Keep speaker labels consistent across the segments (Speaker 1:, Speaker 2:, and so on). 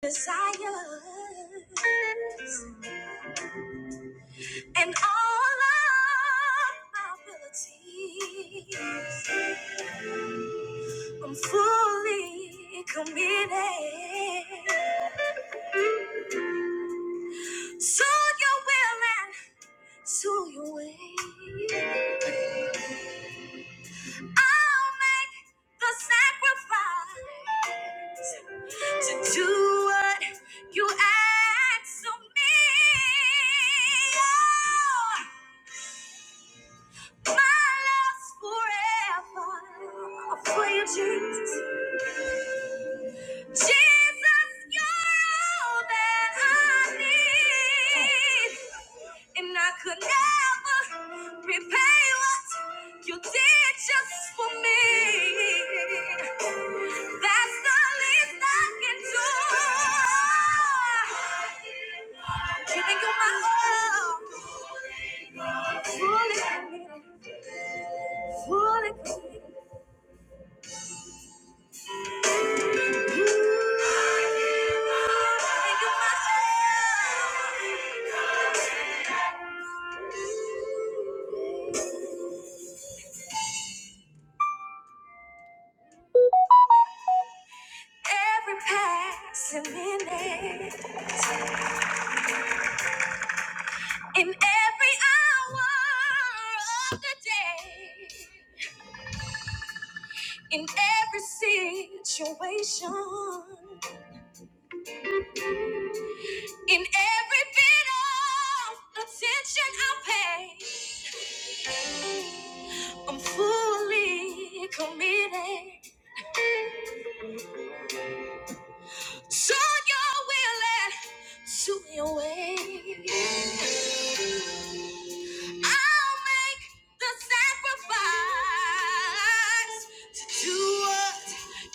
Speaker 1: desires and all of my abilities. I'm fully committed. So you're willing, so you're willing. I'll make the sacrifice to do what you ask of me. Oh. forever for you, Jesus. Jesus, you're all that I need. And I could never repay what you did just for me. That's the least I can do. Giving you my all. Fully, fully. Every passing minute, in every hour of the day, in every situation, in every bit of attention I pay, I'm fully committed to your will and to your way. I'll make the sacrifice to do what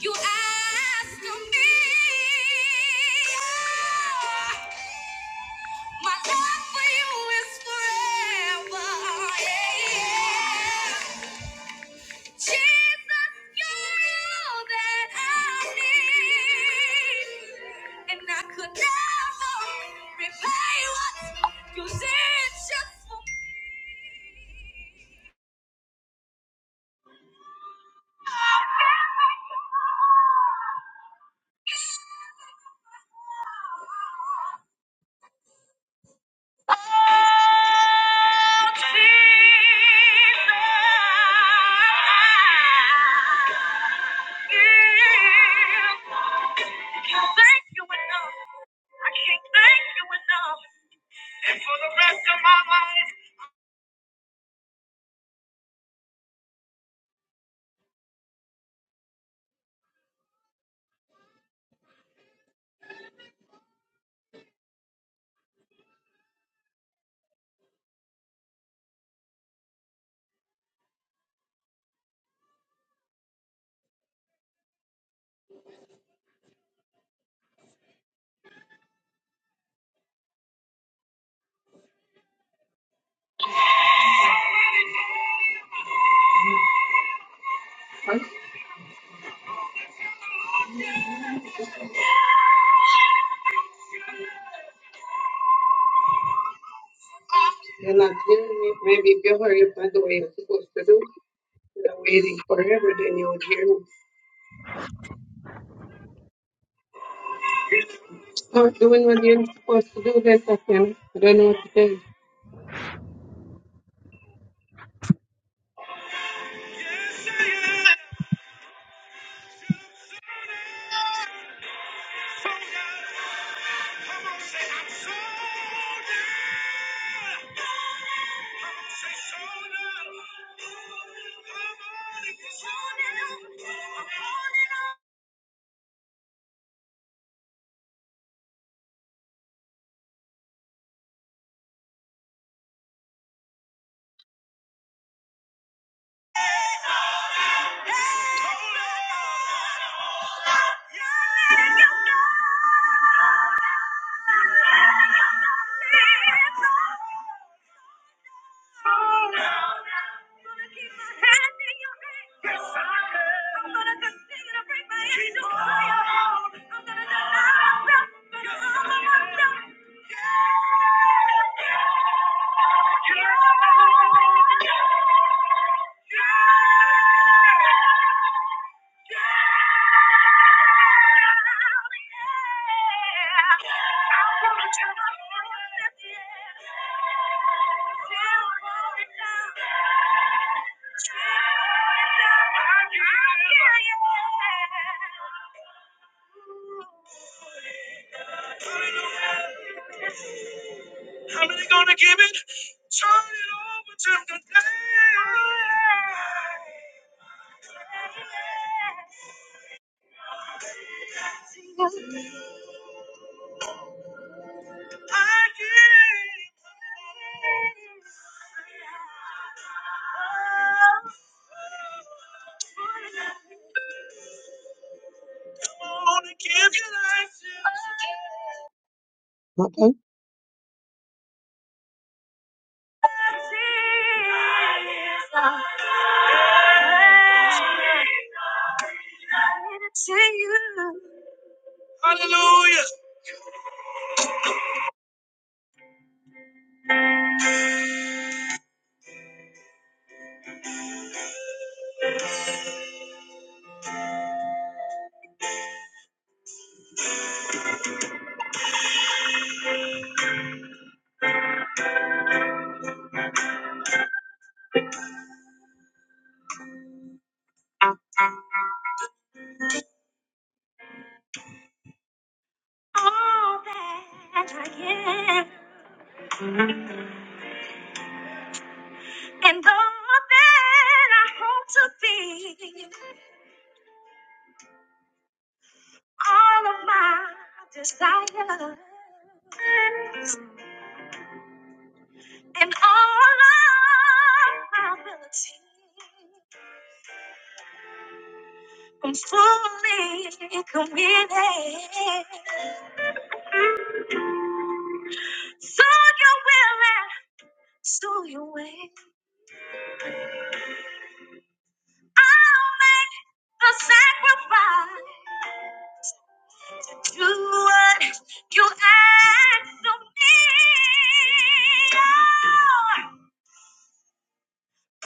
Speaker 1: you ask of me. My love for you is forever. Yeah, yeah. Jesus, you're all that I need. And I could never repay what you did just for me. Jesus, I can't thank you enough. I can't thank you enough. And for the rest of my life. Huh? You're not hearing me. Maybe if you hurry up by the way you're supposed to do. You're waiting forever, then you'll hear me. Start doing what you're supposed to do, then Tatiana. I don't know what to tell you. How many gonna give it? Turn it over to the day. I give. I wanna give you life. Give it to you. Hallelujah. All that I am and all that I hope to be. all of my desires and all of my ability. I'm fully committed. So you will and so you will. I'll make the sacrifice to do what you ask of me. Oh,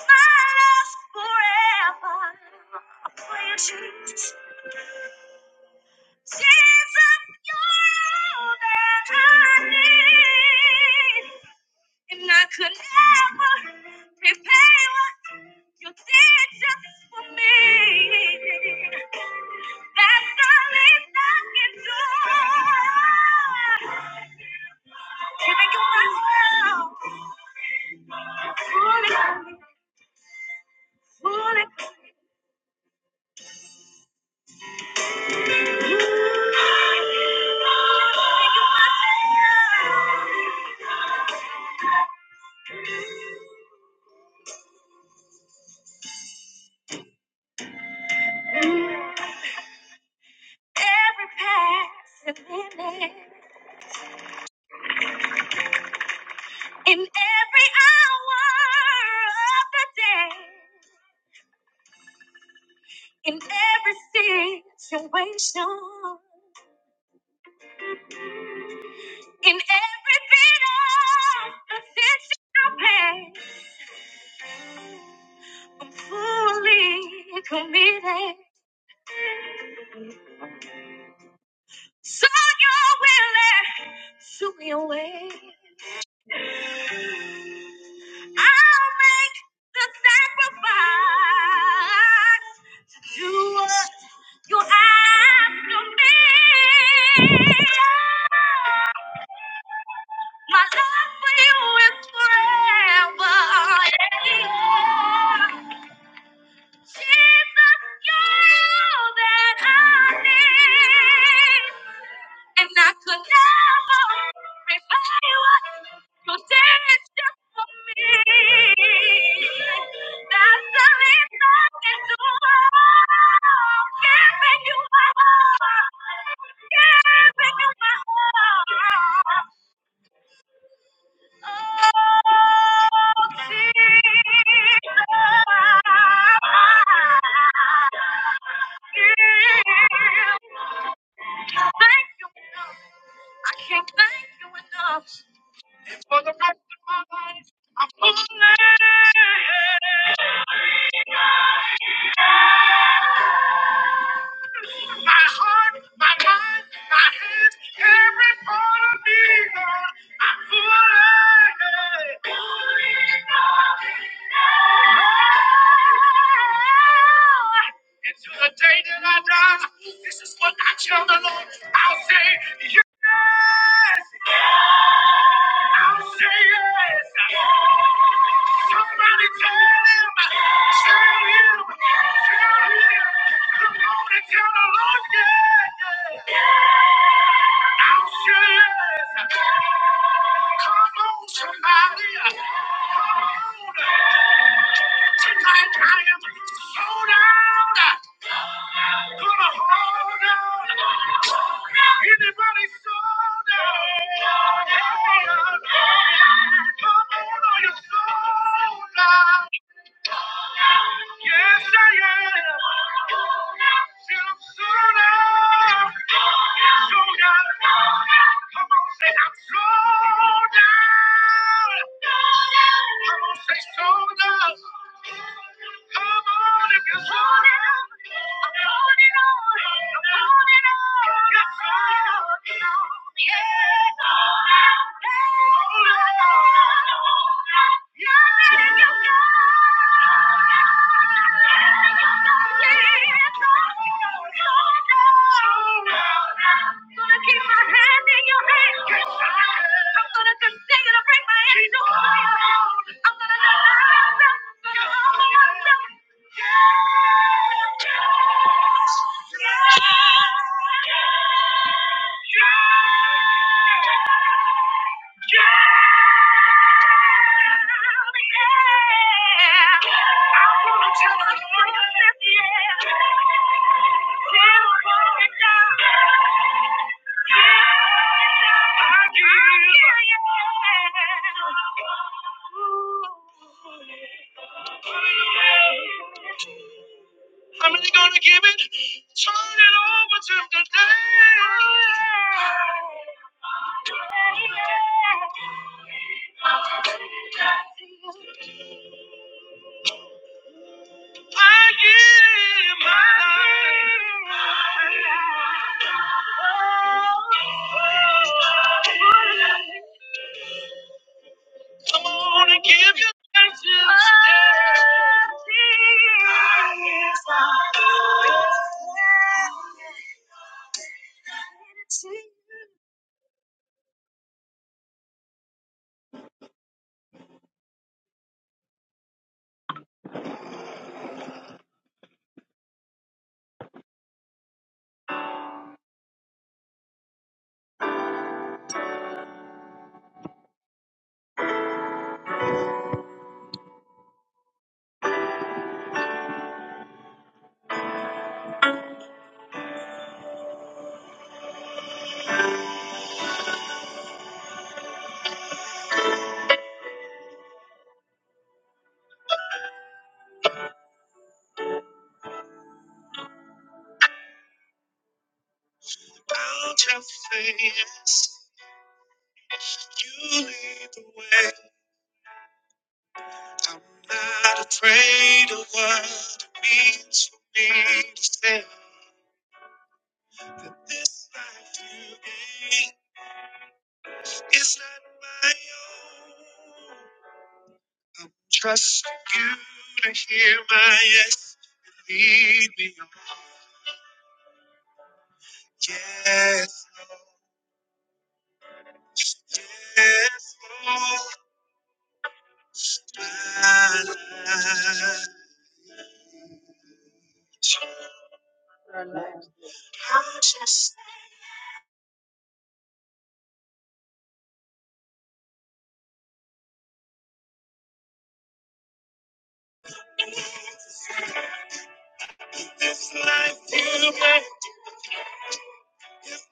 Speaker 1: My love For the that I I I need, and I could never repay what you You did just for me. That's the least I can do. Giving you my love In every hour of the day. In every situation, in every bit of the situation, I'm fully committed. So you're willing to be away. I'll make the sacrifice to do what you ask of me. My love for you is forever. Yeah. Jesus, you're all that I need. And I could never repay what you did just for me. That's the reason I can do all. Giving you my heart. Giving you my heart. Oh, Jesus. Into the day that I die, this is what I tell the Lord. I'll say yes. I'll say yes. Somebody tell him. Tell him. Tell him. Come on and tell the Lord yes. I'll share. Come on, somebody. Come on. Tonight I am sold out. Gonna hold on. Anybody sold out? Come on, are you sold out? Yes, I am. Till soon out. Sold out. Come on, say I'm sold out. Come on, say sold out. Come on, if you're sold out. I'm on holding on. I'm holding on. Yes, I am. Yeah. Yeah. I'm really gonna give it, turn it over to the day. Make it mine. Give you out your face. You lead the way. I'm not afraid of what it means for me to say that this life you gave is not my own. Trust you to hear my yes and lead me on. Yes, Lord. yes, Lord, my life. I'm just like you, man,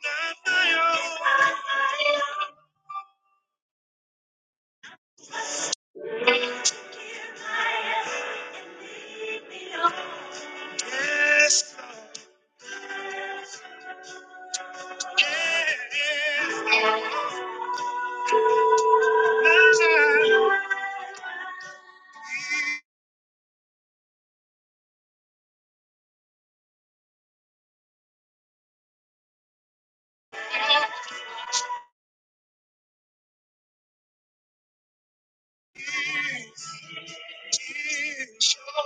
Speaker 1: not my own. Yes, Lord, yes,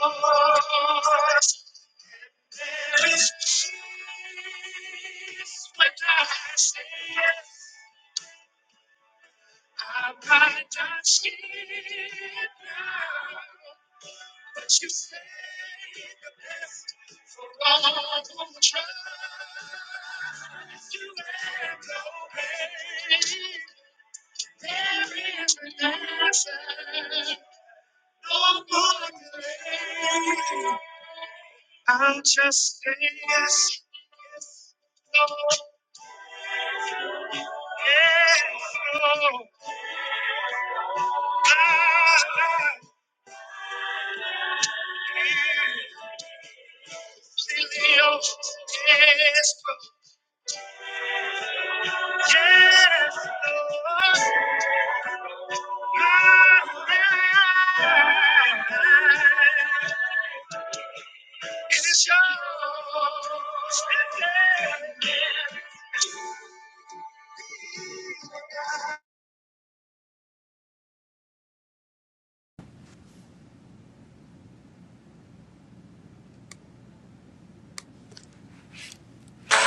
Speaker 1: my life is yours.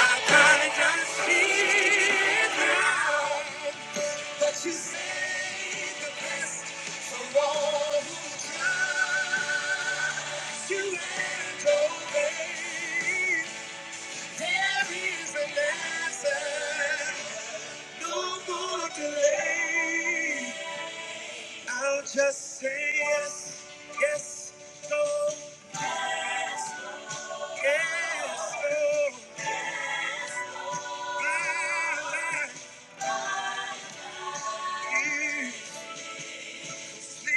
Speaker 2: I kinda just feel now that you saved the best from all who trust you and obey. There is an answer, no more delay. I'll just say yes, yes, no, yes, yes, no. I like you. But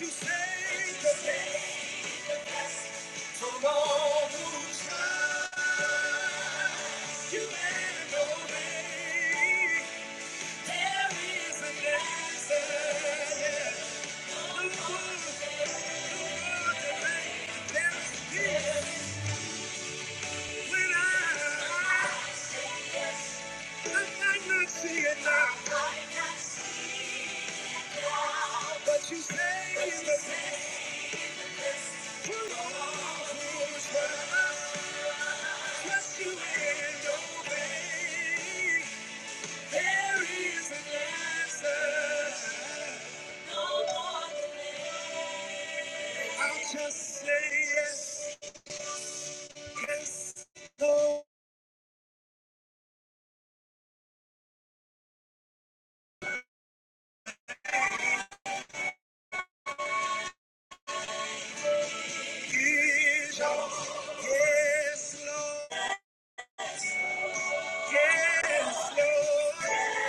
Speaker 2: you say the name from all who trust you and obey. But you say it's the same. Pull off, who's right? Trust you and obey. There is an answer. I'll just say yes, yes, no. Yes, Lord. Yes, Lord.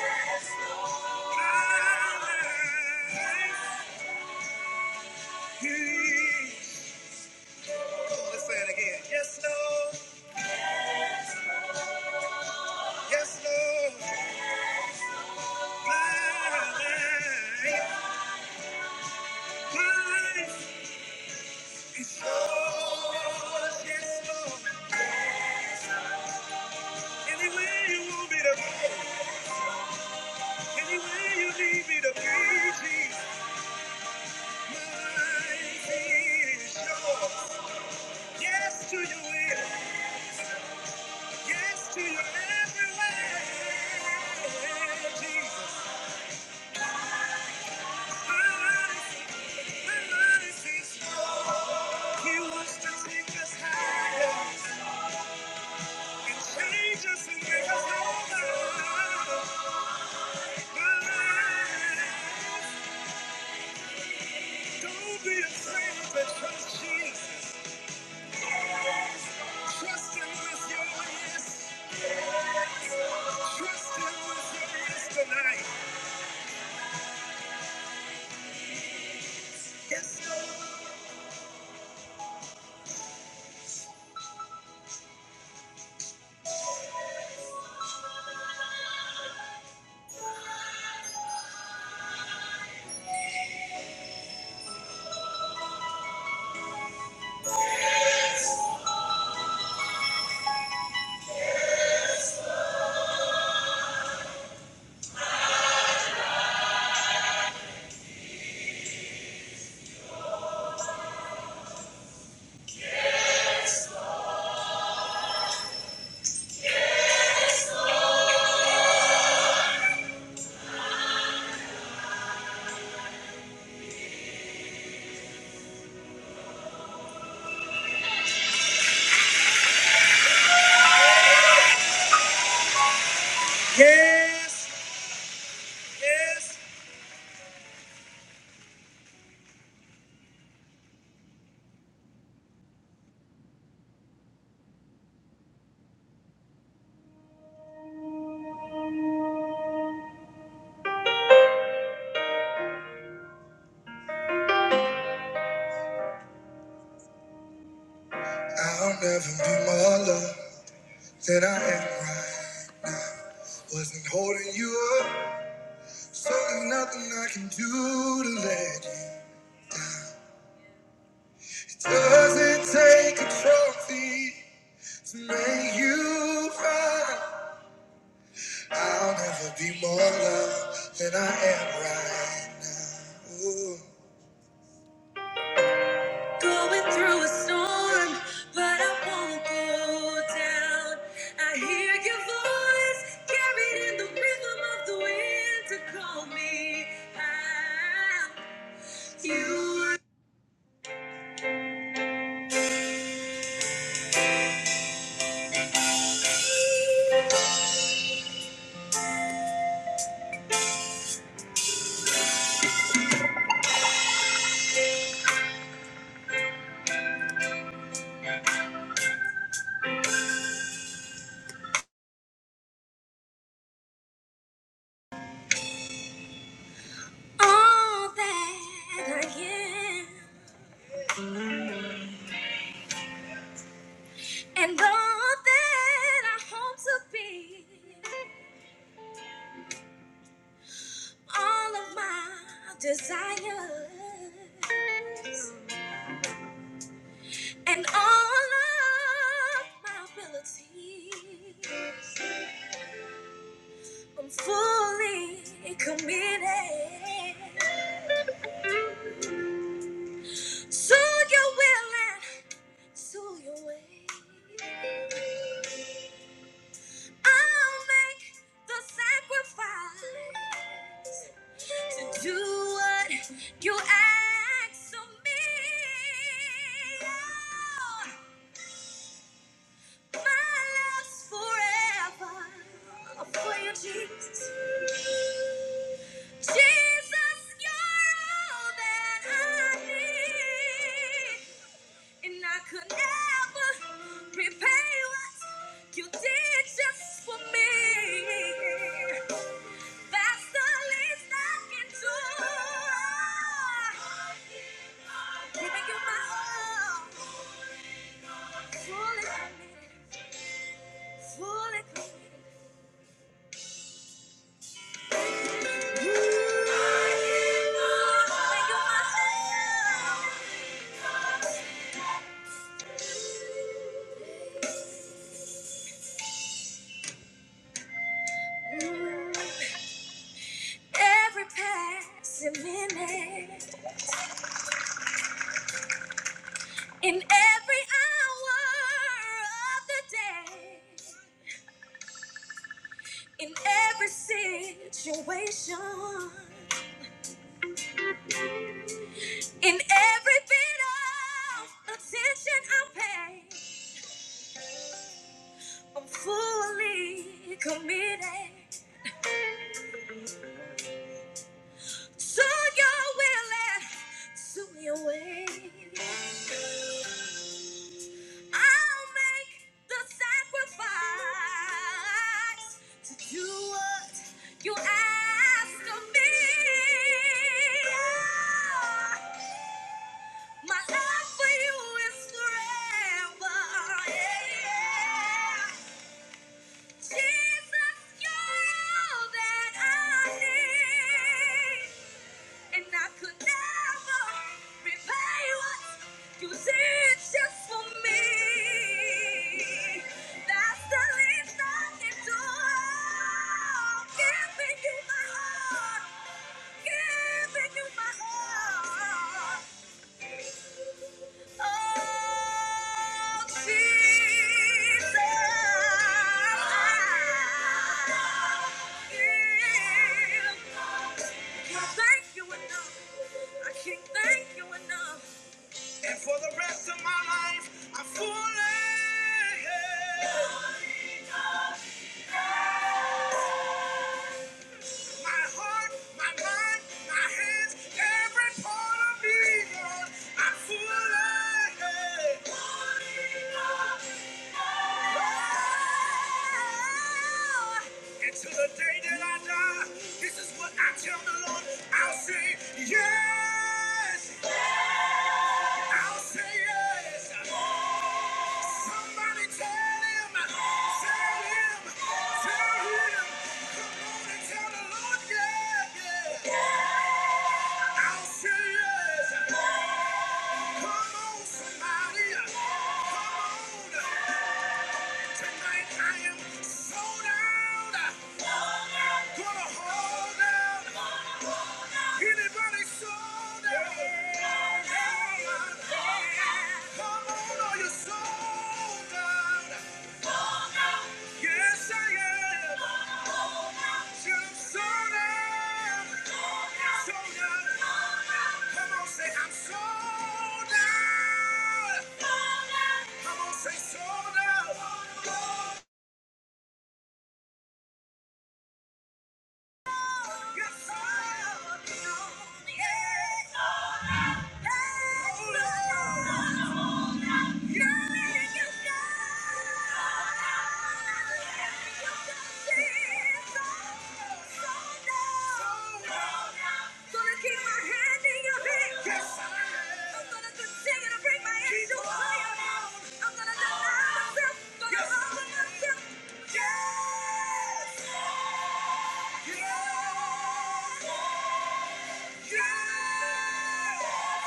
Speaker 2: My life. Let's say it Yes, Lord. Yes, Lord. My life, Yes, you want me to be, anywhere you need me to my life is yours. Yes to your will. Yes to your every way, Jesus. My life, my life is his. He wants to take us higher and change us and make us over. My life, don't be afraid, but trust Jesus. Trust Him with your yes. Trust Him with your yes tonight. Yes, Lord. yes, yes. I'll never be more loved than I am right. Wasn't holding you up, so there's nothing I can do to let you. It doesn't take a trophy to make you fine. I'll never be more loved than I am right now. Ooh. Going through a storm, but I won't go down. I hear your voice carried in the rhythm of the wind to call me out. You all that I am and all that I hope to be, all of my desires and all of my abilities. I'm fully committed to your will and to your way. I'll make the sacrifice to do what you ask of me. Oh, my love's forever for you, Jesus. Jesus, you're all that I need. And I could never repay what you did just for me. That's the least I can do. Giving you my all, fully, fully. Giving you my all. Every passing minute. In every hour of the day, in every situation, in every bit of attention I pay, I'm fully committed. So you're willing, so you're willing. I'll make the sacrifice to do what you ask of me. Yeah. My love for you is forever. yeah. Jesus, you're all that I need. And I could never repay what you did just for me. That's the least I can do. Giving you my heart, giving you my heart. Oh, Jesus. I I can't thank you enough. I can't thank you enough. And for the rest of my life, I'm fully. My heart, my mind, my hands, every part of me, Lord, I'm fully. Until the day that I die, this is what I tell the Lord. I'll say yes. I'll say yes. Somebody tell him, tell him, tell him. Come on and tell the Lord, yeah, yeah. I'll say yes. Come on, somebody. Come on. Tonight I am sold out. Gonna hold out. Anybody sold out? Come on, are you sold out? Yes, I am. Yeah. Yes! Yes! Yes! Yes!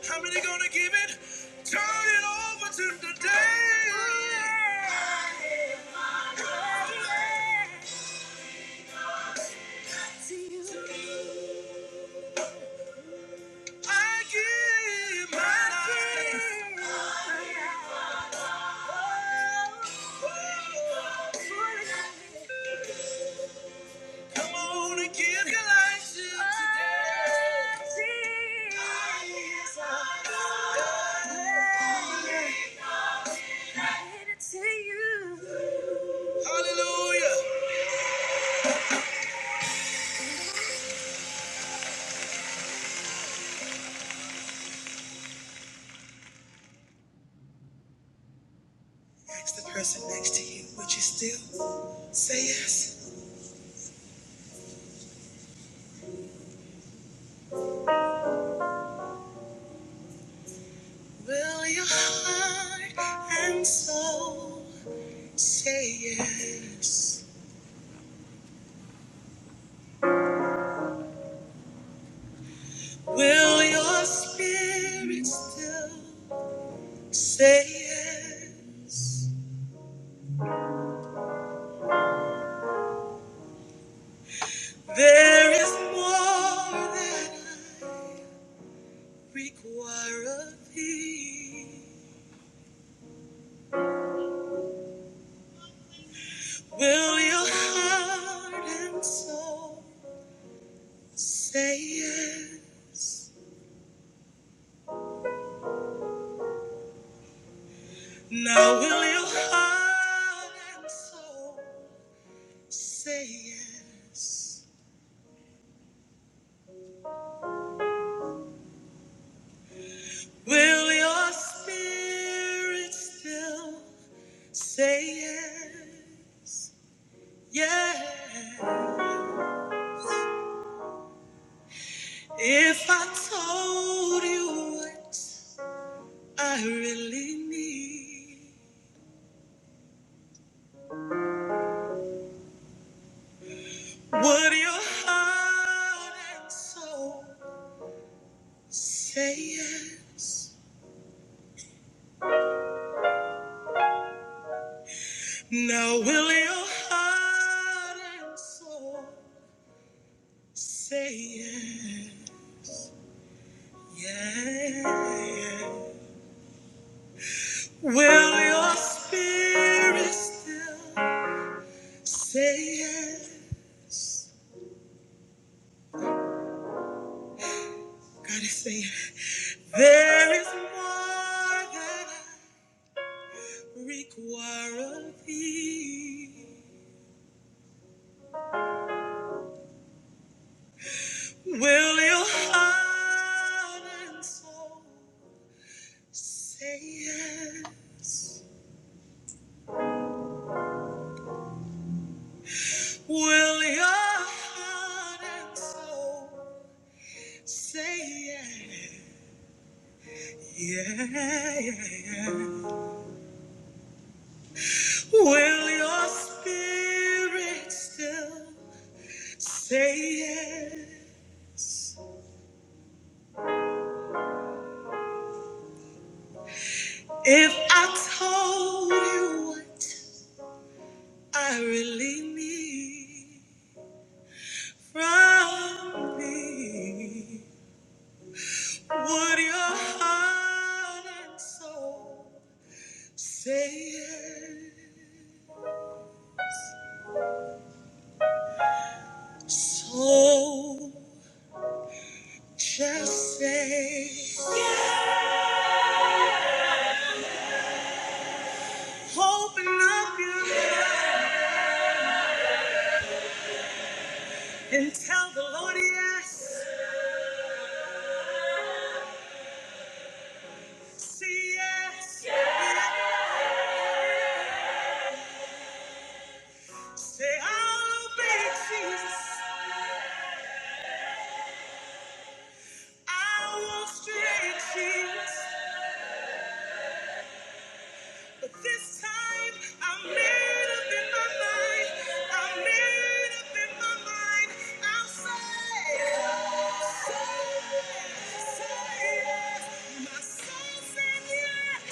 Speaker 2: How many gonna give it? Turn it over to the day. To you. I give my life. Come on and give your life today. Hallelujah. Ask the person next to you. Would you still say yes? Will your heart and soul say yes? Will your spirit still say yes? There is more that I require of thee. Will your heart and soul say yes? Now will your heart and soul say yes? Will your spirit still say yeah? Yeah. If I told you what I really need, would your heart and soul say yes? Now will your heart and soul say yes? Yeah, yeah. Will your spirit still? Say yes. Gotta say yes. There is more that I require of thee. Will you heart and soul say yes? Will your heart and soul say yes? Yeah, yeah, yeah. Will your spirit still say yes? If I told you what I really need from me, would your heart and soul say yes? So just say, open up your heart and tell the Lord yes, say yes, yes. say I'll obey Jesus. I won't stray cheats, but this time I'm made up in my mind. I'm made up in my mind. I'll say, say, say yes. My soul said yes.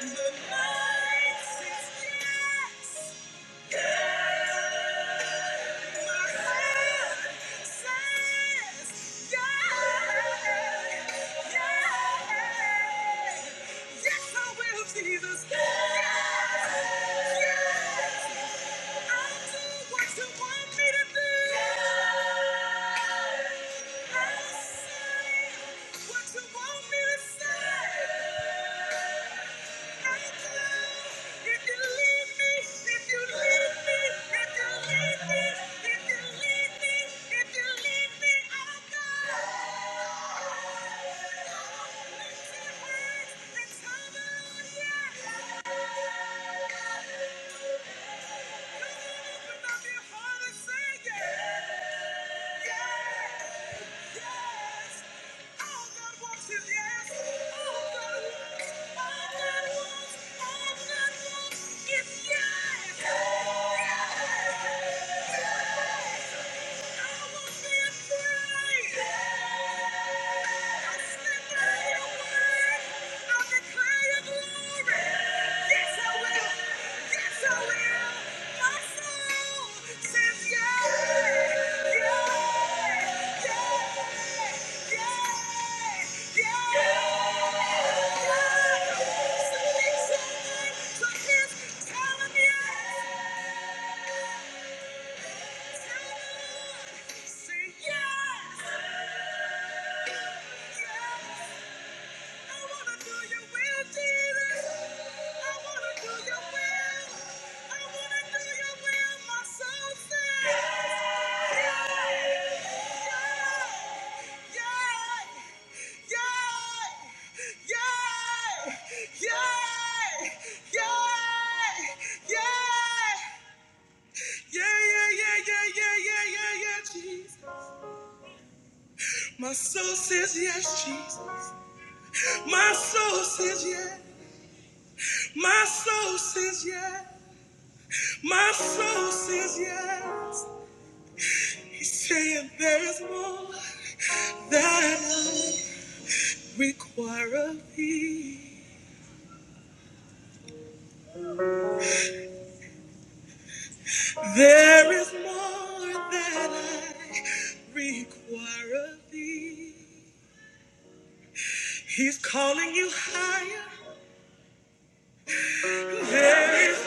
Speaker 2: The night says yes. Yes. Jesus. Yes, yes, I'll do what you want me to do. Yes. I'll say what you want me to say. Yeah. Yes, yes. All I want is yes. All I want, all I want, all I want is yes. Yes. Yeah. Yeah, yeah, yeah, yeah, yeah, yeah, yeah, yeah, Jesus. My soul says yes, Jesus. My soul says yes. My soul says yes. My soul says yes. He's saying there is more that I require of thee. There is more that I require of thee. He's calling you higher. There is more.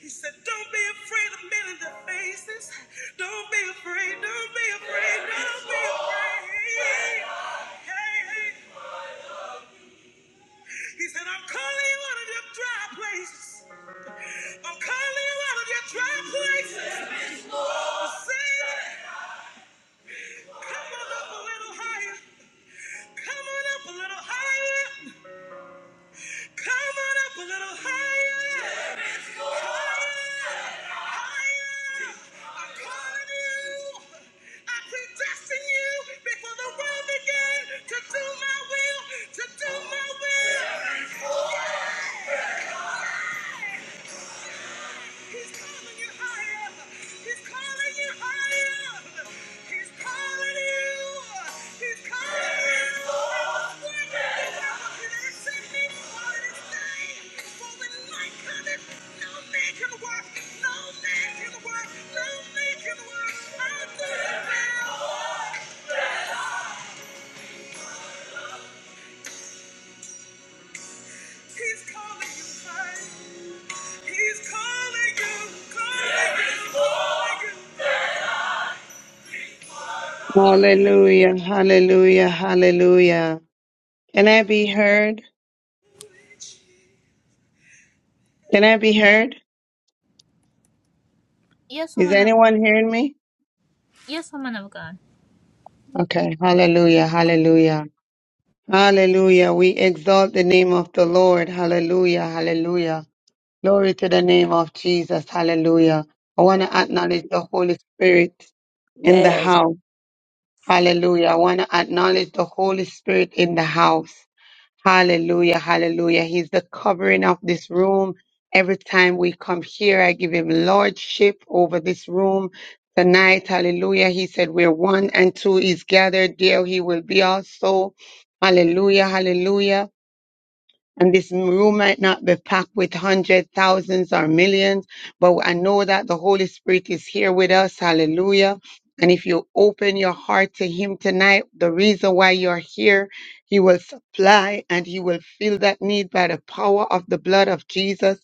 Speaker 2: He said, Don't be afraid of men in their faces. Don't be afraid. Don't be afraid. Don't be afraid. Hey, hey. He said, I'm calling you out of your dry places. I'm calling you out of your dry places. Sing it. Come on up a little higher. Come on up a little higher. Come on up a little higher. Higher! I'm calling you! I predestined you before the world began to do my will, to do my will. He's calling you higher. He's calling you higher. He's calling you. He's calling you. For when light cometh, no man can work. No man can work. No man can work. Unto himself. He's calling you higher. He's calling you, calling you, calling you.
Speaker 1: Hallelujah, hallelujah, hallelujah. Can I be heard? Can I be heard?
Speaker 2: Yes,
Speaker 1: Is
Speaker 2: woman
Speaker 1: anyone hearing me?
Speaker 2: yes, woman of God.
Speaker 1: Okay, hallelujah, hallelujah, hallelujah. We exalt the name of the Lord, hallelujah, hallelujah. Glory to the name of Jesus, hallelujah. I want to acknowledge the
Speaker 3: Hallelujah.
Speaker 1: Holy Spirit in the
Speaker 3: Yes,
Speaker 1: house, hallelujah. I want to acknowledge the Holy Spirit in the house. Hallelujah, hallelujah. He's the covering of this room. Every time we come here, I give him lordship over this room. Tonight, hallelujah. He said, Where one and two is gathered, there he will be also. Hallelujah, hallelujah. And this room might not be packed with hundreds, thousands, or millions, but I know that the Holy Spirit is here with us. Hallelujah. And if you open your heart to Him tonight, the reason why you're here, He will supply and He will fill that need by the power of the blood of Jesus.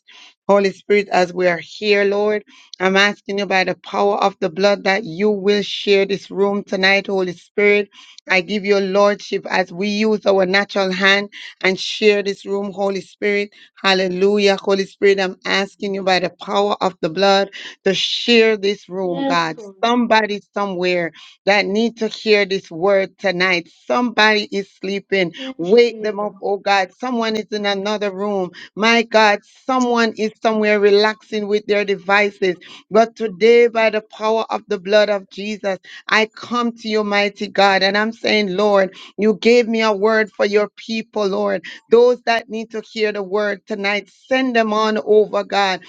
Speaker 1: Holy Spirit, as we are here, Lord, I'm asking you by the power of the blood that you will share this room tonight, Holy Spirit. I give you lordship as we use our natural hand and share this room, Holy Spirit. Hallelujah. Holy Spirit, I'm asking you by the power of the blood to share this room,
Speaker 4: Yes,
Speaker 1: God.
Speaker 4: Lord.
Speaker 1: Somebody somewhere that need to hear this word tonight. Somebody is sleeping.
Speaker 4: Yes,
Speaker 1: Wake them
Speaker 4: Jesus.
Speaker 1: up, oh God. Someone is in another room. My God, someone is somewhere relaxing with their devices. But today, by the power of the blood of Jesus, I come to you, mighty God, and I'm saying, Lord, you gave me a word for your people, Lord. Those that need to hear the word tonight, send them on over, God.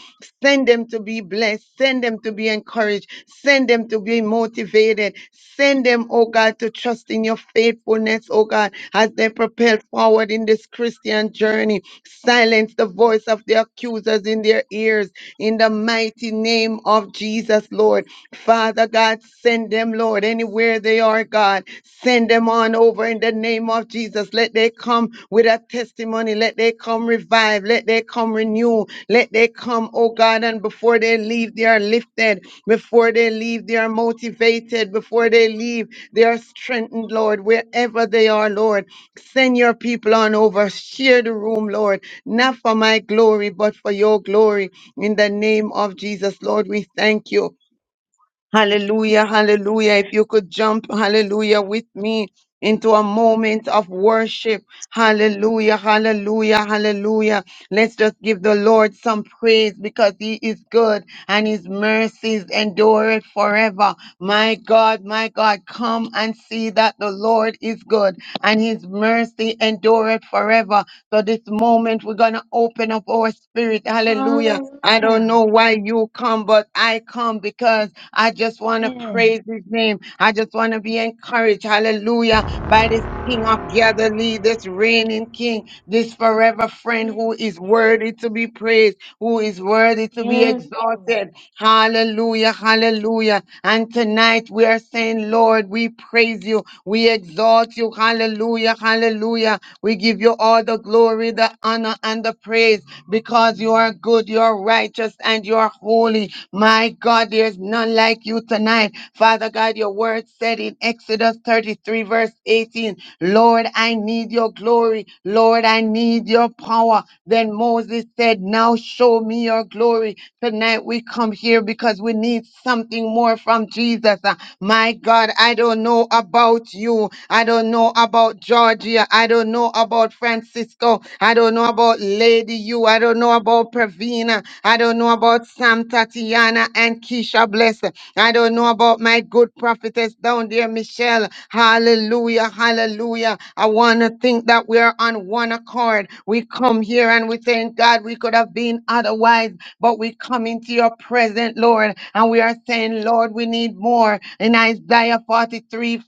Speaker 1: Send them to be blessed. Send them to be encouraged. Send them to be motivated. Send them, oh God, to trust in your faithfulness, oh God, as they propel forward in this Christian journey. Silence the voice of the accusers in their ears. In the mighty name of Jesus, Lord. Father God, send them, Lord, anywhere they are, God. Send them on over in the name of of Jesus. Let they come with a testimony. Let they come revive. Let they come renew. Let they come, oh God, and before they leave, they are lifted. Before they leave, they are motivated. Before they leave, they are strengthened, Lord, wherever they are, Lord. Send your people on over. Share the room, Lord, not for my glory, but for your glory. In the name of Jesus, Lord, we thank you. Hallelujah, hallelujah. If you could jump, hallelujah, with me into a moment of worship. Hallelujah, hallelujah, hallelujah. Let's just give the Lord some praise because he is good and his mercies endure it forever. My God, my God, come and see that the Lord is good and his mercy endure it forever. So this moment we're going to open up our spirit. Hallelujah. I don't
Speaker 4: Hallelujah.
Speaker 1: know why you come, but I come come because I just want to
Speaker 4: Yes.
Speaker 1: praise his name. I just want to be encouraged. Hallelujah. By this King of Galilee, this reigning King, this forever friend
Speaker 4: Yes,
Speaker 1: who is
Speaker 4: Jesus.
Speaker 1: worthy to be praised, who is worthy to be
Speaker 4: Yes, Lord.
Speaker 1: exalted. Hallelujah. Hallelujah. And tonight we are saying, Lord, we praise you. We exalt you. Hallelujah. Hallelujah. We give you all the glory, the honor, and the praise because you are good, you are righteous, and you are holy glory. My God, there's none like you tonight. Father God, your word said in Exodus 33, verse 18, Lord, I need your glory. Lord, I need your power. Then Moses said, Now show me your glory. Tonight we come here because we need something more from Jesus. Uh, My God, I don't know about you. I don't know about Georgia. I don't know about Francisco. I don't know about Lady You. I don't know about Pravina. I don't know about Sam, Tatiana, and Keisha Bless. I don't know about my good prophetess down there, Michelle. Hallelujah, hallelujah. I want to think that we are on one accord. We come here and we thank God we could have been otherwise, but we come into your present, Lord, and we are saying, Lord, we need more. In Isaiah 43:44,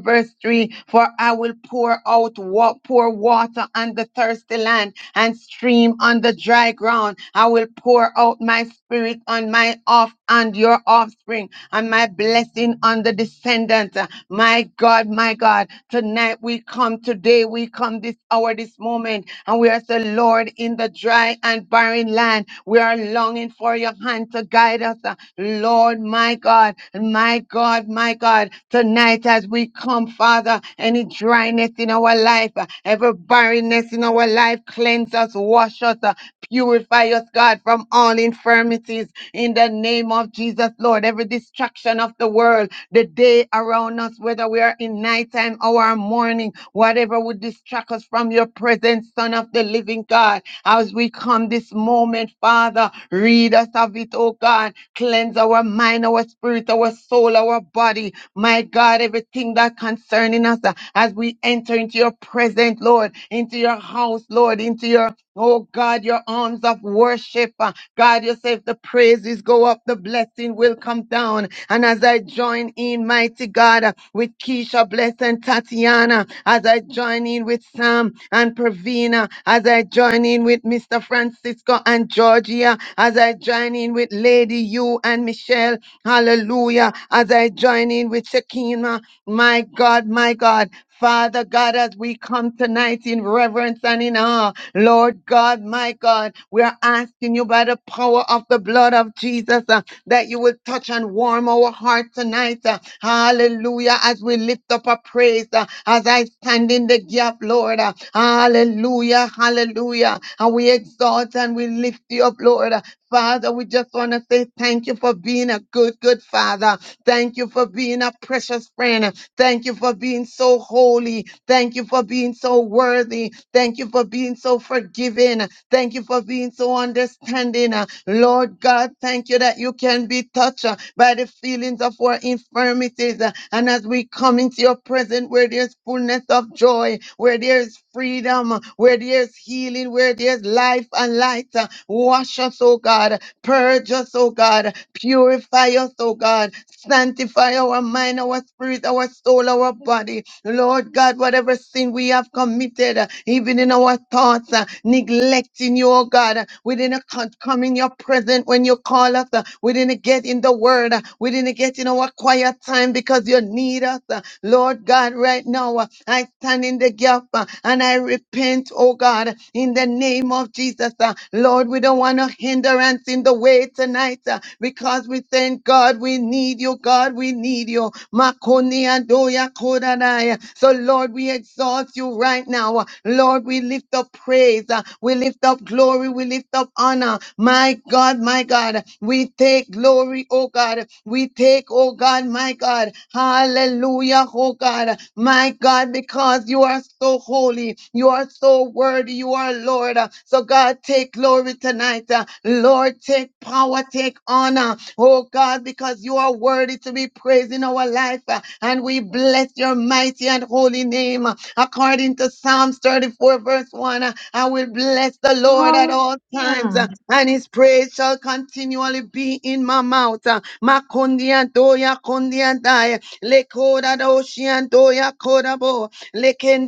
Speaker 1: verse 3, for I will pour out what pour water on the thirsty land and stream on the dry ground. I will pour out my spirit on my off and your offspring and my blessing on the descendants. My God, my God, tonight we come, today we come this hour, this moment, and we are the Lord in the dry and barren land. We are longing for your hand to guide us. uh, Lord, my God, my God, my God, tonight as we come, Father, any dryness in our life, uh, every barrenness in our life, cleanse us, wash us. uh, Purify us, God, from all infirmities in the name of Jesus, Lord. Every distraction of the world, the day around us, whether we are in nighttime or morning, whatever would distract us from your presence, Son of the living God. As we come this moment, Father, rid us of it, oh God. Cleanse our mind, our spirit, our soul, our body. My God, everything that concerning us uh, as we enter into your presence, Lord, into your house, Lord, into your Oh God, your arms of worship. uh, God, you say if the praises go up, the blessing will come down. And as I join in, mighty God, uh, with Keisha Bless and Tatiana, as I join in with Sam and Pravina, as I join in with Mr. Francisco and Georgia, as I join in with Lady You and Michelle, hallelujah, as I join in with Shakima. My God, my God, Father God, as we come tonight in reverence and in awe, Lord God, my God, we are asking you by the power of the blood of Jesus uh, that you will touch and warm our heart tonight. uh, hallelujah. As we lift up a praise, uh, as I stand in the gap, Lord. uh, hallelujah. Hallelujah. And we exalt and we lift you up, Lord. uh, Father, we just want to say thank you for being a good, good Father. Thank you for being a precious friend. Thank you for being so holy. Thank you for being so worthy. Thank you for being so forgiving. Thank you for being so understanding. Uh, Lord God, thank you that you can be touched uh, by the feelings of our infirmities. Uh, And as we come into your presence where there's fullness of joy, where there's freedom, uh, where there's healing, where there's life and light light. Uh, Wash us, oh God. Purge us, oh God. Purify us, oh God. Sanctify our mind, our spirit, our soul, our body. Lord God, whatever sin we have committed, uh, even in our thoughts, uh, neglecting you, oh God, uh, we didn't co- come in your presence when you call us. uh, We didn't get in the word. uh, We didn't get in our quiet time because you need us. uh, Lord God, right now, uh, I stand in the gap uh, and I repent, oh God, in in the name of Jesus. uh, Lord, we don't want no hindrance in the way tonight uh, because we thank God we need you. God, we need you. Makoni adoya kodanai. So, Lord, we exalt you right now. Lord, we lift up praise. uh, We lift up glory. We lift up honor. My God, my God, we take glory, oh God. We take, oh God, my God. Hallelujah, oh God. My God, because you are so holy. You are so worthy. You are Lord. Uh, So, God, take glory tonight. Uh, Lord, take power, take honor. Oh, God, because you are worthy to be praised in our life. Uh, And we bless your mighty and holy name. Uh, According to Psalms 34, verse 1, uh, I will bless the Lord at all times. Uh,
Speaker 4: Hallelujah.
Speaker 1: and his praise shall continually be in my mouth. Uh, Makundi and doya kundi and die. Lekoda doshi and doya kodabo. Lord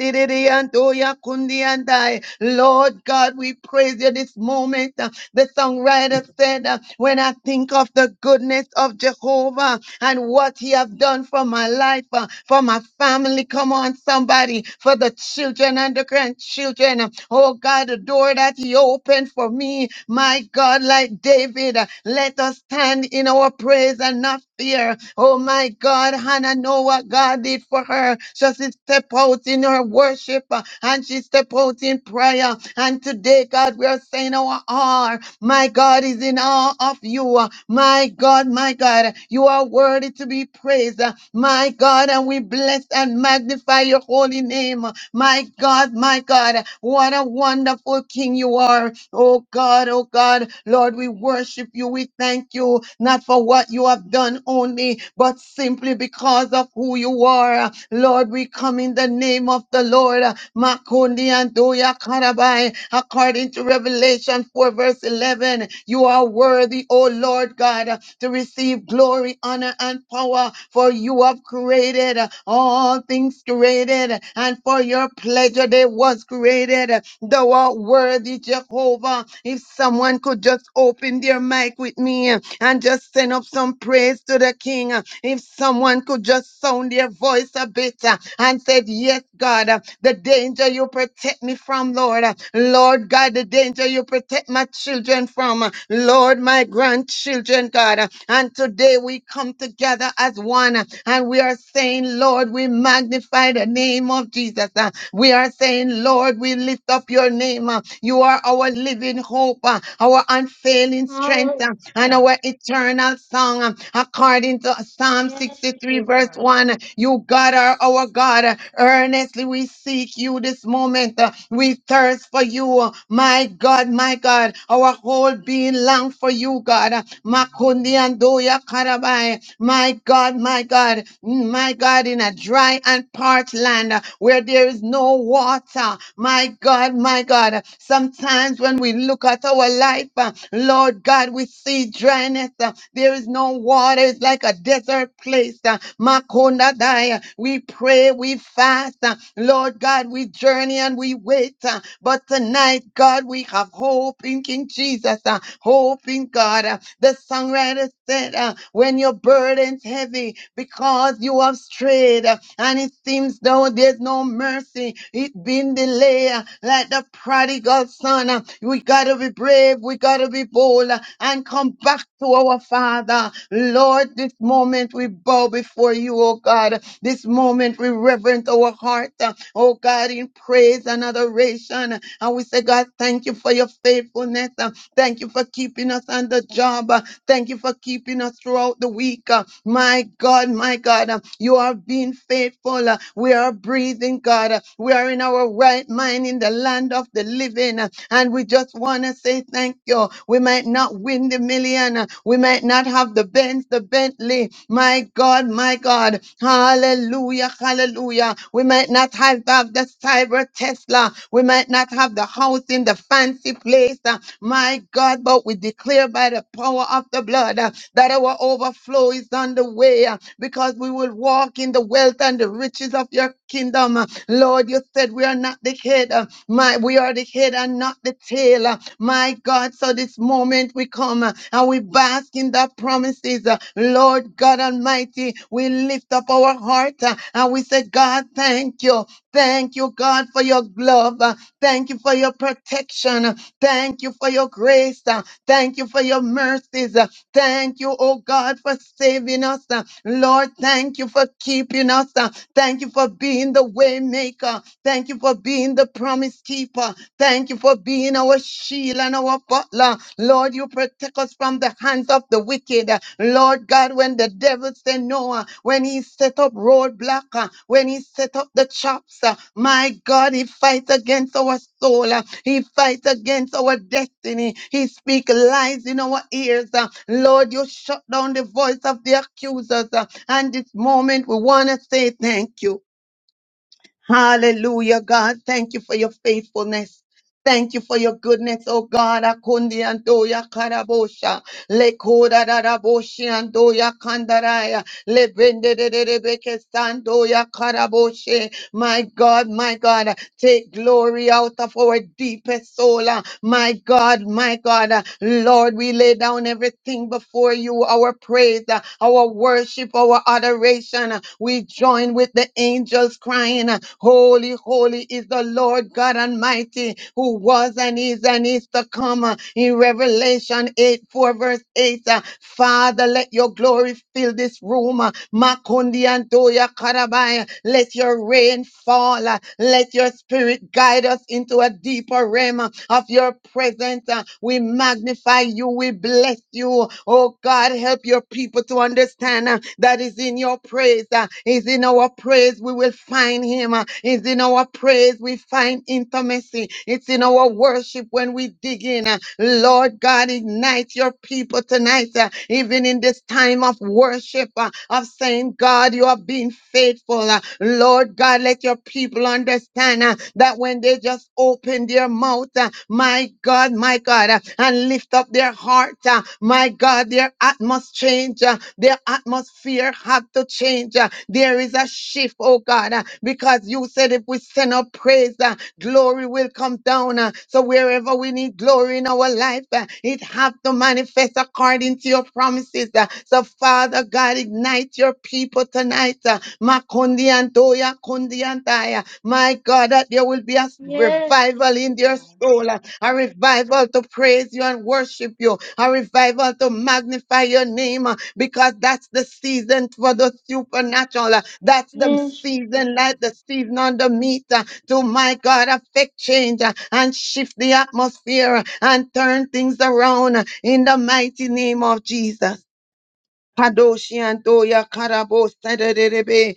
Speaker 1: God, we praise you this moment. Uh, The songwriter said, uh, When I think of the goodness of Jehovah and what he has done for my life, uh, for my family, come on, somebody, for the children and the grandchildren. uh, Oh God, the door that he opened for me, my God, like David, uh, let us stand in our praise and not fear. Oh my God, Hannah, know what God did for her her. So she step out in her worship uh, and she step out in prayer. And today, God, we are saying our all. My God is in awe of you. uh, My God, my God, you are worthy to be praised. uh, My God, and we bless and magnify your holy name. uh, My God, my God, what a wonderful King you are. Oh God, oh God, Lord, we worship you. We thank you, not for what you have done only, but simply because because of who you are. Lord, we come in the name of the Lord. Makundi and Doya Karabai, according to Revelation 4, verse 11. You are worthy, O Lord God, to receive glory, honor, and power, for you have created all things created, and for your pleasure they was created. Thou art worthy, Jehovah. If someone could just open their mic with me and just send up some praise to the the King. Uh, If someone could just sound their voice a bit uh, and said, Yes, God, uh, the danger you protect me from, Lord. Uh, Lord God, the danger you protect my children from. Uh, Lord, my grandchildren, God. Uh, And today we come together as one uh, and we are saying, Lord, we magnify the name of Jesus. Uh, We are saying, Lord, we lift up your name. Uh, You are our living hope, uh, our unfailing strength, uh, and
Speaker 4: Hallelujah.
Speaker 1: our eternal eternal song. um, According to Psalm
Speaker 4: Yes,
Speaker 1: 63, verse
Speaker 4: Jesus.
Speaker 1: 1, you God are our God. Earnestly we seek you this moment. Uh, We thirst for you. My God, my God, our whole being long for you, God. Uh, Makundi andoya karabai. My God, my God, mm, my God, in a dry and parched land uh, where there is no water. My God, my God, sometimes when we look at our life, uh, Lord God, God, we see dryness. uh, There is no water. It's like a desert place. uh, Makonda daya. We pray, we fast. uh, Lord God, we journey and we wait. uh, But tonight, God, we have hope in King Jesus. uh, Hope in God. uh, The songwriter said, uh, when your burden's heavy, because you have strayed uh, and it seems though there's no mercy, it has been delayed uh, like the prodigal son. uh, We gotta be brave brave. We got to be bold uh, and come back to our Father. Lord, this moment we bow before you, oh God. This moment we reverence our heart, uh, oh God, in praise and adoration. And we say, God, thank you for your faithfulness. uh, Thank you for keeping us on the job. uh, Thank you for keeping us throughout the week. uh, My God, my God, uh, you are being faithful. uh, We are breathing, God. uh, We are in our right mind in the land of the living million. And we just want to say thank you. We might not win the million. We might not have the Benz, the Bentley. My God, my God. Hallelujah, hallelujah. We might not have, have the cyber Tesla. We might not have the house in the fancy place. uh, My God, but we declare by the power of the blood uh, that our overflow is on the way uh, because we will walk in the wealth and the riches of your kingdom. uh, Lord, you said we are not the head head. uh, My, we are the head and not the tail. uh, My God, so this moment we come uh, and we bask in that promises. uh, Lord God Almighty, we lift up our heart uh, and we say, God, thank you. Thank you, God, for your love. uh, Thank you for your protection. uh, Thank you for your grace. uh, Thank you for your mercies. uh, Thank you, oh God, for saving us. uh, Lord, thank you for keeping us. uh, Thank you for being the waymaker maker. Thank you for being the promise keeper. Thank you for being our shield and our butler. Lord, you protect us from the hands of the wicked. Lord God, when the devil said no, uh, when he set up roadblock, uh, when he set up the traps, uh, my God, he fights against our soul. uh, He fights against our destiny. He speaks lies in our ears. uh, Lord, you shut down the voice of the accusers. uh, And this moment, we want to say thank you. Hallelujah, God. Thank you for your faithfulness. Thank you for your goodness, oh God. Akundi andoya karabosha. Lekoda daraboshi andoya kandaraya. Lebende de de de beke sandoya karaboshe. My God, my God, take glory out of our deepest soul. ah. My God, my God, ah, Lord, we lay down everything before you our praise, ah, our worship, our adoration. ah. We join with the the angels crying, uh, Holy, holy is the Lord God Almighty, who was and is and is to come. uh, In Revelation 8, 4, verse 8, uh, Father, let your glory fill this room. uh, Makundi and Doya Karabai, let your rain fall. uh, Let your spirit guide us into a deeper realm uh, of your presence. uh, We magnify you, we bless you, oh God. God, help your people to understand uh, that is in your praise. Uh, is in our praise we will find him. Uh, is in our praise we find intimacy. It's in our worship when we dig in. Uh, Lord God, ignite your people tonight, uh, even in this time of worship, uh, of saying, God, you have been faithful. Uh, Lord God, let your people understand uh, that when they just open their mouth, out, uh, my God, my God, uh, and lift up their heart, uh, my God, their atmosphere change, uh, their atmosphere have to change. uh, There is a shift, oh God, uh, because you said if we send up praise, uh, glory will come down. uh, So wherever we need glory in our life, uh, it have to manifest according to your promises. uh, So Father God, ignite your people tonight. uh, Makundi Mandoya Kundiantaya. My God, that there will be a
Speaker 4: Yes,
Speaker 1: revival in their
Speaker 4: Jesus.
Speaker 1: soul, a revival to praise you and worship you, a revival to magnify your name, uh, because that's the season for the supernatural. uh, That's the
Speaker 4: Yes,
Speaker 1: season,
Speaker 4: Jesus.
Speaker 1: like the season on the meat, uh, to my God, affect change uh, and shift the atmosphere uh, and turn things around uh, in the mighty name of Jesus. Kadoshi Antoya Karabo Sadarebe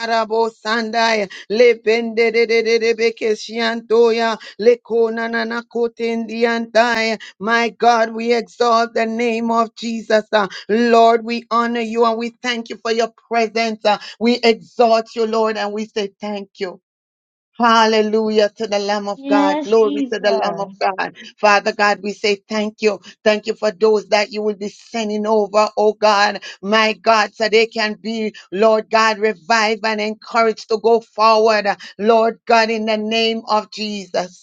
Speaker 1: Arabo Sandai Lebende de de de de Bekeshiantoya Lekona Nana Kotendiantai. My God, we exalt the name of Jesus. uh, Lord, we honor you and we thank you for your presence. uh, We exalt you, Lord, and we say thank you. Hallelujah to the Lamb of God.
Speaker 4: Yes,
Speaker 1: Glory to the Lamb of
Speaker 4: Jesus.
Speaker 1: God. Father God, we say thank you. Thank you for those that you will be sending over, oh God, my God, so they can be, Lord God, revived and encouraged to go forward, Lord God, in the name of Jesus.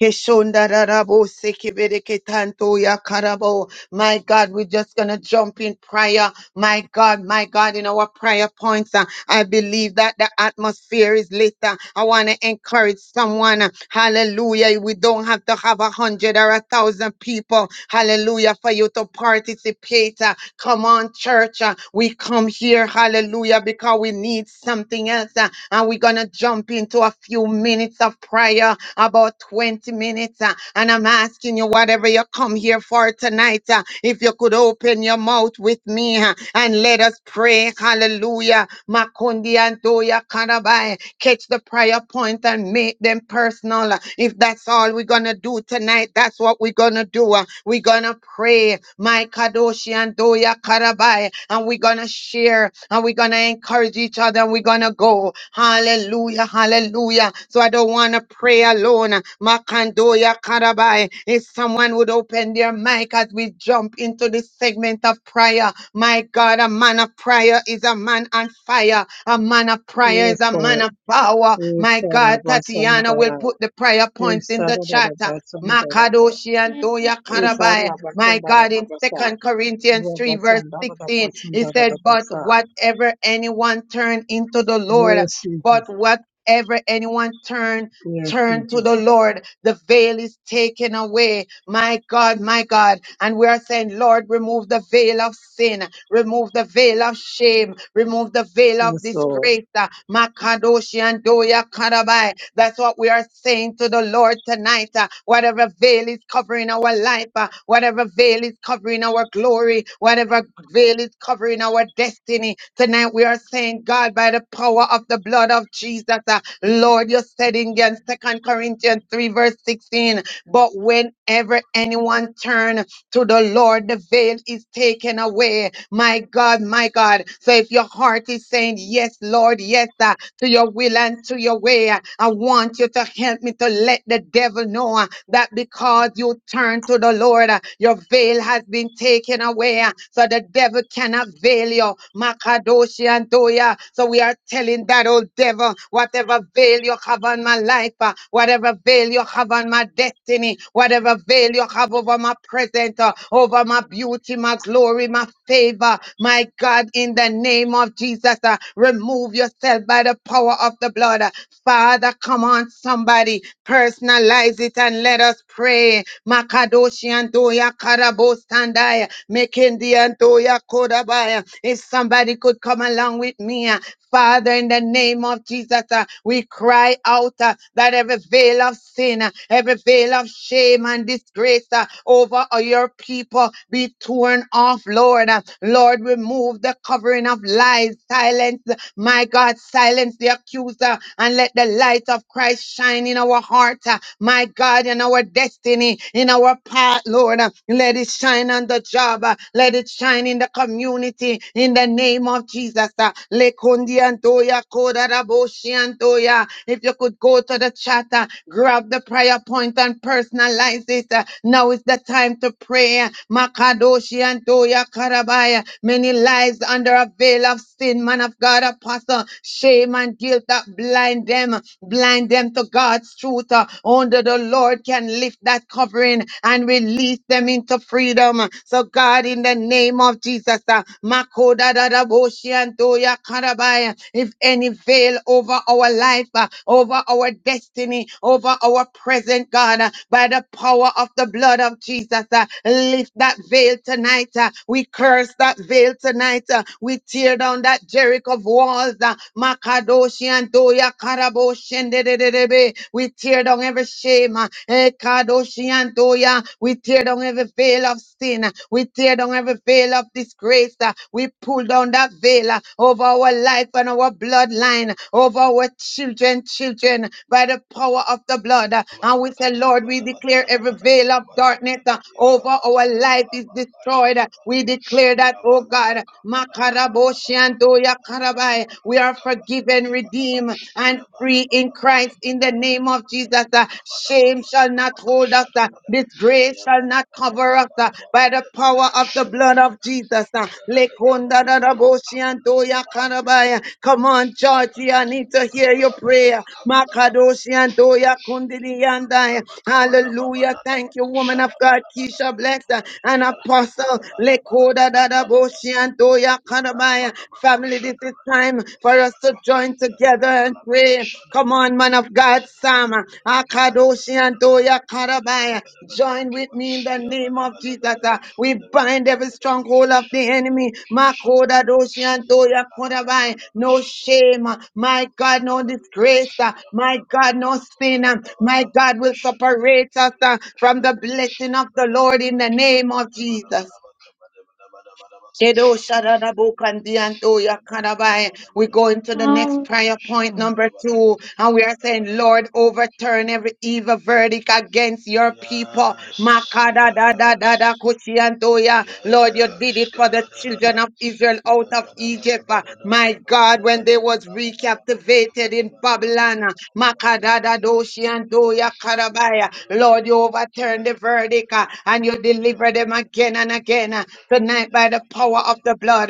Speaker 1: Keshondarabo sekebereketanto yakarabo. My God, we're just going to jump in prayer. My God, my God, in our prayer points, uh, I believe that the atmosphere is lit. uh, I want to encourage someone. uh, Hallelujah. We don't have to have a hundred or a thousand people. Hallelujah. For you to participate. uh, Come on, church. uh, We come here. Hallelujah. Because we need something else. uh, And we're going to jump into a few minutes of prayer, about 20 minutes. uh, And I'm asking you, whatever you come here for tonight, uh, if you could open your mouth with me uh, and let us pray. Hallelujah. Makundi and Doya Kanabai. Catch the prayer point and make them personal. If that's all we're going to do tonight tonight. That's what we're gonna do. uh, We're gonna pray, my Kadoshi and Doya Karabai, and we're gonna share and we're gonna encourage each other and we're gonna go. Hallelujah, hallelujah. So I don't wanna pray alone. uh, Makandoya Karabai. If someone would open their mic as we jump into this segment of prayer, my God, a man of prayer is a man on fire. A man of prayer is
Speaker 5: Yes,
Speaker 1: a man
Speaker 5: Lord.
Speaker 1: of power. My
Speaker 5: Yes,
Speaker 1: God, Tatiana will
Speaker 5: Sarabasandara.
Speaker 1: put the prayer points
Speaker 5: Yes,
Speaker 1: in the chat.
Speaker 5: Sarabasandara.
Speaker 1: Makadoshi and
Speaker 4: Yes,
Speaker 1: Makadoshiantoya
Speaker 5: Yes,
Speaker 4: Jesus.
Speaker 1: Karabai. My
Speaker 5: Sarabasandara.
Speaker 1: God, in Second Corinthians 3, verse
Speaker 5: Rabasandara.
Speaker 1: 16, He said, But
Speaker 5: Rabasandara.
Speaker 1: whatever anyone turn into the Lord,
Speaker 5: Yes,
Speaker 1: but
Speaker 5: Jesus.
Speaker 1: whatever anyone turn,
Speaker 5: Yes,
Speaker 1: turn to the
Speaker 5: Jesus.
Speaker 1: Lord, the veil is taken away. My God, my God. And we are saying, Lord, remove the veil of sin, remove the veil of shame, remove the veil of
Speaker 5: Yes, Lord.
Speaker 1: disgrace. Uh, Makadoshi and Doya Karabai. That's what we are saying to the Lord. Lord, tonight. uh, Whatever veil is covering our life, uh, whatever veil is covering our glory, whatever veil is covering our destiny, tonight we are saying, God, by the power of the blood of Jesus, uh, Lord, you said in Second Corinthians 3, verse 16, but whenever anyone turn to the Lord. The veil is taken away. My God, my God. So if your heart is saying, Yes, Lord, yes, uh, to your will and to your way, uh, I want you to help me to let the devil know uh, that because you turn to the Lord, uh, your veil has been taken away. uh, So the devil cannot veil you. Makadoshi and Doya. So we are telling that old devil, whatever veil you have on my life, uh, whatever veil you have have on my destiny, whatever veil you have over my present, uh, over my beauty, my glory, my favor. My God, in the name of Jesus, uh, remove yourself by the power of the blood. Father, come on, somebody, personalize it and let us pray. Makadoshi and Doya Karabo Sandaya, Mekendi and Doya Kodabaya. If somebody could come along with me, uh, Father, in the name of Jesus, uh, we cry out uh, that every veil of sin, uh, every veil of shame and disgrace uh, over uh, your people be torn off, Lord. Uh, Lord, remove the covering of lies, silence, my God, silence the accuser and let the light of Christ shine in our heart, uh, my God, in our destiny, in our path, Lord. Uh, Let it shine on the job, uh, let it shine in the community community in the name of Jesus. Uh, Lekundiantoya kodaraboshiantoya. If you could go to the chat, uh, grab the prayer point and personalize it. Uh, Now is the time to pray. Makadoshi Makadoshiantoya karabaya. Many lies under a veil of sin, man of God, apostle, shame and guilt that blind them, blind them to God's truth. Uh, Only the Lord can lift that covering and release release them into freedom. So, God, in the name of Jesus, uh, Makoda da da boshi and Toya Karabaya, if any veil over our life, uh, over our destiny, over our present, God, uh, by the power of the blood of Jesus, uh, lift that veil tonight. uh, we curse that veil tonight. uh, we tear down that Jericho walls. Uh, Makadoshi and Toya Karaboshi and de- de- de- de- be. we tear down every every shame. uh, eh, kadoshiantoya. We tear down every veil of sin. uh, We tear down every veil of disgrace. uh, We pull down that veil uh, over our life and our bloodline, over our children, children, by the power of the blood. uh,
Speaker 6: Yabba
Speaker 1: And we say, Lord, we declare every veil of darkness uh, over our life is destroyed. uh, We declare that, oh God, Makaraboshiantoya karabai. we are forgiven, redeemed, and free in Christ in the name of Jesus. uh, Shame shall not hold us. uh, Disgrace shall not cover us uh, by the power of the blood of Jesus.
Speaker 6: Yabba
Speaker 1: uh. Lekonda da da bo shi an do ya karabaya. Come on, Georgie, I need to hear your prayer. Makadoshi and Doya Kundidi and I. Hallelujah. Thank you, woman of God, Keisha Bless, uh, and Apostle Lekoda Dada Boshi and Doya Kanabaya. Family, this is time for us to join together and pray. Come on, man of God, Sam. Akadoshi and Toya Karabaya. Join with me in the
Speaker 6: Ya
Speaker 1: name
Speaker 6: bala
Speaker 1: of
Speaker 6: bala
Speaker 1: Jesus.
Speaker 6: bala
Speaker 1: Uh,
Speaker 6: baka
Speaker 1: We
Speaker 6: bala bala
Speaker 1: bind
Speaker 6: bala
Speaker 1: every
Speaker 6: bala baka
Speaker 1: stronghold of
Speaker 6: shana
Speaker 1: the
Speaker 6: bala
Speaker 1: enemy.
Speaker 6: baka shana
Speaker 1: Makoda
Speaker 6: bala baka
Speaker 1: Doshi and
Speaker 6: ya
Speaker 1: Toya
Speaker 6: bala bala
Speaker 1: Karabaya.
Speaker 6: bala
Speaker 1: No
Speaker 6: bashana
Speaker 1: shame.
Speaker 6: bala
Speaker 1: uh,
Speaker 6: bala
Speaker 1: My God,
Speaker 6: koshana
Speaker 1: no
Speaker 6: bala bala
Speaker 1: disgrace. uh,
Speaker 6: ya
Speaker 1: My
Speaker 6: bala
Speaker 1: God,
Speaker 6: bala
Speaker 1: no
Speaker 6: baka
Speaker 1: sin.
Speaker 6: bala
Speaker 1: uh, My
Speaker 6: bala baka
Speaker 1: God will
Speaker 6: koshana
Speaker 1: separate us
Speaker 6: bala bala
Speaker 1: uh,
Speaker 6: baka
Speaker 1: from the
Speaker 6: bala
Speaker 1: blessing of
Speaker 6: bala
Speaker 1: the
Speaker 6: ya bala
Speaker 1: Lord in the name of Jesus.
Speaker 6: bala baka bala bala bala baka bala bala bala bala baka
Speaker 1: Kedo
Speaker 6: koshaka bala
Speaker 1: Shadadabu Kandianto
Speaker 6: ya bala bala
Speaker 1: Yakanabai.
Speaker 6: bala
Speaker 1: We
Speaker 6: bala
Speaker 1: go
Speaker 6: bala
Speaker 1: into the
Speaker 6: bala
Speaker 1: next
Speaker 4: Hallelujah.
Speaker 6: bala
Speaker 1: prayer
Speaker 6: bashana
Speaker 1: point
Speaker 6: bala
Speaker 1: number
Speaker 6: bala
Speaker 1: two,
Speaker 6: baka
Speaker 1: and
Speaker 6: bala
Speaker 1: we are
Speaker 6: bala bala
Speaker 1: saying,
Speaker 6: bala
Speaker 1: Lord,
Speaker 6: bala
Speaker 1: overturn every evil verdict against your people.
Speaker 6: Yes,
Speaker 1: Makada da da da da
Speaker 6: yes.
Speaker 1: kushianto ya. Lord, you did
Speaker 6: Yes.
Speaker 1: it for
Speaker 6: kada
Speaker 1: the
Speaker 6: da, da da
Speaker 1: children of Israel
Speaker 6: Ya
Speaker 1: out of Egypt. Uh,
Speaker 6: kadadadabadada. da
Speaker 1: My God, when they was recaptivated in Babylon, uh, Makada da
Speaker 6: Kabadabadabadabadabadabadabadabadabadabadabadabadabadabadabadabada.
Speaker 1: do shianto ya
Speaker 6: Ya
Speaker 1: karabaya. Lord, you
Speaker 6: badabadabadaba. da
Speaker 1: overturned the verdict uh, and you deliver them again
Speaker 6: Kabadabadabadabadabadabadabadabadabadabada.
Speaker 1: and again. uh, Tonight, by the power of the blood.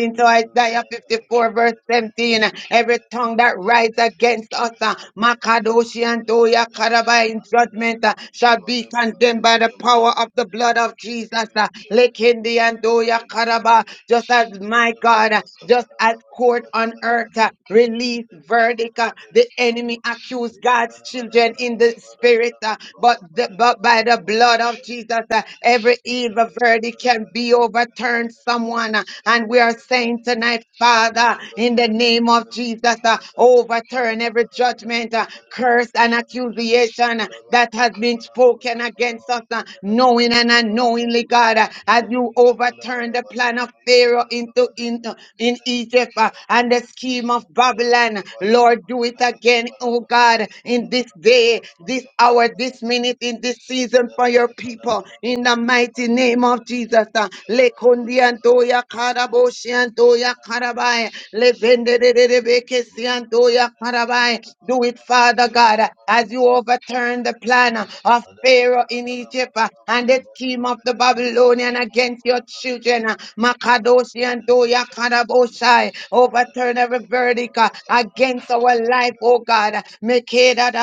Speaker 6: da
Speaker 1: to
Speaker 6: da ba, kaba da ba da ba da ba
Speaker 1: Isaiah
Speaker 6: da ba,
Speaker 1: 54,
Speaker 6: kaba da
Speaker 1: verse
Speaker 6: ba da
Speaker 1: 17, every tongue
Speaker 6: ba da
Speaker 1: that
Speaker 6: ba
Speaker 1: rises
Speaker 6: da ba, kaba da ba da ba da ba,
Speaker 1: against us, uh, Makadoshi
Speaker 6: kaba
Speaker 1: and
Speaker 6: da ba da ba
Speaker 1: Doya
Speaker 6: da. Ya ba da Kabadabadabadabadabadabadabadabadabadabada. da Kabadabadabadabadabadabadabadabadabada.
Speaker 1: Karaba in
Speaker 6: Kabada
Speaker 1: judgment, uh, shall be condemned by the power of the blood of Jesus. uh, Lekindi and Doya Karaba, just as my God, uh, just as court on earth uh, released verdict, uh, the enemy accused God's children in the spirit, uh, but, the, but by the blood of Jesus, uh, every evil verdict can be overturned concern someone. uh, And we are saying tonight, Father, in the name of Jesus, uh, overturn every judgment, uh, curse, and accusation uh,
Speaker 6: Mandana
Speaker 1: that has been spoken against us, uh, knowing and unknowingly, God, uh, as you overturn the plan of Pharaoh into, into in Egypt uh, and the scheme of Babylon. Lord, do it again, oh God, in this day, this hour, this minute, in this season
Speaker 6: Come
Speaker 1: for your people. In the mighty name of Jesus. Uh, Mandiantoya Karaboshiantoya Karabai. Lebendedebekesiantoya Karabai. Do it, Father God, as you overturn the plan of Pharaoh in Egypt uh, and the scheme of the Babylonian against your children. uh, Makadoshi and doya Karaboshai. Overturn every verdict uh, against our life, oh
Speaker 6: on,
Speaker 1: God.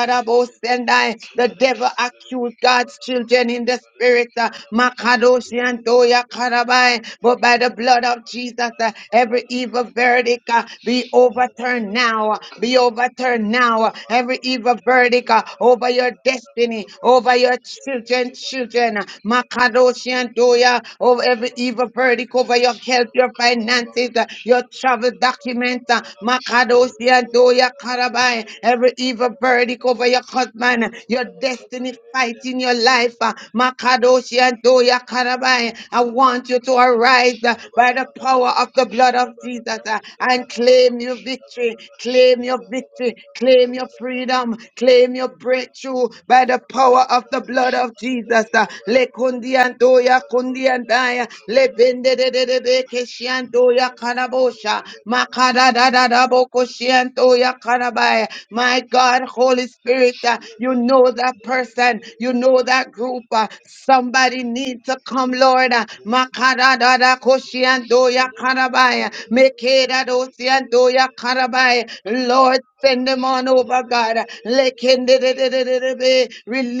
Speaker 6: Kabana
Speaker 1: The devil accused God's children in the spirit. uh, Makadoshi and doya Karabai. But by the blood of Jesus, uh, every evil verdict uh, be overturned now, uh, be overturned now. uh, Every evil verdict uh, over your destiny, over your children, children, uh, Makadoshi and Doya,
Speaker 6: Yabba
Speaker 1: over every evil verdict over your health, your finances, uh, your travel documents, uh, Makadoshi and Doya Karabai, every evil verdict over your husband, uh, your destiny fight in your life, uh, Makadoshi and Doya Karabai. I want you to arise arise uh, by the power of the blood of Jesus uh, and claim your victory, claim your victory, claim your freedom, claim your breakthrough by the power of the blood of
Speaker 6: Thank
Speaker 1: Jesus. uh. Le kundi andoya kundi andaya le bende de de de be keshi andoya kanabosha makada da da da bo koshi andoya kanabaya. My God, Holy Spirit, uh, you know that person, you know that group. uh, Somebody needs to come, Lord. uh, Rada Koshiandoya Karabaya. Mekeda Dosiandoya Karabaya. Lord, send them on over, God. Lekendededededebe.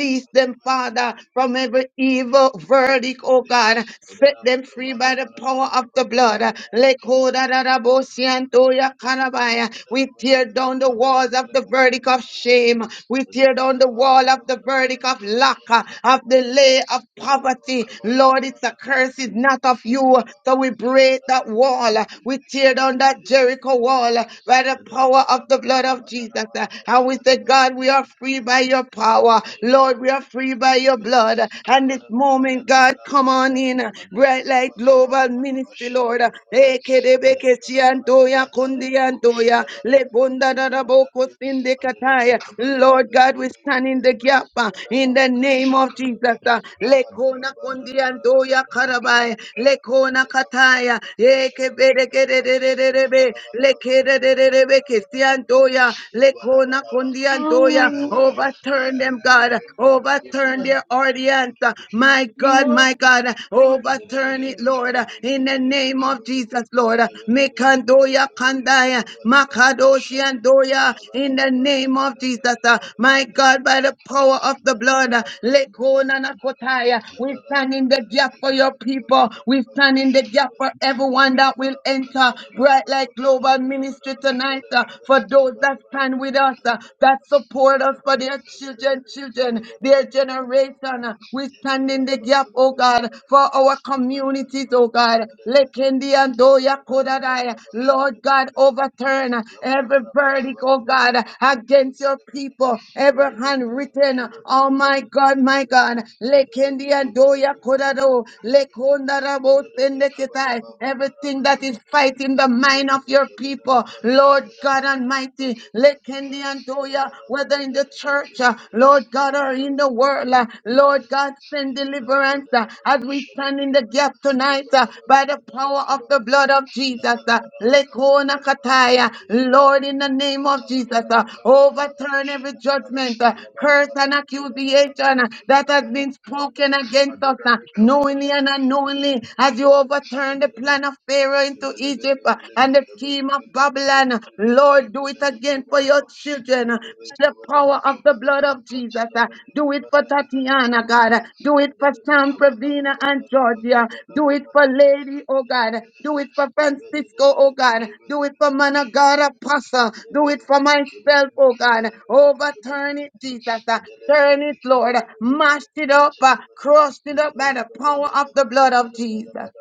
Speaker 6: you.
Speaker 1: them, Father, from every evil verdict, oh God. Set them free by the power of the blood. Lekodadadabosiandoya Karabaya. We tear down the walls of the verdict of
Speaker 6: Thank you.
Speaker 1: shame. We
Speaker 6: Thank
Speaker 1: tear down the wall of the verdict of lack, uh, of delay, of poverty. Lord, it's a curse. It's not of you you. So we break that wall. uh, We tear down that Jericho wall uh, by the power of the blood of Jesus. uh, And we say, God, we are free by your power. Lord, we are free by your blood. And this moment, God, come on in. uh, Bright Light Global Ministry, Lord. Ekedebekeshi andoya kundi andoya. Lebunda dadaboko
Speaker 6: you.
Speaker 1: sinde
Speaker 6: Madelebe
Speaker 1: kataya.
Speaker 6: kabalebe
Speaker 1: Lord God, we
Speaker 6: bedelebe
Speaker 1: stand in the
Speaker 6: kabalebe.
Speaker 1: gap uh, in
Speaker 6: Malababa
Speaker 1: the name of
Speaker 6: kashakadaba.
Speaker 1: Jesus. uh, Lekona
Speaker 6: Rabadababa
Speaker 1: kundi andoya
Speaker 6: dabalabadaba
Speaker 1: karabai
Speaker 6: kedebedaba
Speaker 1: kona
Speaker 6: rabadebaba
Speaker 1: kataya
Speaker 6: dadaba koshadabadabadaba.
Speaker 1: ekeberegerererebe
Speaker 6: Yabalabadaba kabadebaba
Speaker 1: lekerererebe
Speaker 6: dadabadabadabada.
Speaker 1: kesiandoya lekona
Speaker 6: Yabalabadaba
Speaker 1: kondiandoya
Speaker 6: kabalabalaba.
Speaker 4: Hallelujah.
Speaker 6: Yabalabadaba
Speaker 1: overturn them God
Speaker 6: kabalabalaba
Speaker 1: overturn
Speaker 4: Hallelujah.
Speaker 1: their audience my God
Speaker 6: kadebadabadabadaba.
Speaker 4: Hallelujah,
Speaker 1: my God
Speaker 4: Jesus.
Speaker 1: overturn it Lord in the name of Jesus Lord mekandoya kandaya makadoshiandoya in the name of Jesus uh, my God by the power of the blood uh, lekona nakotaya we stand in the gap for your people we stand stand in the gap for everyone that will enter Bright Light Global Ministry tonight. uh, for those that stand with us, uh, that support us for their children, children, their
Speaker 6: Yabba
Speaker 1: generation. uh, we
Speaker 6: Yabba
Speaker 1: stand in the gap, oh God, for our communities, oh God. Lekendi and Doya Kodadai. Lord God, overturn uh, every verdict, oh God, against your people, every handwritten, uh, oh my God, my God. Lekendi and Doya Kodado. Lekondarabo Sendekitai, Everything that is fighting the mind of your people, Lord God Almighty,
Speaker 6: Yabba
Speaker 1: Lekendi Antoya, whether in the church, uh, Lord God, or in the world, uh, Lord God, send deliverance uh, as we stand in the gap tonight uh, by the power of the blood of Jesus. uh, Lekona Kataya, Lord, in the name of Jesus, uh, overturn every judgment, uh, curse and accusation uh, that has been spoken against us uh, knowingly and unknowingly as you overturn the plan of Pharaoh into
Speaker 6: Kabala
Speaker 1: Egypt uh, and the scheme of Babylon. Lord, do it again for your children uh, by the power of the blood of Jesus. uh, Do it for Tatiana, God. uh, Do it for Sam,
Speaker 6: Yabala
Speaker 1: Pravina, and Georgia. Do it for Lady, oh God. Do it for Francisco, oh God. Do it for man of God, Apostle. Do it for myself, oh God. Overturn it, Jesus. uh, Turn it, Lord. Mash it up. uh, Crush it up by the
Speaker 6: bala
Speaker 1: power of the
Speaker 6: baka
Speaker 1: blood of Jesus.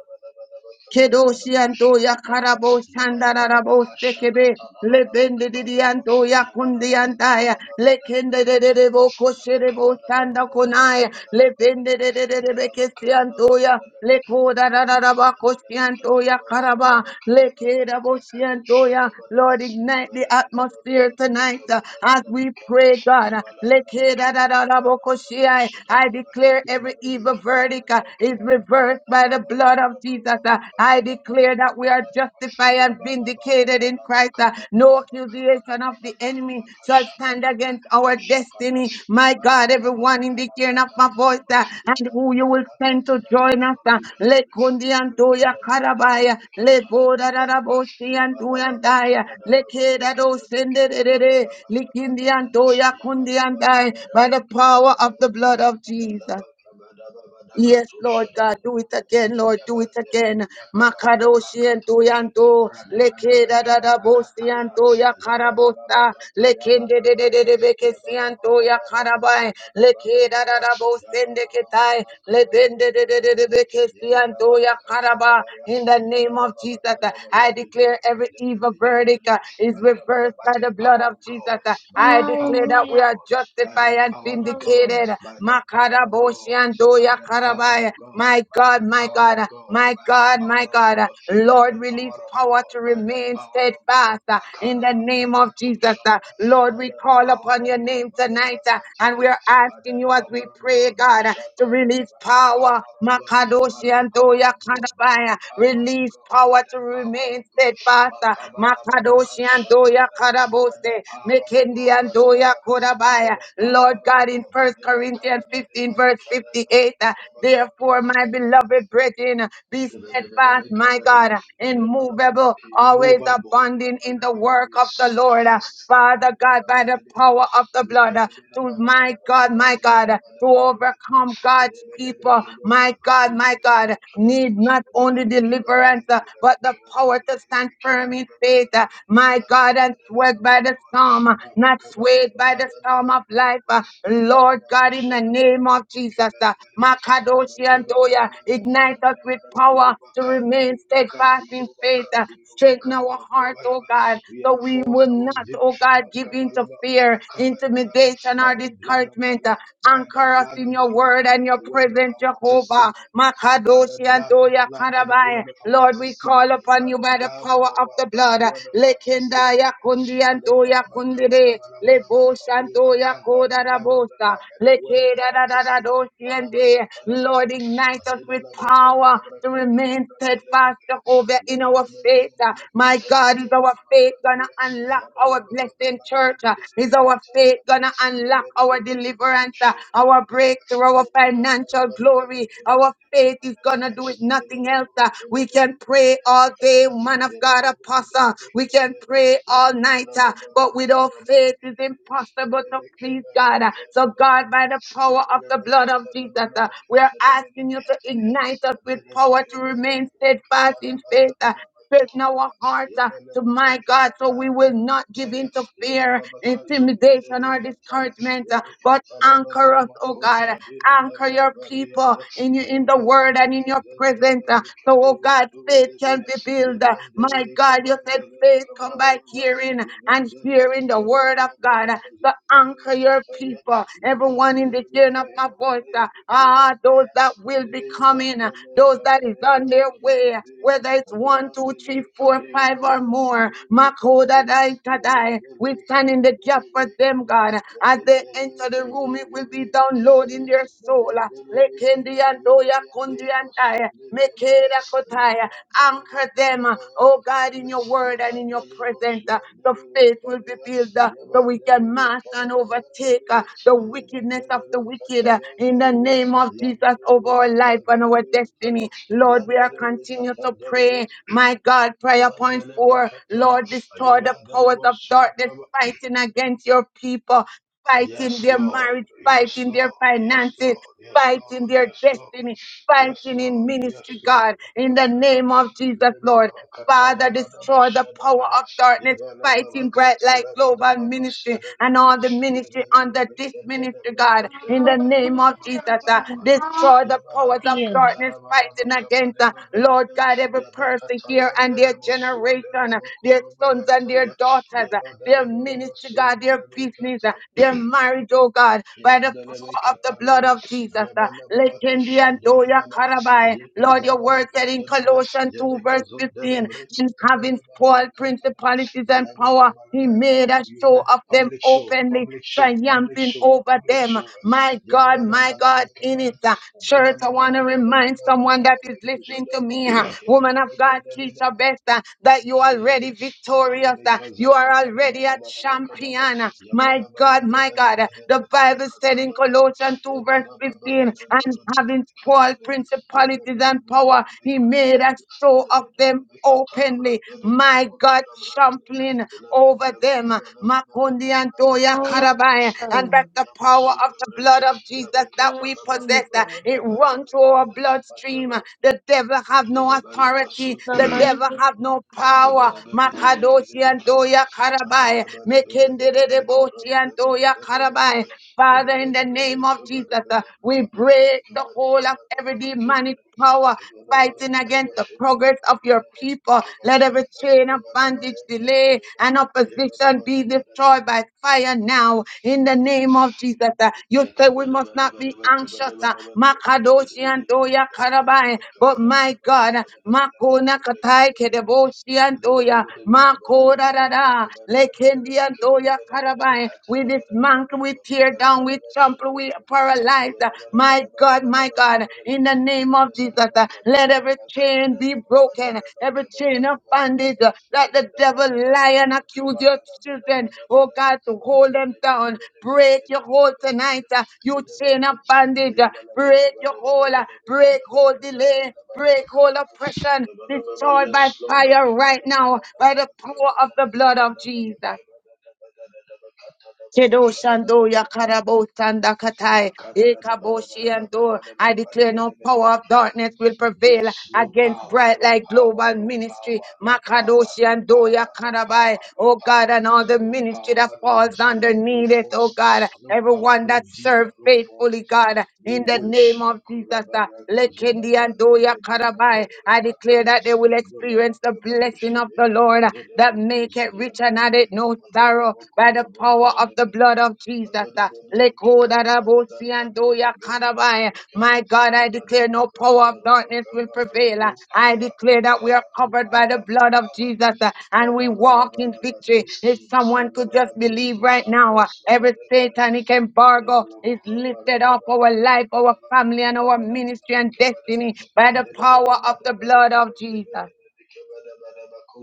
Speaker 1: Kedoshianto
Speaker 6: shaka
Speaker 1: ya
Speaker 6: tala
Speaker 1: karabo
Speaker 6: bala
Speaker 1: shandarabo sekebe
Speaker 6: baka
Speaker 1: lebende
Speaker 6: bala baba.
Speaker 1: dianto ya
Speaker 6: Yabala bala baka
Speaker 1: kundiantaya
Speaker 6: bala
Speaker 1: lekende de de de bo kosherebo sanda konaya lebende de de de de bekesianto ya lekoda da da da ba koshianto ya karaba lekeda bo shianto ya Lord ignite the atmosphere tonight uh, as we pray God lekeda da da da bo koshia I declare every evil verdict uh, is reversed reversed by the blood of Jesus. Uh, I declare that we are justified and
Speaker 6: Yabala Yabala
Speaker 1: vindicated in Christ. Uh, No accusation of the enemy shall stand against our destiny. My God, everyone in the hearing of my voice uh, and who you will send to join us. uh, Le kundi antoya karabaya, le boda da da boshi antoya andaya, le keda do sende de de de, likindi antoya kundi andaya, by the power of the blood of Jesus. Yes, Lord God, do it again, Lord, do it
Speaker 6: Yabandele
Speaker 1: again.
Speaker 6: Yakalama
Speaker 1: Makadoshi and
Speaker 6: Rakatosha
Speaker 1: Toyanto, Leke da da da bosi
Speaker 6: Radabanabakabarakataya
Speaker 1: and Toya Karabosta, Lekende de de
Speaker 6: Ayabalabakataya
Speaker 1: de de Bekesi and Toya Karabai, Leke da da da bosende Ketai, Lebende de de de de Bekesi and Toya Karaba. In the name of Jesus, uh, I declare every evil verdict uh, is reversed
Speaker 6: by
Speaker 1: by
Speaker 6: the
Speaker 1: the blood
Speaker 6: power of
Speaker 1: of Jesus.
Speaker 6: God,
Speaker 1: uh.
Speaker 6: by
Speaker 1: I
Speaker 6: the
Speaker 1: declare
Speaker 6: power
Speaker 1: that
Speaker 6: of
Speaker 1: we
Speaker 6: God,
Speaker 4: Hallelujah. Hallelujah,
Speaker 1: are
Speaker 6: by
Speaker 1: justified
Speaker 6: the
Speaker 1: and
Speaker 6: power of God,
Speaker 4: Lord.
Speaker 1: vindicated.
Speaker 6: by the power of God, by
Speaker 1: Makaraboshiandoya
Speaker 6: the power of God, by the power of
Speaker 1: karabaya. My God, my God,
Speaker 6: God,
Speaker 1: my
Speaker 6: by the
Speaker 1: God, my
Speaker 6: power of God
Speaker 1: God.
Speaker 6: by the
Speaker 1: Lord, release
Speaker 6: power of
Speaker 1: power
Speaker 6: God,
Speaker 1: to
Speaker 6: by the
Speaker 1: remain
Speaker 6: power of God,
Speaker 1: steadfast uh, in the
Speaker 6: Makarabaya
Speaker 1: name of Jesus. uh.
Speaker 6: Katoshanaba,
Speaker 1: Lord,
Speaker 6: by
Speaker 1: we
Speaker 6: the
Speaker 1: call
Speaker 6: power
Speaker 1: upon
Speaker 6: of
Speaker 1: your
Speaker 6: God,
Speaker 1: name tonight
Speaker 6: Maleva
Speaker 1: uh, and we are
Speaker 6: by the
Speaker 1: asking you as we
Speaker 6: power of
Speaker 1: pray,
Speaker 6: God,
Speaker 1: God, uh, to
Speaker 6: Mashakaraba,
Speaker 1: release
Speaker 6: by the
Speaker 1: power.
Speaker 6: power of God, by
Speaker 1: Makadoshi
Speaker 6: the
Speaker 1: and
Speaker 6: power
Speaker 1: Doya
Speaker 6: of God, by the
Speaker 1: Kanabaya.
Speaker 6: power of
Speaker 1: Release
Speaker 6: God, by
Speaker 1: power to
Speaker 6: the power
Speaker 1: remain
Speaker 6: of God,
Speaker 1: steadfast. uh,
Speaker 6: Makabalaba
Speaker 1: Makadoshi Andoya
Speaker 6: by the
Speaker 1: Karabose,
Speaker 6: power of
Speaker 1: Mekendi
Speaker 6: God, Maleva,
Speaker 1: Andoya
Speaker 6: by
Speaker 1: Korabaya.
Speaker 6: the power
Speaker 1: Lord
Speaker 6: of
Speaker 1: God, in
Speaker 6: God,
Speaker 1: First
Speaker 6: Maleva
Speaker 1: Corinthians
Speaker 6: Kadaba, Maleva
Speaker 1: 15, verse
Speaker 6: Kadaba,
Speaker 1: 58, uh,
Speaker 6: Kadaba,
Speaker 1: therefore, my beloved brethren, be steadfast, my God, immovable, always
Speaker 6: immovable,
Speaker 1: abounding in the work of the Lord. uh,
Speaker 6: steadfast,
Speaker 1: Father God, by the power of the blood, uh, to my God, my God to overcome God's people. My God, my God, need not only deliverance, uh, but the power to stand firm in faith. uh, My God, and swayed by the storm, uh,
Speaker 6: Rabba
Speaker 1: not
Speaker 6: Kabala
Speaker 1: swayed by
Speaker 6: Baba
Speaker 1: the
Speaker 6: Daba
Speaker 1: storm of life.
Speaker 6: Kabala
Speaker 1: uh,
Speaker 6: we overcome,
Speaker 1: Lord God,
Speaker 6: we
Speaker 1: in the name of Jesus, uh, Makadoshi and Toya, ignite
Speaker 6: overcome,
Speaker 1: us with power to
Speaker 6: we
Speaker 1: remain
Speaker 6: overcome,
Speaker 1: steadfast
Speaker 6: we
Speaker 1: in faith.
Speaker 6: overcome.
Speaker 1: uh, Strengthen our heart, oh
Speaker 6: Makabalaba.
Speaker 1: God,
Speaker 6: We
Speaker 1: so we
Speaker 6: enforce
Speaker 1: will
Speaker 6: our
Speaker 1: not, oh
Speaker 6: victory
Speaker 1: God, give in to
Speaker 6: Makabalaba,
Speaker 1: fear,
Speaker 6: overcome it, Baraba,
Speaker 1: intimidation,
Speaker 6: by
Speaker 1: or
Speaker 6: the blood of the
Speaker 1: discouragement. uh,
Speaker 6: Lamb, by the
Speaker 1: Anchor us
Speaker 6: blood
Speaker 1: in
Speaker 6: of the
Speaker 1: your
Speaker 6: Lamb,
Speaker 1: word and
Speaker 6: and
Speaker 1: your
Speaker 6: the word of
Speaker 1: presence,
Speaker 6: our
Speaker 1: Jehovah.
Speaker 6: testimony by the
Speaker 1: Makadoshi and
Speaker 6: blood of the
Speaker 1: Doya
Speaker 6: Lamb and the word
Speaker 1: Karabai.
Speaker 6: of our
Speaker 1: Lord, we call
Speaker 6: testimony, by
Speaker 1: upon you
Speaker 6: the
Speaker 1: by the
Speaker 6: blood of
Speaker 1: power
Speaker 6: the
Speaker 1: of
Speaker 6: Lamb,
Speaker 1: the
Speaker 6: by
Speaker 1: blood.
Speaker 6: the word of our
Speaker 1: Lekindaya
Speaker 6: testimony.
Speaker 1: Kundi and Doya Kundide.
Speaker 6: Alebalabalabalabalabalabalaba.
Speaker 1: Lebosh
Speaker 6: We
Speaker 1: and Doya
Speaker 6: overcome by the blood of the
Speaker 1: Kodarabosa.
Speaker 6: Lamb and the word of
Speaker 1: Lekeda
Speaker 6: our
Speaker 1: da da da
Speaker 6: testimony.
Speaker 1: doshi and de. Lord, ignite us with power to remain steadfast, Jehovah, in our faith. My God, is our faith gonna unlock our blessing? blessing, church. Uh, Is our faith gonna unlock our deliverance, uh, our breakthrough, our financial glory? Our faith is gonna do it, nothing else. uh. We can pray all day, man of God, apostle. We can pray all night, uh, but without faith, it's impossible to please God. uh. So, God, by the power of the blood of Jesus, uh, we are asking you to ignite us with power to remain steadfast in faith. uh, straighten our hearts uh, to my God, so we will not give in
Speaker 6: Yabala
Speaker 1: to fear,
Speaker 6: Rebelabakazunde
Speaker 1: intimidation, or
Speaker 6: Erekataya,
Speaker 1: discouragement, uh, but anchor us, oh
Speaker 6: Rebekatalababiamakosha,
Speaker 1: God. Anchor
Speaker 6: Diadaya,
Speaker 1: your people
Speaker 6: Bariada,
Speaker 1: in, you- in the word and in your
Speaker 6: Yabelebekazende,
Speaker 1: presence. uh, So, oh
Speaker 6: Erekadima,
Speaker 1: God, faith can
Speaker 6: Duzebia,
Speaker 1: be built. Uh,
Speaker 6: Yabendere,
Speaker 1: My God, you said
Speaker 6: Kabandere,
Speaker 1: faith come by
Speaker 6: Kabayava,
Speaker 1: hearing and
Speaker 6: Yabendere,
Speaker 1: hearing the word of
Speaker 6: Kabaria,
Speaker 1: God. Uh, So
Speaker 6: Balakazundere,
Speaker 1: anchor your
Speaker 6: Kataya,
Speaker 1: people, everyone in the
Speaker 6: Yabendere,
Speaker 1: hearing of my
Speaker 6: Kayava,
Speaker 1: voice. uh, Ah,
Speaker 6: Kiyandia,
Speaker 1: those that will be
Speaker 6: Adea,
Speaker 1: coming, uh,
Speaker 6: Bandele,
Speaker 1: those that is
Speaker 6: Kataya,
Speaker 1: on their way,
Speaker 6: Kiyandia,
Speaker 1: whether it's one, two,
Speaker 6: Adendele
Speaker 1: three, four,
Speaker 6: kadela
Speaker 1: five or more.
Speaker 6: bayandele
Speaker 1: Makoda
Speaker 6: kataya
Speaker 1: dai kadai. We
Speaker 6: yedendele
Speaker 1: stand in the gap
Speaker 6: kevendele
Speaker 1: for them,
Speaker 6: kade
Speaker 1: God. As they
Speaker 6: yedendele
Speaker 1: enter the room, it will be
Speaker 6: keyevele
Speaker 1: down downloading
Speaker 6: kevaya
Speaker 1: their soul. uh,
Speaker 6: yedendele
Speaker 1: Lekendi and
Speaker 6: kevendele
Speaker 1: Doya Kundi
Speaker 6: yandeye
Speaker 1: and I,
Speaker 6: basundere baya
Speaker 1: Mekeda Kotaya.
Speaker 6: yimandele
Speaker 1: Anchor
Speaker 6: bokoda
Speaker 1: them, uh,
Speaker 6: baya
Speaker 1: oh God, in
Speaker 6: kavaya
Speaker 1: your word and in your
Speaker 6: yimandele
Speaker 1: presence. uh, The
Speaker 6: boşuandele
Speaker 1: faith will be
Speaker 6: kadeya
Speaker 1: built uh, so we can
Speaker 6: ayabandele
Speaker 1: master and
Speaker 6: kadabaya
Speaker 1: overtake
Speaker 6: dele
Speaker 1: uh, the wickedness of
Speaker 6: yemandele
Speaker 1: the wicked uh,
Speaker 6: kataya
Speaker 1: in the
Speaker 6: dele
Speaker 1: name of Jesus over
Speaker 6: ayandele
Speaker 1: our life and our
Speaker 6: katandele
Speaker 1: destiny. Lord, we are
Speaker 6: Yandelebe
Speaker 1: continue to
Speaker 6: katandelebe
Speaker 1: pray. My God, prayer point
Speaker 6: evandelebe
Speaker 1: four.
Speaker 6: kataya
Speaker 1: Lord, destroy the powers
Speaker 6: ayevandelebo
Speaker 1: of darkness
Speaker 6: suakaba.
Speaker 1: fighting against your people
Speaker 6: Yes,
Speaker 1: fighting their
Speaker 6: Lord.
Speaker 1: marriage,
Speaker 6: Yes,
Speaker 1: fighting their
Speaker 6: Lord. Yes,
Speaker 1: finances,
Speaker 6: Lord. Yes,
Speaker 1: fighting
Speaker 6: Lord.
Speaker 1: their
Speaker 6: Yes, Lord.
Speaker 1: destiny,
Speaker 6: Yes,
Speaker 1: fighting in
Speaker 6: Lord.
Speaker 1: ministry,
Speaker 6: Yes, Lord.
Speaker 1: God, in the
Speaker 6: Makabaraba.
Speaker 1: name of Jesus, Lord.
Speaker 6: Alebanaba
Speaker 1: Father,
Speaker 6: katayabanaba
Speaker 1: destroy the power
Speaker 6: shadabaya.
Speaker 1: of darkness,
Speaker 6: Yebanaba
Speaker 1: fighting bright light global
Speaker 6: makatalabadaba
Speaker 1: ministry and
Speaker 6: mashadadadada.
Speaker 1: all the ministry
Speaker 6: Yebanaba
Speaker 1: under this ministry,
Speaker 6: mekatelebe
Speaker 1: God, in the
Speaker 6: ketelebelaba
Speaker 1: name of Jesus.
Speaker 4: Hallelujah,
Speaker 1: uh,
Speaker 6: makatalabadaba.
Speaker 4: Lord.
Speaker 1: destroy the powers
Speaker 6: Yebanaba
Speaker 1: of
Speaker 4: Hallelujah.
Speaker 1: darkness,
Speaker 6: makatalabanaba
Speaker 1: fighting against, uh, Lord
Speaker 6: kabadebebedele.
Speaker 1: God, every person here and their
Speaker 6: Yabakatayandelebo
Speaker 1: generation, uh,
Speaker 6: suwadelebo
Speaker 1: their sons and their
Speaker 6: korobayataya.
Speaker 1: daughters, uh, their
Speaker 6: Yebadelebaba
Speaker 1: ministry, God, their
Speaker 6: masundelebe
Speaker 1: business families, uh, their marriage, oh God, by the power of the blood of Jesus. uh, Lekendi and Doya Karabai. Lord, your word said in Colossians 2, verse 15, and having spoiled principalities and power, he made a
Speaker 6: you
Speaker 1: show
Speaker 6: made a
Speaker 1: of them
Speaker 6: public show,
Speaker 1: openly,
Speaker 6: public show, public
Speaker 1: triumphing
Speaker 6: show,
Speaker 1: over
Speaker 6: public
Speaker 1: them.
Speaker 6: show.
Speaker 1: My God, my God, in it.
Speaker 6: Yabarabalabakabalaba,
Speaker 1: uh, Church, I want to remind someone that is listening to me, uh, woman of God,
Speaker 6: Lebalabakabalabakabalabakajadaba,
Speaker 1: Keisha Best, uh, that you are
Speaker 6: Delebe,
Speaker 1: already victorious.
Speaker 6: Delebe,
Speaker 1: uh,
Speaker 6: Kaza,
Speaker 1: You are
Speaker 6: Kata, Daba,
Speaker 1: already a
Speaker 6: Daba, Daba, Kadaba,
Speaker 1: champion. uh,
Speaker 6: Yabala,
Speaker 1: my
Speaker 6: Baba,
Speaker 1: God, my
Speaker 6: Delebe,
Speaker 1: God.
Speaker 6: Delebe,
Speaker 1: The
Speaker 6: Delebe,
Speaker 1: Bible
Speaker 6: Kata,
Speaker 1: said in
Speaker 6: Daba, Daba,
Speaker 1: Colossians 2, verse
Speaker 6: Yabala, Baba,
Speaker 1: 15, and
Speaker 6: Delebe,
Speaker 1: having
Speaker 6: Delebe, Kata,
Speaker 1: spoiled
Speaker 6: Daba,
Speaker 1: principalities
Speaker 6: Yabala, Baba,
Speaker 1: and power,
Speaker 6: Delebe,
Speaker 1: he made a show of them
Speaker 6: Kata, Daba,
Speaker 1: openly.
Speaker 6: Delebe, Delebe, Kata, Daba, Delebe,
Speaker 1: My
Speaker 6: Kota,
Speaker 1: God,
Speaker 6: Daba, Delebe,
Speaker 1: trampling
Speaker 6: Delebe,
Speaker 1: over
Speaker 6: Delebe,
Speaker 1: them.
Speaker 6: Kaba, Daba, Daba, Delebe,
Speaker 1: Makundi and
Speaker 6: Daba,
Speaker 1: Toya
Speaker 6: Koshada,
Speaker 1: Karabai.
Speaker 4: Hallelujah,
Speaker 1: And
Speaker 4: Lord.
Speaker 1: that's
Speaker 6: Yabala,
Speaker 1: the
Speaker 6: Yama,
Speaker 1: power of
Speaker 6: Suda,
Speaker 1: the blood
Speaker 6: Breke,
Speaker 1: of Jesus
Speaker 6: Yabe,
Speaker 1: that
Speaker 6: Kata,
Speaker 1: we
Speaker 4: Yes,
Speaker 6: Daba,
Speaker 1: possess.
Speaker 6: Daba, Daba,
Speaker 4: Jesus.
Speaker 1: It runs through our bloodstream. The devil have no authority.
Speaker 4: In the
Speaker 1: The
Speaker 4: mighty
Speaker 1: devil
Speaker 4: name
Speaker 1: have no
Speaker 4: of
Speaker 1: power.
Speaker 4: Jesus.
Speaker 1: Makadoshi and Doya
Speaker 6: Thank
Speaker 1: Karabai karabai. Father, in the name of Jesus, uh, we break the whole of every demonic power fighting against the progress of your people. Let every chain of bondage, delay, and opposition be
Speaker 6: you.
Speaker 1: destroyed by fire now. In the name of Jesus, uh, you say we must not be anxious. uh, Makadoshi and Toya Karabai. But my God, uh, Makona Katai Kedeboshi and Toya, Makoda Dada, Lekendia Doya Karabai. We dismantle, we tear down, we trample, we paralyze. uh, My God, my God, in the name of Jesus, uh, let every chain be broken, every chain of bondage.
Speaker 6: Kabada
Speaker 1: uh,
Speaker 6: Yes,
Speaker 1: Let the devil lie and accuse your children, oh God, to hold them down. Break your hold tonight, uh, you chain of bondage. uh, Break your hold, uh, break hold delay, break hold oppression, destroyed by
Speaker 6: Lord.
Speaker 1: fire right now by the power of the blood of Jesus.
Speaker 6: Yes,
Speaker 1: Kedoshando yakarabo
Speaker 6: Yes,
Speaker 1: sandakatai ekaboshiando. I declare no power of darkness will prevail
Speaker 6: no
Speaker 1: against
Speaker 6: power,
Speaker 1: Bright
Speaker 6: no
Speaker 1: Light
Speaker 6: power,
Speaker 1: Global
Speaker 6: no
Speaker 1: Ministry.
Speaker 6: power, no power, no
Speaker 1: Makadoshiando
Speaker 6: power, no
Speaker 1: yakarabai.
Speaker 6: power, no
Speaker 1: Oh God,
Speaker 6: power,
Speaker 1: and all the
Speaker 6: no
Speaker 1: ministry that
Speaker 6: power, no
Speaker 1: falls
Speaker 6: demon, no
Speaker 1: underneath it. Oh God,
Speaker 6: forces, no power,
Speaker 1: everyone
Speaker 6: no
Speaker 1: that
Speaker 6: demon,
Speaker 1: serves
Speaker 6: no force,
Speaker 1: faithfully, God
Speaker 6: no
Speaker 1: in the name
Speaker 6: witch.
Speaker 1: of Jesus. uh,
Speaker 6: Makorabaya kazoda
Speaker 1: Lekendi and
Speaker 6: brande
Speaker 1: Doya
Speaker 6: bebe
Speaker 1: Karabai.
Speaker 6: kazede
Speaker 1: I declare
Speaker 6: kataya.
Speaker 1: that they will
Speaker 6: Ebola
Speaker 1: experience the
Speaker 6: makaba do
Speaker 1: blessing of
Speaker 6: shebe.
Speaker 1: the Lord uh,
Speaker 6: Delebo
Speaker 1: that make it
Speaker 6: kozadia
Speaker 1: rich and add
Speaker 6: badoya.
Speaker 1: it no sorrow
Speaker 6: Delebo
Speaker 1: by
Speaker 6: koda
Speaker 1: the power of the blood of Jesus.
Speaker 6: no power,
Speaker 1: uh,
Speaker 6: no
Speaker 1: Lekoda
Speaker 6: power,
Speaker 1: Rabosi and Doya Karabai. My God, I declare no power of darkness will prevail. Uh, I
Speaker 6: no
Speaker 1: declare that we are
Speaker 6: power,
Speaker 1: covered by the
Speaker 6: no
Speaker 1: blood of
Speaker 6: power.
Speaker 1: Jesus uh, and we walk in
Speaker 6: No
Speaker 1: victory. If
Speaker 6: schemes.
Speaker 1: someone could just
Speaker 6: No
Speaker 1: believe
Speaker 6: scheme
Speaker 1: right
Speaker 6: shall
Speaker 1: now, uh,
Speaker 6: prosper.
Speaker 1: every satanic embargo is lifted off our life, our family, and our ministry and destiny by the power of the blood of Jesus.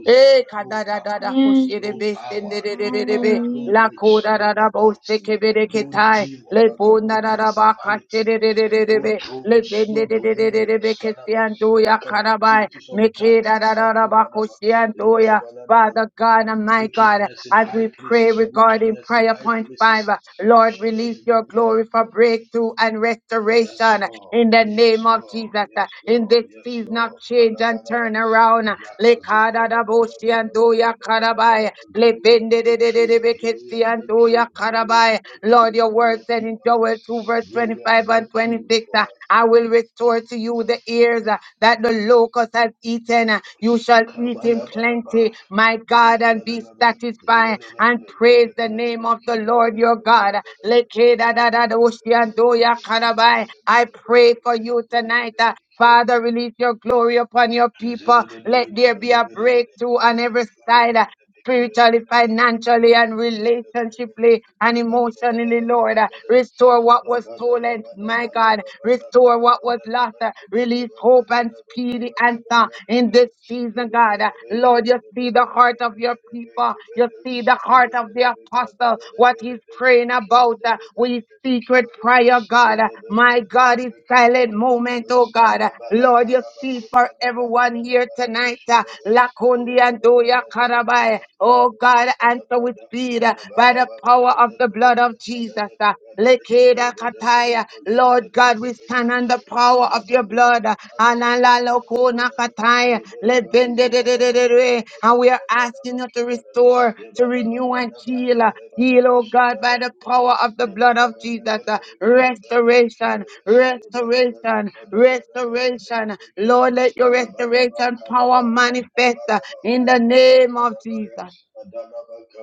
Speaker 1: Eh,
Speaker 6: No
Speaker 1: kada da
Speaker 6: power
Speaker 1: da da
Speaker 4: Yes,
Speaker 1: koshere
Speaker 6: no
Speaker 1: be
Speaker 4: Jesus.
Speaker 6: power,
Speaker 1: sendere re
Speaker 6: no
Speaker 1: re re
Speaker 6: power,
Speaker 1: be
Speaker 6: no
Speaker 4: Hallelujah,
Speaker 1: la
Speaker 6: witch,
Speaker 1: koda
Speaker 6: no
Speaker 1: da da bo
Speaker 6: occult,
Speaker 1: se ke
Speaker 4: Jesus.
Speaker 1: be re ke
Speaker 6: no
Speaker 1: tai
Speaker 6: demon,
Speaker 1: le
Speaker 6: maka,
Speaker 1: po
Speaker 6: no
Speaker 1: na da da ba
Speaker 6: principality,
Speaker 1: kashere re re re re
Speaker 6: no
Speaker 1: be le
Speaker 6: thrones,
Speaker 1: bende
Speaker 6: no
Speaker 1: re re re re re be
Speaker 6: dominions,
Speaker 1: ke se
Speaker 6: kadaba,
Speaker 1: an do ya
Speaker 6: makaba,
Speaker 1: karabai
Speaker 6: activities of
Speaker 1: me da da
Speaker 6: darkness,
Speaker 1: da da ba
Speaker 6: makobadaba,
Speaker 1: koshe doya.
Speaker 6: ikabalabalaba,
Speaker 1: Father God and my God,
Speaker 6: wickedness in
Speaker 1: as
Speaker 6: high
Speaker 1: we pray
Speaker 6: places,
Speaker 1: regarding
Speaker 6: wickedness in
Speaker 1: prayer
Speaker 6: high
Speaker 1: point five,
Speaker 6: places.
Speaker 1: Lord, release your glory for breakthrough and
Speaker 6: Yes,
Speaker 1: restoration
Speaker 6: Lord.
Speaker 1: in the
Speaker 6: Yes,
Speaker 1: name of
Speaker 6: Lord.
Speaker 1: Jesus. uh,
Speaker 6: Yes,
Speaker 1: In
Speaker 6: Lord.
Speaker 1: this
Speaker 6: Yes,
Speaker 1: season of
Speaker 6: Lord.
Speaker 1: change and
Speaker 6: Ba-da-ba-da-ba.
Speaker 1: turn around, uh, Lekadadaboshi and
Speaker 6: Yakazuka-da-ba-da-ba-da-ba.
Speaker 1: Doya Karabai,
Speaker 6: Kada-da-da-ba-da-ba. Glory and breakthrough. Glory
Speaker 1: Lebendedededebekesi
Speaker 6: and
Speaker 1: and Doya
Speaker 6: breakthrough. Glory and
Speaker 1: Karabai. Lord,
Speaker 6: breakthrough
Speaker 1: your
Speaker 6: for
Speaker 1: word
Speaker 6: your
Speaker 1: said in
Speaker 6: people.
Speaker 1: Joel 2, verse
Speaker 6: Glory and
Speaker 1: 25 and
Speaker 6: breakthrough
Speaker 1: 26,
Speaker 6: for
Speaker 1: uh,
Speaker 6: us.
Speaker 1: I will restore to you the ears uh, that the locust has eaten. uh, You shall eat in
Speaker 6: Kabada-ba-da-ba.
Speaker 1: plenty, my God, and be
Speaker 6: Yabba-dabba-ba.
Speaker 1: satisfied and
Speaker 6: Yabba-dabba-dabba.
Speaker 1: praise praise the name
Speaker 6: Kabada-ba-dabba.
Speaker 1: of the Lord your
Speaker 6: Kabada-ba-dabba.
Speaker 1: God.
Speaker 6: Dabba-dabba-dabba. Kabada-ba-dabba. Dabba-dabba-dabba.
Speaker 1: Lekedadadadoshiandoyakarabai.
Speaker 6: Kabada-ba-dabba.
Speaker 1: I pray for
Speaker 6: Dabba-dabba-dabba.
Speaker 1: you tonight.
Speaker 6: Kabada-ba-dabba.
Speaker 1: uh,
Speaker 6: Kabada-ba-dabba.
Speaker 1: Father, release your glory upon your people. Let there be a breakthrough on every side. uh, Spiritually, financially, and relationshiply and emotionally, Lord. Uh, Restore what was stolen, my God. Restore what was lost. Uh, Release hope and speedy answer in this season, God. Uh, Lord, you see the heart of your people. You see the heart of the apostle, what he's praying about. Uh, we
Speaker 6: Kabada
Speaker 1: secret
Speaker 6: Yabala
Speaker 1: prayer, God. Uh, My God, is silent moment, oh God. Uh, Lord, you see for everyone here tonight. Uh, Lakundi and Doya Karabai. Oh God, answer with speed uh, by the power of the blood of Jesus. Lekeda kataya. Lord God, we stand on the power of your blood. Analalokona kataya. Lebendedededede. And we are asking you to restore, to renew and heal. Heal, oh God, by the power of the blood of Jesus. Restoration, restoration, restoration. Lord, let your restoration power manifest in the name of Jesus.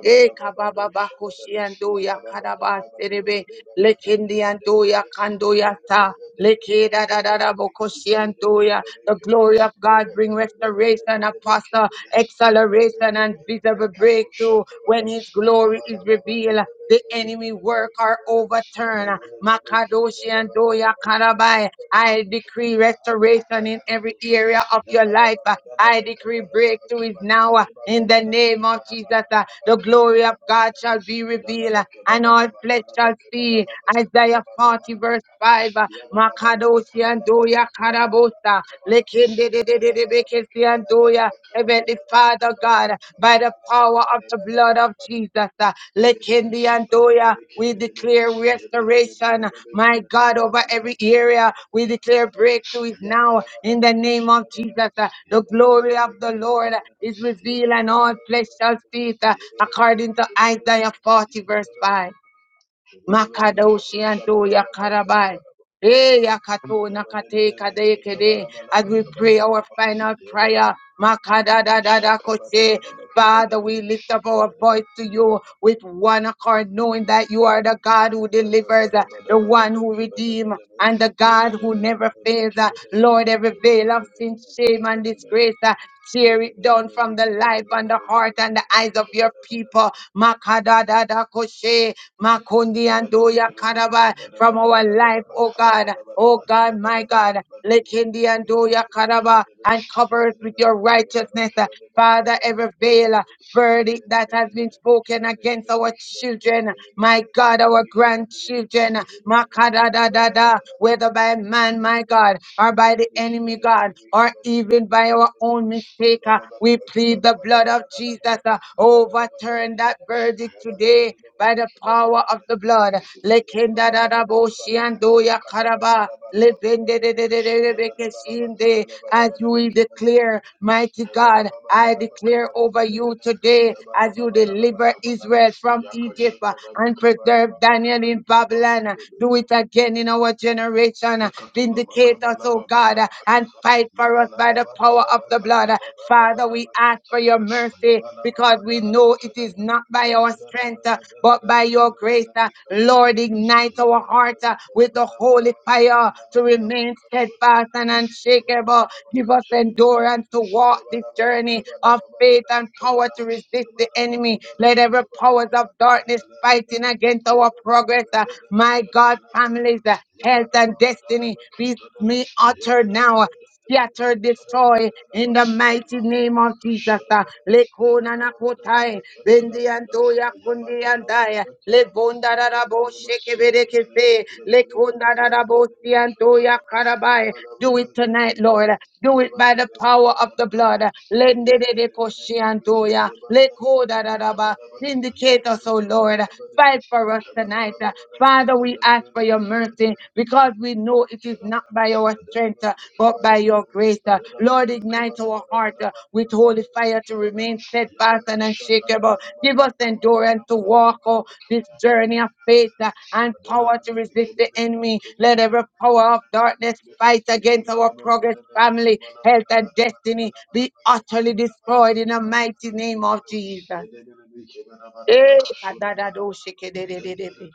Speaker 1: E kababa koshiando ya karaba serebe lekendiando ya kando ya ta leke da da
Speaker 6: Thank
Speaker 1: da da bokoshiando ya. The glory of God bring restoration, apostle, acceleration, and visible breakthrough when His glory is revealed the enemy work are overturned. Makadoshi and Doya Karabai. I decree restoration in every area of your life. I decree breakthrough is now in the name of Jesus. The glory of God
Speaker 6: you.
Speaker 1: shall be revealed.
Speaker 6: Yabala
Speaker 1: And all flesh shall see Isaiah 40 verse 5. Makadoshi and Doya Karabosa. Lekende de de de de Bekesi and Doya. Heavenly Father God, by the power of the blood of Jesus, uh,
Speaker 6: Yabada
Speaker 1: Lekindi and Doya, we declare restoration, my God, over every area. We declare breakthrough is now in the name of Jesus. Uh, The glory of the Lord is revealed, and all flesh shall see it, uh, according to Isaiah 40, verse 5. Makadoshi and do Yakarabai. Eh, Yakato Nakate Kade Kede. As we pray our final prayer, Makada da da da
Speaker 6: Shaka bada
Speaker 1: Koshe.
Speaker 6: bada bada
Speaker 1: Father, we lift up our voice to you with one accord, knowing that you are the God who
Speaker 6: Kabada
Speaker 1: delivers, uh, the one who redeems, and the God who never fails. uh. Lord, every veil of sin, shame, and disgrace, uh, tear it down from the life and the heart and the eyes of your people da da koshe makundi andoya karaba from our life, oh God, oh God, my God. Lekindi andoya karaba and cover us with your righteousness, Father. Every veil.
Speaker 6: Yabba
Speaker 1: Verdict that has been spoken against our children, my God, our grandchildren, Makadadadada, whether by man, my God, or by the enemy, God, or even by our own mistakes. Jamaica. We plead the blood of Jesus. uh, Overturn that verdict today by the power of the blood. Lekenda da da bo shiando ya karaba.
Speaker 6: Yabana
Speaker 1: Lebende de de de de de beke shinde. As you declare, mighty God, I declare over you today as you deliver Israel from Egypt uh, and preserve Daniel in Babylon. uh, Do it again in our generation. uh,
Speaker 6: Yakatolaba
Speaker 1: Vindicate us,
Speaker 6: kabalaba
Speaker 1: oh God,
Speaker 6: badana
Speaker 1: uh, and
Speaker 6: bakaza
Speaker 1: fight for us by
Speaker 6: yabalaba
Speaker 1: the power
Speaker 6: badana
Speaker 1: of the
Speaker 6: bakata
Speaker 1: blood. Uh,
Speaker 6: da badana
Speaker 1: Father,
Speaker 6: badana
Speaker 1: we ask
Speaker 6: bakata
Speaker 1: for
Speaker 6: da
Speaker 1: your mercy
Speaker 6: yabalaba
Speaker 1: because we
Speaker 6: badana
Speaker 1: know it
Speaker 6: bakata da
Speaker 1: is not by our
Speaker 6: yabalaba
Speaker 1: strength, uh,
Speaker 6: badana
Speaker 1: but
Speaker 6: da
Speaker 1: by
Speaker 6: le le
Speaker 1: your
Speaker 6: le
Speaker 1: grace.
Speaker 6: le
Speaker 1: uh,
Speaker 6: bakata
Speaker 1: Lord,
Speaker 6: badana
Speaker 1: ignite our
Speaker 6: yabalaba
Speaker 1: heart uh,
Speaker 6: bakata
Speaker 1: with the
Speaker 6: badana badana
Speaker 1: holy
Speaker 6: bakata
Speaker 1: fire
Speaker 6: badana
Speaker 1: to
Speaker 6: badana
Speaker 1: remain
Speaker 6: bakasho da
Speaker 1: steadfast and
Speaker 6: badana yabalaba
Speaker 1: unshakable.
Speaker 6: badana
Speaker 1: Give us endurance to walk this journey of faith and power to resist the enemy. Let every powers of darkness fighting against our progress, uh, my
Speaker 6: bakasho da
Speaker 1: God,
Speaker 6: Yabba
Speaker 1: families. uh,
Speaker 6: Yabba
Speaker 1: health and destiny be me uttered now. Scatter, destroy in the mighty name of Jesus. Uh, Lekona nakotai, bendi antoya kundi andaya, levonda rarabo sheke bereke se, lekonda rarabo si antoya
Speaker 6: Yabba
Speaker 1: karabai. Do it tonight, Lord. Do it by the power of the blood. Lende de de koshi antoya, lekoda raraba. Vindicate us, O Lord. Fight for us tonight. uh. Father, we ask for your mercy because we know it is not by our strength, uh, but by your grace. uh. Lord, ignite our heart uh, with holy fire to remain steadfast and unshakable. Give us endurance to walk oh, this journey of faith uh, and power to resist the enemy. Let every power of darkness fight against our progress, family, health, and destiny be utterly destroyed in the mighty name of Jesus. Eh, kadadado shikedededede.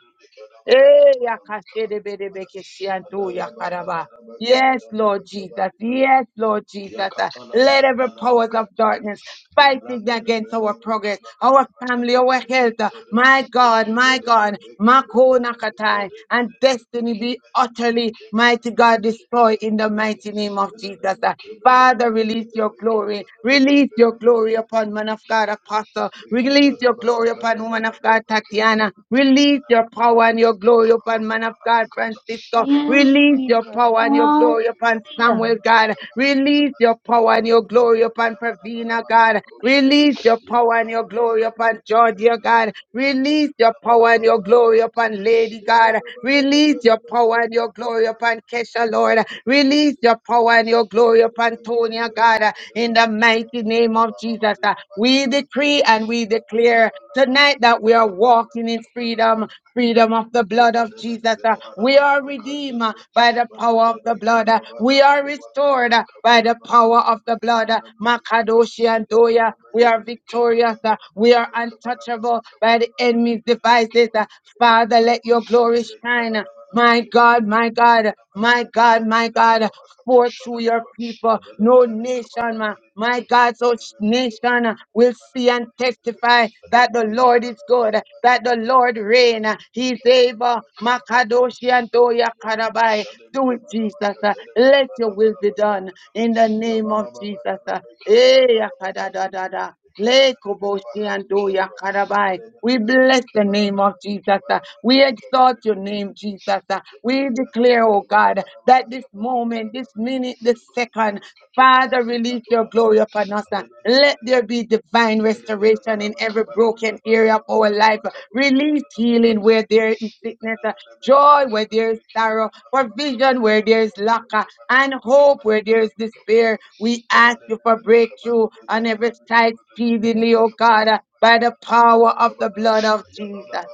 Speaker 1: Eh, yakashedebedebekeshianto yakaraba. Yes, Lord Jesus.
Speaker 6: you.
Speaker 1: Yes, Lord Jesus. Uh,
Speaker 6: Yakata la
Speaker 1: Let
Speaker 6: branda
Speaker 1: every
Speaker 6: la
Speaker 1: powers of
Speaker 6: bakata ya
Speaker 1: darkness
Speaker 6: la
Speaker 1: fighting
Speaker 6: branda la
Speaker 1: against
Speaker 6: bele
Speaker 1: our progress,
Speaker 6: mekeba la
Speaker 1: our
Speaker 6: babada
Speaker 1: family,
Speaker 6: de
Speaker 1: our health. uh,
Speaker 6: breketele
Speaker 1: My God, my
Speaker 6: ekebede
Speaker 1: God,
Speaker 6: bebe kebede
Speaker 1: Mako
Speaker 6: de
Speaker 1: Nakatai,
Speaker 6: bekede bede
Speaker 1: and
Speaker 6: bebe
Speaker 1: destiny be
Speaker 6: kebede bebe
Speaker 1: utterly, mighty God,
Speaker 6: kebede
Speaker 1: destroyed in the
Speaker 6: bebe
Speaker 1: mighty name of
Speaker 6: kebede bebe
Speaker 1: Jesus.
Speaker 6: de bede de bekebede
Speaker 1: Father,
Speaker 6: bebe de bekebe de
Speaker 1: release your glory.
Speaker 6: beketele
Speaker 1: Release
Speaker 6: bekebede
Speaker 1: your
Speaker 6: bebe de bekebe
Speaker 1: glory upon man
Speaker 6: de
Speaker 1: of God,
Speaker 6: bekebede
Speaker 1: Apostle. Release your glory upon woman of God, Tatiana. Release your power and your glory upon man of God, Francisco.
Speaker 4: Yes,
Speaker 1: Release your
Speaker 4: Jesus.
Speaker 1: power and your
Speaker 4: Hallelujah.
Speaker 1: glory upon Samuel, God. Release your power and your glory upon Pravina, God.
Speaker 6: Yabana
Speaker 1: Release your
Speaker 6: Yabba
Speaker 1: power and your glory upon John, God. Release your power and your glory upon Lady God. Release your power and your glory upon Kesha, Lord. Release your power and your glory upon Tonya, God. In the mighty name of Jesus, uh, we decree and we declare tonight that we are walking in freedom freedom of the
Speaker 6: Thank
Speaker 1: blood of Jesus. uh, We are redeemed uh, by the power of the blood. uh, We are restored uh, by the power of the blood. uh, Makadoshi and Doya. We are victorious. uh, We are untouchable by the enemy's devices. uh, Father, let your glory shine. uh, my God, my God, my God, my God, forth through your people, no nation, my, my God, so sh- nation uh, will see and
Speaker 6: you
Speaker 1: testify that the
Speaker 6: kabana,
Speaker 1: Lord is good, that the Lord reign, uh, He's able. Makadoshi and Doya Karabai, do it, Jesus. uh, Let your will be done in the name of Jesus. uh. Eh, yakadadadada. Le koboshi ando ya karabai. We bless the name of Jesus. uh, We exalt your name, Jesus. uh, We declare, oh God, that this moment, this minute, this second, Father, release your glory upon us. uh, Let
Speaker 6: you.
Speaker 1: there be divine
Speaker 6: Yabana
Speaker 1: restoration in every broken broken area of our life. Release healing where there is sickness, uh, joy where there is sorrow, provision where there is lack, uh, and hope where there is despair. We ask you for breakthrough on every side speedily, oh God, uh, by the power of the blood of Jesus.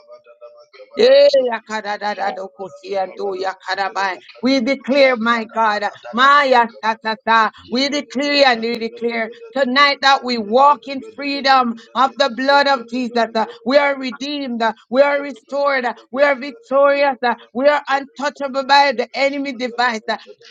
Speaker 1: Eh, yakadadadadokosianto, yakadabai. We declare, my God, Maya Satata,
Speaker 6: yeah,
Speaker 1: we
Speaker 6: get it,
Speaker 1: declare and
Speaker 6: get it, get
Speaker 1: we
Speaker 6: it, get it, get
Speaker 1: declare tonight
Speaker 6: it.
Speaker 1: that we
Speaker 6: Yabala
Speaker 1: walk in freedom of the blood of Jesus. Uh, We are redeemed, uh, we are restored, uh, we are victorious, uh, we are untouchable by the enemy device.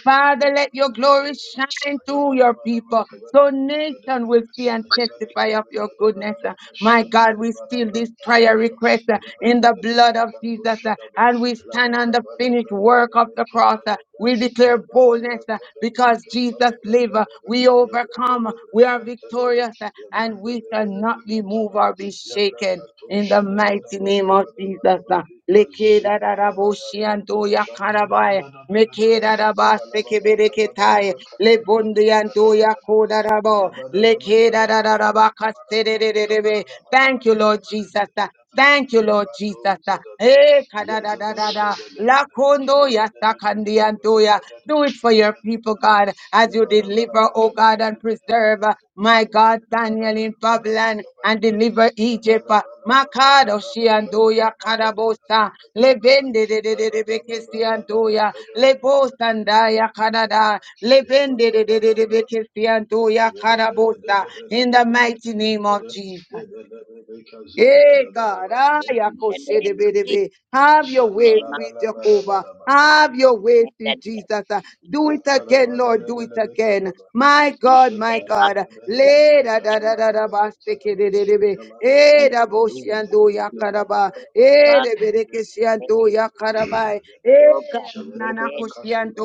Speaker 1: Father, let your glory shine through your people so nation will see and testify of your goodness. Uh, My God, we seal this prayer request uh, in the blood of Jesus uh, and we stand on the finished work of the cross. uh, We declare boldness uh,
Speaker 6: braka da
Speaker 1: because
Speaker 6: braka
Speaker 1: Jesus
Speaker 6: da braka da
Speaker 1: lives.
Speaker 6: braka
Speaker 1: uh, We
Speaker 6: da
Speaker 1: overcome. uh, We are
Speaker 6: braka da braka
Speaker 1: victorious uh, and
Speaker 6: Yabranda
Speaker 1: we shall not
Speaker 6: lebelebe
Speaker 1: be moved
Speaker 6: katanaba.
Speaker 1: or be shaken.
Speaker 6: Yabrakato
Speaker 1: In the mighty
Speaker 6: shadadadaba
Speaker 1: name of Jesus.
Speaker 6: kabadabadaba
Speaker 1: uh,
Speaker 6: dika
Speaker 1: Lekeda da da
Speaker 6: zundadaba
Speaker 1: bo shi an
Speaker 6: yakato
Speaker 1: do ya karabaya.
Speaker 6: shadadadadadadadada.
Speaker 1: Mekeda raba seke
Speaker 6: Yabalababa
Speaker 1: bereketai
Speaker 6: kabadadaba
Speaker 1: le bondi
Speaker 6: katanadadaba
Speaker 1: andoya
Speaker 6: dadadadada.
Speaker 1: koda rabo le
Speaker 6: Yabadadaba
Speaker 1: keda
Speaker 6: kabadabadaba
Speaker 1: raba kastere
Speaker 6: kabadabadaba
Speaker 1: rebe. Thank you,
Speaker 6: kabadabadaba
Speaker 1: Lord Jesus. Thank you,
Speaker 6: kabadabadaba
Speaker 1: Lord Jesus.
Speaker 6: badozadada.
Speaker 1: Eh, kada da da da da. La
Speaker 6: Yazadadadadadadada.
Speaker 1: kondo ya sakandi
Speaker 6: Kadadadadadadadada.
Speaker 1: andoya. Do it for your people,
Speaker 6: Kadadadadadadadada.
Speaker 1: God, as
Speaker 6: Thank
Speaker 1: you deliver, oh oh God, and preserve, uh, my God, Daniel in Babylon and deliver Egypt. uh, Makado shiandoya kadabosa lebende de de de de beke siandoya lebosandaya kadada lebende de de de de beke siandoya kadabosa in the mighty name of Jesus. Eh, God, ah,
Speaker 6: you, Jesus.
Speaker 3: Jesus.
Speaker 1: yakoshedebedebe. have your way,
Speaker 6: Shakala la
Speaker 1: sweet
Speaker 6: la ba da ba
Speaker 1: Jehovah.
Speaker 6: da ba ba da.
Speaker 1: Have your way, sweet Jesus. Ah, Do it
Speaker 6: Makara
Speaker 1: again,
Speaker 6: ba da
Speaker 1: Lord.
Speaker 6: da
Speaker 1: Do
Speaker 6: da
Speaker 1: it
Speaker 6: da ba ka da
Speaker 1: again.
Speaker 6: ba.
Speaker 1: My God, my God. Le da da da da da ba sekedededebe. Eh,
Speaker 3: And
Speaker 1: da bo
Speaker 6: Do it
Speaker 1: shiando
Speaker 6: again.
Speaker 1: yakaraba. Eh,
Speaker 3: fuck
Speaker 1: de bereke shiando
Speaker 3: it,
Speaker 1: yakarabai.
Speaker 6: Dabadabadabakabadabadabakabadabadabadabadaba.
Speaker 3: oh God,
Speaker 1: Eh, nana
Speaker 3: amen.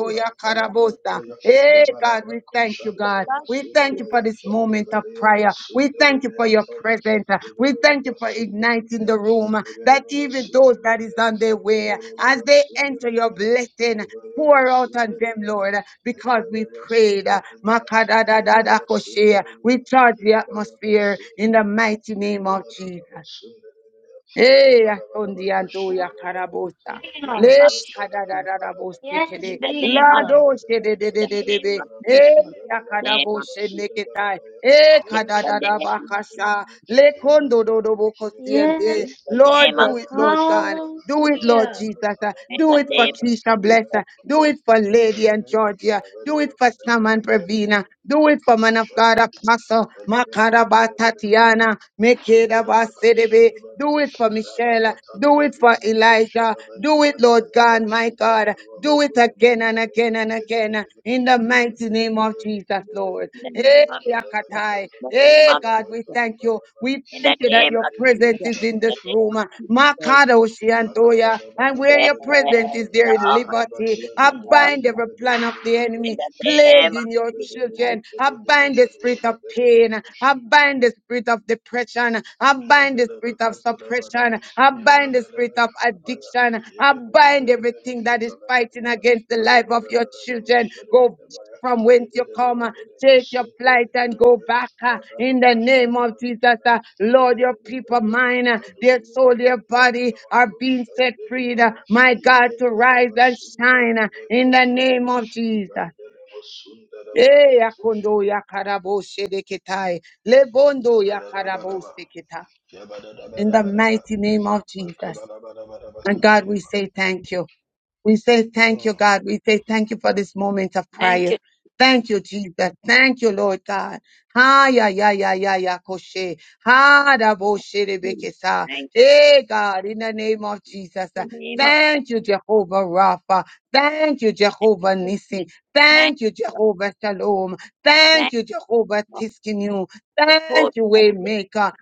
Speaker 3: In the
Speaker 1: Rabosa. Hey, God, we thank you, God. We thank you for
Speaker 6: Yabalabrakoshantalemasulabaya.
Speaker 1: this moment of prayer. We thank you for your presence. We thank you for igniting the room that even those that is on their way, as they enter your blessing, pour out on them, Lord, because we prayed.
Speaker 6: Ayabaya
Speaker 1: Makadadadadakoshe.
Speaker 6: Sundanaya,
Speaker 1: We charge the
Speaker 6: Ayabaya
Speaker 1: atmosphere in the
Speaker 6: Sundanaya,
Speaker 1: mighty name of
Speaker 6: Ayabadababa
Speaker 1: Jesus.
Speaker 6: Sundanaya,
Speaker 1: Eh,
Speaker 6: Ayabadabadaba
Speaker 1: atondiando ya
Speaker 6: Kashadabadaba,
Speaker 1: carabosa.
Speaker 4: Hallelujah.
Speaker 1: Le
Speaker 3: name
Speaker 6: Ayabaka
Speaker 3: of Jesus,
Speaker 6: Shadabadabadaba,
Speaker 1: cadadadabose
Speaker 4: Yes,
Speaker 3: in
Speaker 1: kede.
Speaker 3: the name
Speaker 1: La
Speaker 3: of
Speaker 4: Jesus.
Speaker 6: Ayabala
Speaker 1: doce de de de
Speaker 3: the
Speaker 1: de de
Speaker 3: name
Speaker 1: de.
Speaker 3: of
Speaker 1: Eh,
Speaker 3: Jesus,
Speaker 1: ya
Speaker 3: name of
Speaker 1: cadabose neketai. Eh,
Speaker 3: in the name of
Speaker 1: cadadadabakasha. Le condo do do bocosiente.
Speaker 3: in
Speaker 4: Yes,
Speaker 3: the
Speaker 1: Lord,
Speaker 3: name of
Speaker 1: do
Speaker 4: Jesus.
Speaker 1: it, Lord
Speaker 3: Jesus,
Speaker 1: God. Do it, Lord
Speaker 4: Hallelujah.
Speaker 1: Jesus. uh,
Speaker 3: in
Speaker 1: Do
Speaker 3: the
Speaker 1: it for
Speaker 3: name of
Speaker 1: Keisha
Speaker 3: Jesus,
Speaker 1: Blesser. Do it for Lady and Georgia. Do it for Sam and Pravina. Do it for man of God Apostle Makaraba Tatiana. Mekedaba Sedebe. Do it for Michelle. uh, Do it for Elijah. Do it, Lord God, my God. Do it again and again and again. uh, In the mighty name of Jesus. Jesus, Lord.
Speaker 3: in the name of Jesus, in the
Speaker 1: Eh,
Speaker 3: name of
Speaker 1: Yakatai.
Speaker 3: Jesus,
Speaker 1: Eh, God, we thank you. We
Speaker 3: in the
Speaker 1: thank you that
Speaker 3: name
Speaker 1: your
Speaker 3: of Jesus, in
Speaker 1: presence is in
Speaker 3: the
Speaker 1: this
Speaker 6: Makabada
Speaker 1: room.
Speaker 3: name of Jesus.
Speaker 1: Makado Shiantoya. And where
Speaker 3: Yes,
Speaker 1: your presence
Speaker 3: Lord.
Speaker 1: is, there is liberty.
Speaker 3: Yes,
Speaker 1: I
Speaker 3: Lord.
Speaker 1: bind every plan of the
Speaker 3: In
Speaker 1: enemy
Speaker 3: the name
Speaker 1: plagued in your
Speaker 3: of Jesus.
Speaker 1: children. I bind the spirit of pain. I bind the spirit of depression. I bind the spirit of
Speaker 6: Madelebekatelebelebe,
Speaker 1: suppression. I bind the spirit of
Speaker 6: yamandelebekabaya,
Speaker 1: addiction. I bind everything that is fighting
Speaker 6: yebedebedebedebekatelebeduwala,
Speaker 1: against the life of your
Speaker 6: malebedebedebebe,
Speaker 1: children. Go
Speaker 6: shedebedebaya,
Speaker 1: from whence you come. uh,
Speaker 6: yebedebedebedebe,
Speaker 1: Take your flight and go
Speaker 6: sundebedebedebaya,
Speaker 1: back uh, in the name of Jesus.
Speaker 6: radabakashadabadibada,
Speaker 1: uh, Lord, your people, mine, uh, their soul, their body are being set free. uh,
Speaker 6: yebedebedebedebekadubadendadiyamakushandedebada,
Speaker 1: My God, to rise and shine uh, in the
Speaker 6: yebendadabasundedebeyakatande,
Speaker 1: name of Jesus. Eh,
Speaker 6: ibandedebasundedebrakatush,
Speaker 1: yakundo yakarabo shedeketai, lebondo yakarabo
Speaker 6: dadadadabadaba,
Speaker 1: seketa. In the
Speaker 6: yabadadabadabadaba,
Speaker 1: mighty name of Jesus. And God, we say thank you. We say thank
Speaker 6: Mm.
Speaker 1: you, God. We say thank you for this moment of
Speaker 3: Thank
Speaker 1: prayer.
Speaker 3: you.
Speaker 1: Thank you, Jesus. Thank you, Lord God. Ha ya ya ya ya ya koshe. Ha da bo she de be
Speaker 3: Jesus.
Speaker 1: ke sa.
Speaker 3: Thank
Speaker 1: Hey God, in the name of
Speaker 3: you.
Speaker 1: Jesus. uh,
Speaker 3: In the name of
Speaker 1: Thank you, Jehovah Rapha. Thank you,
Speaker 3: thank you.
Speaker 1: Jehovah
Speaker 3: Jesus.
Speaker 1: Nissi.
Speaker 3: Thank
Speaker 1: Thank you,
Speaker 3: you.
Speaker 1: Jehovah Shalom. Thank
Speaker 3: Thank
Speaker 1: you,
Speaker 3: you
Speaker 1: Jehovah
Speaker 3: for
Speaker 1: Tiskinu.
Speaker 3: the good
Speaker 1: Thank you,
Speaker 3: of the name.
Speaker 1: Waymaker.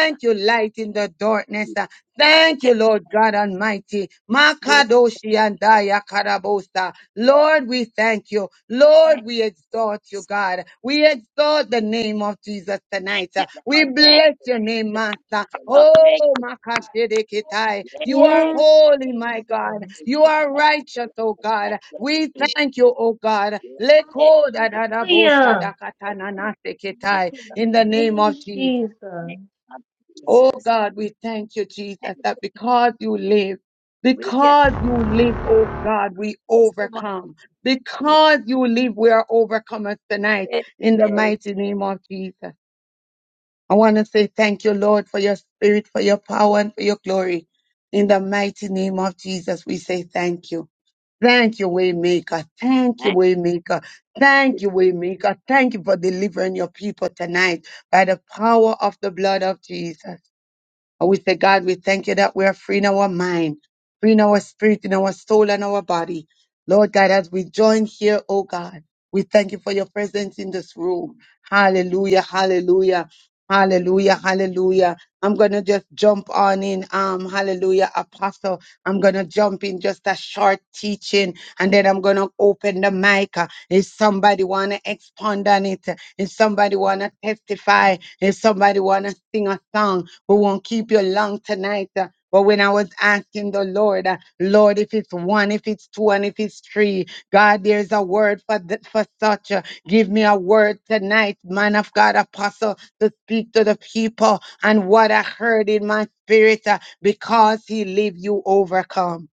Speaker 3: of
Speaker 1: you, light in the darkness.
Speaker 3: Jesus.
Speaker 1: Uh, Thank
Speaker 3: Thank you.
Speaker 1: you, Lord
Speaker 3: Lord.
Speaker 1: God Almighty.
Speaker 3: Yes,
Speaker 1: Makadoshi and Daya Karabosa. Lord, we thank you. Lord,
Speaker 3: Thanks.
Speaker 1: we exalt you, God. We exalt the name of Jesus tonight.
Speaker 3: Thank you,
Speaker 1: Uh, We
Speaker 3: Lord. Thank
Speaker 1: bless
Speaker 3: you.
Speaker 1: your name, Master.
Speaker 3: Thank you, Lord. Thank
Speaker 1: Oh,
Speaker 3: you.
Speaker 1: Makashidikitai.
Speaker 3: Yes,
Speaker 1: You are
Speaker 3: yes,
Speaker 4: Yes,
Speaker 3: yes,
Speaker 1: holy, my
Speaker 4: Jesus.
Speaker 3: yes,
Speaker 1: God.
Speaker 3: yes,
Speaker 1: You
Speaker 3: yes,
Speaker 1: are righteous, oh
Speaker 3: yes. Thank
Speaker 1: God.
Speaker 3: you. Lord. Thank
Speaker 1: We
Speaker 3: you, Jesus.
Speaker 1: thank you, oh God.
Speaker 3: Yes, yes, yes,
Speaker 4: Hallelujah.
Speaker 3: yes. Thank
Speaker 1: Lekodadadaboshadakatananasekitai.
Speaker 3: you, Lord.
Speaker 1: In the name
Speaker 4: Yes,
Speaker 1: of Jesus.
Speaker 3: name
Speaker 4: Jesus.
Speaker 3: of
Speaker 1: Oh
Speaker 3: Jesus.
Speaker 1: God, we thank you, Jesus,
Speaker 3: And
Speaker 1: that because you live,
Speaker 3: we can
Speaker 1: because you live, oh God, we
Speaker 3: transform
Speaker 1: overcome.
Speaker 3: it.
Speaker 1: Because you live, we are overcomers tonight
Speaker 3: It
Speaker 1: in the
Speaker 3: is.
Speaker 1: mighty name of Jesus. I want to say thank you, Lord, for your spirit, for your power, and for your glory. In the mighty name of Jesus, we say thank you. Thank you, Waymaker. Thank you,
Speaker 3: Thank
Speaker 1: Waymaker.
Speaker 3: you,
Speaker 1: Thank
Speaker 3: Jesus.
Speaker 1: you, Waymaker. Thank you for delivering your people tonight by the power of the blood of Jesus. And we say, God, we thank you that we are free in our mind, free in our spirit, in our soul, and our body. Lord God, as we join here, oh God, we thank you for your presence in this room. Hallelujah, hallelujah, hallelujah, hallelujah. I'm gonna just jump on in. Um, hallelujah, apostle. I'm gonna jump in just a short teaching, and then I'm gonna open the mic. Uh, If somebody wanna expound on it, uh, if somebody wanna testify, if somebody wanna sing a song, we won't keep you long tonight. But when I was asking the Lord, uh, Lord, if it's one, if it's two, and if it's three, God, there's a word for th- for such. uh, Give me a word tonight, man of God, apostle, to speak to the people and what I heard in my spirit. uh, Because He live, you overcome.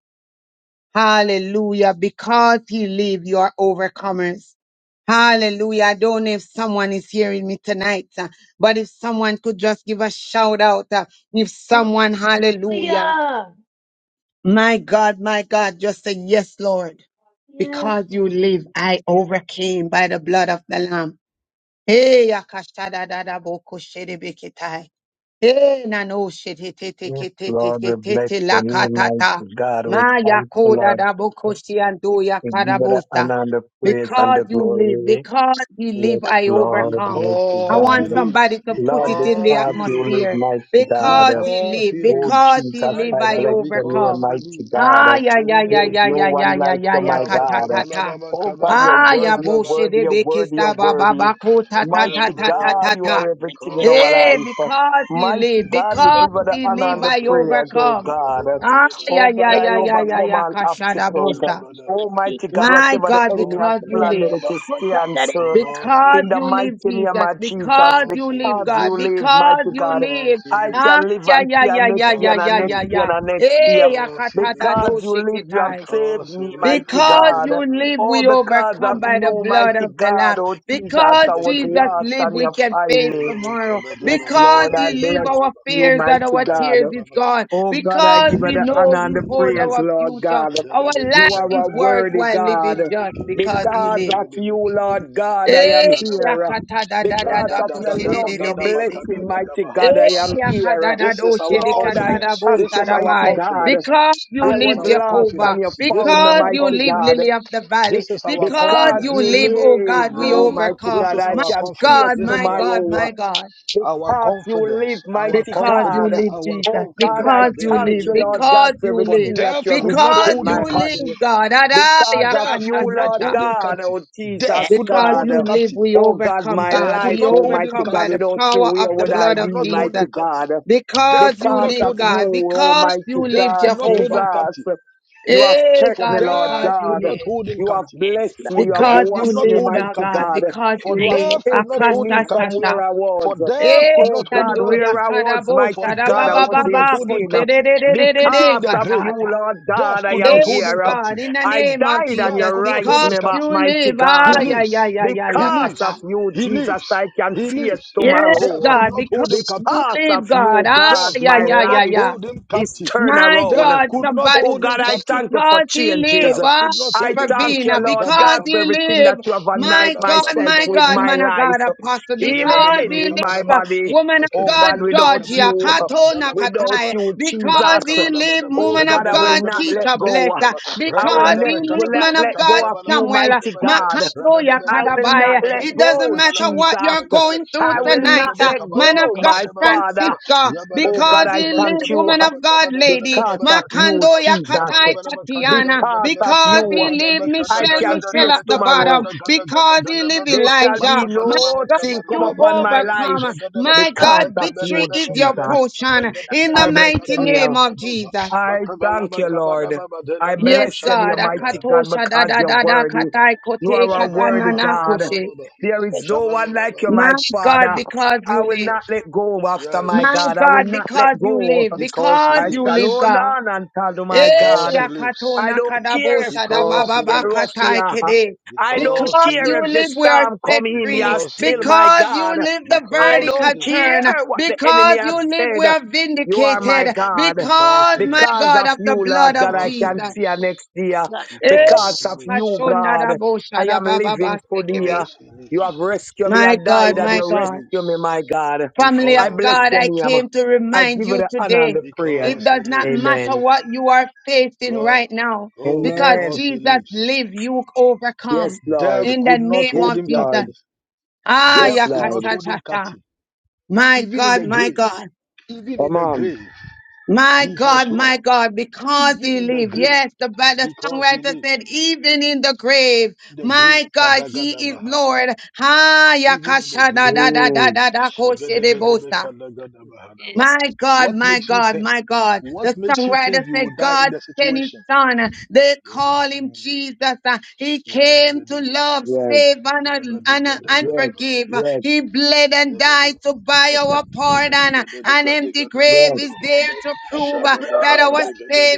Speaker 1: Hallelujah. Because He live, you are overcomers. Hallelujah. I don't know if someone is hearing me tonight, uh, but if someone could just give a shout out, uh, if someone, hallelujah.
Speaker 4: Hallelujah.
Speaker 1: My God, my God, just say, Yes, Lord.
Speaker 4: Yes,
Speaker 1: Because you
Speaker 4: Lord.
Speaker 1: live, I overcame by the blood of the Lamb. Hey, akashada da da boko shere beketai. Hey, nano shere te te
Speaker 7: Yes,
Speaker 1: ke te te
Speaker 7: Lord,
Speaker 1: ke
Speaker 7: we
Speaker 1: te
Speaker 7: bless
Speaker 1: te
Speaker 7: the
Speaker 1: la
Speaker 7: name of
Speaker 1: katata.
Speaker 7: God. We
Speaker 1: Ma
Speaker 7: thank you,
Speaker 1: yakoda
Speaker 7: Lord.
Speaker 1: da boko shiando
Speaker 7: We give you the
Speaker 1: yakarabosa.
Speaker 7: honor and the praise and
Speaker 1: Because
Speaker 7: the
Speaker 1: you live,
Speaker 7: glory.
Speaker 1: because you live,
Speaker 7: Yes,
Speaker 3: Lord.
Speaker 1: I
Speaker 7: Lord,
Speaker 1: overcome.
Speaker 7: mighty
Speaker 1: I
Speaker 6: Because he
Speaker 1: want
Speaker 7: God.
Speaker 6: lives.
Speaker 1: somebody to put
Speaker 7: Lord,
Speaker 1: it in
Speaker 6: Because
Speaker 1: the
Speaker 6: he
Speaker 7: because
Speaker 6: lives.
Speaker 7: you live,
Speaker 1: atmosphere.
Speaker 7: mighty God.
Speaker 1: Because he
Speaker 6: Because
Speaker 1: live,
Speaker 6: he
Speaker 7: Oh,
Speaker 1: because
Speaker 6: lives.
Speaker 1: he
Speaker 7: Jesus,
Speaker 6: I
Speaker 1: live,
Speaker 7: I
Speaker 1: I
Speaker 6: can
Speaker 7: bless the name,
Speaker 6: because
Speaker 1: overcome.
Speaker 6: he
Speaker 7: mighty
Speaker 6: lives.
Speaker 7: God.
Speaker 1: Ah, yeah, yeah, yeah,
Speaker 7: There's
Speaker 1: yeah,
Speaker 7: no
Speaker 1: yeah,
Speaker 6: Bedelebeke.
Speaker 1: yeah,
Speaker 7: one
Speaker 1: yeah,
Speaker 7: like
Speaker 1: yeah,
Speaker 7: you,
Speaker 1: yeah,
Speaker 7: my
Speaker 1: ta,
Speaker 6: Alaba
Speaker 1: ta,
Speaker 7: God.
Speaker 1: ta, ta.
Speaker 6: kabalaba
Speaker 7: Oh, God, you're
Speaker 6: kabalaba
Speaker 1: Ah, ya
Speaker 7: worthy, you're
Speaker 6: kabalaba.
Speaker 1: bullshit.
Speaker 7: worthy,
Speaker 1: de
Speaker 7: you're
Speaker 1: be kissed
Speaker 7: worthy, you're
Speaker 1: ah, ba ba
Speaker 7: worthy.
Speaker 1: ba ko ta ta
Speaker 3: Name
Speaker 1: ta
Speaker 7: Mighty
Speaker 1: ta ta ta
Speaker 7: God, you
Speaker 1: ta.
Speaker 7: are
Speaker 6: Shabadebebedebekaba.
Speaker 3: the
Speaker 7: everything in
Speaker 3: name
Speaker 6: Because
Speaker 3: of
Speaker 7: our
Speaker 6: he
Speaker 1: Eh,
Speaker 6: lives.
Speaker 7: life.
Speaker 1: because he
Speaker 7: Mighty
Speaker 1: live,
Speaker 7: God, we give
Speaker 3: the
Speaker 1: because
Speaker 7: you
Speaker 3: name,
Speaker 7: the
Speaker 1: he
Speaker 7: honor
Speaker 1: live,
Speaker 7: and the
Speaker 6: Because he
Speaker 1: I
Speaker 7: praise,
Speaker 6: lives.
Speaker 7: oh
Speaker 1: overcome.
Speaker 7: God.
Speaker 1: Ah,
Speaker 7: Oh
Speaker 1: yeah,
Speaker 7: God,
Speaker 6: Ikabadebebedebekaba.
Speaker 1: yeah,
Speaker 7: I
Speaker 1: yeah, yeah,
Speaker 3: the name
Speaker 1: yeah,
Speaker 7: overcome
Speaker 3: of
Speaker 1: yeah.
Speaker 7: all
Speaker 3: Jesus,
Speaker 1: Kashada
Speaker 7: obstacles.
Speaker 3: and
Speaker 1: bosta.
Speaker 3: the name
Speaker 7: Oh
Speaker 3: of
Speaker 6: Shabadebebedebe.
Speaker 3: Jesus.
Speaker 7: mighty God,
Speaker 1: My
Speaker 7: whatever the
Speaker 1: God,
Speaker 7: enemy
Speaker 6: Because
Speaker 7: has
Speaker 1: because
Speaker 6: he
Speaker 3: And the
Speaker 1: you
Speaker 3: name
Speaker 7: planned,
Speaker 6: lives.
Speaker 1: live,
Speaker 7: it
Speaker 3: of
Speaker 7: is
Speaker 3: Jesus, that is
Speaker 7: canceled.
Speaker 3: just
Speaker 6: Because he
Speaker 1: because
Speaker 7: In the
Speaker 6: lives.
Speaker 1: you live,
Speaker 7: mighty name
Speaker 1: Jesus,
Speaker 7: of Jesus,
Speaker 1: because
Speaker 6: Because
Speaker 1: you
Speaker 6: he
Speaker 1: live,
Speaker 7: because
Speaker 6: lives.
Speaker 1: God,
Speaker 7: you live,
Speaker 1: because
Speaker 7: mighty
Speaker 1: you
Speaker 7: God.
Speaker 6: Because
Speaker 1: live.
Speaker 6: he
Speaker 7: I
Speaker 6: lives.
Speaker 1: Ah,
Speaker 7: can live
Speaker 1: yeah,
Speaker 7: and
Speaker 1: yeah,
Speaker 7: see
Speaker 1: yeah,
Speaker 7: until
Speaker 1: yeah,
Speaker 7: next year
Speaker 1: yeah,
Speaker 7: and
Speaker 6: because
Speaker 7: a
Speaker 6: he
Speaker 1: yeah, yeah,
Speaker 7: next
Speaker 6: lives,
Speaker 7: year
Speaker 1: yeah.
Speaker 7: and a next
Speaker 1: Eh,
Speaker 7: year.
Speaker 6: because he
Speaker 1: yakata da
Speaker 6: lives,
Speaker 1: do
Speaker 7: Because you live, you have
Speaker 1: shikitai.
Speaker 7: saved
Speaker 6: because he
Speaker 7: me,
Speaker 6: lives.
Speaker 7: mighty
Speaker 1: Because
Speaker 6: Adaba
Speaker 7: God.
Speaker 1: you
Speaker 6: kanaba,
Speaker 1: live,
Speaker 7: Oh,
Speaker 1: we
Speaker 7: because
Speaker 1: overcome
Speaker 7: of
Speaker 1: by
Speaker 6: adelebe
Speaker 1: the
Speaker 7: you,
Speaker 1: blood
Speaker 7: mighty
Speaker 1: of
Speaker 6: kebedebe,
Speaker 1: the
Speaker 7: God,
Speaker 1: Lamb.
Speaker 7: oh Jesus,
Speaker 1: Because
Speaker 7: I
Speaker 6: adelebe
Speaker 7: was
Speaker 1: Jesus
Speaker 6: kebedebe,
Speaker 7: lost
Speaker 1: live,
Speaker 7: and
Speaker 1: we
Speaker 7: you
Speaker 1: can
Speaker 7: find
Speaker 1: face
Speaker 7: me.
Speaker 6: adelebe
Speaker 1: tomorrow.
Speaker 3: the
Speaker 6: kebedebe,
Speaker 7: Yes,
Speaker 1: Because
Speaker 7: Lord, I
Speaker 1: He
Speaker 6: adelebe
Speaker 1: live,
Speaker 7: bless
Speaker 1: our
Speaker 6: kebedebe,
Speaker 7: you,
Speaker 1: fears and
Speaker 7: mighty
Speaker 1: our
Speaker 7: God.
Speaker 1: tears
Speaker 6: akabanaba
Speaker 1: is
Speaker 6: baka,
Speaker 1: gone.
Speaker 7: Oh God, I
Speaker 1: Because
Speaker 7: give you
Speaker 1: we
Speaker 6: adelebe
Speaker 7: the
Speaker 1: know
Speaker 7: honor
Speaker 6: kebedebe,
Speaker 7: and
Speaker 1: He
Speaker 7: the
Speaker 1: hold
Speaker 7: praise,
Speaker 6: bededebe,
Speaker 1: our
Speaker 7: Lord
Speaker 1: future.
Speaker 7: God.
Speaker 1: Our
Speaker 6: adelebe
Speaker 7: You
Speaker 1: life
Speaker 7: are
Speaker 6: kebedebe,
Speaker 7: a
Speaker 1: is worthwhile
Speaker 7: worthy
Speaker 6: bededebe,
Speaker 7: God.
Speaker 1: living just because
Speaker 6: kebedebe,
Speaker 1: He
Speaker 7: Because
Speaker 1: live.
Speaker 7: of you,
Speaker 6: bededebe, kebedebe,
Speaker 7: Lord God, I
Speaker 6: ah,
Speaker 7: am
Speaker 1: Eh,
Speaker 6: kanaba,
Speaker 7: here.
Speaker 1: shakata da da da
Speaker 7: Because
Speaker 1: da
Speaker 7: of
Speaker 1: ko she
Speaker 7: your
Speaker 1: de de
Speaker 7: love,
Speaker 1: de
Speaker 7: your
Speaker 1: be
Speaker 6: radadadadadadaba,
Speaker 1: se.
Speaker 7: blessing, mighty God, I
Speaker 6: kadagadabaha,
Speaker 7: am here.
Speaker 6: This is our
Speaker 7: Lord, I
Speaker 6: confidence. This
Speaker 7: thank you,
Speaker 6: is our
Speaker 7: mighty God.
Speaker 6: confidence.
Speaker 1: Because you
Speaker 7: I
Speaker 6: This is
Speaker 7: was
Speaker 1: live
Speaker 3: Lord.
Speaker 6: our
Speaker 7: lost
Speaker 1: Jehovah,
Speaker 7: and you
Speaker 6: confidence. This
Speaker 7: found
Speaker 6: is
Speaker 7: me,
Speaker 1: because
Speaker 6: our
Speaker 1: you
Speaker 7: mighty
Speaker 1: live
Speaker 7: God.
Speaker 6: confidence.
Speaker 1: Lily of the Valley,
Speaker 6: This is our
Speaker 1: because
Speaker 7: Because
Speaker 1: you
Speaker 4: Yes,
Speaker 6: confidence.
Speaker 7: you
Speaker 6: This
Speaker 1: live,
Speaker 6: is
Speaker 4: Jesus.
Speaker 6: our
Speaker 1: oh
Speaker 7: live,
Speaker 1: God, we
Speaker 6: confidence.
Speaker 7: oh
Speaker 4: Hallelujah.
Speaker 7: mighty
Speaker 1: overcome.
Speaker 6: This
Speaker 7: God,
Speaker 6: is
Speaker 7: I
Speaker 1: My
Speaker 6: our
Speaker 7: can
Speaker 6: confidence.
Speaker 1: God,
Speaker 7: face
Speaker 6: This is
Speaker 1: my
Speaker 6: our
Speaker 1: God,
Speaker 7: tomorrow
Speaker 1: my
Speaker 6: confidence.
Speaker 1: God.
Speaker 6: Our
Speaker 7: because you
Speaker 6: confidence.
Speaker 7: live,
Speaker 6: Our
Speaker 7: mighty
Speaker 1: Because you
Speaker 7: God.
Speaker 6: confidence.
Speaker 1: live,
Speaker 6: Our
Speaker 1: Jesus.
Speaker 7: Oh God,
Speaker 6: confidence.
Speaker 7: I
Speaker 1: Because you
Speaker 7: thank
Speaker 1: live.
Speaker 7: you, Lord
Speaker 1: Because
Speaker 7: God, for
Speaker 1: you
Speaker 6: For
Speaker 1: live.
Speaker 7: everything that you
Speaker 6: death
Speaker 7: have
Speaker 6: could not
Speaker 1: Because
Speaker 7: restored
Speaker 6: hold
Speaker 1: you
Speaker 6: him
Speaker 7: my
Speaker 6: captive.
Speaker 7: body.
Speaker 1: live, God.
Speaker 7: Because of
Speaker 6: Death
Speaker 7: you,
Speaker 6: could not
Speaker 7: Lord
Speaker 1: Adayakashashasha.
Speaker 6: hold him
Speaker 7: God,
Speaker 6: captive.
Speaker 7: oh
Speaker 3: Yes,
Speaker 6: Death
Speaker 7: Jesus
Speaker 6: could not
Speaker 1: Because
Speaker 7: God.
Speaker 6: hold him
Speaker 1: you live,
Speaker 6: captive.
Speaker 1: we
Speaker 7: Oh God,
Speaker 1: overcome,
Speaker 7: my
Speaker 6: Death
Speaker 1: God.
Speaker 6: could
Speaker 7: life,
Speaker 1: We
Speaker 6: not
Speaker 7: oh
Speaker 6: hold him
Speaker 7: mighty
Speaker 1: overcome by
Speaker 7: God,
Speaker 1: the
Speaker 6: captive.
Speaker 7: without you,
Speaker 1: power
Speaker 7: where
Speaker 1: of the
Speaker 7: would
Speaker 6: Death
Speaker 7: I
Speaker 1: blood
Speaker 6: could
Speaker 1: of
Speaker 7: be,
Speaker 6: not hold
Speaker 1: Jesus.
Speaker 6: him
Speaker 7: mighty
Speaker 6: captive.
Speaker 7: God?
Speaker 6: Death
Speaker 1: Because
Speaker 6: could
Speaker 1: you
Speaker 7: because
Speaker 6: not
Speaker 1: live,
Speaker 7: of
Speaker 6: hold him
Speaker 7: you,
Speaker 1: God.
Speaker 6: captive.
Speaker 1: Because
Speaker 7: Almighty
Speaker 1: you
Speaker 6: Death
Speaker 1: live,
Speaker 7: God,
Speaker 6: could not hold him
Speaker 1: Jehovah.
Speaker 7: Jesus.
Speaker 6: captive.
Speaker 7: You have
Speaker 1: Hey,
Speaker 7: kept
Speaker 6: For
Speaker 7: me,
Speaker 1: God,
Speaker 7: Lord
Speaker 1: because
Speaker 6: death
Speaker 1: you
Speaker 6: could
Speaker 7: God.
Speaker 6: not
Speaker 1: live.
Speaker 6: hold him
Speaker 7: You have
Speaker 6: captive.
Speaker 7: blessed
Speaker 3: yes,
Speaker 7: me.
Speaker 6: For
Speaker 7: You have
Speaker 3: yes,
Speaker 1: Because
Speaker 6: death could
Speaker 1: you
Speaker 7: washed
Speaker 6: not
Speaker 7: me,
Speaker 1: live,
Speaker 6: hold him
Speaker 1: thou
Speaker 7: mighty
Speaker 6: captive.
Speaker 1: God.
Speaker 7: God.
Speaker 1: Because
Speaker 6: For
Speaker 1: you
Speaker 7: You have
Speaker 1: live.
Speaker 3: thank
Speaker 6: death
Speaker 3: you.
Speaker 6: could not
Speaker 7: taken
Speaker 6: hold
Speaker 7: me
Speaker 6: him
Speaker 7: from
Speaker 6: captive.
Speaker 1: Akashashasha.
Speaker 7: where I was.
Speaker 6: For death
Speaker 1: Hey,
Speaker 6: could
Speaker 7: Oh
Speaker 6: not hold
Speaker 7: God,
Speaker 6: him
Speaker 1: Shandoya
Speaker 7: where
Speaker 6: captive.
Speaker 7: I was,
Speaker 1: Karabo,
Speaker 6: For
Speaker 7: mighty God, I
Speaker 6: death
Speaker 1: Sharababa
Speaker 7: was
Speaker 6: could
Speaker 7: in
Speaker 6: not
Speaker 1: Baba,
Speaker 6: hold him
Speaker 7: sin.
Speaker 6: captive. Even
Speaker 1: Koshededededede,
Speaker 6: in
Speaker 7: Because
Speaker 6: the
Speaker 7: of
Speaker 6: grave,
Speaker 7: you,
Speaker 1: Katata.
Speaker 7: Lord
Speaker 3: Yes, I
Speaker 6: death
Speaker 7: God, I
Speaker 6: could
Speaker 1: Hey,
Speaker 6: not
Speaker 7: am
Speaker 6: hold him
Speaker 7: here.
Speaker 6: captive.
Speaker 1: God, in the
Speaker 7: I
Speaker 1: name of
Speaker 7: died and
Speaker 6: Death
Speaker 7: you
Speaker 1: Jesus.
Speaker 6: could not hold
Speaker 7: raised
Speaker 1: Because
Speaker 6: him
Speaker 7: me back,
Speaker 6: captive.
Speaker 1: you
Speaker 7: mighty
Speaker 1: live. Ah,
Speaker 7: God.
Speaker 6: He
Speaker 1: ya,
Speaker 6: lives.
Speaker 1: ya, ya, ya,
Speaker 6: He
Speaker 1: ya,
Speaker 7: Because of
Speaker 1: yeah,
Speaker 6: lives.
Speaker 7: you,
Speaker 6: He
Speaker 7: Jesus,
Speaker 6: lives.
Speaker 7: I can
Speaker 6: He
Speaker 7: face
Speaker 6: lives.
Speaker 1: Yes,
Speaker 6: Death
Speaker 7: tomorrow.
Speaker 6: could
Speaker 1: God,
Speaker 6: not hold
Speaker 7: The
Speaker 6: him
Speaker 1: because
Speaker 6: captive.
Speaker 1: you
Speaker 7: part of
Speaker 1: live, God.
Speaker 7: you,
Speaker 1: Ah,
Speaker 6: Death
Speaker 7: God,
Speaker 1: yeah,
Speaker 7: my
Speaker 6: could
Speaker 1: yeah,
Speaker 6: not
Speaker 1: yeah,
Speaker 7: life
Speaker 1: yeah.
Speaker 6: hold him
Speaker 7: is
Speaker 6: captive.
Speaker 7: turned
Speaker 1: My
Speaker 7: around.
Speaker 6: Death
Speaker 1: God,
Speaker 6: could not
Speaker 1: somebody
Speaker 7: Oh
Speaker 6: hold him
Speaker 7: God,
Speaker 1: said,
Speaker 7: I
Speaker 6: captive.
Speaker 7: thank you for
Speaker 1: because he live,
Speaker 7: changes.
Speaker 6: Death
Speaker 1: ah,
Speaker 6: could not
Speaker 7: I
Speaker 6: hold him
Speaker 7: thank you,
Speaker 6: captive.
Speaker 1: Pravina,
Speaker 7: Lord
Speaker 6: Madaba
Speaker 1: because
Speaker 7: God, for
Speaker 1: he
Speaker 6: kabada
Speaker 7: everything
Speaker 6: badaba.
Speaker 1: live.
Speaker 7: that you have anointed
Speaker 1: My
Speaker 6: Lebada
Speaker 1: God,
Speaker 6: badaba
Speaker 7: myself
Speaker 1: my
Speaker 7: with
Speaker 6: kabada
Speaker 1: God,
Speaker 7: my
Speaker 6: badaba.
Speaker 1: man of God,
Speaker 7: life.
Speaker 1: apostle, because
Speaker 7: Healing
Speaker 1: he
Speaker 7: in
Speaker 1: live,
Speaker 7: my
Speaker 1: ah,
Speaker 6: Shabedebedebekabadabadaba.
Speaker 7: body.
Speaker 1: woman of
Speaker 7: Oh
Speaker 1: God,
Speaker 7: God, without
Speaker 1: Georgia,
Speaker 7: you,
Speaker 1: Katona
Speaker 7: without
Speaker 1: Katai,
Speaker 6: Bakebedebedebekabedebedebekadalabakadabadaba.
Speaker 7: you,
Speaker 1: because
Speaker 7: Jesus.
Speaker 1: he live,
Speaker 6: Labakabalabalaba.
Speaker 7: Oh
Speaker 1: woman
Speaker 7: God,
Speaker 1: of
Speaker 7: I
Speaker 1: God,
Speaker 7: will not let
Speaker 1: Keisha, bless,
Speaker 7: go.
Speaker 1: ah,
Speaker 7: I will
Speaker 1: because
Speaker 6: Jagadagadagadabekatadagadaba.
Speaker 1: he
Speaker 7: ne- go-
Speaker 1: live,
Speaker 7: let,
Speaker 1: man of
Speaker 7: let go
Speaker 1: God,
Speaker 7: of you,
Speaker 1: Samuel,
Speaker 7: mighty God.
Speaker 1: Makanoya
Speaker 7: I
Speaker 6: Rabadadabekadabadabakabadabadabakabadabadaba.
Speaker 7: will not
Speaker 1: Kadabaya.
Speaker 7: let
Speaker 1: It doesn't
Speaker 7: go,
Speaker 1: matter
Speaker 7: Jesus.
Speaker 1: what you're going through
Speaker 7: I will not
Speaker 1: tonight, uh,
Speaker 7: let
Speaker 1: man of
Speaker 7: go,
Speaker 1: God,
Speaker 7: my Father.
Speaker 6: Rabadebedebekabadebedebekabadabadabakatadagadaba.
Speaker 1: Francisco,
Speaker 7: Oh God,
Speaker 1: because
Speaker 7: I
Speaker 1: he lives.
Speaker 7: thank you
Speaker 1: woman of God, lady,
Speaker 7: because of you,
Speaker 1: Makando
Speaker 6: Yabedebedebekabalabakabadabadabadaba.
Speaker 7: Jesus.
Speaker 1: Yakatai Tatiana,
Speaker 7: Because
Speaker 6: Yabedebedebekabadabadabakabadabadabakabadabadabakatadagadaba.
Speaker 7: of
Speaker 1: because he
Speaker 7: you,
Speaker 1: lives.
Speaker 6: Yabalabalabakadagadabadaba.
Speaker 7: I
Speaker 1: Michelle,
Speaker 7: can
Speaker 1: Michelle
Speaker 7: face
Speaker 1: at the bottom,
Speaker 7: tomorrow.
Speaker 1: because he lives.
Speaker 6: Rabadadabekadagadabakabadabadabakabadabadabadaba.
Speaker 7: There shall
Speaker 1: Elijah,
Speaker 7: be
Speaker 1: my
Speaker 7: no
Speaker 1: God,
Speaker 7: thing come
Speaker 1: you
Speaker 7: upon my life
Speaker 1: overcome, my God,
Speaker 7: because of
Speaker 1: victory
Speaker 7: you,
Speaker 1: is your
Speaker 7: Jesus.
Speaker 1: portion, in
Speaker 7: I
Speaker 1: the
Speaker 7: bless
Speaker 1: mighty
Speaker 7: you.
Speaker 1: name of Jesus.
Speaker 7: I thank you, Lord. I
Speaker 1: Yes,
Speaker 7: bless you, Almighty
Speaker 1: God,
Speaker 7: God,
Speaker 1: akatosha da
Speaker 7: because
Speaker 1: da
Speaker 7: you're
Speaker 1: da da
Speaker 7: worthy.
Speaker 1: katai
Speaker 7: You
Speaker 1: kote
Speaker 7: are a worthy
Speaker 1: katanana
Speaker 7: God.
Speaker 1: koshe.
Speaker 7: There is no one like you,
Speaker 1: My
Speaker 7: my
Speaker 1: God,
Speaker 7: Father.
Speaker 1: because you
Speaker 7: I will
Speaker 1: live.
Speaker 7: not let go after
Speaker 6: Yes,
Speaker 7: my
Speaker 1: My
Speaker 7: God. I will
Speaker 1: God,
Speaker 7: not let
Speaker 1: because you
Speaker 7: go.
Speaker 1: live.
Speaker 6: because he
Speaker 1: Because
Speaker 7: I
Speaker 1: you
Speaker 7: shall
Speaker 1: live,
Speaker 6: lives,
Speaker 7: hold
Speaker 1: God.
Speaker 7: on until my
Speaker 1: Eh,
Speaker 6: because
Speaker 7: God.
Speaker 6: he
Speaker 1: yakato
Speaker 6: lives,
Speaker 7: I don't
Speaker 1: nakadabo
Speaker 7: care if the rough
Speaker 6: because he
Speaker 7: get rough
Speaker 6: lives,
Speaker 1: shadabababakatai
Speaker 7: here.
Speaker 1: kede.
Speaker 7: I don't
Speaker 6: because he
Speaker 1: Because you
Speaker 7: care if the
Speaker 1: live, we
Speaker 6: lives,
Speaker 1: are
Speaker 7: storm
Speaker 1: set
Speaker 7: come in
Speaker 1: free.
Speaker 7: here
Speaker 6: because he
Speaker 7: still,
Speaker 6: lives,
Speaker 7: my
Speaker 1: Because you
Speaker 7: God.
Speaker 1: live, the
Speaker 7: I
Speaker 6: because
Speaker 1: verdict
Speaker 6: he
Speaker 7: don't
Speaker 1: has
Speaker 6: lives.
Speaker 1: turned.
Speaker 7: care what the enemy
Speaker 1: Because
Speaker 7: has
Speaker 1: you live, we
Speaker 7: said.
Speaker 1: are
Speaker 7: You are
Speaker 6: Yeah,
Speaker 7: my
Speaker 6: ba,
Speaker 1: vindicated.
Speaker 6: ba, ba.
Speaker 7: God.
Speaker 6: Because
Speaker 1: Because,
Speaker 6: he
Speaker 1: my
Speaker 7: Because
Speaker 6: lives.
Speaker 1: God,
Speaker 7: of
Speaker 1: of the
Speaker 7: you,
Speaker 1: blood
Speaker 7: Lord God,
Speaker 1: of
Speaker 7: I
Speaker 6: Because he
Speaker 1: Jesus.
Speaker 7: can see a
Speaker 6: lives.
Speaker 7: next year.
Speaker 1: Eh,
Speaker 7: Because
Speaker 6: Because he
Speaker 7: of you,
Speaker 6: lives.
Speaker 7: God,
Speaker 1: kashondadabo
Speaker 7: I am living for
Speaker 1: shadabababastekebe.
Speaker 7: dear.
Speaker 6: Because he
Speaker 7: You have
Speaker 6: lives.
Speaker 7: rescued me. I
Speaker 1: My
Speaker 7: died
Speaker 1: God,
Speaker 7: and
Speaker 1: my
Speaker 7: you
Speaker 6: Because he
Speaker 1: God.
Speaker 7: rescued me, my
Speaker 6: lives.
Speaker 7: God.
Speaker 1: Family
Speaker 7: I
Speaker 1: of
Speaker 6: Because
Speaker 7: bless
Speaker 6: he
Speaker 1: God,
Speaker 7: your
Speaker 1: I
Speaker 7: name.
Speaker 6: lives.
Speaker 1: came to
Speaker 7: I
Speaker 1: remind
Speaker 7: give it
Speaker 1: you
Speaker 7: the honor and
Speaker 1: today.
Speaker 7: the praise.
Speaker 1: It
Speaker 6: Because he
Speaker 1: does not
Speaker 6: lives.
Speaker 1: matter
Speaker 7: Amen.
Speaker 1: what you are facing
Speaker 6: God,
Speaker 1: right now
Speaker 6: oh,
Speaker 1: because
Speaker 7: Amen.
Speaker 6: because he
Speaker 1: Jesus
Speaker 6: lives.
Speaker 1: lives, you
Speaker 7: Yes,
Speaker 1: overcome
Speaker 7: Lord.
Speaker 6: Death
Speaker 1: in the
Speaker 6: could not
Speaker 1: name
Speaker 7: Yes,
Speaker 6: hold
Speaker 1: of
Speaker 6: him
Speaker 1: Jesus.
Speaker 7: Lord.
Speaker 6: captive.
Speaker 1: Ah,
Speaker 7: Yes,
Speaker 6: Death could
Speaker 7: Lord.
Speaker 6: not hold him
Speaker 1: yakashashasha.
Speaker 6: captive.
Speaker 1: My
Speaker 6: Even in
Speaker 1: God,
Speaker 6: the
Speaker 1: my
Speaker 6: grave,
Speaker 1: God,
Speaker 6: even in
Speaker 7: Come
Speaker 6: the
Speaker 7: on.
Speaker 6: grave,
Speaker 1: my
Speaker 6: he was
Speaker 1: God,
Speaker 6: Lord.
Speaker 1: my God, because
Speaker 6: Even
Speaker 1: he
Speaker 6: in the
Speaker 1: lives.
Speaker 6: grave,
Speaker 1: Yes, the, Bi- the
Speaker 6: because he
Speaker 1: songwriter
Speaker 6: lives.
Speaker 1: said, even in the grave,
Speaker 6: In the grave,
Speaker 1: my God, he is
Speaker 6: Kadagadabaha.
Speaker 1: Lord. Ah,
Speaker 6: Even in the grave.
Speaker 1: yakashada da da da da
Speaker 7: Mm,
Speaker 1: da yakashadadadadadadakoshedebosa.
Speaker 6: Shagadagadabakalagadabahanaba.
Speaker 1: My God,
Speaker 6: What
Speaker 1: my
Speaker 6: makes you
Speaker 1: God,
Speaker 6: think?
Speaker 1: my God.
Speaker 6: What
Speaker 1: The
Speaker 6: makes you
Speaker 1: songwriter
Speaker 6: think you will
Speaker 1: said,
Speaker 6: die in
Speaker 1: God
Speaker 6: that
Speaker 1: sent his
Speaker 6: situation?
Speaker 1: son. They call him Jesus. Uh, He came to love,
Speaker 7: yes,
Speaker 1: save, and, uh, and, uh, and
Speaker 7: yes,
Speaker 6: Yabadigadagadabaha.
Speaker 1: forgive.
Speaker 7: yes,
Speaker 1: He bled and died
Speaker 6: Yabada-
Speaker 1: to buy our pardon. Uh, An empty grave
Speaker 7: yes.
Speaker 6: Yabadagadabagadigadabagadoho.
Speaker 1: is there to
Speaker 3: of
Speaker 1: prove
Speaker 3: the
Speaker 1: uh, that
Speaker 3: blood
Speaker 1: our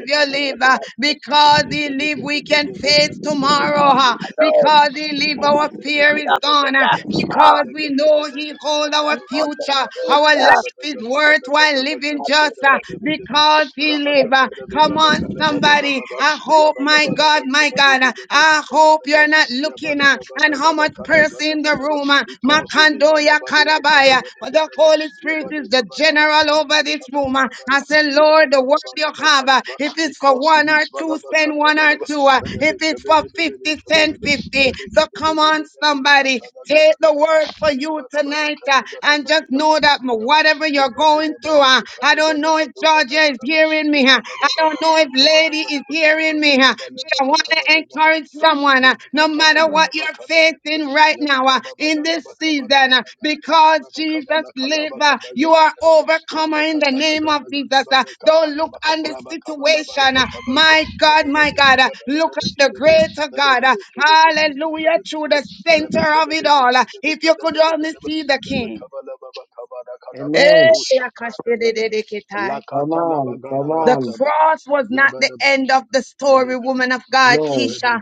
Speaker 3: the
Speaker 1: live.
Speaker 3: blood
Speaker 1: Uh,
Speaker 3: that takes
Speaker 1: Because he
Speaker 6: Rabakata
Speaker 1: live, we can face
Speaker 3: place
Speaker 1: tomorrow.
Speaker 3: of
Speaker 1: Uh,
Speaker 3: our Lord,
Speaker 1: Because he live,
Speaker 3: the
Speaker 1: our fear
Speaker 3: blood
Speaker 1: is
Speaker 3: of the
Speaker 1: gone. Uh,
Speaker 3: God,
Speaker 1: Because we know he hold our
Speaker 3: the
Speaker 1: future. Our life
Speaker 3: water,
Speaker 1: life is worthwhile living just uh, because he
Speaker 3: Like,
Speaker 1: live. uh,
Speaker 6: de
Speaker 1: Come
Speaker 6: Gada Gada
Speaker 1: on,
Speaker 6: Badeva
Speaker 1: somebody. I hope,
Speaker 6: Yaba
Speaker 1: my
Speaker 6: because
Speaker 1: God, my God, uh, I hope you're not looking uh, and how much person in the room. uh, Makandoya Karabaya. But the Holy Spirit is the general over this room. uh, I said, Lord, the word you have, uh, if it's for
Speaker 6: he
Speaker 1: one or
Speaker 6: lives,
Speaker 1: two,
Speaker 6: Balaba
Speaker 1: send one or
Speaker 6: Katabalaba,
Speaker 1: two. uh, If it's for 50, send 50. So come on, somebody. Take the word for you tonight uh, and just know that m- whatever you're going through, uh, I don't know if Georgia is hearing me. uh, I don't know if Lady is hearing me. uh, I want to encourage
Speaker 4: Hallelujah.
Speaker 1: someone, uh, no matter what you're facing right now, uh, in
Speaker 6: Yabala
Speaker 1: this season, uh, because Jesus lives, uh, you are overcomer in the name of Jesus. uh, Don't look on the situation. uh, My God, my God, uh, look at the greater God. uh, Hallelujah, through the center of it all. uh, If you could only see the King. Eh,
Speaker 7: Amen. Come
Speaker 6: Lakata
Speaker 7: on. Come
Speaker 1: the
Speaker 7: on.
Speaker 1: cross was not the end of the story, woman of God,
Speaker 7: No,
Speaker 1: Keisha.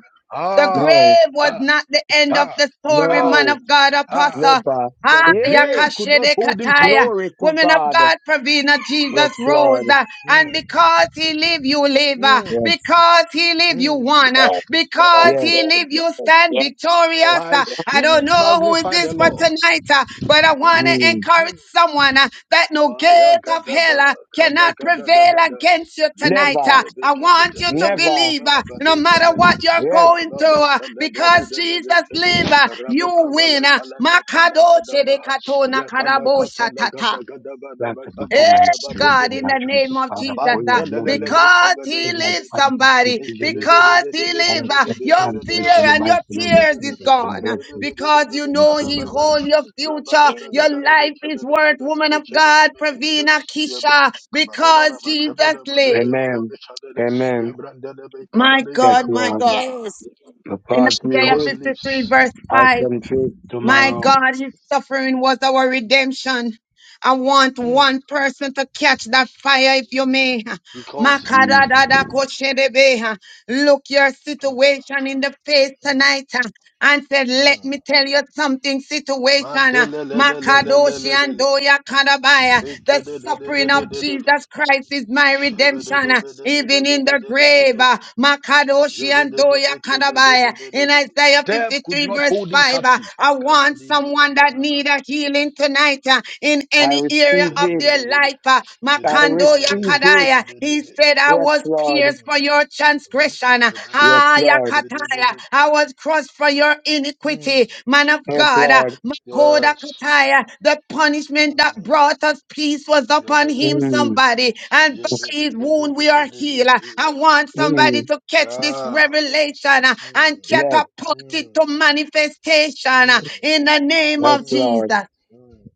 Speaker 1: The
Speaker 6: Ah,
Speaker 7: no,
Speaker 1: grave was
Speaker 6: ah,
Speaker 1: not the end of
Speaker 6: ah,
Speaker 1: the story,
Speaker 6: ah,
Speaker 1: man
Speaker 7: no,
Speaker 1: of God,
Speaker 6: ah.
Speaker 1: apostle.
Speaker 7: never.
Speaker 6: The
Speaker 1: Ah,
Speaker 7: Yay!
Speaker 6: grave could not
Speaker 1: yakashede
Speaker 6: hold him
Speaker 1: kataya.
Speaker 6: captive.
Speaker 7: Glory to
Speaker 1: Woman of
Speaker 7: God.
Speaker 1: God, Pravina,
Speaker 7: Yes,
Speaker 1: Jesus
Speaker 6: Mm,
Speaker 1: rose.
Speaker 7: Lord.
Speaker 1: uh, And
Speaker 6: mm,
Speaker 1: because he live, you live. uh,
Speaker 6: mm,
Speaker 7: Yes,
Speaker 1: Because he live, you
Speaker 6: mm.
Speaker 1: won. uh,
Speaker 3: Yes,
Speaker 1: Because
Speaker 7: yes.
Speaker 1: he
Speaker 3: yes,
Speaker 1: live, you
Speaker 3: yes,
Speaker 1: stand
Speaker 3: yes,
Speaker 1: victorious.
Speaker 6: My
Speaker 1: uh.
Speaker 3: yes.
Speaker 1: I don't
Speaker 6: spirit
Speaker 1: know who is
Speaker 6: magnify the
Speaker 1: this for
Speaker 6: Lord.
Speaker 1: tonight, uh, but I
Speaker 6: Mm,
Speaker 1: want to
Speaker 7: Mm.
Speaker 6: mm,
Speaker 1: encourage
Speaker 6: mm.
Speaker 1: someone uh, that no
Speaker 6: Fire
Speaker 1: gate of hell
Speaker 6: kadaba,
Speaker 1: uh,
Speaker 6: kada
Speaker 1: cannot
Speaker 6: kada da
Speaker 1: prevail
Speaker 6: da da.
Speaker 1: against you
Speaker 6: Lebe
Speaker 1: tonight.
Speaker 7: Never,
Speaker 1: uh.
Speaker 6: kede be
Speaker 1: I
Speaker 6: kebe
Speaker 1: want
Speaker 6: de
Speaker 1: you
Speaker 6: be
Speaker 1: to
Speaker 6: lebe
Speaker 7: never.
Speaker 1: believe
Speaker 6: kebe da
Speaker 1: uh,
Speaker 6: ba de
Speaker 1: no
Speaker 6: kele
Speaker 1: matter
Speaker 6: le.
Speaker 1: what you're
Speaker 7: Yes.
Speaker 1: going
Speaker 6: Raba le
Speaker 1: through, uh,
Speaker 6: kele be re
Speaker 1: because
Speaker 6: de de be
Speaker 1: Jesus
Speaker 6: kede.
Speaker 1: lives, uh,
Speaker 6: Raba
Speaker 1: you
Speaker 6: kaba
Speaker 1: win. uh.
Speaker 6: kala kata la kada
Speaker 1: Makadoche
Speaker 6: ba.
Speaker 1: de katona
Speaker 6: Ya kala
Speaker 1: karabo
Speaker 6: kata la
Speaker 1: shatata.
Speaker 6: kada kada ba da
Speaker 7: That's
Speaker 6: ba
Speaker 7: a
Speaker 6: kada
Speaker 1: Hey,
Speaker 6: kada
Speaker 7: performance.
Speaker 6: ba do
Speaker 7: training.
Speaker 1: God,
Speaker 6: gede
Speaker 1: in
Speaker 6: be.
Speaker 1: the name of
Speaker 7: Father,
Speaker 1: Jesus,
Speaker 7: for your
Speaker 1: uh,
Speaker 6: Abande le le le
Speaker 7: blood.
Speaker 6: be
Speaker 1: because
Speaker 6: kebe de
Speaker 1: He
Speaker 6: be be
Speaker 7: Lord,
Speaker 1: lives,
Speaker 7: I
Speaker 6: de de.
Speaker 7: thank you
Speaker 1: somebody,
Speaker 6: Be kebe
Speaker 7: today
Speaker 6: de be
Speaker 1: because
Speaker 6: be de
Speaker 1: He
Speaker 6: le
Speaker 7: that
Speaker 6: be
Speaker 1: lives, uh,
Speaker 6: kede be
Speaker 1: your
Speaker 6: re de
Speaker 1: fear
Speaker 6: de de.
Speaker 7: you
Speaker 1: and
Speaker 7: might
Speaker 1: your
Speaker 7: be
Speaker 6: Le
Speaker 7: in
Speaker 6: be
Speaker 7: my
Speaker 6: de
Speaker 1: tears
Speaker 6: le
Speaker 1: is
Speaker 6: be
Speaker 7: future and
Speaker 6: kebe
Speaker 1: gone. uh,
Speaker 7: bless
Speaker 6: de be
Speaker 7: it
Speaker 6: de de
Speaker 1: because
Speaker 6: de
Speaker 1: you
Speaker 7: in
Speaker 1: know
Speaker 6: kada
Speaker 1: He
Speaker 6: ba
Speaker 1: holds your
Speaker 6: Rabba
Speaker 1: future,
Speaker 3: yes,
Speaker 1: your life is worth, woman of God, Pravina Kisha,
Speaker 6: Kabadaba
Speaker 1: because
Speaker 6: laba
Speaker 1: Jesus
Speaker 6: kabadaba lebe
Speaker 1: lives.
Speaker 7: Amen.
Speaker 6: lebe chadele
Speaker 7: Amen.
Speaker 6: yabranda lebe
Speaker 1: My
Speaker 6: kabadega
Speaker 7: Yes,
Speaker 1: God,
Speaker 6: daba
Speaker 1: my
Speaker 3: Yes,
Speaker 7: Lord.
Speaker 6: kaduza.
Speaker 1: God.
Speaker 3: yes,
Speaker 7: The
Speaker 1: In
Speaker 7: part you
Speaker 1: Isaiah
Speaker 6: Because
Speaker 7: live,
Speaker 6: he
Speaker 1: 53,
Speaker 6: lives.
Speaker 1: verse
Speaker 7: I
Speaker 1: 5,
Speaker 7: can face
Speaker 1: my
Speaker 7: tomorrow.
Speaker 1: God, His suffering was our redemption. I want
Speaker 6: Mm.
Speaker 1: one person to catch that fire if you may.
Speaker 6: Because he
Speaker 7: Mm.
Speaker 6: lives.
Speaker 1: Makaradadakosherebe. Look your situation in the face
Speaker 6: Mm.
Speaker 1: tonight uh, and said, Let
Speaker 6: Mm.
Speaker 1: me tell you something, situation. uh, Makadoshi and
Speaker 6: Madelelelelelelelele.
Speaker 1: Doya Kadabaya. The suffering of
Speaker 6: Bekededededededede.
Speaker 1: Jesus Christ is my redemption, uh, even in the grave.
Speaker 6: Shebedededededededededede.
Speaker 1: uh, Makadoshi and Doya Kadabaya. In
Speaker 6: Jebedededekedebelebelebe.
Speaker 1: Isaiah
Speaker 6: Death could
Speaker 1: 53,
Speaker 6: not
Speaker 1: verse
Speaker 6: hold him
Speaker 1: 5, uh,
Speaker 6: captive.
Speaker 1: I want someone that
Speaker 6: Kabadibakatanaba.
Speaker 1: need a healing tonight uh, in
Speaker 7: I
Speaker 1: any
Speaker 7: receive
Speaker 1: area of
Speaker 7: it.
Speaker 1: their their life. uh,
Speaker 6: Mm.
Speaker 7: I receive
Speaker 1: Makando
Speaker 7: it.
Speaker 1: Yakadaya. He said, I
Speaker 7: Yes,
Speaker 1: was
Speaker 7: Lord.
Speaker 1: pierced for your transgression.
Speaker 7: Yes,
Speaker 1: Ah,
Speaker 7: Lord.
Speaker 1: Yakataya. I was crushed for your iniquity. Man of
Speaker 7: Yes,
Speaker 1: God, uh,
Speaker 7: Lord.
Speaker 1: Makoda
Speaker 6: Yes.
Speaker 1: Kataya. The punishment that
Speaker 6: Mm.
Speaker 1: brought us peace was upon him,
Speaker 6: Yabba-dabba-ba.
Speaker 7: Mm.
Speaker 1: somebody. And by his wound we are healed. Uh,
Speaker 6: Yabba-dabba-ba-da-da-da-ba-ki-ya.
Speaker 1: I want somebody
Speaker 7: Mm.
Speaker 1: to catch this
Speaker 6: Ah.
Speaker 1: revelation uh, and
Speaker 6: Mm.
Speaker 7: Yes,
Speaker 1: catapult it
Speaker 6: Mm.
Speaker 1: to manifestation uh, in the name
Speaker 7: yes,
Speaker 1: of
Speaker 6: Mm.
Speaker 7: Lord.
Speaker 1: Jesus.
Speaker 6: Mm.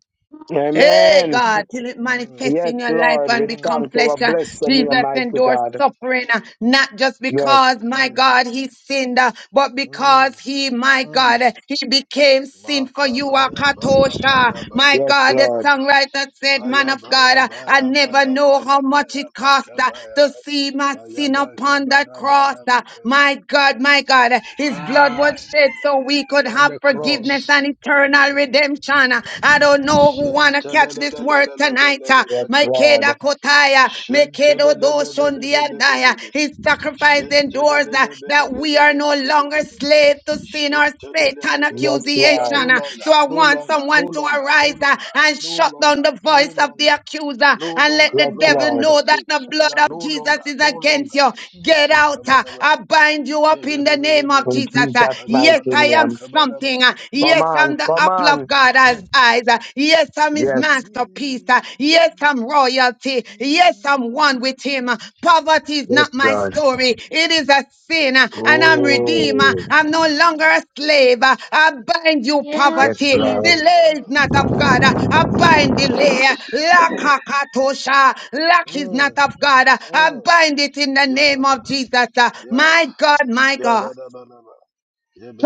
Speaker 6: Mm.
Speaker 1: Hey
Speaker 4: Hallelujah.
Speaker 6: Mm.
Speaker 7: Amen.
Speaker 1: God, till it
Speaker 6: Mm.
Speaker 1: manifests
Speaker 7: Yes,
Speaker 1: in your life
Speaker 7: Lord. We
Speaker 1: and
Speaker 6: Mm.
Speaker 1: become
Speaker 7: thank
Speaker 1: flesh.
Speaker 7: our
Speaker 1: Uh,
Speaker 7: blessed name,
Speaker 1: Jesus
Speaker 7: mighty
Speaker 1: endured
Speaker 7: God.
Speaker 1: suffering, uh, not just
Speaker 7: Yes,
Speaker 1: because, my God, he sinned, uh, but
Speaker 6: Mm.
Speaker 1: because
Speaker 6: Mm.
Speaker 1: he, my God, uh,
Speaker 6: Mm.
Speaker 1: he became sin for you, uh, Katosha, My
Speaker 7: yes,
Speaker 1: God, the
Speaker 7: Lord.
Speaker 6: Makabaya-baya-baya-baya-baya-baya.
Speaker 1: songwriter said, Man of God, uh, I never know how much it cost uh,
Speaker 6: Ayabaya-baya-baya-baya-baya-baya-baya.
Speaker 1: to see my sin upon that cross. Uh,
Speaker 6: Ayabakabarabarabaku.
Speaker 1: My God, my God, uh, his blood
Speaker 6: Ah,
Speaker 1: was shed so we could
Speaker 6: on
Speaker 1: have
Speaker 6: the
Speaker 1: forgiveness and
Speaker 6: cross.
Speaker 1: eternal redemption redemption. Uh, I don't know who wanna catch this word tonight. uh,
Speaker 7: Yes,
Speaker 6: Shentelelelelelelebelebekatalaba.
Speaker 7: Lord.
Speaker 1: Makeda Kotaya, Makedo Doshondiandaya.
Speaker 6: Shentelelelelelelebedede.
Speaker 1: His sacrifice endures uh, that we are no longer
Speaker 6: Shentelelelelelelebedede.
Speaker 1: slave to sin or Satan
Speaker 7: Yes,
Speaker 6: Shentelelelelelebe- We are
Speaker 7: Lord.
Speaker 6: no
Speaker 1: accusation. uh.
Speaker 6: longer,
Speaker 1: So I
Speaker 6: no
Speaker 1: want
Speaker 6: longer, no
Speaker 1: someone to
Speaker 6: longer, no
Speaker 1: arise uh,
Speaker 6: longer,
Speaker 1: and
Speaker 6: no
Speaker 1: shut
Speaker 6: longer,
Speaker 1: down the
Speaker 6: no
Speaker 1: voice of the
Speaker 6: longer,
Speaker 1: accuser
Speaker 6: no
Speaker 1: and let
Speaker 6: longer,
Speaker 1: the
Speaker 7: Yes,
Speaker 6: no
Speaker 1: devil
Speaker 7: Lord.
Speaker 6: longer
Speaker 1: know that the
Speaker 6: slaves. We are
Speaker 1: blood of
Speaker 6: no
Speaker 1: Jesus
Speaker 6: longer,
Speaker 1: is
Speaker 6: no
Speaker 1: against you. Get out. uh,
Speaker 6: longer.
Speaker 1: I bind you up in the name of
Speaker 6: Yagadagadagada.
Speaker 7: In
Speaker 1: Jesus. uh.
Speaker 7: Jesus' mighty
Speaker 1: Yes, I
Speaker 6: Akabalababa,
Speaker 1: am
Speaker 7: name.
Speaker 6: kabalaba.
Speaker 1: something. uh,
Speaker 7: Come
Speaker 6: Mm,
Speaker 1: Yes,
Speaker 7: on,
Speaker 1: I'm the
Speaker 7: come
Speaker 6: mm,
Speaker 1: apple of
Speaker 7: on.
Speaker 1: God's eyes. uh, Yes, I'm his
Speaker 7: Yes,
Speaker 1: masterpiece.
Speaker 6: mm.
Speaker 1: uh, Yes, I'm royalty. Yes, I'm one with him. uh, Poverty is
Speaker 7: yes,
Speaker 1: not my
Speaker 7: Lord.
Speaker 1: story. It is a sin, uh, and I'm redeemer.
Speaker 7: Oh,
Speaker 1: I'm no longer a slave. uh, I bind you,
Speaker 7: yes,
Speaker 4: Yes,
Speaker 1: poverty.
Speaker 4: Jesus.
Speaker 7: Lord.
Speaker 6: Gradosha.
Speaker 1: Delay is not of God. uh, I bind delay. Lack, Lakakatosha. Lack is
Speaker 6: Mm,
Speaker 1: not of God. uh, I
Speaker 6: mm.
Speaker 1: bind it in the
Speaker 6: Ya da,
Speaker 1: name
Speaker 6: da
Speaker 1: of
Speaker 6: da.
Speaker 1: Jesus. uh,
Speaker 6: Ya-
Speaker 1: My God, my
Speaker 6: ya
Speaker 1: God.
Speaker 6: ba da,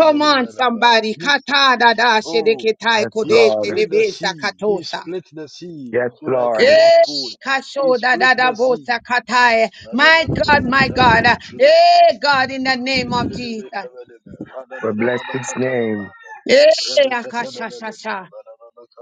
Speaker 1: Come on, somebody.
Speaker 6: You,
Speaker 1: Kata da da
Speaker 6: oh,
Speaker 1: shedeketai
Speaker 7: Yes,
Speaker 6: he
Speaker 1: kodete
Speaker 7: Lord.
Speaker 1: de
Speaker 6: split the
Speaker 1: besa
Speaker 6: sea. He
Speaker 1: katosa.
Speaker 6: split the sea
Speaker 7: Yes,
Speaker 6: so that I can
Speaker 7: Lord.
Speaker 6: walk
Speaker 1: Eh,
Speaker 6: through it. He
Speaker 1: kasho da
Speaker 6: split
Speaker 1: da da
Speaker 6: the sea.
Speaker 1: bosa katai.
Speaker 6: Ba Da, ba
Speaker 1: My
Speaker 6: da, ba da,
Speaker 1: God,
Speaker 6: Badabadabadaba,
Speaker 1: my
Speaker 6: that I
Speaker 1: God.
Speaker 6: walk through.
Speaker 1: Eh, God, in the name of Jesus.
Speaker 7: We bless His name.
Speaker 1: Eh, akasha sha sha.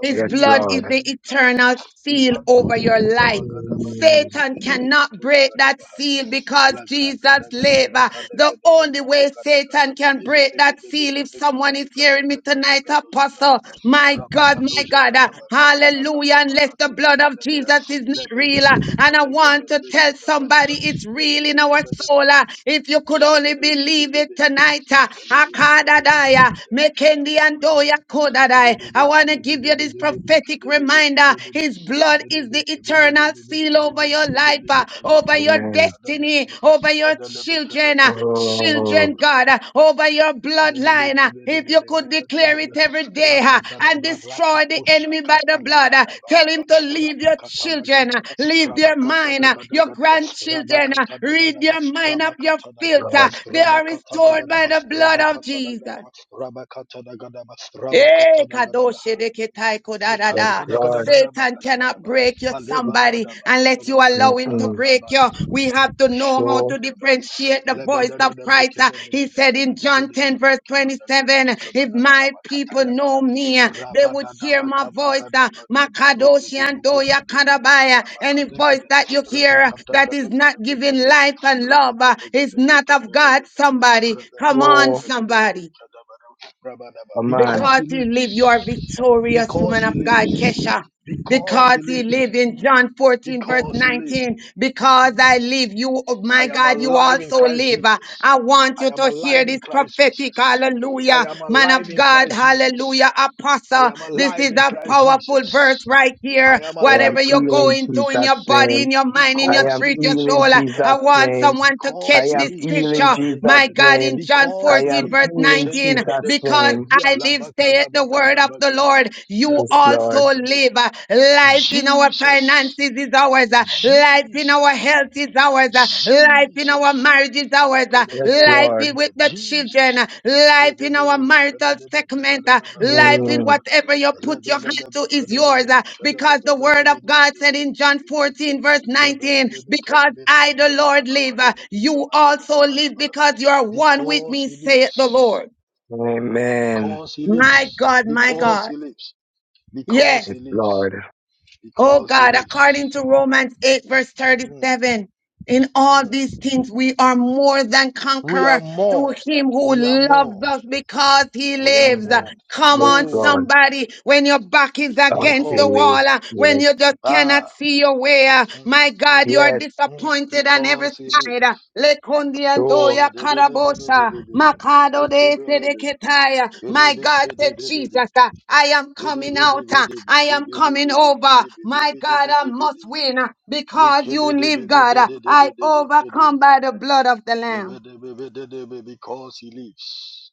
Speaker 1: His
Speaker 7: Yes,
Speaker 1: blood is
Speaker 7: Lord.
Speaker 1: the
Speaker 6: intalibi kadoza.
Speaker 1: eternal seal
Speaker 6: Imanto
Speaker 1: over
Speaker 6: de
Speaker 1: your
Speaker 6: beka
Speaker 1: life.
Speaker 6: bagada
Speaker 7: Mm,
Speaker 6: bagadoze
Speaker 1: Satan
Speaker 6: gede beka
Speaker 1: cannot
Speaker 6: toza
Speaker 1: break
Speaker 6: gada
Speaker 1: that
Speaker 6: baha.
Speaker 1: seal because
Speaker 6: Lagra
Speaker 1: Jesus
Speaker 6: gada gada
Speaker 1: lives. Uh,
Speaker 6: baka de
Speaker 1: The
Speaker 6: gede
Speaker 1: only
Speaker 6: beka du
Speaker 1: way
Speaker 6: gada gada
Speaker 1: Satan
Speaker 6: ba.
Speaker 1: can break
Speaker 6: Ligede
Speaker 1: that
Speaker 6: gede
Speaker 1: seal,
Speaker 6: beka
Speaker 1: if
Speaker 6: de gede
Speaker 1: someone is
Speaker 6: beka de
Speaker 1: hearing me
Speaker 6: gada
Speaker 1: tonight,
Speaker 6: bagadoza gada
Speaker 1: Apostle,
Speaker 6: ba.
Speaker 1: my God, my
Speaker 6: Rabakadoja
Speaker 1: God, uh,
Speaker 6: gada baka tala
Speaker 1: hallelujah,
Speaker 6: gada baka
Speaker 1: unless the
Speaker 6: toja
Speaker 1: blood of
Speaker 6: gada beha.
Speaker 1: Jesus is not
Speaker 6: Lebe
Speaker 1: real.
Speaker 6: gede
Speaker 1: uh,
Speaker 6: beka
Speaker 1: And I
Speaker 6: de gede
Speaker 1: want to
Speaker 6: breke
Speaker 1: tell
Speaker 6: de gada
Speaker 1: somebody it's real in our
Speaker 6: ba.
Speaker 1: soul. uh, If you could only
Speaker 6: Thank
Speaker 1: believe it tonight, uh, Akadadaya, Mekendi Andoya Kodadai. I want to give you this his prophetic reminder. His blood is the eternal seal over your life, uh, over your
Speaker 7: Amen.
Speaker 1: destiny, over your children, uh, children,
Speaker 6: you.
Speaker 7: Oh,
Speaker 1: God, uh, over your
Speaker 6: Rabba
Speaker 1: bloodline. uh, If you could declare it every day uh, and destroy the enemy by the blood, uh, tell him to leave your children, uh, leave their mind, uh, your grandchildren, uh, read their mind up your filter.
Speaker 7: Lord.
Speaker 1: They are restored by the blood of Jesus. Eh, kadoshe de ketai
Speaker 7: Yes,
Speaker 1: kodadada.
Speaker 7: Lord.
Speaker 1: Satan cannot break you, somebody, unless you allow him to
Speaker 7: Mm-mm.
Speaker 1: break you. We have to know how
Speaker 7: Oh,
Speaker 1: to
Speaker 6: Shekabadaba.
Speaker 1: differentiate the voice of
Speaker 6: Lebedadadaba
Speaker 1: Christ. Uh, He
Speaker 6: kebedebedebe.
Speaker 1: said in John
Speaker 6: Kadegedebedebe.
Speaker 1: 10, verse
Speaker 6: Kabadagadaba
Speaker 1: 27, if my
Speaker 6: kabadabadaba.
Speaker 1: people know
Speaker 6: Katayagadaba.
Speaker 1: me, uh, they would hear
Speaker 6: Rabadadaba
Speaker 1: my voice. uh,
Speaker 6: kabagadaba kabadozu
Speaker 1: Makadoshi and
Speaker 6: gudubu
Speaker 1: Doya
Speaker 6: kadegadaba.
Speaker 1: Kadabaya. Any voice
Speaker 6: Rabakadegedebe.
Speaker 1: that you hear uh, that is not
Speaker 6: Rabekatagadegedebe
Speaker 1: giving
Speaker 6: kadege.
Speaker 1: life and love uh, is
Speaker 6: Rabekadegedebe
Speaker 1: not of God,
Speaker 6: kebedebedebe.
Speaker 1: somebody. Come
Speaker 6: Rabedebebe
Speaker 1: on,
Speaker 7: oh,
Speaker 6: kedebedebe
Speaker 1: somebody.
Speaker 6: kadabadaba. Rabadaba.
Speaker 7: oh, man.
Speaker 6: Because
Speaker 1: Because
Speaker 6: he
Speaker 1: you
Speaker 6: lives.
Speaker 1: live, you are victorious,
Speaker 6: Because
Speaker 1: woman
Speaker 6: he
Speaker 1: of God,
Speaker 6: lives.
Speaker 1: Kesha
Speaker 6: Because
Speaker 1: because
Speaker 6: he
Speaker 1: he lived
Speaker 6: lives.
Speaker 1: in John 14, verse
Speaker 6: Because he lives.
Speaker 1: 19. Because I live, you, oh
Speaker 6: I
Speaker 1: my
Speaker 6: am
Speaker 1: God, you
Speaker 6: alive in
Speaker 1: also
Speaker 6: Christ
Speaker 1: live. Uh,
Speaker 6: Jesus.
Speaker 1: I want
Speaker 6: I
Speaker 1: you
Speaker 6: am
Speaker 1: to hear
Speaker 6: alive in
Speaker 1: this
Speaker 6: Christ
Speaker 1: prophetic
Speaker 6: Jesus. I
Speaker 1: hallelujah,
Speaker 6: am
Speaker 1: man
Speaker 6: alive
Speaker 1: of
Speaker 6: in
Speaker 1: God,
Speaker 6: Christ Jesus.
Speaker 1: hallelujah,
Speaker 6: I
Speaker 1: apostle.
Speaker 6: am
Speaker 1: This
Speaker 6: alive
Speaker 1: is
Speaker 6: in
Speaker 1: a
Speaker 6: Christ
Speaker 1: powerful verse
Speaker 6: Jesus.
Speaker 1: right
Speaker 6: I
Speaker 1: here.
Speaker 6: am
Speaker 7: I
Speaker 1: Whatever
Speaker 7: am
Speaker 6: alive
Speaker 1: you're
Speaker 6: Christ
Speaker 7: healing
Speaker 1: going through in
Speaker 7: Jesus'
Speaker 1: your
Speaker 6: Jesus.
Speaker 1: body, in
Speaker 7: name.
Speaker 1: your mind, in your
Speaker 7: I
Speaker 6: Because
Speaker 7: am
Speaker 6: he
Speaker 1: spirit, your
Speaker 6: lives,
Speaker 7: healing
Speaker 1: soul, uh, I
Speaker 7: Jesus'
Speaker 6: Madekataya.
Speaker 1: want
Speaker 7: name.
Speaker 1: someone to
Speaker 6: Because
Speaker 7: I
Speaker 1: catch
Speaker 6: he
Speaker 7: am
Speaker 1: this
Speaker 7: healed
Speaker 6: lives,
Speaker 7: in
Speaker 1: scripture, my
Speaker 7: Jesus'
Speaker 6: Shabadegede.
Speaker 1: God,
Speaker 7: name.
Speaker 1: in John
Speaker 7: I
Speaker 6: Because he
Speaker 7: am
Speaker 1: 14,
Speaker 6: lives,
Speaker 1: verse
Speaker 7: healed in
Speaker 1: 19.
Speaker 6: Mashendede.
Speaker 7: Jesus'
Speaker 1: Because
Speaker 7: name.
Speaker 1: I live, saith the word
Speaker 6: Ayalabakalabakanabakede.
Speaker 1: of the Lord, you
Speaker 7: Yes,
Speaker 1: also
Speaker 7: Lord.
Speaker 6: Rededededekede.
Speaker 1: live. Uh, Life in our
Speaker 6: Jesus.
Speaker 1: finances is ours. Uh, Life in our
Speaker 6: Jesus.
Speaker 1: health is ours. Uh, Life in our
Speaker 6: Jesus.
Speaker 1: marriage is ours.
Speaker 6: Yakadadadabelebeka.
Speaker 1: Uh,
Speaker 7: Yes,
Speaker 1: Life i-
Speaker 7: Lord.
Speaker 1: with the children.
Speaker 6: Jesus.
Speaker 1: Uh, Life in our marital segment. Uh, Life in
Speaker 7: Mm.
Speaker 6: Lebedebebekadadadabekadadadabakadadadada.
Speaker 1: whatever you put your hand to is yours. Uh, Because the word of God said in John
Speaker 6: Lebelelebekadadadabekadadadabadabedebedebedebedebedebekete.
Speaker 1: 14, verse 19, because I, the Lord, live, uh, you also live
Speaker 6: Yabedebebekadabedebekamadabadabadabadabadabada.
Speaker 1: because you are one with
Speaker 6: Because
Speaker 1: me,
Speaker 6: he
Speaker 1: saith the
Speaker 6: lives.
Speaker 1: Lord.
Speaker 7: Amen.
Speaker 6: Because he
Speaker 1: My
Speaker 6: lives.
Speaker 1: God, my
Speaker 6: Because
Speaker 1: God.
Speaker 6: he lives.
Speaker 1: Yes.
Speaker 6: Because
Speaker 7: Yes,
Speaker 6: he lives.
Speaker 7: Lord.
Speaker 1: Oh
Speaker 6: Because he
Speaker 1: God, according
Speaker 6: lives.
Speaker 1: to Romans 8 verse
Speaker 6: Mm,
Speaker 1: 37, in all
Speaker 6: mm.
Speaker 1: these things we are more than
Speaker 6: We are
Speaker 1: conqueror through
Speaker 6: more.
Speaker 1: him who
Speaker 6: We are
Speaker 1: loves
Speaker 6: more.
Speaker 1: us because he
Speaker 6: We are
Speaker 1: lives.
Speaker 7: Mm.
Speaker 6: more.
Speaker 1: Come
Speaker 7: Yes,
Speaker 1: on
Speaker 6: Oh,
Speaker 7: Lord.
Speaker 1: somebody, when your back is
Speaker 7: God
Speaker 1: against the
Speaker 7: still
Speaker 6: because.
Speaker 7: lives.
Speaker 1: wall, uh, when
Speaker 7: Yes,
Speaker 1: you just cannot
Speaker 6: Ah.
Speaker 1: see your way, uh,
Speaker 6: Mm,
Speaker 1: my God, you are
Speaker 6: mm,
Speaker 7: yes.
Speaker 6: mm,
Speaker 1: disappointed on every
Speaker 6: because he
Speaker 1: side. uh,
Speaker 6: lives.
Speaker 1: Le
Speaker 7: So
Speaker 1: kondiandoya karabosa,
Speaker 6: Shadadadadadadadadada.
Speaker 1: makado de
Speaker 6: Ekebelebe.
Speaker 1: sedeketaya. My God said,
Speaker 6: Belebekedebedede.
Speaker 1: Jesus, uh, I am coming out. uh, I am coming over. My God, I must
Speaker 6: Bidibidibidibidibidibidibidibidibidibidi.
Speaker 1: win uh, because you live, God. uh, I overcome
Speaker 6: Bekebedebedededededebedebe.
Speaker 1: by the blood of the Lamb.
Speaker 6: Yebedebedebedebe. Because he lives.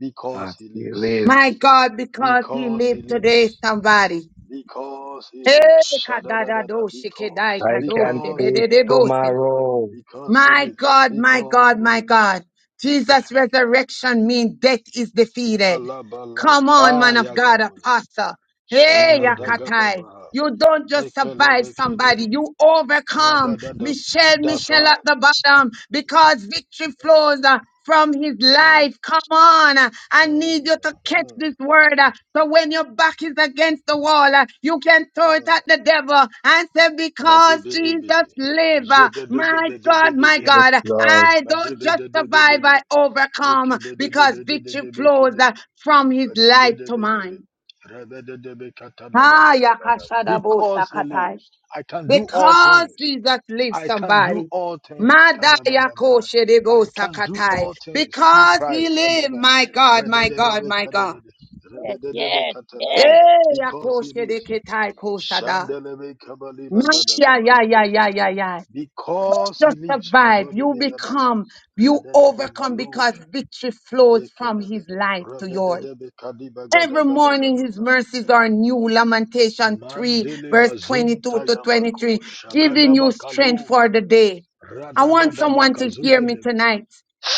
Speaker 6: Because
Speaker 7: God
Speaker 6: he
Speaker 7: still
Speaker 6: lives.
Speaker 7: lives.
Speaker 1: My God, because he
Speaker 6: Because he
Speaker 1: lived
Speaker 6: lives.
Speaker 1: today, somebody.
Speaker 6: Because he
Speaker 1: Hey,
Speaker 6: lives. Shadadadada.
Speaker 1: kadadadoshi kedai
Speaker 6: Because.
Speaker 7: I can
Speaker 1: kadoshi
Speaker 6: Because he
Speaker 7: face
Speaker 6: lives.
Speaker 1: dededebose.
Speaker 7: tomorrow.
Speaker 6: Because he
Speaker 1: My
Speaker 6: lives.
Speaker 1: God, my
Speaker 6: Because
Speaker 1: God,
Speaker 6: he
Speaker 1: my
Speaker 6: lives.
Speaker 1: God. Jesus' resurrection means death is defeated.
Speaker 6: Malabala.
Speaker 1: Come on,
Speaker 6: Ah,
Speaker 1: man of God,
Speaker 6: Yagadoza.
Speaker 1: apostle. Hey,
Speaker 6: Shaka
Speaker 7: Mm.
Speaker 1: Yakatai.
Speaker 6: dagadabaha.
Speaker 1: You don't just survive
Speaker 6: Mekelebe
Speaker 1: somebody,
Speaker 6: kelebe.
Speaker 1: you overcome.
Speaker 6: Radadada.
Speaker 1: Michelle,
Speaker 6: That's
Speaker 1: Michelle
Speaker 6: right.
Speaker 1: at the bottom, because victory flows uh, from his
Speaker 6: Mm, mm,
Speaker 1: life. Come on. uh, I need
Speaker 6: mm,
Speaker 1: you to catch
Speaker 6: mm,
Speaker 1: this word. uh, So when your back is against the wall, uh, you can throw it
Speaker 6: mm.
Speaker 1: at the devil and say, Because
Speaker 6: Madebedebe.
Speaker 1: Jesus lives. uh, My God, my
Speaker 7: Yes,
Speaker 6: Jedededededededede.
Speaker 1: God,
Speaker 7: Lord.
Speaker 1: I don't just survive,
Speaker 6: Madebedebedede.
Speaker 1: I overcome because victory flows
Speaker 6: Mekebedebededede.
Speaker 1: uh, from his life to mine. Ah, yakashadabo
Speaker 6: Because he
Speaker 1: sakatai.
Speaker 6: lives, I can do all
Speaker 1: Because
Speaker 6: things.
Speaker 1: Jesus lives
Speaker 6: I can do
Speaker 1: somebody.
Speaker 6: all things.
Speaker 1: Mada
Speaker 6: Kadabadabaha.
Speaker 1: yakoshedebo
Speaker 6: I can do
Speaker 1: sakatai.
Speaker 6: all things through
Speaker 1: Because he
Speaker 6: Christ.
Speaker 1: lives,
Speaker 6: Alaba.
Speaker 1: my God, my God,
Speaker 6: Redededebe
Speaker 1: my God.
Speaker 6: kadedede.
Speaker 3: yes, yes, yes.
Speaker 1: Eh,
Speaker 6: Because he lives.
Speaker 1: yakoshedeketai kosada.
Speaker 6: Shandelebe
Speaker 1: Masha, ya, ya, ya, ya, ya. Don't
Speaker 6: Because he
Speaker 1: just
Speaker 6: lives.
Speaker 1: survive. You
Speaker 6: Mazodebihada.
Speaker 1: become, you
Speaker 6: Rededede
Speaker 1: overcome
Speaker 6: malush.
Speaker 1: because victory flows from
Speaker 6: Mayekedede.
Speaker 1: his life to yours.
Speaker 6: Rebededebe
Speaker 1: Every morning his mercies are new. Lamentation 3,
Speaker 6: Mandele
Speaker 1: verse
Speaker 6: bazunta
Speaker 1: 22 to
Speaker 6: yamako
Speaker 1: 23, giving you
Speaker 6: shagadaba
Speaker 1: strength
Speaker 6: kaluka
Speaker 1: for the day. I want
Speaker 6: radadadaba
Speaker 1: someone to hear me
Speaker 6: kazugedebe
Speaker 1: tonight.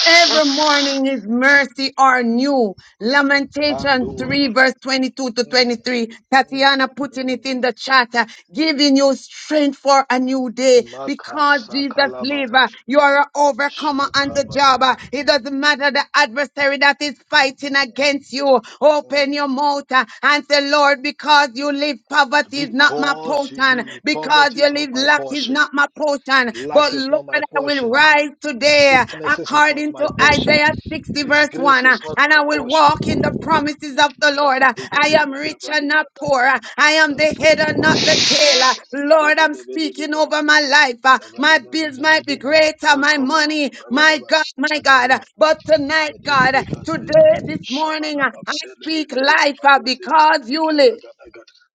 Speaker 1: Every morning his mercy are new. Lamentation 3
Speaker 6: manduaba
Speaker 1: verse 22 to
Speaker 6: mm,
Speaker 1: 23.
Speaker 6: mm,
Speaker 1: Tatiana putting it
Speaker 6: mm.
Speaker 1: in the chat, uh, giving you strength for a new day because Jesus lives.
Speaker 6: makasakalabaya
Speaker 1: uh, You are an overcomer on the
Speaker 6: shakabaya.
Speaker 1: job. uh, It doesn't matter the adversary that is fighting against you. Open
Speaker 6: Mm.
Speaker 1: your mouth uh, and say, Lord, because you live, poverty is not my
Speaker 6: Because you
Speaker 1: portion.
Speaker 6: live,
Speaker 1: Because
Speaker 6: poverty
Speaker 1: you
Speaker 6: is not
Speaker 1: live,
Speaker 6: my
Speaker 1: lack is not
Speaker 6: portion.
Speaker 1: not my portion. But
Speaker 6: Lack is
Speaker 1: Lord,
Speaker 6: not my
Speaker 1: I will
Speaker 6: portion.
Speaker 1: rise today
Speaker 6: Sicknesses is not
Speaker 1: according
Speaker 6: my
Speaker 1: to
Speaker 6: portion.
Speaker 1: Isaiah 60, verse
Speaker 6: Disgrace
Speaker 1: 1, uh,
Speaker 6: is not
Speaker 1: and
Speaker 6: my
Speaker 1: I will
Speaker 6: portion.
Speaker 1: walk in the promises of the Lord. Uh, I am rich and
Speaker 6: Kabadigadagadabalikadaba.
Speaker 1: not poor. Uh, I am the head and not the tail. Uh, Lord, I'm speaking over my life. Uh, My bills might be greater, my money, my God, my God. Uh, But tonight, God, uh, today, this morning, uh, I speak life uh, because you live.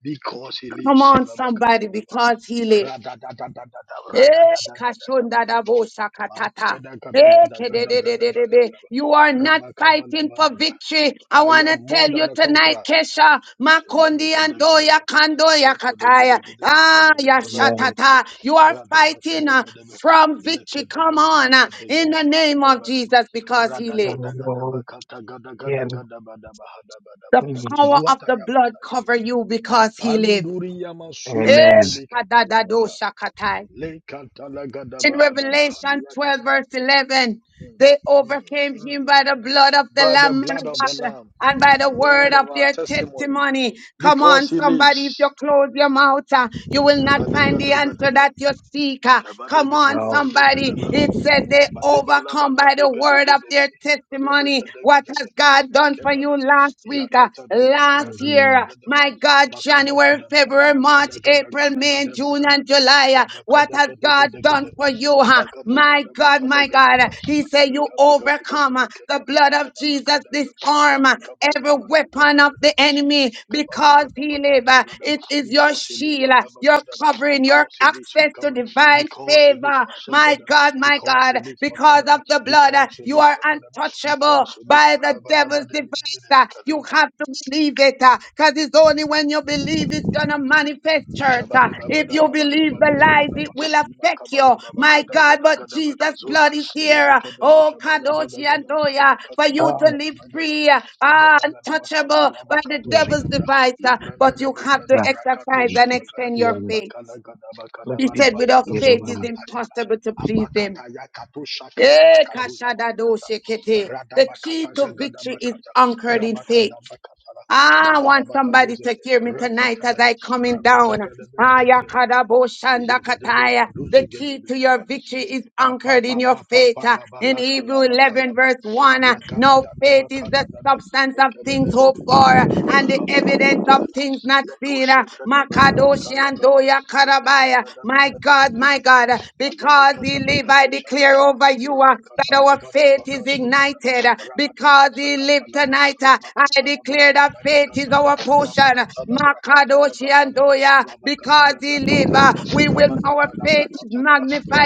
Speaker 6: Because he
Speaker 1: Come
Speaker 6: lives.
Speaker 1: on, somebody,
Speaker 6: Salabakatalaba.
Speaker 1: because he lives.
Speaker 6: Radadadadadada,
Speaker 1: Eh,
Speaker 6: radadadadadadaba.
Speaker 1: kashondadabosakatata. Eh,
Speaker 6: Makedagadagadagadagadaba.
Speaker 1: kedededededebe. You are not fighting for
Speaker 6: Rabakabalabadaba.
Speaker 1: victory. I
Speaker 6: I
Speaker 1: want
Speaker 6: am
Speaker 1: to
Speaker 6: more
Speaker 1: tell you
Speaker 6: than a
Speaker 1: tonight,
Speaker 6: conqueror.
Speaker 1: Kesha. Makondi andoya kandoya kataya. Ah,
Speaker 7: Amen.
Speaker 1: yashatata. You are fighting uh, from victory. Come on, uh, in the name of Jesus, because He lives.
Speaker 7: Oh, yeah.
Speaker 1: The
Speaker 7: Mm.
Speaker 1: power of the blood cover you because He lives.
Speaker 6: Apanduri yama sunda
Speaker 1: Eh,
Speaker 7: Amen.
Speaker 6: rebe kata
Speaker 1: kadadado
Speaker 6: yabaha.
Speaker 1: shakatai.
Speaker 6: Le kata la gada
Speaker 1: In
Speaker 6: baha da
Speaker 1: Revelation 12,
Speaker 6: kata.
Speaker 1: verse 11,
Speaker 6: Mm,
Speaker 1: they
Speaker 6: mm,
Speaker 1: overcame
Speaker 6: mm.
Speaker 1: him by the blood of the
Speaker 6: By the
Speaker 1: Lamb and
Speaker 6: blood
Speaker 1: of
Speaker 6: of the
Speaker 1: God
Speaker 6: Lamb,
Speaker 1: and by the word
Speaker 6: word
Speaker 1: of
Speaker 6: of our
Speaker 1: their
Speaker 6: testimony,
Speaker 1: testimony. Come
Speaker 6: because
Speaker 1: on,
Speaker 6: He
Speaker 1: somebody, if
Speaker 6: lives.
Speaker 1: you close your mouth, uh, you will not find the answer
Speaker 6: Kabadegadagadaba,
Speaker 1: that you seek. uh. Come on,
Speaker 7: Wow.
Speaker 1: somebody.
Speaker 6: kabadegadagadabadaba,
Speaker 1: It said they
Speaker 6: Mateba laba
Speaker 1: overcome by the
Speaker 6: kadege
Speaker 1: word
Speaker 6: dege
Speaker 1: of
Speaker 6: debe.
Speaker 1: their
Speaker 6: Rebeke
Speaker 1: testimony.
Speaker 6: dege
Speaker 1: What
Speaker 6: dege
Speaker 1: has
Speaker 6: de.
Speaker 1: God done for
Speaker 6: Makeba
Speaker 1: you
Speaker 6: daba.
Speaker 1: last week, uh,
Speaker 6: Yakata daga daga
Speaker 1: last
Speaker 6: daga
Speaker 1: year?
Speaker 7: Mm.
Speaker 1: uh,
Speaker 6: daga daba.
Speaker 1: My God,
Speaker 6: Makaba
Speaker 1: January,
Speaker 6: gadaba.
Speaker 1: February,
Speaker 6: Rabaka
Speaker 1: March,
Speaker 6: daga daga
Speaker 1: April,
Speaker 6: daba
Speaker 1: May,
Speaker 6: deba
Speaker 1: June, and
Speaker 6: kadaba.
Speaker 1: July. uh, uh,
Speaker 6: Rabaka
Speaker 1: What has
Speaker 6: dege dege
Speaker 1: God
Speaker 6: dege
Speaker 1: done
Speaker 6: debe.
Speaker 1: for you? huh?
Speaker 6: Abaka daga
Speaker 1: My
Speaker 6: daba
Speaker 1: God, my
Speaker 6: kadaga
Speaker 1: God.
Speaker 6: daba.
Speaker 1: uh, He said, You
Speaker 6: Alebeka baga daga
Speaker 1: overcome
Speaker 6: daba
Speaker 1: uh, the
Speaker 6: kedega
Speaker 1: blood
Speaker 6: daba
Speaker 1: of
Speaker 6: daba
Speaker 1: Jesus,
Speaker 6: kadaga.
Speaker 1: disarm uh,
Speaker 6: Rabakaba
Speaker 1: every
Speaker 6: daga daga
Speaker 1: weapon of
Speaker 6: daga
Speaker 1: the
Speaker 6: daba.
Speaker 1: enemy
Speaker 6: Alebekaba
Speaker 1: because
Speaker 6: daga
Speaker 1: he
Speaker 6: daba
Speaker 1: live. uh,
Speaker 6: kataga daba.
Speaker 1: It is your
Speaker 6: Because he lives
Speaker 1: shield,
Speaker 6: for
Speaker 1: uh, your
Speaker 6: Nabakadaba.
Speaker 1: covering, your
Speaker 6: Because he lives for
Speaker 1: access to
Speaker 6: Kabad.
Speaker 1: divine
Speaker 6: Because he lives
Speaker 1: favor.
Speaker 6: for
Speaker 1: My
Speaker 6: Shekadaba
Speaker 1: God, my
Speaker 6: because he
Speaker 1: God,
Speaker 6: lives
Speaker 1: because
Speaker 6: Makadaba,
Speaker 1: of the blood, uh,
Speaker 6: because he
Speaker 1: you
Speaker 6: lives
Speaker 1: are
Speaker 6: Makadaba,
Speaker 1: untouchable
Speaker 6: because he lives
Speaker 1: by the
Speaker 6: Makadaba,
Speaker 1: devil's
Speaker 6: because he
Speaker 1: device.
Speaker 6: lives,
Speaker 1: uh, You
Speaker 6: Makadaba,
Speaker 1: have to believe it because it's only when you believe it's going to manifest, church. uh,
Speaker 6: Shabade
Speaker 1: If
Speaker 6: babada
Speaker 1: you
Speaker 6: laba
Speaker 1: believe
Speaker 6: kabadu
Speaker 1: the lies,
Speaker 6: zabada ba.
Speaker 1: it will
Speaker 6: Ima
Speaker 1: affect you.
Speaker 6: kabala baba
Speaker 1: My
Speaker 6: kada
Speaker 1: God,
Speaker 6: gada
Speaker 1: but
Speaker 6: gada baka
Speaker 1: Jesus'
Speaker 6: zoda.
Speaker 1: blood is here.
Speaker 6: Yebe
Speaker 1: uh,
Speaker 6: kede be
Speaker 1: Oh,
Speaker 6: kabala gada
Speaker 1: Kadoshi and
Speaker 6: gada ba. Eba
Speaker 1: Doya, for
Speaker 6: kata da
Speaker 1: you
Speaker 6: ba
Speaker 7: Oh,
Speaker 1: to
Speaker 6: gada
Speaker 1: live
Speaker 6: ba gada ba.
Speaker 1: free, uh,
Speaker 6: Yebe
Speaker 1: ah,
Speaker 6: lebe laba
Speaker 1: untouchable
Speaker 6: kabaru aba
Speaker 1: by the
Speaker 6: kato
Speaker 7: amen.
Speaker 1: devil's
Speaker 6: shada bra.
Speaker 1: device. uh,
Speaker 6: Yebranda
Speaker 1: But you
Speaker 6: lebe
Speaker 1: have
Speaker 6: kada
Speaker 1: to
Speaker 6: bra kato
Speaker 1: exercise and
Speaker 6: shaba gada.
Speaker 1: extend your
Speaker 7: Amen.
Speaker 1: faith.
Speaker 6: Bakala gada baka
Speaker 7: Bless
Speaker 6: da
Speaker 1: He
Speaker 6: ba
Speaker 7: these
Speaker 6: da
Speaker 1: said,
Speaker 6: baka
Speaker 1: without
Speaker 6: duza
Speaker 1: faith,
Speaker 6: baka
Speaker 1: it's
Speaker 7: people.
Speaker 6: ta ya gada.
Speaker 1: impossible to please him.
Speaker 6: Abakata ya kato shaka da
Speaker 1: Eh,
Speaker 6: baka tuza ba
Speaker 1: kashadado
Speaker 6: biyata.
Speaker 1: shekete.
Speaker 6: Rada
Speaker 1: The key
Speaker 6: bakata
Speaker 1: to
Speaker 6: jagada
Speaker 1: victory is
Speaker 6: bakata.
Speaker 1: anchored in
Speaker 6: Rabaka
Speaker 1: faith.
Speaker 6: da bakata la.
Speaker 1: Ah, I
Speaker 6: Balaba
Speaker 1: want
Speaker 6: baka
Speaker 1: somebody
Speaker 6: duze.
Speaker 1: to hear me tonight
Speaker 6: Rakata
Speaker 1: as
Speaker 6: da
Speaker 1: I coming down. Ah,
Speaker 6: Rabakatadabekabede,
Speaker 1: Yakadabo Shandakataya. The key to
Speaker 6: Zegedebekaduzegedebeya,
Speaker 1: your victory is
Speaker 6: Pa pa
Speaker 1: anchored
Speaker 6: pa
Speaker 1: in your
Speaker 6: pa pa
Speaker 1: faith.
Speaker 6: pa
Speaker 1: Ah,
Speaker 6: pa pa
Speaker 1: In
Speaker 6: la ka la
Speaker 1: Hebrew
Speaker 6: ba ka la
Speaker 1: 11
Speaker 6: ba
Speaker 1: verse 1, ah,
Speaker 6: la ka da
Speaker 1: now
Speaker 6: da da
Speaker 1: faith
Speaker 6: ba
Speaker 1: is
Speaker 6: ka da
Speaker 1: the
Speaker 6: da da
Speaker 1: substance
Speaker 6: le
Speaker 1: of
Speaker 6: ka le le
Speaker 1: things
Speaker 6: le le
Speaker 1: hoped for
Speaker 6: ka
Speaker 1: ah,
Speaker 6: ba
Speaker 1: and the
Speaker 6: la ba ka ba la
Speaker 1: evidence
Speaker 6: ka
Speaker 1: of
Speaker 6: da da
Speaker 1: things not
Speaker 6: le ko
Speaker 1: seen.
Speaker 6: she
Speaker 1: Ah,
Speaker 6: ka da ba la ba ka
Speaker 1: Makadoshi
Speaker 6: la
Speaker 1: and
Speaker 6: ba
Speaker 1: Doya
Speaker 6: la ba ka
Speaker 1: Karabaya.
Speaker 6: da la ba
Speaker 1: My
Speaker 6: ka da ka
Speaker 1: God,
Speaker 6: ka
Speaker 1: my
Speaker 6: ba
Speaker 1: God, ah,
Speaker 6: ba ba
Speaker 1: because
Speaker 6: ka da
Speaker 1: he
Speaker 6: ba
Speaker 1: live,
Speaker 6: ka
Speaker 1: I
Speaker 6: to sha ga
Speaker 1: declare
Speaker 6: da ba
Speaker 1: over you
Speaker 6: ra
Speaker 1: ah,
Speaker 6: ba ka ta
Speaker 1: that
Speaker 6: la
Speaker 1: our
Speaker 6: ga
Speaker 1: faith
Speaker 6: ba ka
Speaker 1: is
Speaker 6: sho ka da ba
Speaker 1: ignited. ah,
Speaker 6: ra ba ka ta
Speaker 1: Because
Speaker 6: sha
Speaker 1: body
Speaker 6: ka ta
Speaker 1: live
Speaker 6: la ba
Speaker 1: tonight.
Speaker 6: ra
Speaker 1: Uh,
Speaker 6: ba ka
Speaker 1: I
Speaker 6: ta la ba ra
Speaker 1: declare
Speaker 6: ka
Speaker 1: that
Speaker 6: da ba ka
Speaker 1: faith is
Speaker 6: ta la ba
Speaker 1: our
Speaker 6: ra ba
Speaker 1: portion.
Speaker 6: ka ta ba ra ka ta da
Speaker 1: Makadoshi
Speaker 6: ka ta
Speaker 1: and
Speaker 6: da ba
Speaker 1: Doya,
Speaker 6: ra ba ka ta
Speaker 1: because
Speaker 6: ba
Speaker 1: he
Speaker 6: ra ka
Speaker 1: live,
Speaker 6: ta da
Speaker 1: uh,
Speaker 6: ba
Speaker 1: we
Speaker 6: ra
Speaker 1: will
Speaker 6: ba ka
Speaker 1: our
Speaker 6: ta da ba ra
Speaker 1: faith
Speaker 6: ka
Speaker 1: is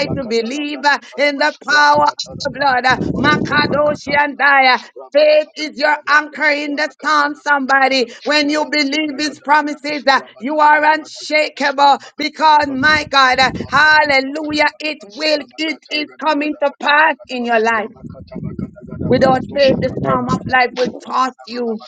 Speaker 6: ba
Speaker 1: to believe uh, in the power of the blood. Uh, Makadoshi and Daya. Faith is your anchor in the storm, somebody. When you believe his promises, uh, you are unshakable because my God, uh, hallelujah, it will, it is coming to pass in your life. Without faith, the
Speaker 7: Amen.
Speaker 1: storm of life will toss you,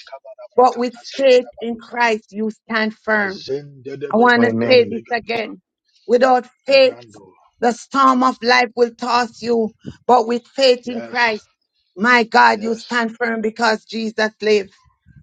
Speaker 1: but with faith in Christ, you stand firm.
Speaker 6: Mazende de
Speaker 1: I want to
Speaker 6: Beka de
Speaker 1: say
Speaker 7: Amen.
Speaker 1: this
Speaker 6: Beka
Speaker 1: again. Without faith,
Speaker 6: Brando.
Speaker 1: the storm of life will toss you, but with faith in
Speaker 6: Yes,
Speaker 1: Christ, my God, you
Speaker 6: yes.
Speaker 1: stand firm because Jesus lives.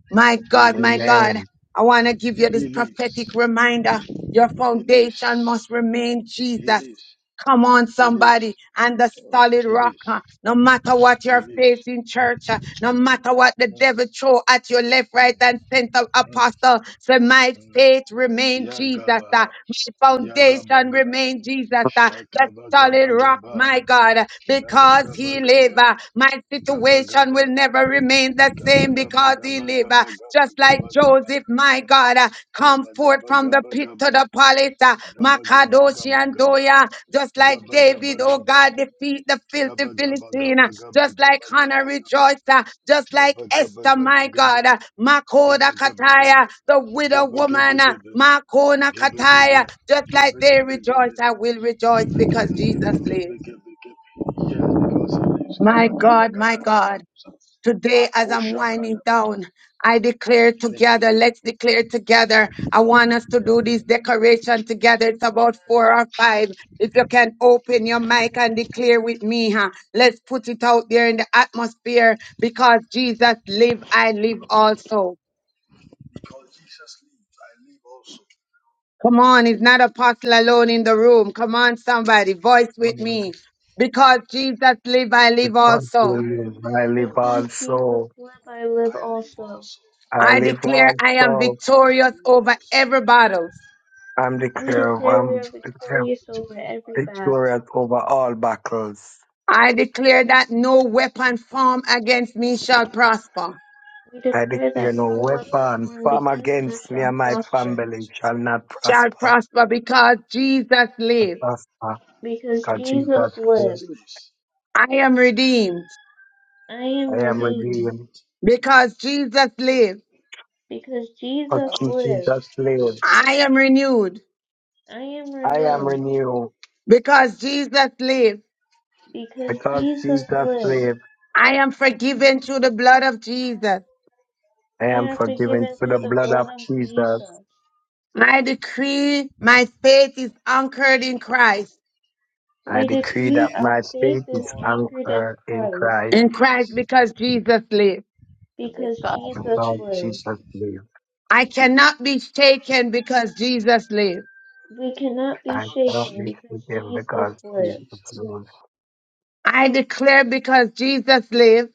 Speaker 1: My
Speaker 6: He
Speaker 1: God, my God,
Speaker 6: lives.
Speaker 7: Amen.
Speaker 1: I want to give you this
Speaker 6: He
Speaker 1: prophetic
Speaker 6: lives.
Speaker 1: reminder. Your
Speaker 6: He
Speaker 1: foundation
Speaker 6: lives.
Speaker 1: must remain
Speaker 6: He
Speaker 1: Jesus.
Speaker 6: lives.
Speaker 1: Come on,
Speaker 6: He lives.
Speaker 1: somebody, and the solid
Speaker 6: He
Speaker 1: rock. uh,
Speaker 6: lives.
Speaker 1: No matter what
Speaker 6: He
Speaker 1: you're
Speaker 6: lives.
Speaker 1: facing, church, uh, no
Speaker 6: Mm,
Speaker 1: matter what the
Speaker 6: mm,
Speaker 1: devil throw at your left, right, and center,
Speaker 6: mm,
Speaker 1: apostle, so my
Speaker 6: mm.
Speaker 1: faith remain Jesus. uh, My
Speaker 6: Yagaba.
Speaker 1: foundation
Speaker 6: Yagabaga.
Speaker 1: remain Jesus. uh, solid rock,
Speaker 6: Shakabagabagaba.
Speaker 1: my God, because he live.
Speaker 6: Gabagabagaba.
Speaker 1: uh, My situation will
Speaker 6: Gabagaba.
Speaker 1: never remain the same because he live. uh,
Speaker 6: Gabagabagabagabagabagabagaba.
Speaker 1: Just like Joseph, my God, uh, come
Speaker 6: gaba. Gaba
Speaker 1: forth
Speaker 6: gaba
Speaker 1: from the
Speaker 6: gaba
Speaker 1: pit to
Speaker 6: gaba.
Speaker 1: the palace, uh,
Speaker 6: gaba gaba
Speaker 1: Makadoshi
Speaker 6: gaba
Speaker 1: and Doya, just like
Speaker 6: gaba gaba gaba gaba
Speaker 1: David did, oh
Speaker 6: gaba
Speaker 1: God, defeat the filthy
Speaker 6: gaba gaba gaba gaba gaba gaba
Speaker 1: Philistine, uh, just like Hannah rejoiced, uh, just like
Speaker 6: gaba gaba
Speaker 1: Esther, my
Speaker 6: gaba
Speaker 1: God, uh, Makoda
Speaker 6: Gibba gibba gibba
Speaker 1: Kataya, the widow
Speaker 6: gibba gibba
Speaker 1: woman,
Speaker 6: gibba
Speaker 1: uh,
Speaker 6: gibba
Speaker 1: Makona
Speaker 6: gibba gibba
Speaker 1: Kataya, just like
Speaker 6: gibba gibba gibba gibba gibba
Speaker 1: they
Speaker 6: gibba gibba
Speaker 1: rejoice,
Speaker 6: gibba.
Speaker 1: I will rejoice because
Speaker 6: Yes,
Speaker 1: Jesus lives.
Speaker 6: because I use
Speaker 1: My
Speaker 6: gabba gada
Speaker 1: God, my
Speaker 6: gada gabba
Speaker 1: God.
Speaker 6: lusa.
Speaker 1: Today, as I'm
Speaker 6: Makosha kada
Speaker 1: winding
Speaker 6: ba-
Speaker 1: down, I declare together, let's declare together. I want us to do
Speaker 6: Mm,
Speaker 1: this decoration together. It's about
Speaker 6: mm.
Speaker 1: four or five. If you can open your mic and declare with me, huh? let's put it out there in the atmosphere because Jesus live, I live also.
Speaker 6: Because Jesus lives, I live also.
Speaker 1: Come on, it's not apostle alone in the room. Come on, somebody, voice
Speaker 7: Lord,
Speaker 1: with me. Because Jesus live, I
Speaker 7: we
Speaker 1: live
Speaker 7: thank
Speaker 1: also.
Speaker 7: you,
Speaker 6: I
Speaker 7: Lord. I
Speaker 6: live
Speaker 7: live
Speaker 4: Because
Speaker 6: also.
Speaker 4: Jesus
Speaker 7: also.
Speaker 4: lived, I live
Speaker 6: I live
Speaker 4: also.
Speaker 6: also.
Speaker 7: I
Speaker 1: I
Speaker 7: live
Speaker 1: declare I am
Speaker 7: also.
Speaker 6: I
Speaker 1: victorious
Speaker 6: live
Speaker 1: over
Speaker 6: also.
Speaker 1: every battle.
Speaker 7: I'm
Speaker 4: We
Speaker 7: declare.
Speaker 6: I,
Speaker 4: declare we
Speaker 7: I'm
Speaker 4: are
Speaker 6: I am
Speaker 7: declare
Speaker 4: victorious over
Speaker 6: victorious over
Speaker 4: every
Speaker 6: every
Speaker 4: battle.
Speaker 6: battle.
Speaker 7: victorious over all battles.
Speaker 1: I declare that no weapon formed against me shall prosper,
Speaker 4: We
Speaker 7: I
Speaker 4: declare
Speaker 7: declare
Speaker 4: that
Speaker 7: no
Speaker 4: no weapon
Speaker 7: weapon
Speaker 6: and
Speaker 4: formed
Speaker 6: no
Speaker 7: form
Speaker 6: weapon
Speaker 4: against us
Speaker 7: against me
Speaker 6: formed
Speaker 4: shall
Speaker 7: and my
Speaker 6: against me shall
Speaker 4: prosper,
Speaker 7: family
Speaker 6: prosper.
Speaker 7: shall not
Speaker 1: shall
Speaker 7: prosper.
Speaker 1: prosper because Jesus
Speaker 7: And
Speaker 1: lives.
Speaker 7: prosper.
Speaker 4: because
Speaker 7: God Jesus
Speaker 6: Because
Speaker 4: Jesus
Speaker 6: Jesus
Speaker 7: said,
Speaker 4: lives.
Speaker 6: lives,
Speaker 1: I am redeemed
Speaker 4: I am
Speaker 7: I
Speaker 6: I
Speaker 7: am
Speaker 6: am
Speaker 4: redeemed,
Speaker 7: redeemed.
Speaker 6: redeemed.
Speaker 1: because Jesus lives.
Speaker 4: because
Speaker 7: Because
Speaker 4: Jesus
Speaker 6: because
Speaker 4: lives.
Speaker 7: Jesus
Speaker 6: Jesus lives.
Speaker 7: lives.
Speaker 1: I am renewed
Speaker 4: I am
Speaker 7: I
Speaker 6: I
Speaker 7: am
Speaker 6: am
Speaker 4: renewed,
Speaker 6: renewed
Speaker 7: renewed.
Speaker 1: because Jesus lives.
Speaker 4: because
Speaker 6: because
Speaker 7: Because
Speaker 6: Jesus
Speaker 4: Jesus
Speaker 7: Jesus
Speaker 6: lives.
Speaker 4: lives.
Speaker 7: lives.
Speaker 1: I am forgiven through the blood of Jesus.
Speaker 7: I
Speaker 6: I
Speaker 4: We
Speaker 7: am
Speaker 6: am
Speaker 4: are
Speaker 6: forgiven
Speaker 7: forgiven
Speaker 4: forgiven
Speaker 7: through
Speaker 6: through
Speaker 7: the
Speaker 4: through
Speaker 6: the
Speaker 4: the
Speaker 7: blood
Speaker 6: blood
Speaker 4: blood
Speaker 7: of
Speaker 6: of
Speaker 4: of
Speaker 7: Jesus.
Speaker 6: Jesus.
Speaker 4: Jesus.
Speaker 1: I decree my faith is anchored in Christ,
Speaker 7: I
Speaker 4: We
Speaker 6: My
Speaker 7: decree
Speaker 4: decree
Speaker 7: that
Speaker 6: faith
Speaker 4: our
Speaker 7: my
Speaker 6: is
Speaker 4: faith
Speaker 7: faith
Speaker 4: is
Speaker 7: is
Speaker 6: anchored
Speaker 4: anchored in
Speaker 7: anchored in
Speaker 4: Christ,
Speaker 6: in
Speaker 7: Christ
Speaker 1: in Christ
Speaker 6: Christ
Speaker 1: because Jesus lives.
Speaker 4: because
Speaker 6: because
Speaker 4: Jesus
Speaker 7: because
Speaker 6: Jesus
Speaker 4: lives.
Speaker 7: Jesus
Speaker 6: lives.
Speaker 7: lives.
Speaker 1: I cannot be shaken because Jesus lives.
Speaker 4: We
Speaker 6: I
Speaker 4: cannot be
Speaker 7: I
Speaker 6: cannot be
Speaker 7: shall
Speaker 4: shaken
Speaker 7: be
Speaker 6: shaken
Speaker 4: because
Speaker 7: forgiven
Speaker 4: Jesus
Speaker 7: because
Speaker 6: because
Speaker 4: lives.
Speaker 7: Jesus
Speaker 6: Jesus
Speaker 7: lives.
Speaker 6: lives.
Speaker 1: I declare because Jesus lives.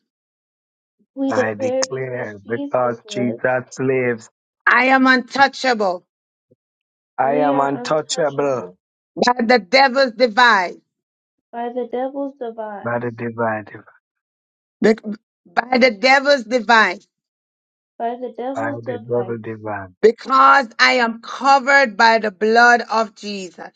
Speaker 4: We
Speaker 7: I
Speaker 4: declare because
Speaker 7: declare because
Speaker 4: Jesus lives,
Speaker 7: Jesus lives,
Speaker 1: I am untouchable
Speaker 7: I
Speaker 4: we
Speaker 7: am
Speaker 4: are
Speaker 7: untouchable
Speaker 4: untouchable
Speaker 1: by the devil's device,
Speaker 4: by the devil's device,
Speaker 7: by the divine,
Speaker 1: be- by the devil's device,
Speaker 4: by the
Speaker 7: by
Speaker 4: devil's
Speaker 7: the devil
Speaker 4: device,
Speaker 7: divine,
Speaker 1: because I am covered by the blood of Jesus.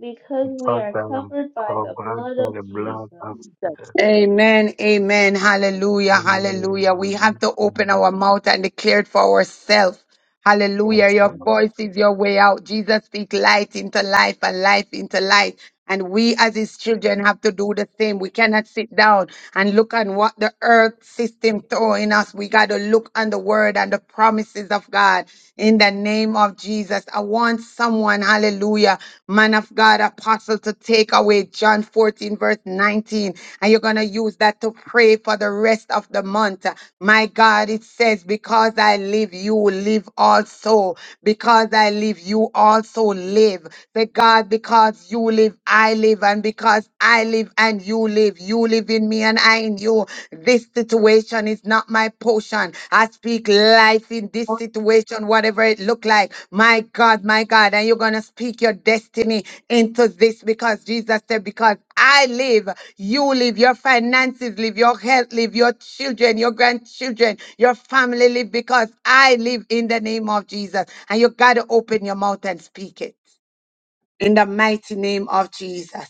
Speaker 4: because we
Speaker 7: because
Speaker 4: are
Speaker 7: I am
Speaker 4: covered by
Speaker 7: covered
Speaker 4: the blood
Speaker 7: by
Speaker 4: of
Speaker 7: the blood
Speaker 4: Jesus.
Speaker 7: of Jesus.
Speaker 1: Amen, amen, hallelujah,
Speaker 7: Amen.
Speaker 1: hallelujah. We have to open our mouth and declare it for ourselves. Hallelujah.
Speaker 7: Yes,
Speaker 1: Your voice is your way out. Jesus speak light into life and life into light. And we as his children have to do the same. We cannot sit down and look on what the earth system throwing us. We got to look on the word and the promises of God in the name of Jesus. I want someone, hallelujah, man of God, apostle to take away with John 14, verse 19, and you're going to use that to pray for the rest of the month. My God, it says, Because I live, you live also. Because I live, you also live. Say, God, because you live, I live. And because I live and you live, you live in me and I in you. This situation is not my portion. I speak life in this situation, whatever it look like. My God, my God, and you're gonna speak your destiny into this because Jesus said, because I live, you live, your finances live, your health live, your children, your grandchildren, your family live because I live in the name of Jesus. And you got to open your mouth and speak it in the mighty name of Jesus.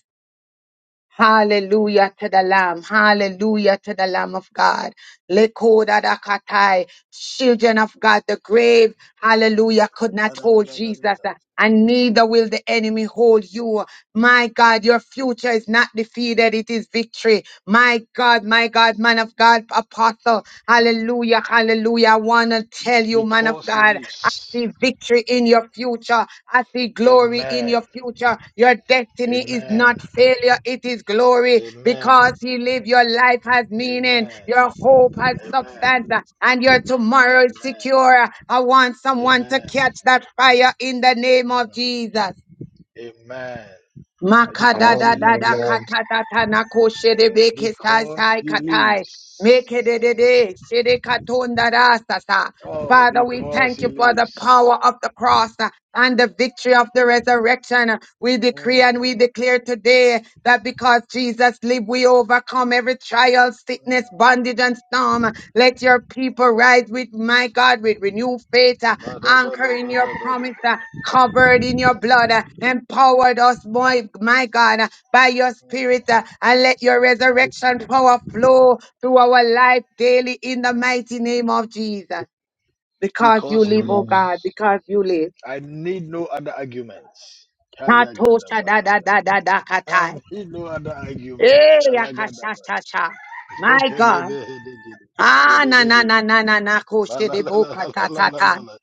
Speaker 1: Hallelujah to the Lamb. Hallelujah to the Lamb of God. Lekodadakatai. Children of God, the grave, hallelujah, could not
Speaker 6: Da, da, da,
Speaker 1: hold
Speaker 6: da, da, da,
Speaker 1: Jesus, and neither will the enemy hold you. My God, your future is not defeated, it is victory. My God, my God, man of God, apostle, hallelujah, hallelujah. Hallelujah. I want to tell you, man of
Speaker 6: Because he
Speaker 1: God, I
Speaker 6: lives.
Speaker 1: see victory in your future. I see glory in
Speaker 6: Amen.
Speaker 1: your future. Your destiny is not
Speaker 6: Amen.
Speaker 1: failure, it is glory because
Speaker 6: Amen.
Speaker 1: He lived. Your life has meaning,
Speaker 6: Amen.
Speaker 1: your hope has substance,
Speaker 6: Amen.
Speaker 1: uh, and your tomorrow is
Speaker 6: Amen.
Speaker 1: secure. I want someone to
Speaker 6: Amen.
Speaker 1: catch that fire in the name of
Speaker 6: Mm.
Speaker 1: Jesus.
Speaker 6: Amen. Because he lives. Because he
Speaker 1: Makadadadadakatatatanakoshedebekesasaikatai.
Speaker 6: lives.
Speaker 1: Mekededede, shedekatondadasasa.
Speaker 6: Oh,
Speaker 1: Father, we
Speaker 6: because
Speaker 1: thank
Speaker 6: he
Speaker 1: you for the power
Speaker 6: lives.
Speaker 1: of the cross uh, and the victory of the resurrection. Uh, We decree
Speaker 6: Mm,
Speaker 1: and we declare today that because Jesus lived, we overcome every trial, sickness,
Speaker 6: mm.
Speaker 1: bondage, and storm. Uh, Let your people rise with my God with renewed faith, uh,
Speaker 6: ba da ba
Speaker 1: anchor
Speaker 6: da
Speaker 1: in
Speaker 6: ba
Speaker 1: your
Speaker 6: da ba da
Speaker 1: promise, uh, covered in your blood, uh, empowered us, my, my God, uh, by your spirit, uh, and let your resurrection power flow through our life daily in the mighty name of Jesus because you
Speaker 6: Because he
Speaker 1: live, oh
Speaker 6: lives.
Speaker 7: Amen.
Speaker 1: God, because you live.
Speaker 6: I need no other arguments.
Speaker 1: Natosha da
Speaker 6: Ha-ya-ga-da-ba-ha.
Speaker 1: da da da da
Speaker 6: I
Speaker 1: katai.
Speaker 6: need no other arguments.
Speaker 1: Eh, yakasha
Speaker 6: Ya-la-ga-da-ba.
Speaker 1: sha sha. My God.
Speaker 6: Sheke-lebe-he-de-gede.
Speaker 1: Ah, na na na
Speaker 6: Ere-be-de-be.
Speaker 1: na na na koshe de boka ta ta ta.
Speaker 6: Ba-la-la-la-la-la-la-la-la.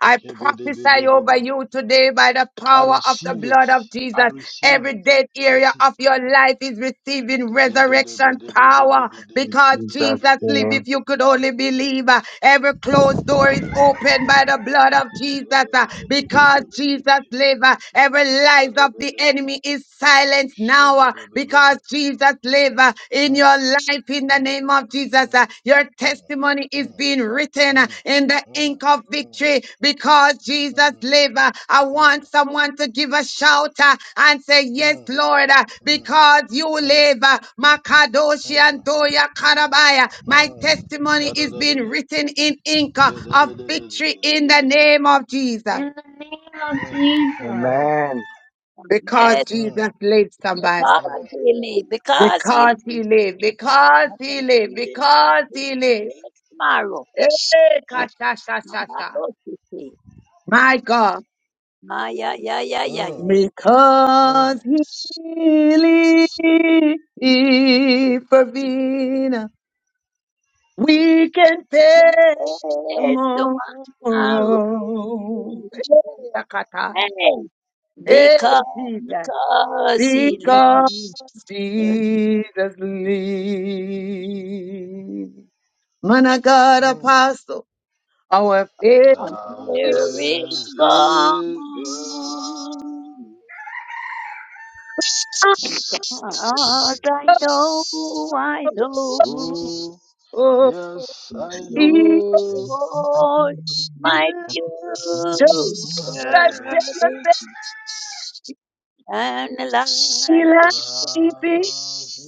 Speaker 1: I prophesy over you today by the
Speaker 6: I
Speaker 1: power of the
Speaker 6: receive it.
Speaker 1: blood of
Speaker 6: I
Speaker 1: Jesus.
Speaker 6: receive it.
Speaker 1: Every dead
Speaker 6: I
Speaker 1: area
Speaker 6: see.
Speaker 1: of your life is receiving
Speaker 6: Yeah,
Speaker 1: resurrection power
Speaker 7: In
Speaker 1: because
Speaker 7: Jesus'
Speaker 1: Jesus lived
Speaker 7: name.
Speaker 1: if you could only believe. uh, Every closed door is opened by the blood of Jesus uh, because Jesus lives. uh, Every lies of the enemy is silenced now uh, because Jesus lives in your life in the name of Jesus. Uh, Your testimony is being written uh, in the ink of victory because Jesus lives. Uh, I want someone to give a shout uh, and say, Yes, Lord, uh, because you live. Uh, Makadoshi and Karabaya. My testimony is being written in ink uh, of victory in the name of Jesus
Speaker 4: In the name of Jesus.
Speaker 7: Amen.
Speaker 3: Yes,
Speaker 1: because Jesus lives, somebody.
Speaker 3: because he lives, because he
Speaker 1: Because he
Speaker 3: lives.
Speaker 1: lives, because
Speaker 3: I can
Speaker 1: he lives,
Speaker 3: feel
Speaker 1: because he lives.
Speaker 3: it tomorrow.
Speaker 1: Eh, ka, sha, sha, sha, sha.
Speaker 3: Tomorrow to see.
Speaker 1: My God,
Speaker 3: Ah, yeah, yeah, yeah, yeah, yeah.
Speaker 1: because He lives for Vina, we can face
Speaker 3: Yes,
Speaker 1: tomorrow.
Speaker 3: tomorrow.
Speaker 1: Eh, akatai.
Speaker 3: Hey,
Speaker 1: Eh,
Speaker 3: because,
Speaker 1: Jesus,
Speaker 3: because he
Speaker 1: because
Speaker 3: lives
Speaker 1: Jesus lives. Man of God, apostle, our faith
Speaker 3: on
Speaker 6: Thou
Speaker 3: there is
Speaker 6: is
Speaker 3: God.
Speaker 6: his God.
Speaker 3: All I know, I know,
Speaker 6: Oh, yes, I know.
Speaker 3: Lord, my future
Speaker 6: Kabadabi.
Speaker 3: and life is
Speaker 1: is
Speaker 6: Thou is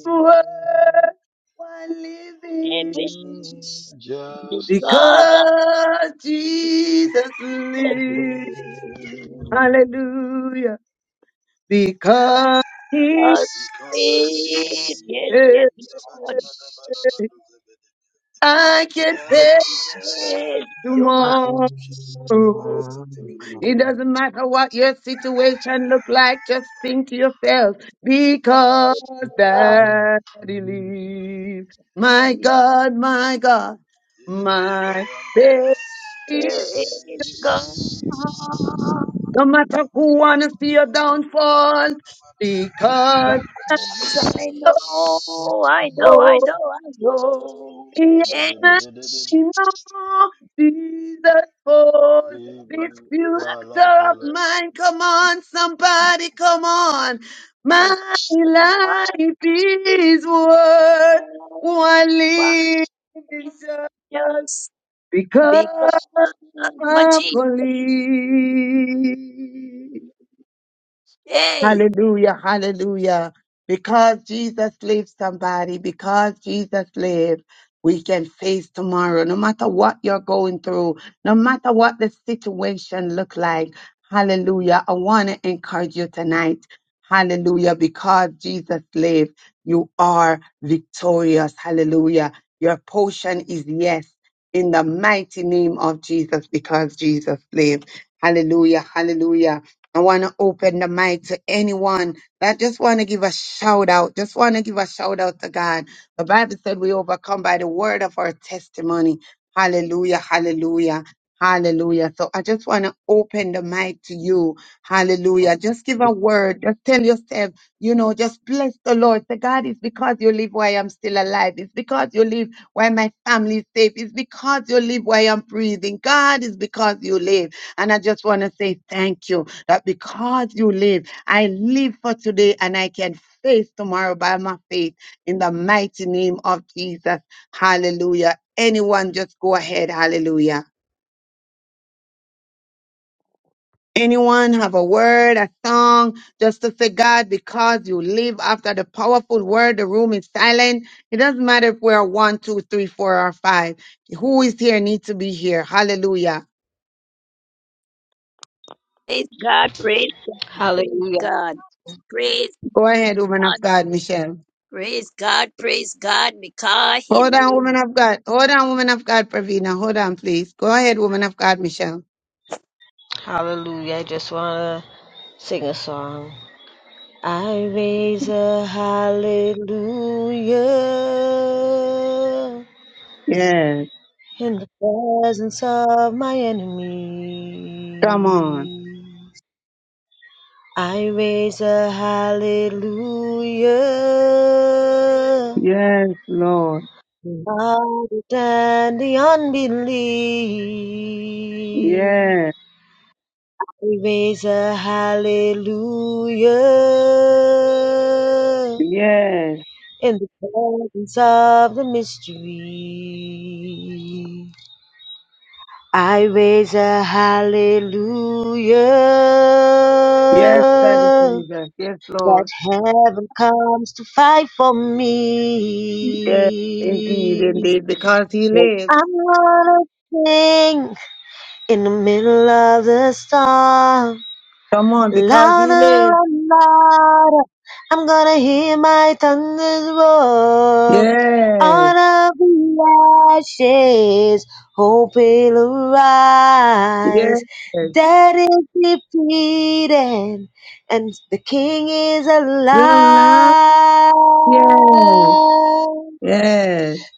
Speaker 1: I live
Speaker 3: living
Speaker 6: mm, Just
Speaker 3: because.
Speaker 1: because Jesus
Speaker 3: of
Speaker 1: lives.
Speaker 3: you.
Speaker 1: Hallelujah. Because He
Speaker 3: us
Speaker 6: because he
Speaker 3: yes,
Speaker 1: is.
Speaker 3: Yes,
Speaker 6: did.
Speaker 3: yes, Lord.
Speaker 6: Yabadibadabadabadozabedi.
Speaker 1: I can
Speaker 3: Yes,
Speaker 6: Yadadadadada.
Speaker 1: face
Speaker 3: yes. You must
Speaker 1: tomorrow.
Speaker 3: do
Speaker 6: Kabadabadoshabedibabadonameka.
Speaker 1: It doesn't matter what your situation look like, just think to yourself, because
Speaker 3: us.
Speaker 1: daddy lives. My God, my God,
Speaker 6: Yedededeba
Speaker 1: my baby.
Speaker 6: yamboa.
Speaker 3: There is God.
Speaker 1: No matter who wanna see you downfall, because
Speaker 3: As I know, I know, I
Speaker 1: oh,
Speaker 3: know, I know.
Speaker 1: Yes,
Speaker 3: Yes,
Speaker 1: more be the force,
Speaker 3: yes,
Speaker 1: this future
Speaker 3: I
Speaker 1: of mine. Come on, somebody, come on. My life is worth one living just
Speaker 3: just because
Speaker 1: because of
Speaker 3: my
Speaker 1: my
Speaker 3: Jesus.
Speaker 1: police.
Speaker 3: Hey,
Speaker 1: Hallelujah, hallelujah. Because Jesus lives, somebody, because Jesus lives, we can face tomorrow. No matter what you're going through, no matter what the situation look like, hallelujah. I want to encourage you tonight. Hallelujah. Because Jesus lives, you are victorious. Hallelujah. Your portion is yes in the mighty name of Jesus because Jesus lives. Hallelujah, hallelujah. I want to open the mic to anyone that just want to give a shout out. Just want to give a shout out to God. The Bible said we overcome by the word of our testimony. Hallelujah, hallelujah, hallelujah. So I just want to open the mic to you. Hallelujah. Just give a word. Just tell yourself, you know, just bless the Lord. Say, God, it's because you live why I'm still alive. It's because you live why my family is safe. It's because you live why I'm breathing. God, it's because you live. And I just want to say thank you that because you live, I live for today and I can face tomorrow by my faith in the mighty name of Jesus. Hallelujah. Anyone just go ahead. Hallelujah. Anyone have a word, a song, just to say, God, because you live after the powerful word, the room is silent. It doesn't matter if we're one, two, three, four, or five. Who is here needs to be here. Hallelujah.
Speaker 3: Praise God, praise God, praise
Speaker 8: Hallelujah.
Speaker 3: God, praise
Speaker 1: Go ahead, woman
Speaker 3: God,
Speaker 1: of God, Michelle.
Speaker 3: praise God, praise God, because He
Speaker 1: Hold on, woman
Speaker 3: lives.
Speaker 1: of God. Hold on, woman of God, Pravina. Hold on, please. Go ahead, woman of God, Michelle.
Speaker 8: Hallelujah. I just want to sing a song. I raise a hallelujah
Speaker 1: Yes.
Speaker 8: in the presence of my
Speaker 1: Come on.
Speaker 8: enemies. I raise a hallelujah
Speaker 1: Yes, Lord.
Speaker 8: louder than the unbelief.
Speaker 1: Yes.
Speaker 8: We raise a hallelujah
Speaker 1: Yes.
Speaker 8: in the presence of the mystery. I raise a hallelujah
Speaker 1: Yes, Daddy Jesus. Yes,
Speaker 8: that
Speaker 1: Lord.
Speaker 8: heaven comes to fight for
Speaker 1: Yes, indeed,
Speaker 8: me.
Speaker 1: indeed. Because he
Speaker 8: I 'Cause
Speaker 1: lives.
Speaker 8: I'm to sing in the middle of the storm.
Speaker 1: Come on, because he
Speaker 8: Louder
Speaker 1: lives.
Speaker 8: and louder, I'm gonna hear my thunders roar.
Speaker 1: Yes.
Speaker 8: Out of the ashes, hope will
Speaker 1: Yes.
Speaker 8: arise. Dead is defeated, and the King is
Speaker 1: Still
Speaker 8: alive.
Speaker 1: now? Yes. Yes.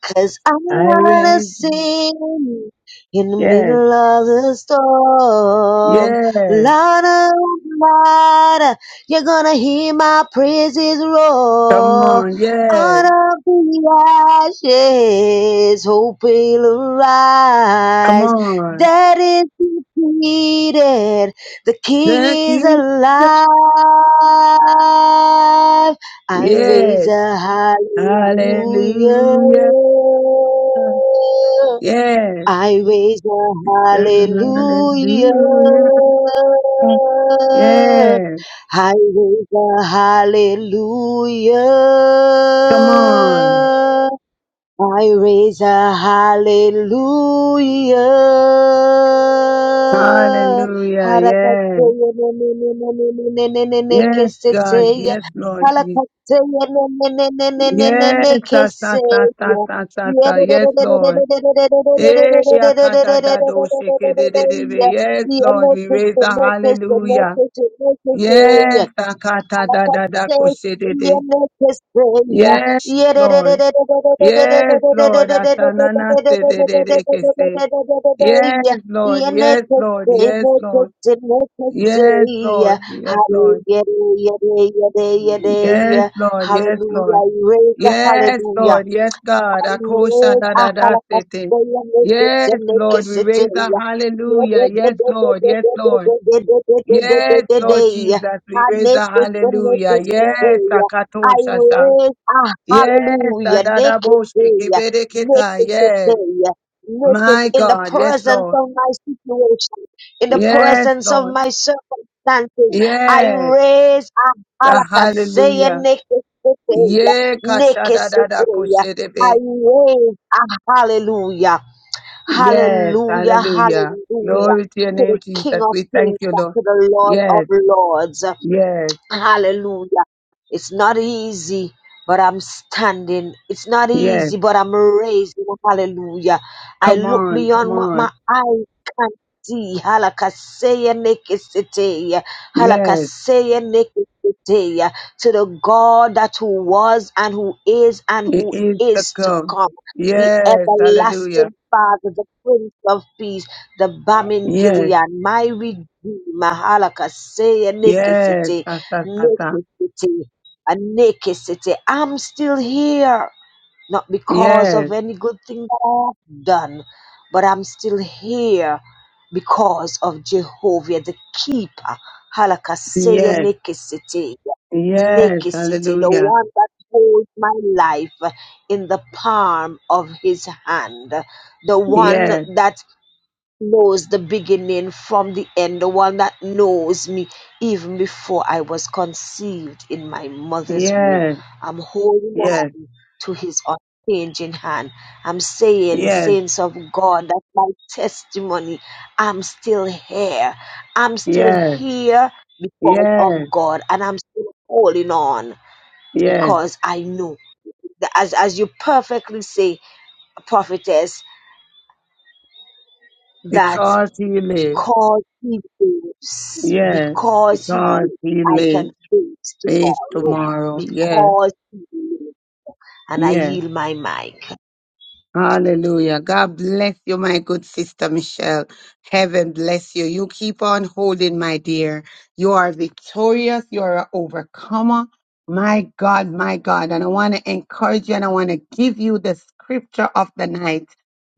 Speaker 8: Cause I
Speaker 1: Irene.
Speaker 8: wanna sing in the
Speaker 1: Yes.
Speaker 8: middle of the storm.
Speaker 1: Yes.
Speaker 8: Lord, oh Lord, you're gonna hear my praises
Speaker 1: Come on.
Speaker 8: roar.
Speaker 1: Yes.
Speaker 8: Out of the ashes, hope will
Speaker 1: Come
Speaker 8: arise.
Speaker 1: on.
Speaker 8: That is defeated. The King
Speaker 1: The
Speaker 8: is
Speaker 1: key.
Speaker 8: alive. I raise
Speaker 1: Yes.
Speaker 8: a hallelujah.
Speaker 1: Hallelujah. Yes.
Speaker 8: I raise a hallelujah.
Speaker 1: Hallelujah. Yes.
Speaker 8: I raise a
Speaker 1: Come on.
Speaker 8: hallelujah.
Speaker 1: Hallelujah. Yes. Yes, God. Yes, Lord. Yes. sa, sa, sa, sa, sa, sa, sa. Yes, Lord. Eh, yakata da do sheke de de de be. Yes, Lord. We raise the hallelujah. Yes.
Speaker 8: Hallelujah.
Speaker 1: akata da da da ko she de de. Yes, Lord. Yes, Lord. Asanana se de de de que se. Yes, Lord. Yes, Lord. Yes, Lord. Yes, Lord. Yes, Lord. Yes,
Speaker 8: Hallelujah.
Speaker 1: Lord. Yes, Lord. Yes,
Speaker 8: Hallelujah.
Speaker 1: Lord. Yes, God.
Speaker 8: I
Speaker 1: Akosha
Speaker 8: raise
Speaker 1: da da da se te.
Speaker 8: a
Speaker 1: Yes, Lord. We raise a hallelujah. Yes, Lord. Yes, Lord. Yes, Lord Jesus, we raise a hallelujah. Yes, akatosha sha. Yes,
Speaker 8: hallelujah, naked
Speaker 1: adadaboshe
Speaker 8: prayer,
Speaker 1: kebereketa.
Speaker 8: naked
Speaker 1: Yes,
Speaker 8: prayer, naked
Speaker 1: my
Speaker 8: in the
Speaker 1: God. Yes, Lord.
Speaker 8: presence of my situation, in the
Speaker 1: Yes,
Speaker 8: presence of
Speaker 1: Lord.
Speaker 8: my circumstances. I
Speaker 1: Yes.
Speaker 8: raise a
Speaker 1: Ah,
Speaker 8: halakasaya
Speaker 1: Hallelujah.
Speaker 8: naked prayer,
Speaker 1: Yeah,
Speaker 8: naked
Speaker 1: kashadadada
Speaker 8: prayer. I
Speaker 1: koshedebe.
Speaker 8: raise a hallelujah,
Speaker 1: Yes.
Speaker 8: hallelujah,
Speaker 1: Hallelujah.
Speaker 8: hallelujah
Speaker 1: Glory to your
Speaker 8: to
Speaker 1: name,
Speaker 8: the
Speaker 1: Jesus.
Speaker 8: King of
Speaker 1: We thank
Speaker 8: Kings,
Speaker 1: you,
Speaker 8: and
Speaker 1: Lord.
Speaker 8: to the Lord of
Speaker 1: Yes.
Speaker 8: Lords.
Speaker 1: Yes.
Speaker 8: Hallelujah. It's not easy, but I'm standing. It's not
Speaker 1: Yes.
Speaker 8: easy, but I'm raising. up. Hallelujah. I
Speaker 1: Come
Speaker 8: look
Speaker 1: on. Come
Speaker 8: beyond what my
Speaker 1: on.
Speaker 8: eyes can see. Halakasea nekeseteia.
Speaker 1: Yes.
Speaker 8: Halakasea nekeseteia. To the God that who was and who is and
Speaker 1: It
Speaker 8: who
Speaker 1: is to
Speaker 8: is to
Speaker 1: come.
Speaker 8: come. The
Speaker 1: Yes. Hallelujah.
Speaker 8: everlasting Father, the Prince of Peace, the Bamin
Speaker 1: Yes.
Speaker 8: Gilead, my Redeemer, Halakasea
Speaker 1: Yes.
Speaker 8: Nikisite,
Speaker 1: Ah, ah, ah, ah.
Speaker 8: Nikisiti, a naked city. I'm still here, not because of
Speaker 1: Yes.
Speaker 8: any good thing that I've done, but I'm still here because of Jehovah, the keeper. Halakaseya
Speaker 1: Yes.
Speaker 8: naked city.
Speaker 1: Yes.
Speaker 8: naked city, the
Speaker 1: Hallelujah.
Speaker 8: one that holds my life in the palm of his hand, the one
Speaker 1: Yes.
Speaker 8: that knows the beginning from the end, the one that knows me even before I was conceived in my mother's womb.
Speaker 1: Yes.
Speaker 8: I'm holding on
Speaker 1: Yes.
Speaker 8: to his unchanging hand. I'm saying,
Speaker 1: Yes.
Speaker 8: saints of God, that's my testimony. I'm still here. I'm still
Speaker 1: Yes.
Speaker 8: here because of
Speaker 1: Yes,
Speaker 8: God, and I'm still holding on
Speaker 1: yes,
Speaker 8: because I know. that As, as you perfectly say, prophetess, that
Speaker 1: because he lives.
Speaker 8: because he lives,
Speaker 1: Yes,
Speaker 8: because he
Speaker 1: because
Speaker 8: lives,
Speaker 1: he
Speaker 8: I can
Speaker 1: lives.
Speaker 8: face
Speaker 1: Faith
Speaker 8: tomorrow,
Speaker 1: tomorrow. Yes,
Speaker 8: because he lives, and I
Speaker 1: yes.
Speaker 8: yield my mic.
Speaker 1: Hallelujah. God bless you, my good sister Michelle. Heaven bless you. You keep on holding, my dear. You are victorious. You are an overcomer. My God, my God. And I want to encourage you and I want to give you the scripture of the night.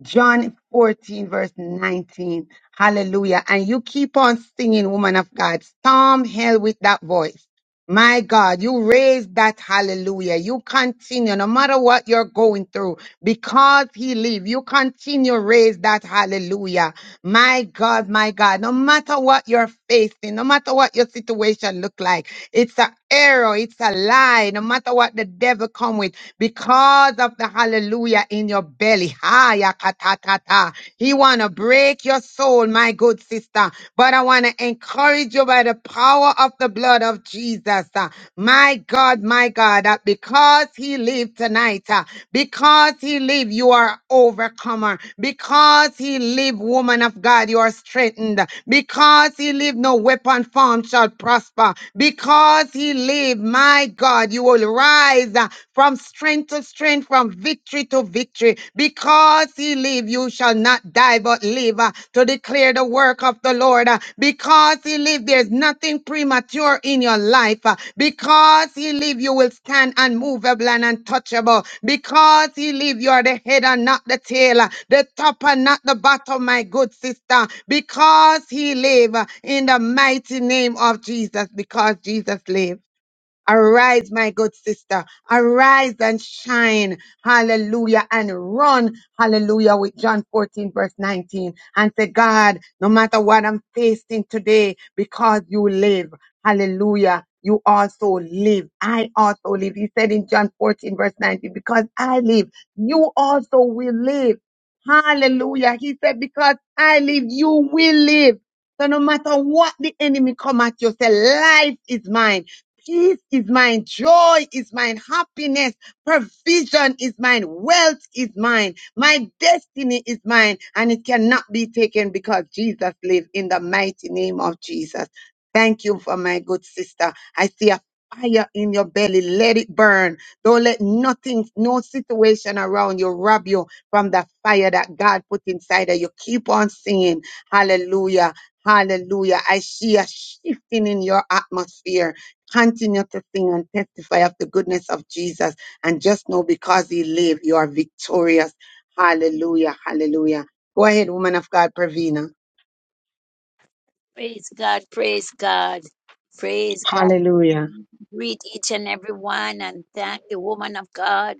Speaker 1: John 14, verse 19. Hallelujah. And you keep on singing, woman of God. Storm hell with that voice. My God, you raise that hallelujah. You continue no matter what you're going through because he live. You continue raise that hallelujah. My God, my God, no matter what you're facing, no matter what your situation look like, it's a error, it's a lie, no matter what the devil come with because of the hallelujah in your belly. ha Haya katatata. He want to break your soul, my good sister. But I want to encourage you by the power of the blood of Jesus. uh, My God, my God, that because he lived tonight, uh, because he lived, you are overcomer. Because he lived, woman of God, you are strengthened. Because he lived, no weapon formed shall prosper. Because he lived, my God, you will rise. uh, from strength to strength, from victory to victory. Because he live, you shall not die but live uh, to declare the work of the Lord. uh, Because he live, there's nothing premature in your life. uh, Because he live, you will stand unmovable and untouchable. Because he live, you are the head and not the tail, uh, the top and not the bottom, my good sister. Because he live uh, in the mighty name of Jesus, because Jesus live. Arise, my good sister. Arise and shine. Hallelujah. And run. Hallelujah. With John 14, verse 19. And say, God, no matter what I'm facing today, because you live. Hallelujah. You also live. I also live. He said in John 14, verse 19, because I live, you also will live. Hallelujah. He said, because I live, you will live. So no matter what the enemy come at you, say, life is mine. Peace is mine. Joy is mine. Happiness, provision is mine. Wealth is mine. My destiny is mine and it cannot be taken because Jesus lives in the mighty name of Jesus. Thank you for my good sister. I see a fire in your belly. Let it burn. Don't let nothing, no situation around you rob you from the fire that God put inside of you. Keep on singing. Hallelujah. Hallelujah. I see a shifting in your atmosphere Continue to sing and testify of the goodness of Jesus. And just know because he lives, you are victorious. Hallelujah. Hallelujah. Go ahead, woman of God, Pravina.
Speaker 3: Praise God, praise God, praise God.
Speaker 1: Hallelujah.
Speaker 3: Greet each and every one and thank the woman of God.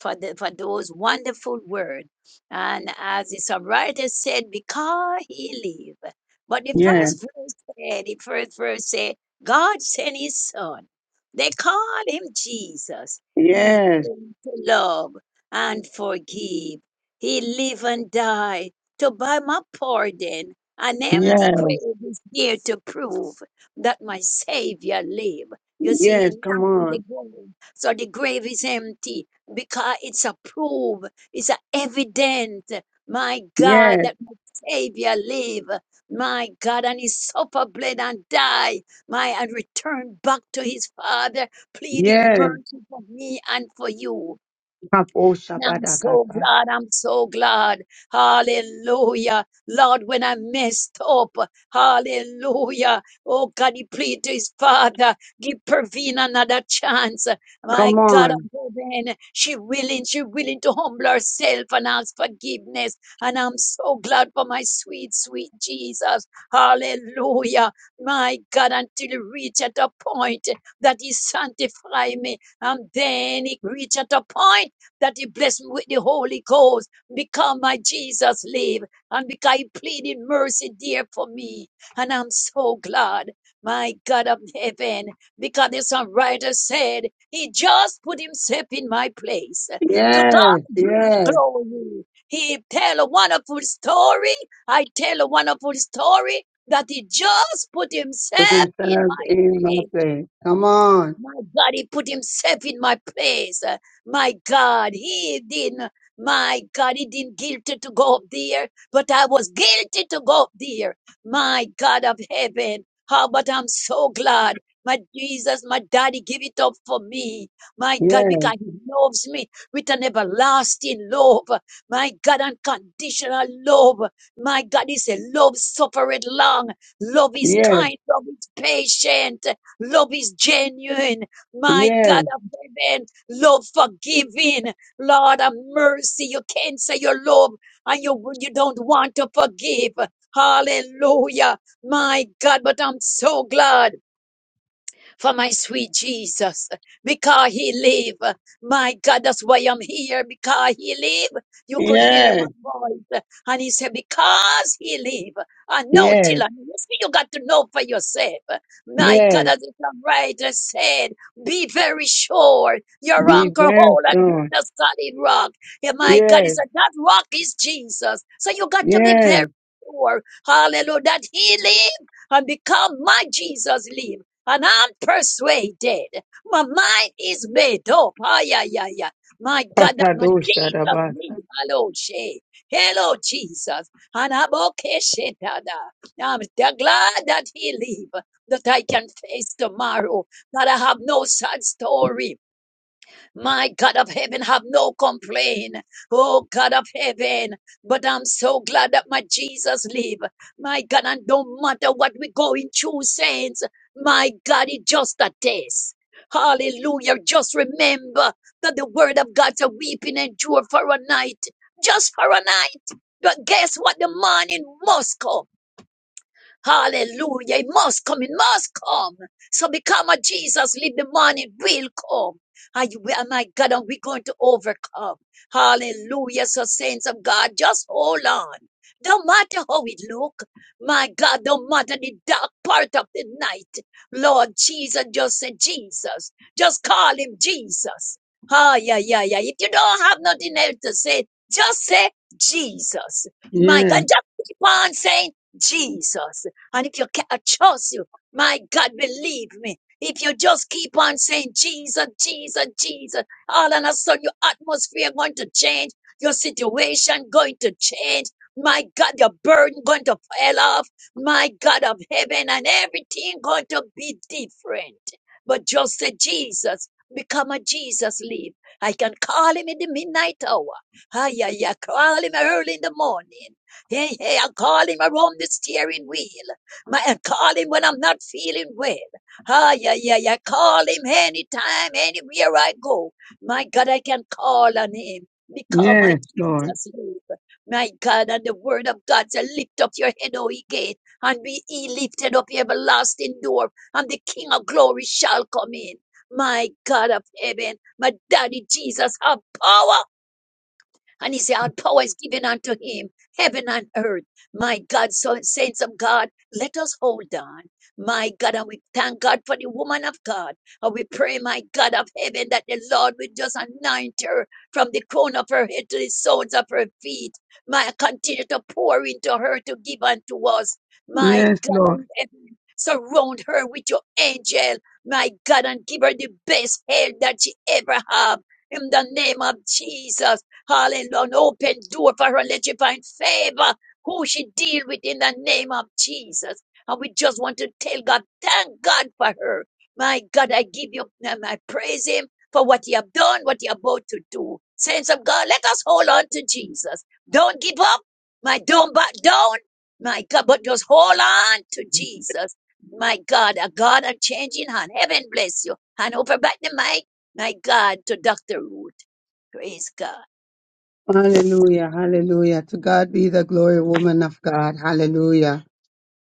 Speaker 3: for, the, for those wonderful words. And as the songwriter said, because he live. But the
Speaker 1: Yes,
Speaker 3: first verse said, the first verse said, God sent his son. They called him Jesus. He
Speaker 1: yes,
Speaker 3: came to love and forgive. He live and die to buy my pardon. An empty
Speaker 1: yes,
Speaker 3: grave is here to prove that my Savior live. You see, he
Speaker 1: yes. Come
Speaker 3: not in the
Speaker 1: on.
Speaker 3: grave. So the grave is empty because it's a proof, it's a evident, my God,
Speaker 1: Yes,
Speaker 3: that my Savior live, my God, and he suffered, bled, and died, my and returned back to his Father, pleading
Speaker 1: yes.
Speaker 3: mercy for me and for you.
Speaker 1: Kapo
Speaker 3: And I'm so
Speaker 1: Shabbatakata.
Speaker 3: glad. I'm so glad. Hallelujah. Lord, when I messed up, hallelujah. Oh God, he prayed to his father, give Praveen another chance. My
Speaker 1: Come
Speaker 3: God, I'm
Speaker 1: on.
Speaker 3: hoping she willing, she willing to humble herself and ask forgiveness. And I'm so glad for my sweet, sweet Jesus. Hallelujah. My God, until he reach at a point that he sanctify me. And then he reach at a point that you bless me with the Holy Ghost. Because my Jesus live and because he pleaded mercy dear for me. And I'm so glad, my God of heaven, because the songwriter said he just put himself in my place. To
Speaker 1: Yes,
Speaker 3: God be the
Speaker 1: yes.
Speaker 3: glory. He tell a wonderful story. I tell a wonderful story that he just put
Speaker 1: Put
Speaker 3: himself in
Speaker 1: himself
Speaker 3: my
Speaker 1: in my
Speaker 3: place.
Speaker 1: place. Come on.
Speaker 3: My God, He put Himself in my place. Uh, My God, He didn't, my God, He didn't guilty to go up there, but I was guilty to go up there. My God of heaven, how but I'm so glad. My Jesus, my daddy give it up for me. My God,
Speaker 1: Yes,
Speaker 3: because he loves me with an everlasting love. My God, unconditional love. My God, is a love suffered long. Love is
Speaker 1: yes,
Speaker 3: kind. Love is patient. Love is genuine. My
Speaker 1: yes,
Speaker 3: God of heaven, love forgiving. Lord of mercy, you can't say you love and you, you don't want to forgive. Hallelujah. My God, but I'm so glad for my sweet Jesus. Because he live, my God, that's why I'm here. Because he live, you could hear my
Speaker 1: yes,
Speaker 3: voice. And he said, because he live, I know till
Speaker 1: yes,
Speaker 3: I know. So You got to know for yourself. My God,
Speaker 1: yes.
Speaker 3: as the writer said, be very sure your
Speaker 1: Be
Speaker 3: anchor
Speaker 1: very
Speaker 3: hold and grip
Speaker 1: strong.
Speaker 3: the solid rock. Yeah, my God, he
Speaker 1: Yes,
Speaker 3: said, that rock is Jesus. So you got to be very
Speaker 1: yes,
Speaker 3: sure. Hallelujah, that he live and become my Jesus live and I'm persuaded. My mind is made up. Ah, yeah, yeah, yeah. My God, that my Jesus
Speaker 1: Patadosharabas.
Speaker 3: name. Hello, Shay. Hello, Jesus. And I'm okay, Shetada. I'm da- glad that he live, that I can face tomorrow, that I have no sad story. My God of heaven, have no complaint. Oh God of heaven, but I'm so glad that my Jesus live. My God, and don't matter what we go in through, saints. My God, it's just a test. Hallelujah. Just remember that the word of God to weeping endure for a night. Just for a night. But guess what? The morning must come. Hallelujah. It must come. It must come. So become a Jesus. Live the morning. It Will come. And you, and my God, and we're going to overcome. Hallelujah. So saints of God, just hold on. Don't matter how it look. My God, don't matter the dark part of the night. Lord Jesus, just say Jesus. Just call him Jesus. Ah, yeah, yeah, yeah. If you don't have nothing else to say, just say Jesus. My God,
Speaker 1: Yes,
Speaker 3: just keep on saying Jesus. And if you can't trust you, my God, believe me. If you just keep on saying Jesus, Jesus, Jesus, all of a sudden your atmosphere going to change, your situation going to change. My God, your burden going to fall off. My God of heaven, and everything going to be different. But just say Jesus, become a Jesus leave. I can call him in the midnight hour. Ah, yeah, yeah, call him early in the morning. Hey, hey, I call him around the steering wheel. My, I call him when I'm not feeling well. Ah, yeah, yeah, yeah. Call him anytime, anywhere I go. My God, I can call on him because my
Speaker 1: yes, Lord.
Speaker 3: Jesus lives. My God, and the word of God said, lift up your head, O ye gate, and be ye lifted up, ye everlasting door, and the King of glory shall come in. My God of heaven, my daddy Jesus have power and he said, All power is given unto him, heaven and earth. My God, so saints of God, let us hold on. My God, and we thank God for the woman of God. And we pray, my God of heaven, that the Lord will just anoint her from the crown of her head to the soles of her feet. My continue to pour into her to give unto us. My
Speaker 1: Yes,
Speaker 3: God of
Speaker 1: Lord.
Speaker 3: heaven, surround her with your angel. My God, and give her the best health that she ever have. In the name of Jesus. Hallelujah. An open door for her. Let you find favor who she deal with in the name of Jesus. And we just want to tell God, thank God for her. My God, I give you, um, I praise him for what you have done, what you're about to do. Saints of God, let us hold on to Jesus. Don't give up. My don't back down. My God, but just hold on to Jesus. My God, a God of changing hand. Heaven bless you. And over back the mic, my God, to Dr. Ruth. Praise God.
Speaker 1: Hallelujah, hallelujah. To God be the glory, woman of God. Hallelujah.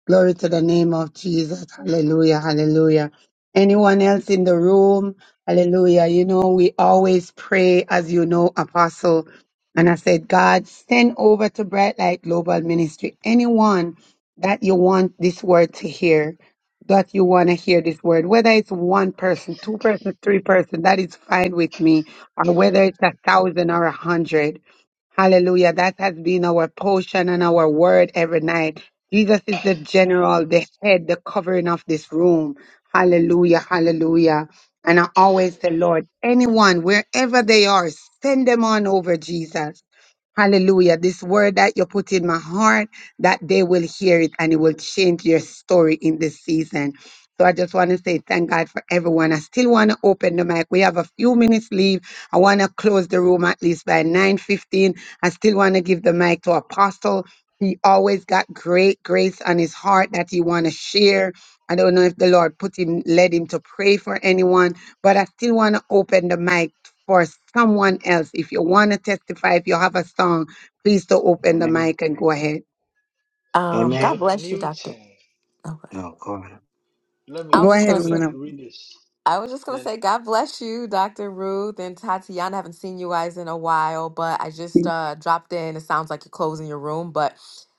Speaker 1: Glory to the name of Jesus. Hallelujah. Hallelujah. Anyone else in the room? Hallelujah. You know, we always pray, as you know, Apostle. And I said, God, send over to Bright Light Global Ministry anyone that you want this word to hear, that you want to hear this word, whether it's one person, two person, three person, that is fine with me, or whether it's a thousand or a hundred. Hallelujah. That has been our portion and our word every night. Jesus is the general, the head, the covering of this room. Hallelujah. Hallelujah. And I always say, Lord, anyone, wherever they are, send them on over, Jesus. Hallelujah. This word that you put in my heart, that they will hear it and it will change your story in this season. So I just want to say thank God for everyone. I still want to open the mic. We have a few minutes leave. I want to close the room at least by 9:15. I still want to give the mic to Apostle. He always got great grace on his heart that he want to share. I don't know if the Lord put him led him to pray for anyone, but I still want to open the mic for someone else. If you want to testify, if you have a song, please do open the
Speaker 7: Amen.
Speaker 1: mic and go ahead.
Speaker 9: Um, God
Speaker 7: Amen.
Speaker 6: John
Speaker 9: bless you, Doctor.
Speaker 6: Newton.
Speaker 9: Okay.
Speaker 7: No, go on.
Speaker 6: Let
Speaker 9: I
Speaker 6: me
Speaker 9: was
Speaker 1: Go
Speaker 9: just
Speaker 1: ahead,
Speaker 9: gonna
Speaker 6: let
Speaker 9: say.
Speaker 1: woman.
Speaker 6: me
Speaker 1: of-
Speaker 6: read this.
Speaker 9: I was just gonna
Speaker 6: Then
Speaker 9: say, God bless you, Dr. Ruth and Tatiana. I haven't seen you guys in a while, but I just uh, dropped in. It sounds like you're closing your room, but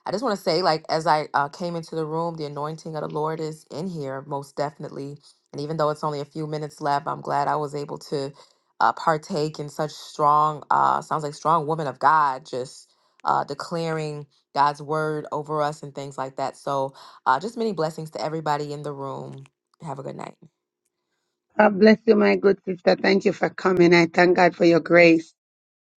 Speaker 9: I just want to say, like, as I uh, came into the room, the anointing of the Lord is in here, most definitely. And even though it's only a few minutes left, I'm glad I was able to uh, partake in such strong, uh, sounds like strong woman of God, just uh, declaring God's word over us and things like that. So, uh, just many blessings to everybody in the room. Have a good night.
Speaker 1: God God bless you, my good sister. Thank you for coming. I thank God for your grace.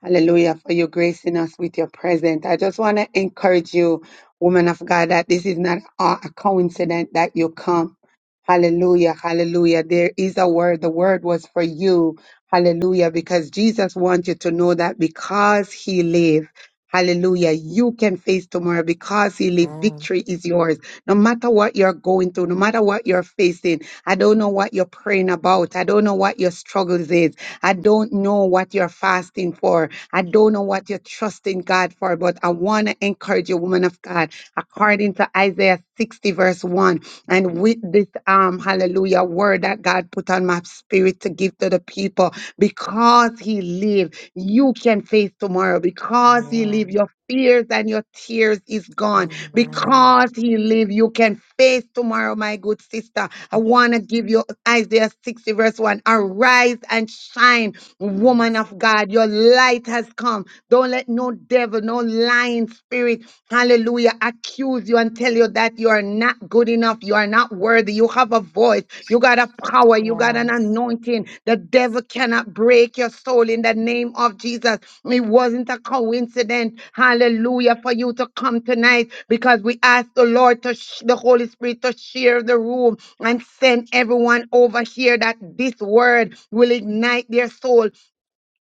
Speaker 1: Hallelujah for you gracing us with your presence. I just want to encourage you, woman of God, that this is not a a coincidence that you come. Hallelujah, hallelujah. There is a word. The word was for you. Hallelujah, because Jesus wants you to know that because he lives, Hallelujah. You can face tomorrow because he lives. Victory is yours. No matter what you're going through, no matter what you're facing, I don't know what you're praying about. I don't know what your struggles is. I don't know what you're fasting for. I don't know what you're trusting God for, but I want to encourage you, woman of God, according to Isaiah 60, verse 1. And with this um hallelujah word that God put on my spirit to give to the people, because he lives, you can face tomorrow. Because he lives,
Speaker 9: Amen.
Speaker 1: your fears and your tears is gone.
Speaker 9: Amen.
Speaker 1: Because he lives, you can face tomorrow, my good sister. I want to give you Isaiah 60, verse 1. Arise and shine Woman
Speaker 9: Yes.
Speaker 1: of God, your light has come. Don't let no devil, no lying spirit, hallelujah, accuse you and tell you that you are not good enough. You are not worthy. You have a voice. You got a power. You got an
Speaker 9: Yes.
Speaker 1: anointing. The devil cannot break your soul in the name of Jesus. It wasn't a coincidence, hallelujah, for you to come tonight because we asked the Lord to, sh- the Holy Spirit to share the room and send everyone over here that this word will ignite their soul.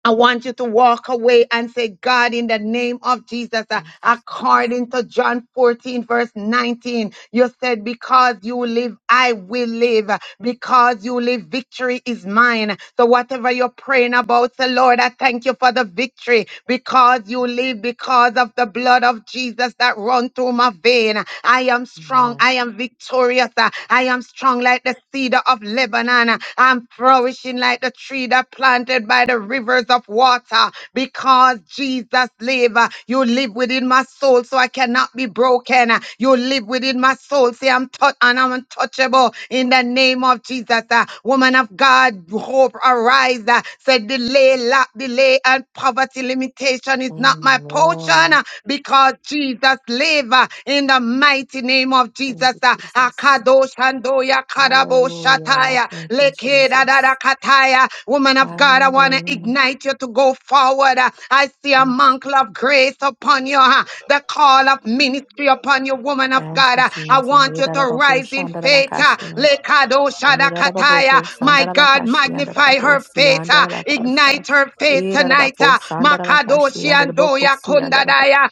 Speaker 1: I want you to walk away and say, God, in the name of Jesus, uh,
Speaker 9: Thank you, Jesus.
Speaker 1: according to John 14, verse 19, you said, Because you live, I will live. Because you live, victory is mine. So, whatever you're praying about, so Lord, I thank you for the victory. Because you live, because of the blood of Jesus that run through my vein, I am strong,
Speaker 9: Amen.
Speaker 1: I am victorious uh, I am strong like the cedar of Lebanon. uh, I'm flourishing like the tree that planted by the rivers of water. Because Jesus live, uh, you live within my soul, so I cannot be broken. uh, You live within my soul. Say I'm touch and I'm untouchable in the name of Jesus. uh, Woman of God, hope arise. uh, Say delay, lack, delay, and poverty limitation is not not my portion
Speaker 9: Amen.
Speaker 1: uh, because Jesus live uh, in the mighty name of
Speaker 9: Thank
Speaker 1: Jesus.
Speaker 9: you,
Speaker 1: uh,
Speaker 9: Jesus.
Speaker 1: Akadosh Andoya Kadabo
Speaker 9: Hallelujah.
Speaker 1: Shataya
Speaker 9: Thank you,
Speaker 1: Lekeda Dada
Speaker 9: Jesus.
Speaker 1: Kataya. Woman of God, I want to
Speaker 9: Hallelujah.
Speaker 1: ignite you to go forward. uh, I see a
Speaker 9: Thank
Speaker 1: mantle of grace upon you, uh, the call of ministry upon you, woman of God. uh, I want you to rise in faith.
Speaker 6: Yeah,
Speaker 1: uh,
Speaker 9: you.
Speaker 1: Lekado Shadakataya. Messiah. My God, magnify her faith, uh, ignite her faith
Speaker 9: Eh,
Speaker 1: tonight. uh, Makadoshi and Doya Kundadaya,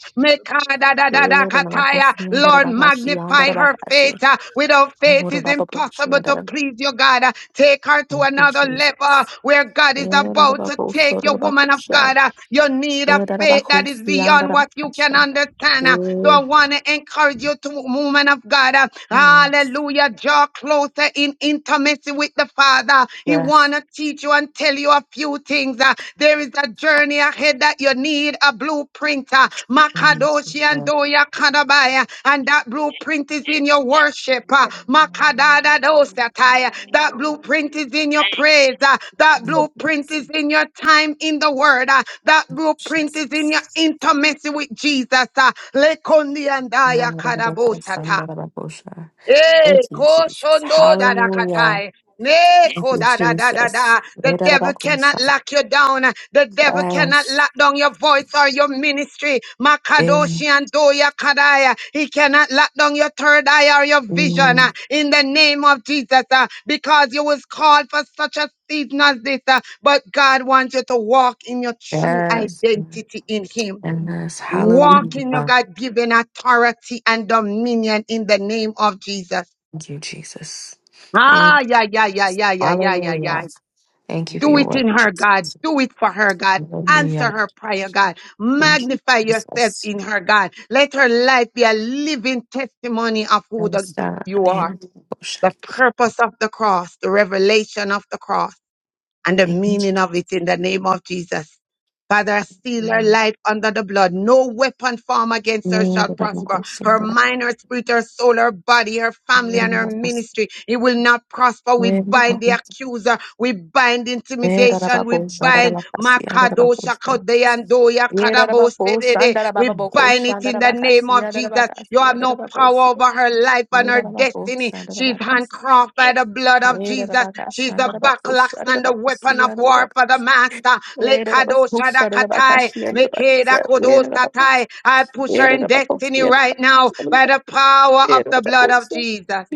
Speaker 9: eh,
Speaker 1: Mekadadadadakataya. Lord, magnify her
Speaker 9: eh.
Speaker 1: faith. uh, Without faith, it's impossible to please you, God. Uh, Take her to
Speaker 9: Thank you,
Speaker 1: another level
Speaker 9: Jesus.
Speaker 1: where God is
Speaker 9: Eh, da, da,
Speaker 1: about
Speaker 9: ba,
Speaker 1: to
Speaker 9: bo, so,
Speaker 1: take
Speaker 9: da,
Speaker 1: your
Speaker 9: da, ba, bo,
Speaker 1: woman of
Speaker 9: sha.
Speaker 1: God. Uh, You need a
Speaker 9: Eh, da, da, ba,
Speaker 1: faith
Speaker 9: ho,
Speaker 1: that is
Speaker 9: si, an, da,
Speaker 1: beyond
Speaker 9: da,
Speaker 1: what
Speaker 9: ba,
Speaker 1: you can
Speaker 9: sha.
Speaker 1: understand. uh, so
Speaker 9: Eh,
Speaker 1: I want to encourage you to, woman of God, uh,
Speaker 9: Yes.
Speaker 1: hallelujah, draw closer in intimacy with the Father. He
Speaker 9: Yes.
Speaker 1: want to teach you and tell you a few things. uh, there is a journey ahead that you need a blueprint. Uh,
Speaker 9: Thank you,
Speaker 1: Makadoshi and
Speaker 9: Jesus.
Speaker 1: Doya Kanabaya and that
Speaker 3: Yes,
Speaker 1: blueprint is
Speaker 3: yes,
Speaker 1: in your worship. uh,
Speaker 3: yes.
Speaker 9: Thank
Speaker 1: Makadadadosatai. That
Speaker 3: Oh,
Speaker 1: blueprint is in your
Speaker 3: dang.
Speaker 1: praise. uh, That
Speaker 9: you,
Speaker 3: Oh,
Speaker 1: blueprint is in your time in the word. uh, That blueprint is in
Speaker 9: Jesus.
Speaker 1: your intimacy with Jesus. uh, Lekondiandaya
Speaker 9: Thank
Speaker 1: kadabosata.
Speaker 3: sick
Speaker 1: Eh,
Speaker 3: of
Speaker 9: you, Jesus.
Speaker 3: it.
Speaker 1: koshondo da da
Speaker 9: Hallelujah.
Speaker 1: katai. Ne
Speaker 3: Yes,
Speaker 9: Thank
Speaker 1: ko
Speaker 9: you,
Speaker 1: da da da da
Speaker 9: Jesus.
Speaker 1: da. The devil cannot lock you down. The devil cannot
Speaker 9: Yes.
Speaker 1: lock down your voice or your ministry. Makadoshi
Speaker 9: Amen.
Speaker 1: and Doya Kadaya. He cannot lock down your third eye or your vision uh,
Speaker 9: Amen.
Speaker 1: in the name of Jesus uh, because you was called for such a season as this. uh, But God wants you to walk in your true
Speaker 9: Yes.
Speaker 1: identity in Him.
Speaker 9: And Yes.
Speaker 1: Walk in your
Speaker 9: Hallelujah.
Speaker 1: God given authority and dominion in the name of Jesus.
Speaker 9: Thank you, Jesus. Amen.
Speaker 1: Ah, yeah, yeah, yeah, yeah, yeah, yeah, yeah,
Speaker 9: Hallelujah.
Speaker 1: yeah.
Speaker 9: Thank you for
Speaker 1: Do
Speaker 9: your
Speaker 1: it
Speaker 9: work,
Speaker 1: in her,
Speaker 9: Jesus.
Speaker 1: God. Do it for her, God. Answer
Speaker 9: Hallelujah.
Speaker 1: her prayer, God.
Speaker 9: Thank you,
Speaker 1: Magnify yourself
Speaker 9: Jesus.
Speaker 1: in her, God. Let her life be a living testimony of who the,
Speaker 9: Yes, God.
Speaker 1: you are. The purpose of the cross, the revelation of the cross and the
Speaker 9: Thank you, Jesus.
Speaker 1: meaning of it in the name of Jesus. Father, I seal her
Speaker 9: Hallelujah.
Speaker 1: life under the blood. No weapon formed against her shall prosper. Her mind, her spirit, her soul, her body, her family, and her ministry. It will not prosper. We bind the
Speaker 9: Amen.
Speaker 1: accuser. We bind
Speaker 9: Yeah,
Speaker 1: intimidation. We bind Makado Shakadeyandoya Karabo Sedede. We bind it in the name of Jesus. You have no power over her life and her destiny. She's handcrafted by
Speaker 3: yes,
Speaker 1: the blood of Jesus. She's the backlash and the weapon of war for the master. Lekado shadakatai, mekeda kodosatai. I push her in destiny right now by the power of the blood of Jesus.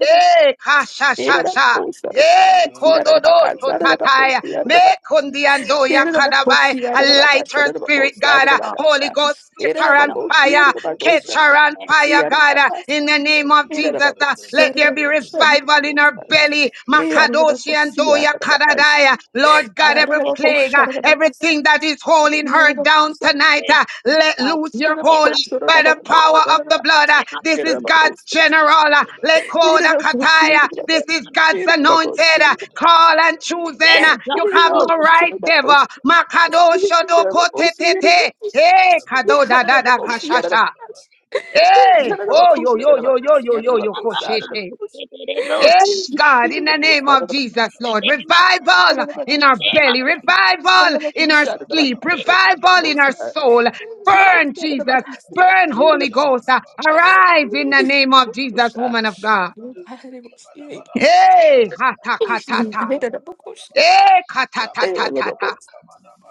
Speaker 1: Eh, kasha, sha, sha. Eh, kododo sotataya. Mekundi and doya
Speaker 9: Mira,
Speaker 1: kadabai. A lighter spirit,
Speaker 3: yes.
Speaker 1: God. A
Speaker 3: Oh,
Speaker 1: Holy Ghost,
Speaker 3: yes,
Speaker 1: flicker and
Speaker 3: no.
Speaker 1: fire. Catch her
Speaker 3: Yes,
Speaker 1: on
Speaker 3: yes, yes.
Speaker 1: fire,
Speaker 3: Oh,
Speaker 1: God, uh, in the name of Jesus. uh, Let there be revival in her belly. Makadoshi and Doya Karadaya. Lord
Speaker 3: no.
Speaker 1: God, every
Speaker 3: yes,
Speaker 1: plague, uh, everything that is holding her down tonight,
Speaker 3: yes.
Speaker 1: uh, let
Speaker 3: God,
Speaker 1: loose
Speaker 3: yes,
Speaker 1: your
Speaker 3: yes.
Speaker 1: hold
Speaker 3: My
Speaker 1: by the power
Speaker 3: Lord,
Speaker 1: of the blood. uh,
Speaker 3: yes, my
Speaker 1: This is
Speaker 3: Jesus,
Speaker 1: God's
Speaker 6: Shabba
Speaker 1: general. uh, Lekoda Kataya. This
Speaker 3: yes,
Speaker 1: is
Speaker 3: my
Speaker 1: God's
Speaker 3: Jesus.
Speaker 1: anointed. uh, Call and choosing.
Speaker 3: Yes,
Speaker 1: uh,
Speaker 3: God.
Speaker 1: You have
Speaker 3: Oh,
Speaker 1: no right, devil.
Speaker 3: Jesus.
Speaker 1: Makadosho Doko Tete. Hey, Kado da da da kashasha. Hey, oh, yo, yo, yo, yo,
Speaker 3: Yes,
Speaker 1: yo,
Speaker 3: yes,
Speaker 1: yo,
Speaker 3: my
Speaker 1: yo,
Speaker 3: mama.
Speaker 1: koshete.
Speaker 3: Yes, yes, yes, oh, Jesus.
Speaker 1: Yes, God, in the name of Jesus, Lord,
Speaker 3: Yes, my-
Speaker 1: revival in our
Speaker 3: yes, my
Speaker 1: belly,
Speaker 3: Jesus.
Speaker 1: revival in our sleep,
Speaker 3: Yes,
Speaker 1: revival in our soul. Burn, Jesus, burn, Holy
Speaker 6: Yabba
Speaker 1: Ghost. Uh,
Speaker 6: dabba dabba
Speaker 1: Arise in the
Speaker 6: kabba
Speaker 1: name
Speaker 6: dabba
Speaker 1: of Jesus, woman of God. Hey, ha ta ka ta ta. Hey, ka ta ta ta ta ta.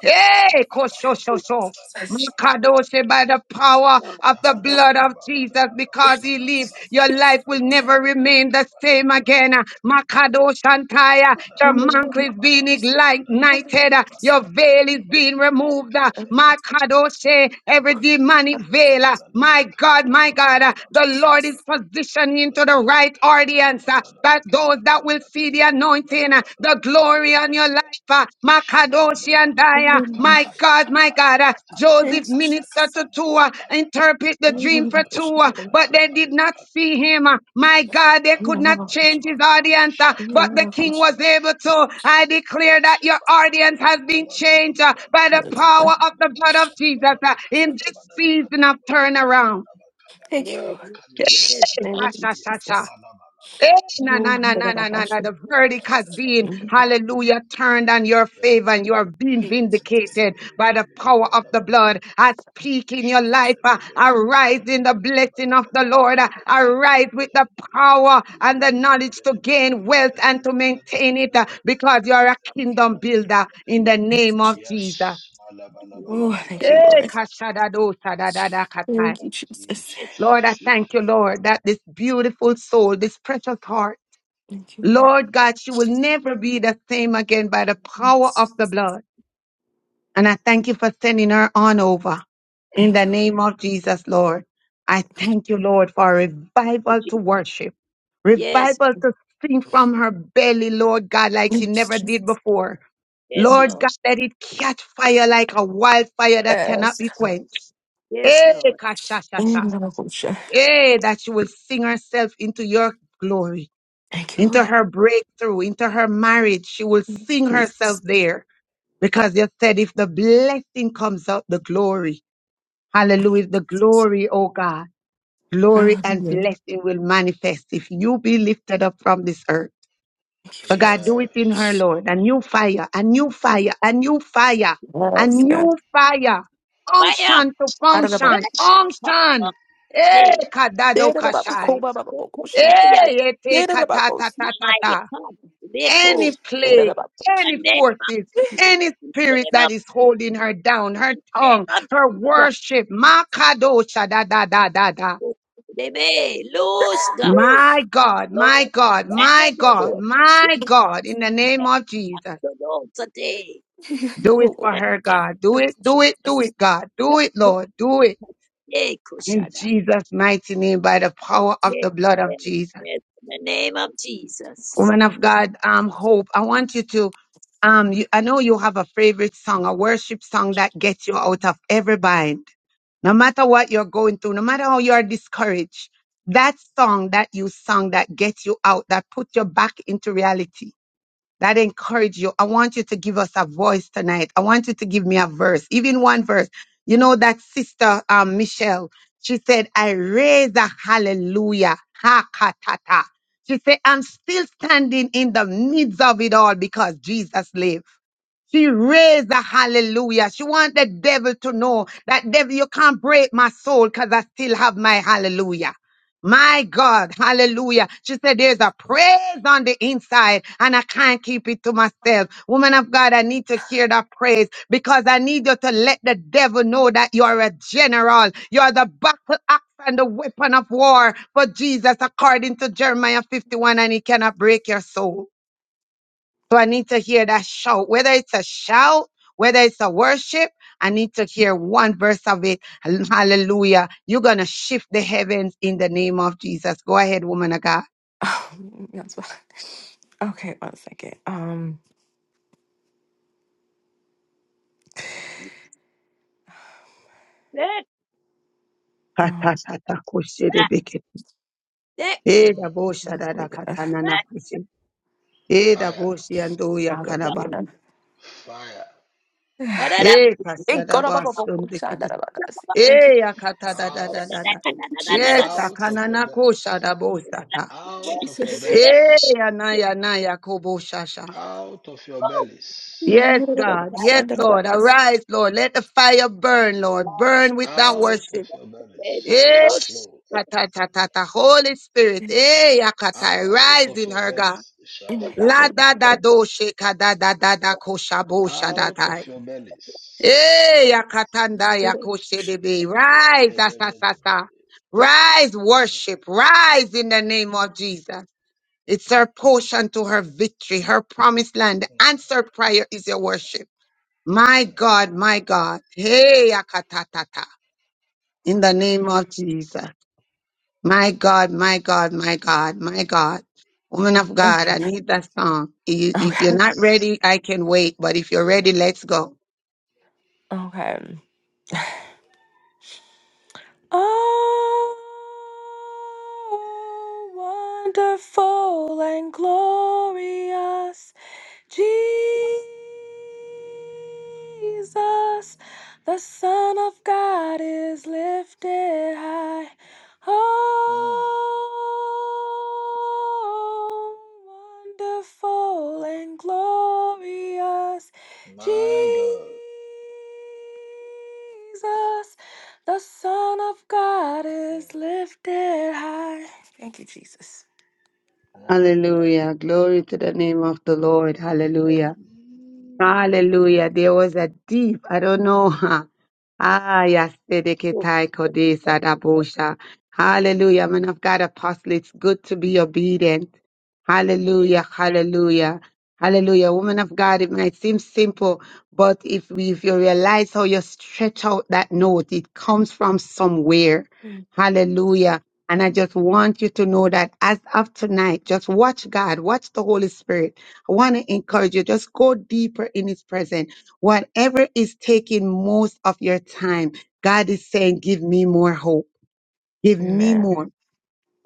Speaker 1: Hey, koshoshoso. Makadoshe by the power
Speaker 3: God.
Speaker 1: of the
Speaker 3: No.
Speaker 1: blood of Jesus, because he lives, your life will never remain the same again. Makadosh Antaya, your mantle is being ignited, your veil is being removed. Makadoshe, every demonic veil. My
Speaker 6: dabba
Speaker 1: God, my
Speaker 6: kabba
Speaker 1: God, the Lord
Speaker 6: dabba
Speaker 1: is positioning to
Speaker 6: Shabada
Speaker 1: the right audience, that those that will see the anointing, uh, the glory on your life. uh, Makadoshi and I, uh,
Speaker 9: Yes.
Speaker 1: my God, my God. uh, Joseph
Speaker 9: It's
Speaker 1: ministered
Speaker 9: just
Speaker 1: to two, uh, interpret the
Speaker 9: you don't
Speaker 1: dream
Speaker 9: have a
Speaker 1: for two,
Speaker 9: question.
Speaker 1: uh,
Speaker 9: You don't
Speaker 1: but they did not see him. uh, My God, they could not
Speaker 9: have a
Speaker 1: change
Speaker 9: question.
Speaker 1: his audience, uh,
Speaker 9: You
Speaker 1: but
Speaker 9: don't
Speaker 1: the
Speaker 9: have a
Speaker 1: king
Speaker 9: question.
Speaker 6: Yakabala,
Speaker 1: was able to. I declare that your audience has been changed uh, by the power of the blood of Jesus uh, in this season of turnaround.
Speaker 9: Thank you,
Speaker 3: Yes,
Speaker 9: Lord.
Speaker 3: yes, God.
Speaker 9: Thank you, Jesus.
Speaker 1: Eh, na
Speaker 9: Oh,
Speaker 1: na na
Speaker 9: but
Speaker 1: na na
Speaker 9: about
Speaker 1: na
Speaker 9: that
Speaker 1: na.
Speaker 9: shit.
Speaker 1: The verdict has been,
Speaker 9: thank you,
Speaker 1: hallelujah, turned on your favor and you are being
Speaker 9: Jesus.
Speaker 1: vindicated by the power of the blood. I speak in your life, uh, arise in the blessing of the Lord, uh, arise with the power and the knowledge to gain wealth and to maintain it uh, because you are a kingdom builder in the
Speaker 9: Yes,
Speaker 1: name of
Speaker 9: Jesus.
Speaker 1: Jesus.
Speaker 6: Yes,
Speaker 3: yes,
Speaker 9: Oh, thank you, Lord.
Speaker 1: Eh, kashadado sadadada katai.
Speaker 9: Thank you, Jesus.
Speaker 3: yes,
Speaker 6: Jesus.
Speaker 1: Lord, I thank you, Lord, that this beautiful soul, this precious heart,
Speaker 9: Thank you, Lord.
Speaker 1: Lord God, she will never be the same again by the power of the blood. And I thank you for sending her on over in
Speaker 9: Thank
Speaker 1: the
Speaker 9: you, Lord.
Speaker 1: name of Jesus, Lord. I thank you, Lord, for a
Speaker 3: yes,
Speaker 1: revival to
Speaker 3: Jesus.
Speaker 1: worship,
Speaker 3: yes,
Speaker 1: revival to sing from her belly, Lord God, like she
Speaker 9: Thank you,
Speaker 1: never
Speaker 9: Jesus.
Speaker 1: did before.
Speaker 3: yes,
Speaker 1: Lord God,
Speaker 3: Lord,
Speaker 1: let it catch fire like a wildfire that cannot
Speaker 9: Yes.
Speaker 1: be quenched.
Speaker 3: yes,
Speaker 1: Eh,
Speaker 3: Lord,
Speaker 1: ka sha. sha
Speaker 9: Oh,
Speaker 1: sha.
Speaker 9: but about that shit.
Speaker 1: Eh, that she will sing herself into your glory
Speaker 9: Thank you,
Speaker 1: into
Speaker 9: Lord.
Speaker 1: her breakthrough, into her marriage. She will sing herself
Speaker 9: Jesus.
Speaker 1: there because you said if the blessing comes out, the glory. Hallelujah. The glory, oh God. Glory and
Speaker 9: Hallelujah.
Speaker 1: blessing will manifest if you be lifted up from this earth.
Speaker 9: Thank you,
Speaker 1: So God,
Speaker 9: Jesus.
Speaker 1: do it
Speaker 6: Yes.
Speaker 1: in her, Lord. A new fire, a new fire, a new fire, a
Speaker 9: Yes,
Speaker 3: you
Speaker 9: God.
Speaker 1: new fire.
Speaker 3: fire,
Speaker 1: Unction to
Speaker 9: I
Speaker 3: Hey,
Speaker 1: function.
Speaker 3: Father,
Speaker 1: Unction. Eh,
Speaker 3: today.
Speaker 1: kadado
Speaker 3: Yeah,
Speaker 1: kashai.
Speaker 3: my
Speaker 1: Eh, ete katata ta ta
Speaker 3: God. They close
Speaker 1: any
Speaker 9: Yes,
Speaker 1: plague,
Speaker 9: God.
Speaker 3: the
Speaker 1: any
Speaker 3: name of
Speaker 1: forces,
Speaker 3: Jesus.
Speaker 1: any
Speaker 3: In the
Speaker 1: spirit
Speaker 3: name of
Speaker 1: that is holding her down, her
Speaker 3: in the name
Speaker 1: tongue,
Speaker 3: of
Speaker 1: her
Speaker 3: Jesus.
Speaker 1: worship. Makadosha da da da da da.
Speaker 3: They may lose God.
Speaker 1: My God, my
Speaker 3: Lose his
Speaker 1: God, my
Speaker 3: enemy.
Speaker 1: God, my God, in the name of Jesus.
Speaker 3: The Lord today.
Speaker 1: Do it for
Speaker 3: The
Speaker 1: her,
Speaker 3: name
Speaker 1: God. Do it, do it, do it, God. Do it,
Speaker 3: of
Speaker 1: Lord. Do it
Speaker 3: today,
Speaker 1: in
Speaker 3: Kushada.
Speaker 1: Jesus' mighty name by the power of
Speaker 3: Yes,
Speaker 1: the blood of
Speaker 3: yes,
Speaker 1: Jesus.
Speaker 3: yes. In the name of Jesus.
Speaker 1: woman of God, um, Hope, I want you to, um, you, I know you have a favorite song, a worship song that gets you out of every bind. No matter what you're going through, no matter how you are discouraged, that song that you sung that gets you out, that put you back into reality that encourage you. I want you to give us a voice tonight. I want you to give me a verse, even one verse. You know that sister um, Michelle, she said, I raise a hallelujah. Ha ka, ta ta. She said, I'm still standing in the midst of it all because Jesus lives. She raised a hallelujah. She want the devil to know that devil, you can't break my soul because I still have my hallelujah. My God, hallelujah. She said, There's a praise on the inside, and I can't keep it to myself. Woman of God, I need to hear that praise because I need you to let the devil know that you're a general. You're the battle axe and the weapon of war for Jesus, according to Jeremiah 51, and he cannot break your soul. So I need to hear that shout, whether it's a shout, whether it's a worship, I need to hear one verse of it. Hallelujah. You're going to shift the heavens in the name of Jesus. Go ahead, woman of God.
Speaker 9: That's fine. Okay, one second. Um,
Speaker 3: Yes,
Speaker 9: um
Speaker 1: Katatatakushirebeke.
Speaker 3: yes,
Speaker 6: Mm.
Speaker 3: yes.
Speaker 1: Edaboshadadakatananakushi.
Speaker 6: Fire,
Speaker 1: Edaboshiandoyakanaba.
Speaker 9: hallelujah.
Speaker 6: fire.
Speaker 3: Ba-da-da.
Speaker 9: Thank God, Baba, Baba, Shanda,
Speaker 1: Ekashadabasundekede.
Speaker 9: Baba, God. Thank you.
Speaker 6: Out,
Speaker 1: Eyakatadadadadada.
Speaker 9: Thank you,
Speaker 1: Yes,
Speaker 3: Ba-da-da-da-da-da-da-da-da-da.
Speaker 9: Jesus.
Speaker 6: out of your bellies.
Speaker 3: Ba-da-da. Ba-da-da.
Speaker 1: akananakushadabosata.
Speaker 6: Out of your
Speaker 9: Jesus.
Speaker 3: ba-da-da.
Speaker 6: bellies.
Speaker 1: Eyanayanayakoboshasha.
Speaker 6: Out of your
Speaker 3: Oh,
Speaker 6: bellies,
Speaker 1: Yes,
Speaker 9: Shanda, Baba,
Speaker 1: God. Yes,
Speaker 9: God.
Speaker 1: Lord. Arise, Lord. Let the fire burn,
Speaker 3: my
Speaker 1: Lord.
Speaker 3: God.
Speaker 1: Burn with our
Speaker 6: out of
Speaker 1: worship.
Speaker 6: your bellies
Speaker 3: the
Speaker 1: Eh,
Speaker 6: shall
Speaker 3: music,
Speaker 6: flow.
Speaker 1: ta, ta, ta, ta, ta. Holy Spirit. Eh, yakata.
Speaker 6: Out
Speaker 1: Rise
Speaker 6: of
Speaker 1: in
Speaker 6: your
Speaker 1: her, God.
Speaker 6: bellies shall
Speaker 3: oh, God.
Speaker 1: La
Speaker 6: flow.
Speaker 1: da da do sheka da da da da kosha bo sha da
Speaker 6: Out of
Speaker 1: da.
Speaker 6: your bellies.
Speaker 1: Eh, yakatanda
Speaker 9: Hallelujah.
Speaker 1: yakoshe de be.
Speaker 6: Yeah,
Speaker 1: Rise,
Speaker 6: de,
Speaker 1: sa
Speaker 6: de,
Speaker 1: sa
Speaker 6: de,
Speaker 1: sa
Speaker 6: de, de.
Speaker 1: sa. Rise, worship. Rise in the name of Jesus. It's her portion to her victory, her promised land. The answered prayer is your worship.
Speaker 6: Mm,
Speaker 1: My
Speaker 6: mm,
Speaker 1: God, my God. Hey, akatatata. In the name of Jesus. My God, my God, my God, my God. Woman of God,
Speaker 9: Okay.
Speaker 1: I need that song. I- If you're not ready, I can wait. But if you're ready, let's go.
Speaker 9: Okay. Oh, wonderful and glorious. Jesus, the Son of God is lifted high. Oh,
Speaker 6: mm.
Speaker 9: wonderful and glorious Jesus,
Speaker 6: My God.
Speaker 9: the Son of God is
Speaker 6: Mm,
Speaker 9: lifted high. Thank you, Jesus.
Speaker 1: Hallelujah. Glory to the name of the Lord.
Speaker 6: mm.
Speaker 1: Hallelujah. Hallelujah. There was a deep, I don't know. huh, Ah, yes, Sedeketai Kodesa Dabosha. Hallelujah. Man of God, apostle, it's good to be obedient.
Speaker 3: Yes,
Speaker 1: Hallelujah. Hallelujah. Hallelujah. Woman of God, it might seem simple, but if, we, if you realize how you stretch out that note, it comes from somewhere. Hallelujah. And I just want you to know that as of tonight, just watch God, watch the Holy Spirit I want to encourage you, just go deeper in His presence. Whatever is taking most of your time, God is saying, give me more hope. Give me
Speaker 9: Amen.
Speaker 1: more.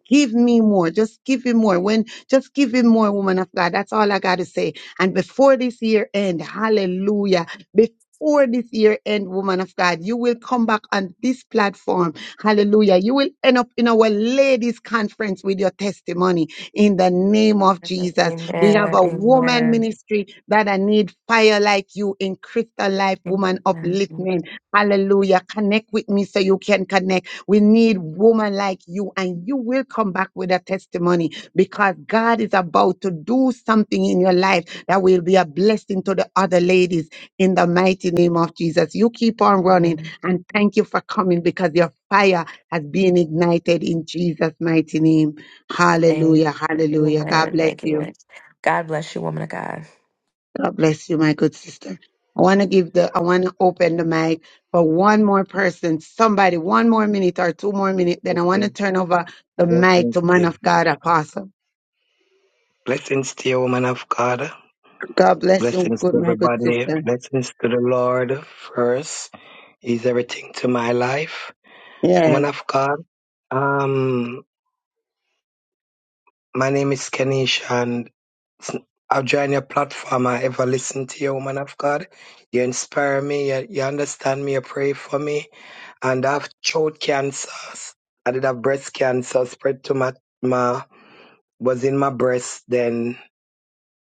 Speaker 1: Give me more. Just give him more. When just give him more, woman of God. That's all I gotta say. And before this year end, hallelujah. Before this year end, woman of God, you will come back on this platform. Hallelujah. You will end up in our ladies' conference with your testimony in the name of Jesus. We have
Speaker 9: Amen.
Speaker 1: a woman
Speaker 9: Amen.
Speaker 1: ministry that I need fire like you in Crystal Life
Speaker 9: Amen.
Speaker 1: Woman Upliftment. Hallelujah. Connect with me so you can connect. We need woman like you and you will come back with a testimony because God is about to do something in your life that will be a blessing to the other ladies in the mighty name of Jesus. You keep on running
Speaker 9: Amen.
Speaker 1: and thank you for coming because your fire has been ignited in Jesus' mighty name. Hallelujah. Hallelujah. God
Speaker 9: Amen.
Speaker 1: bless
Speaker 9: Thank you,
Speaker 1: you.
Speaker 9: Lord. God bless you, woman of God.
Speaker 1: God bless you, my good sister. I want to give the, I want to open the mic for one more person, somebody, one more minute or two more minutes. Then I want to
Speaker 7: Blessings,
Speaker 1: turn over the mic
Speaker 7: blessings
Speaker 1: to
Speaker 7: to
Speaker 1: man
Speaker 7: you.
Speaker 1: of God, apostle.
Speaker 7: Blessings to you, woman of God.
Speaker 1: God bless you,
Speaker 7: Blessings
Speaker 1: good,
Speaker 7: to
Speaker 1: my good
Speaker 7: everybody.
Speaker 1: sister.
Speaker 7: Blessings to the Lord first. He's everything to my life.
Speaker 1: Yes.
Speaker 7: Woman of God. Um, My name is Kenish, and it's- I've joined your platform. I ever listen to you, woman of God. You inspire me. You, you understand me. You pray for me. And I have throat cancers. I did have breast cancer spread to my my was in my breast. Then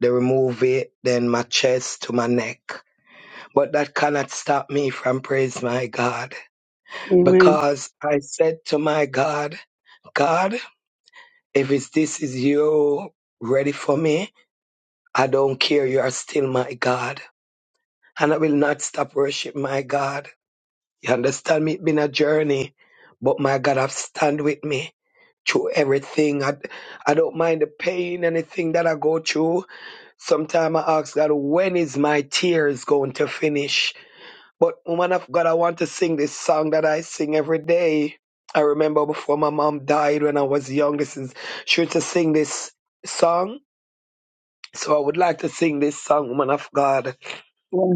Speaker 7: they remove it. Then my chest to my neck. But that cannot stop me from praise my God
Speaker 1: Amen.
Speaker 7: because I said to my God, God, if it's, this is you ready for me, I don't care. You are still my God. And I will not stop worship my God. You understand me? It's been a journey. But my God have stand with me through everything. I, I don't mind the pain, anything that I go through. Sometimes I ask God, when is my tears going to finish? But woman of God, I want to sing this song that I sing every day. I remember before my mom died when I was young, this is she used to sing this song. So I would like to sing this song, woman of God.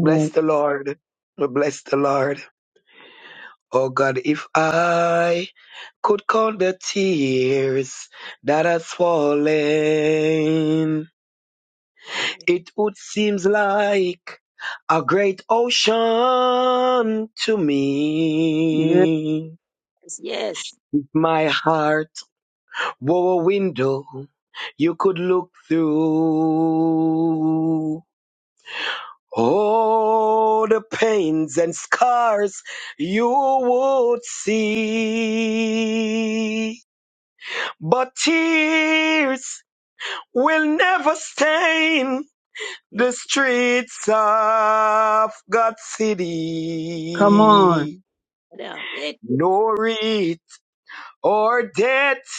Speaker 7: Bless the Lord. Bless the Lord. Oh God, if I could count the tears that has fallen, it would seem like a great ocean to
Speaker 1: Yes.
Speaker 7: me.
Speaker 3: yes,
Speaker 7: My heart were a window you could look through. Oh, the pains and scars you would see. But tears will never stain
Speaker 3: yes,
Speaker 7: the streets of God's
Speaker 1: Come on.
Speaker 7: city.
Speaker 3: yeah, it-
Speaker 7: nor wreath or death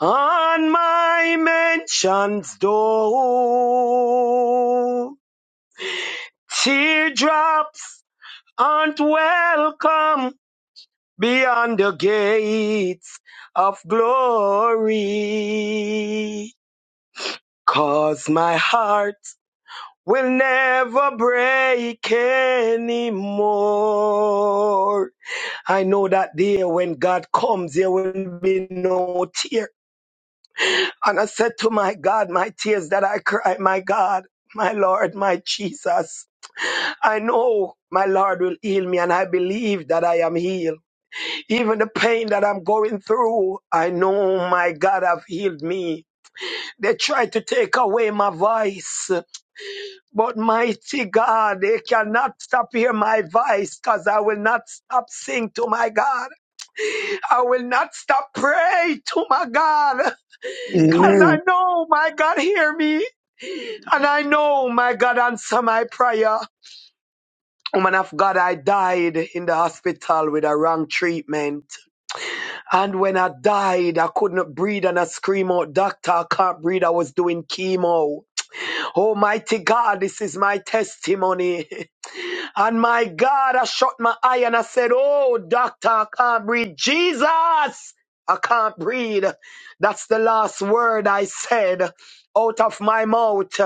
Speaker 7: on my mansion's door. Teardrops aren't welcome beyond the gates of glory, 'cause my heart will never break anymore. I know that day when God comes, there will be no tear. And I said to my God, my tears that I cry, my God, my Lord, my Jesus, I know my Lord will heal me and I believe that I am healed. Even the pain that I'm going through, I know my God have healed me. They tried to take away my voice, but mighty God, they cannot stop hear my voice because I will not stop sing to my God. I will not stop pray to my God
Speaker 3: yeah,
Speaker 7: because I
Speaker 1: Amen.
Speaker 7: know my God hear me and I know my God answer my prayer. Woman of God, I died in the hospital with a wrong treatment And when I died, I could not breathe and I scream out, Doctor, I can't breathe. I was doing chemo. Almighty God, this is my testimony. And my God, I shut my eye and I said, Oh, Doctor, I can't breathe. Jesus, I can't breathe. That's the last word I said out of my mouth.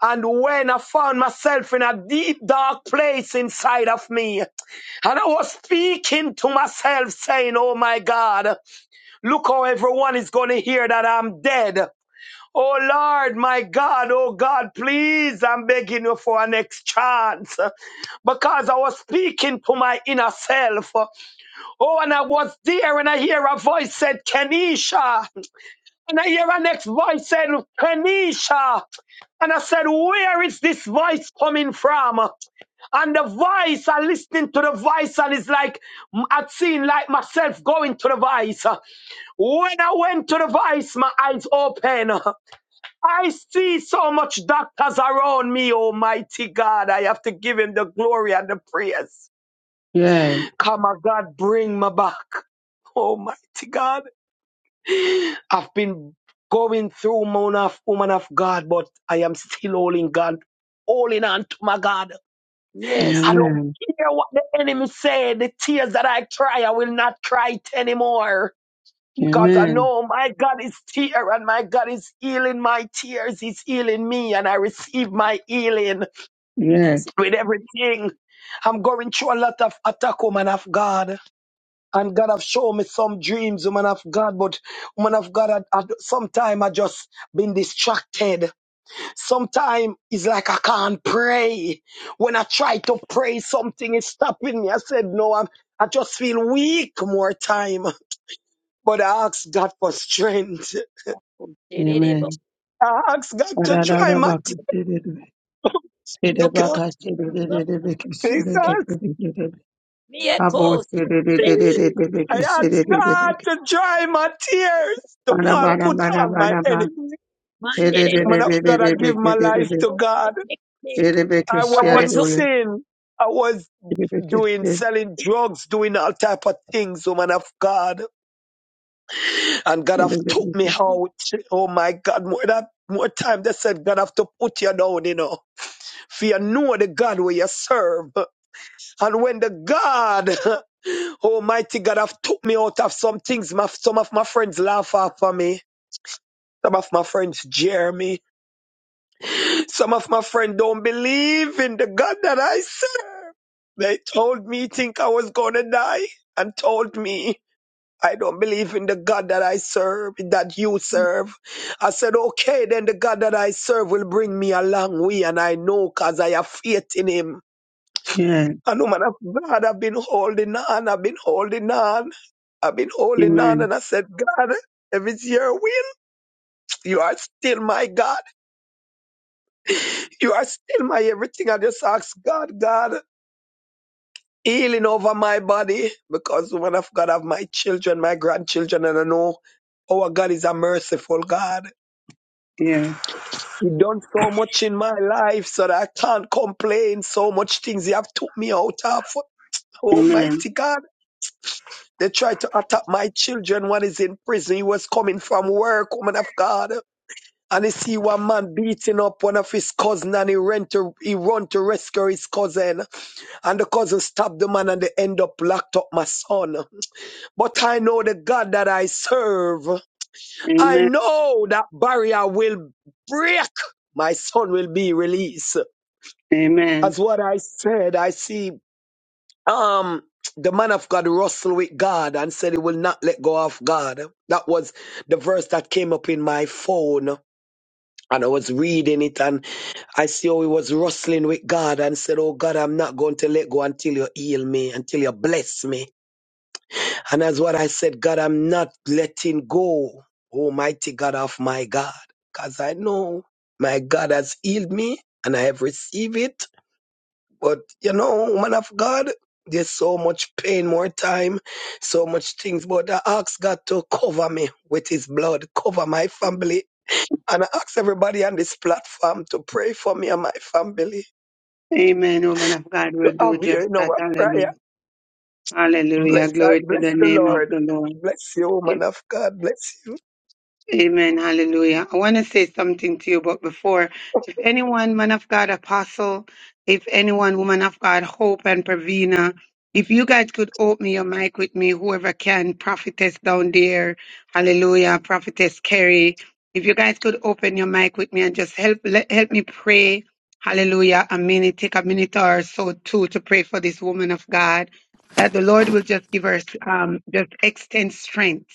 Speaker 7: And when I found myself in a deep, dark place inside of me, and I was speaking to myself, saying, Oh my God. Look how everyone is going to hear that I'm dead. Oh Lord, my God, oh God, please, I'm begging you for an next chance because I was speaking to my inner self. Oh, and I was there and I hear a voice said, Kenisha. And I hear a next voice said, Kenisha. And I said, Where is this voice coming from? And the voice, I listening to the voice, and it's like mm, I've seen like myself going to the voice. When I went to the vice, my eyes open. I see so much doctors around me. Almighty God, I have to give him the glory and the praise.
Speaker 1: Yes.
Speaker 3: mm,
Speaker 7: Come, my God, bring me back. Almighty God, I've been going through man of woman of God, but I am still holding God, holding on to my God.
Speaker 3: yes,
Speaker 7: I don't
Speaker 1: Amen.
Speaker 7: care what the enemy said. The tears that I cry, I will not cry it anymore. Because I
Speaker 1: Amen.
Speaker 7: know my God is here and my God is healing my tears. He's healing me and I receive my healing
Speaker 1: Yes.
Speaker 3: yes, yes.
Speaker 7: with everything. I'm going through a lot of attack, woman of God. And God have shown me some dreams, woman of God. But woman of God, I, I, sometime I just been distracted. Sometime it's like I can't pray. When I try to pray, something is stopping me. I said, no, I'm, I just feel weak more time. But I ask God for strength.
Speaker 3: Oh, Tererebo,
Speaker 1: Amen.
Speaker 7: I ask God to dry my
Speaker 1: Bana
Speaker 7: tears.
Speaker 3: yoko, tererebo, tere,
Speaker 7: Jesus.
Speaker 3: mieko, tererebo,
Speaker 7: I ask God to dry my tears. To Paul
Speaker 3: tererebo,
Speaker 1: bana
Speaker 7: put
Speaker 1: bana
Speaker 7: on my
Speaker 1: bana
Speaker 7: enemy.
Speaker 1: ba. Kere de
Speaker 3: mandererebo,
Speaker 7: Man
Speaker 1: de
Speaker 7: of
Speaker 1: de de
Speaker 7: God, I
Speaker 1: de be
Speaker 7: give
Speaker 1: ke
Speaker 7: my
Speaker 1: de de
Speaker 7: life
Speaker 1: de.
Speaker 7: to
Speaker 3: tererebo,
Speaker 7: God.
Speaker 3: tererebo,
Speaker 1: Ere be ke
Speaker 7: I
Speaker 3: I
Speaker 7: was
Speaker 3: want-
Speaker 1: şiyan
Speaker 7: in
Speaker 3: so-
Speaker 1: dolu.
Speaker 7: sin. I was
Speaker 1: Ere be ke
Speaker 7: doing
Speaker 1: şiyan.
Speaker 7: selling drugs, doing all type of things, woman of God. And God
Speaker 1: Ere
Speaker 7: have
Speaker 1: be
Speaker 7: took
Speaker 1: be
Speaker 7: me
Speaker 1: ke şiyan.
Speaker 7: out. Oh my God, more that more time they said God have to put you down, you know. For you know the God where you serve. And when the God Almighty God have took me out of some things. My, some of my friends laugh after me. Some of my friends jeer me. Some of my friends don't believe in the God that I serve. They told me think I was gonna die and told me I don't believe in the God that I serve, that you serve. I said, okay, then the God that I serve will bring me a long way and I know cause I have faith in him.
Speaker 1: Yeah,
Speaker 7: And woman of God, I've been holding on, I've been holding on, I've been holding on.
Speaker 1: amen.
Speaker 7: And I said, God, if it's your will, you are still my God. You are still my everything. I just ask God, God, healing over my body because woman of God, I have my children, my grandchildren, and I know our God is a merciful God.
Speaker 1: Yeah,
Speaker 7: He done so much in my life so that I can't complain. So much things He have took me out of.
Speaker 1: amen.
Speaker 7: Almighty God. They tried to attack my children One is in prison. He was coming from work, woman of God. And he see one man beating up one of his cousin and he ran to he run to rescue his cousin. And the cousin stabbed the man and they end up locked up my son. But I know the God that I serve. I
Speaker 1: Amen.
Speaker 7: know that barrier will break. My son will be released.
Speaker 1: Amen.
Speaker 7: As what I said, I see um the man of God wrestled with God and said he will not let go of God. That was the verse that came up in my phone. And I was reading it and I see how he was wrestling with God and said, Oh God, I'm not going to let go until you heal me, until you bless me. And that's what I said, God, I'm not letting go, Almighty God of my God. Because I know my God has healed me and I have received it but you know, man of God, there's so much pain, more time, so much things. But I ask God to cover me with his blood, cover my family. And I ask everybody on this platform to pray for me and my family.
Speaker 1: Amen. Woman of God
Speaker 7: To
Speaker 1: will
Speaker 7: have
Speaker 1: do
Speaker 7: here
Speaker 1: just
Speaker 7: in
Speaker 1: that.
Speaker 7: our
Speaker 1: Hallelujah.
Speaker 7: prayer.
Speaker 1: Hallelujah.
Speaker 7: Bless I
Speaker 1: Glory to the
Speaker 7: bless the
Speaker 1: name of
Speaker 7: Lord.
Speaker 1: the Lord.
Speaker 7: Bless you, man of God. Bless you.
Speaker 1: Amen. Hallelujah. I want to say something to you, but before, if anyone, man of God, apostle, if anyone, woman of God, hope and Pravina, if you guys could open your mic with me, whoever can, prophetess down there, hallelujah, prophetess Carrie, if you guys could open your mic with me and just help, let, help me pray, hallelujah, a minute, take a minute or so too to pray for this woman of God, that the Lord will just give her, um, just extend strength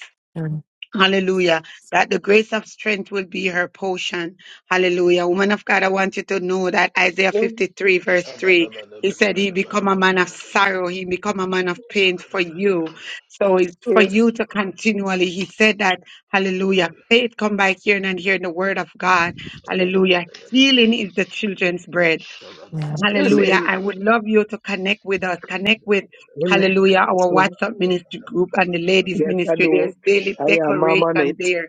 Speaker 1: Hallelujah. That the grace of strength will be her portion. Hallelujah. Woman of God, I want you to know that Isaiah
Speaker 7: Mm,
Speaker 1: 53 verse 3, he said he become a man of sorrow. He become a man of pain for you. So it's for
Speaker 7: Yes.
Speaker 1: you to continually, he said that, hallelujah. Faith come by hearing and hearing the word of God. Hallelujah. Healing is the children's bread.
Speaker 9: Amen.
Speaker 1: Hallelujah.
Speaker 7: Amen.
Speaker 1: I would love you to connect with us. Connect with
Speaker 7: Amen.
Speaker 1: Hallelujah, our
Speaker 7: So,
Speaker 1: WhatsApp ministry group and the ladies
Speaker 7: Yes, I
Speaker 1: ministry.
Speaker 7: do.
Speaker 1: There's daily
Speaker 7: I am I'm on
Speaker 1: declaration
Speaker 7: it.
Speaker 1: there.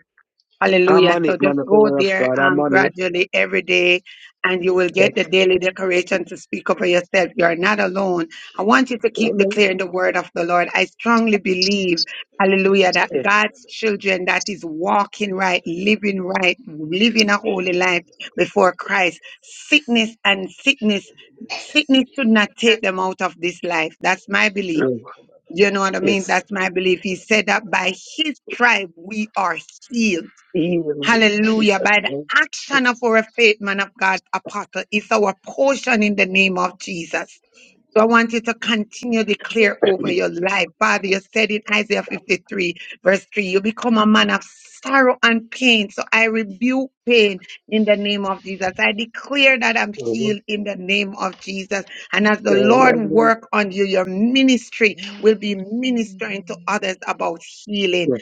Speaker 7: I'm
Speaker 1: Hallelujah.
Speaker 7: on
Speaker 1: So
Speaker 7: it, man
Speaker 1: just go
Speaker 7: Woman of
Speaker 1: there
Speaker 7: God. I'm
Speaker 1: um,
Speaker 7: on it.
Speaker 1: gradually every day and you will get the
Speaker 7: Yes.
Speaker 1: daily declaration to speak up for yourself. You are not alone. I want you to keep declaring the word of the Lord. I strongly believe, hallelujah, that God's children that is walking right,
Speaker 6: Shabada
Speaker 1: living right, living a holy life before Christ, sickness and sickness, sickness should not take them out of this life. That's my belief.
Speaker 7: Amen.
Speaker 1: You know what I mean?
Speaker 7: It's
Speaker 1: That's my belief. He said that by his tribe we are healed.
Speaker 7: even Jesus.
Speaker 1: Hallelujah. By the
Speaker 7: name.
Speaker 1: action
Speaker 7: It's
Speaker 1: of our faith, man of God, apostle, is our portion in the name of Jesus. So I want you to continue to declare over your life. Father, you said in Isaiah 53, verse 3, you become a man of sorrow and pain. So I rebuke pain in the name of Jesus. I declare that I'm
Speaker 7: so-
Speaker 1: healed in the name of Jesus. And as the Lord
Speaker 7: Amen.
Speaker 1: work on you, your ministry will be ministering to others about healing.
Speaker 7: Yes,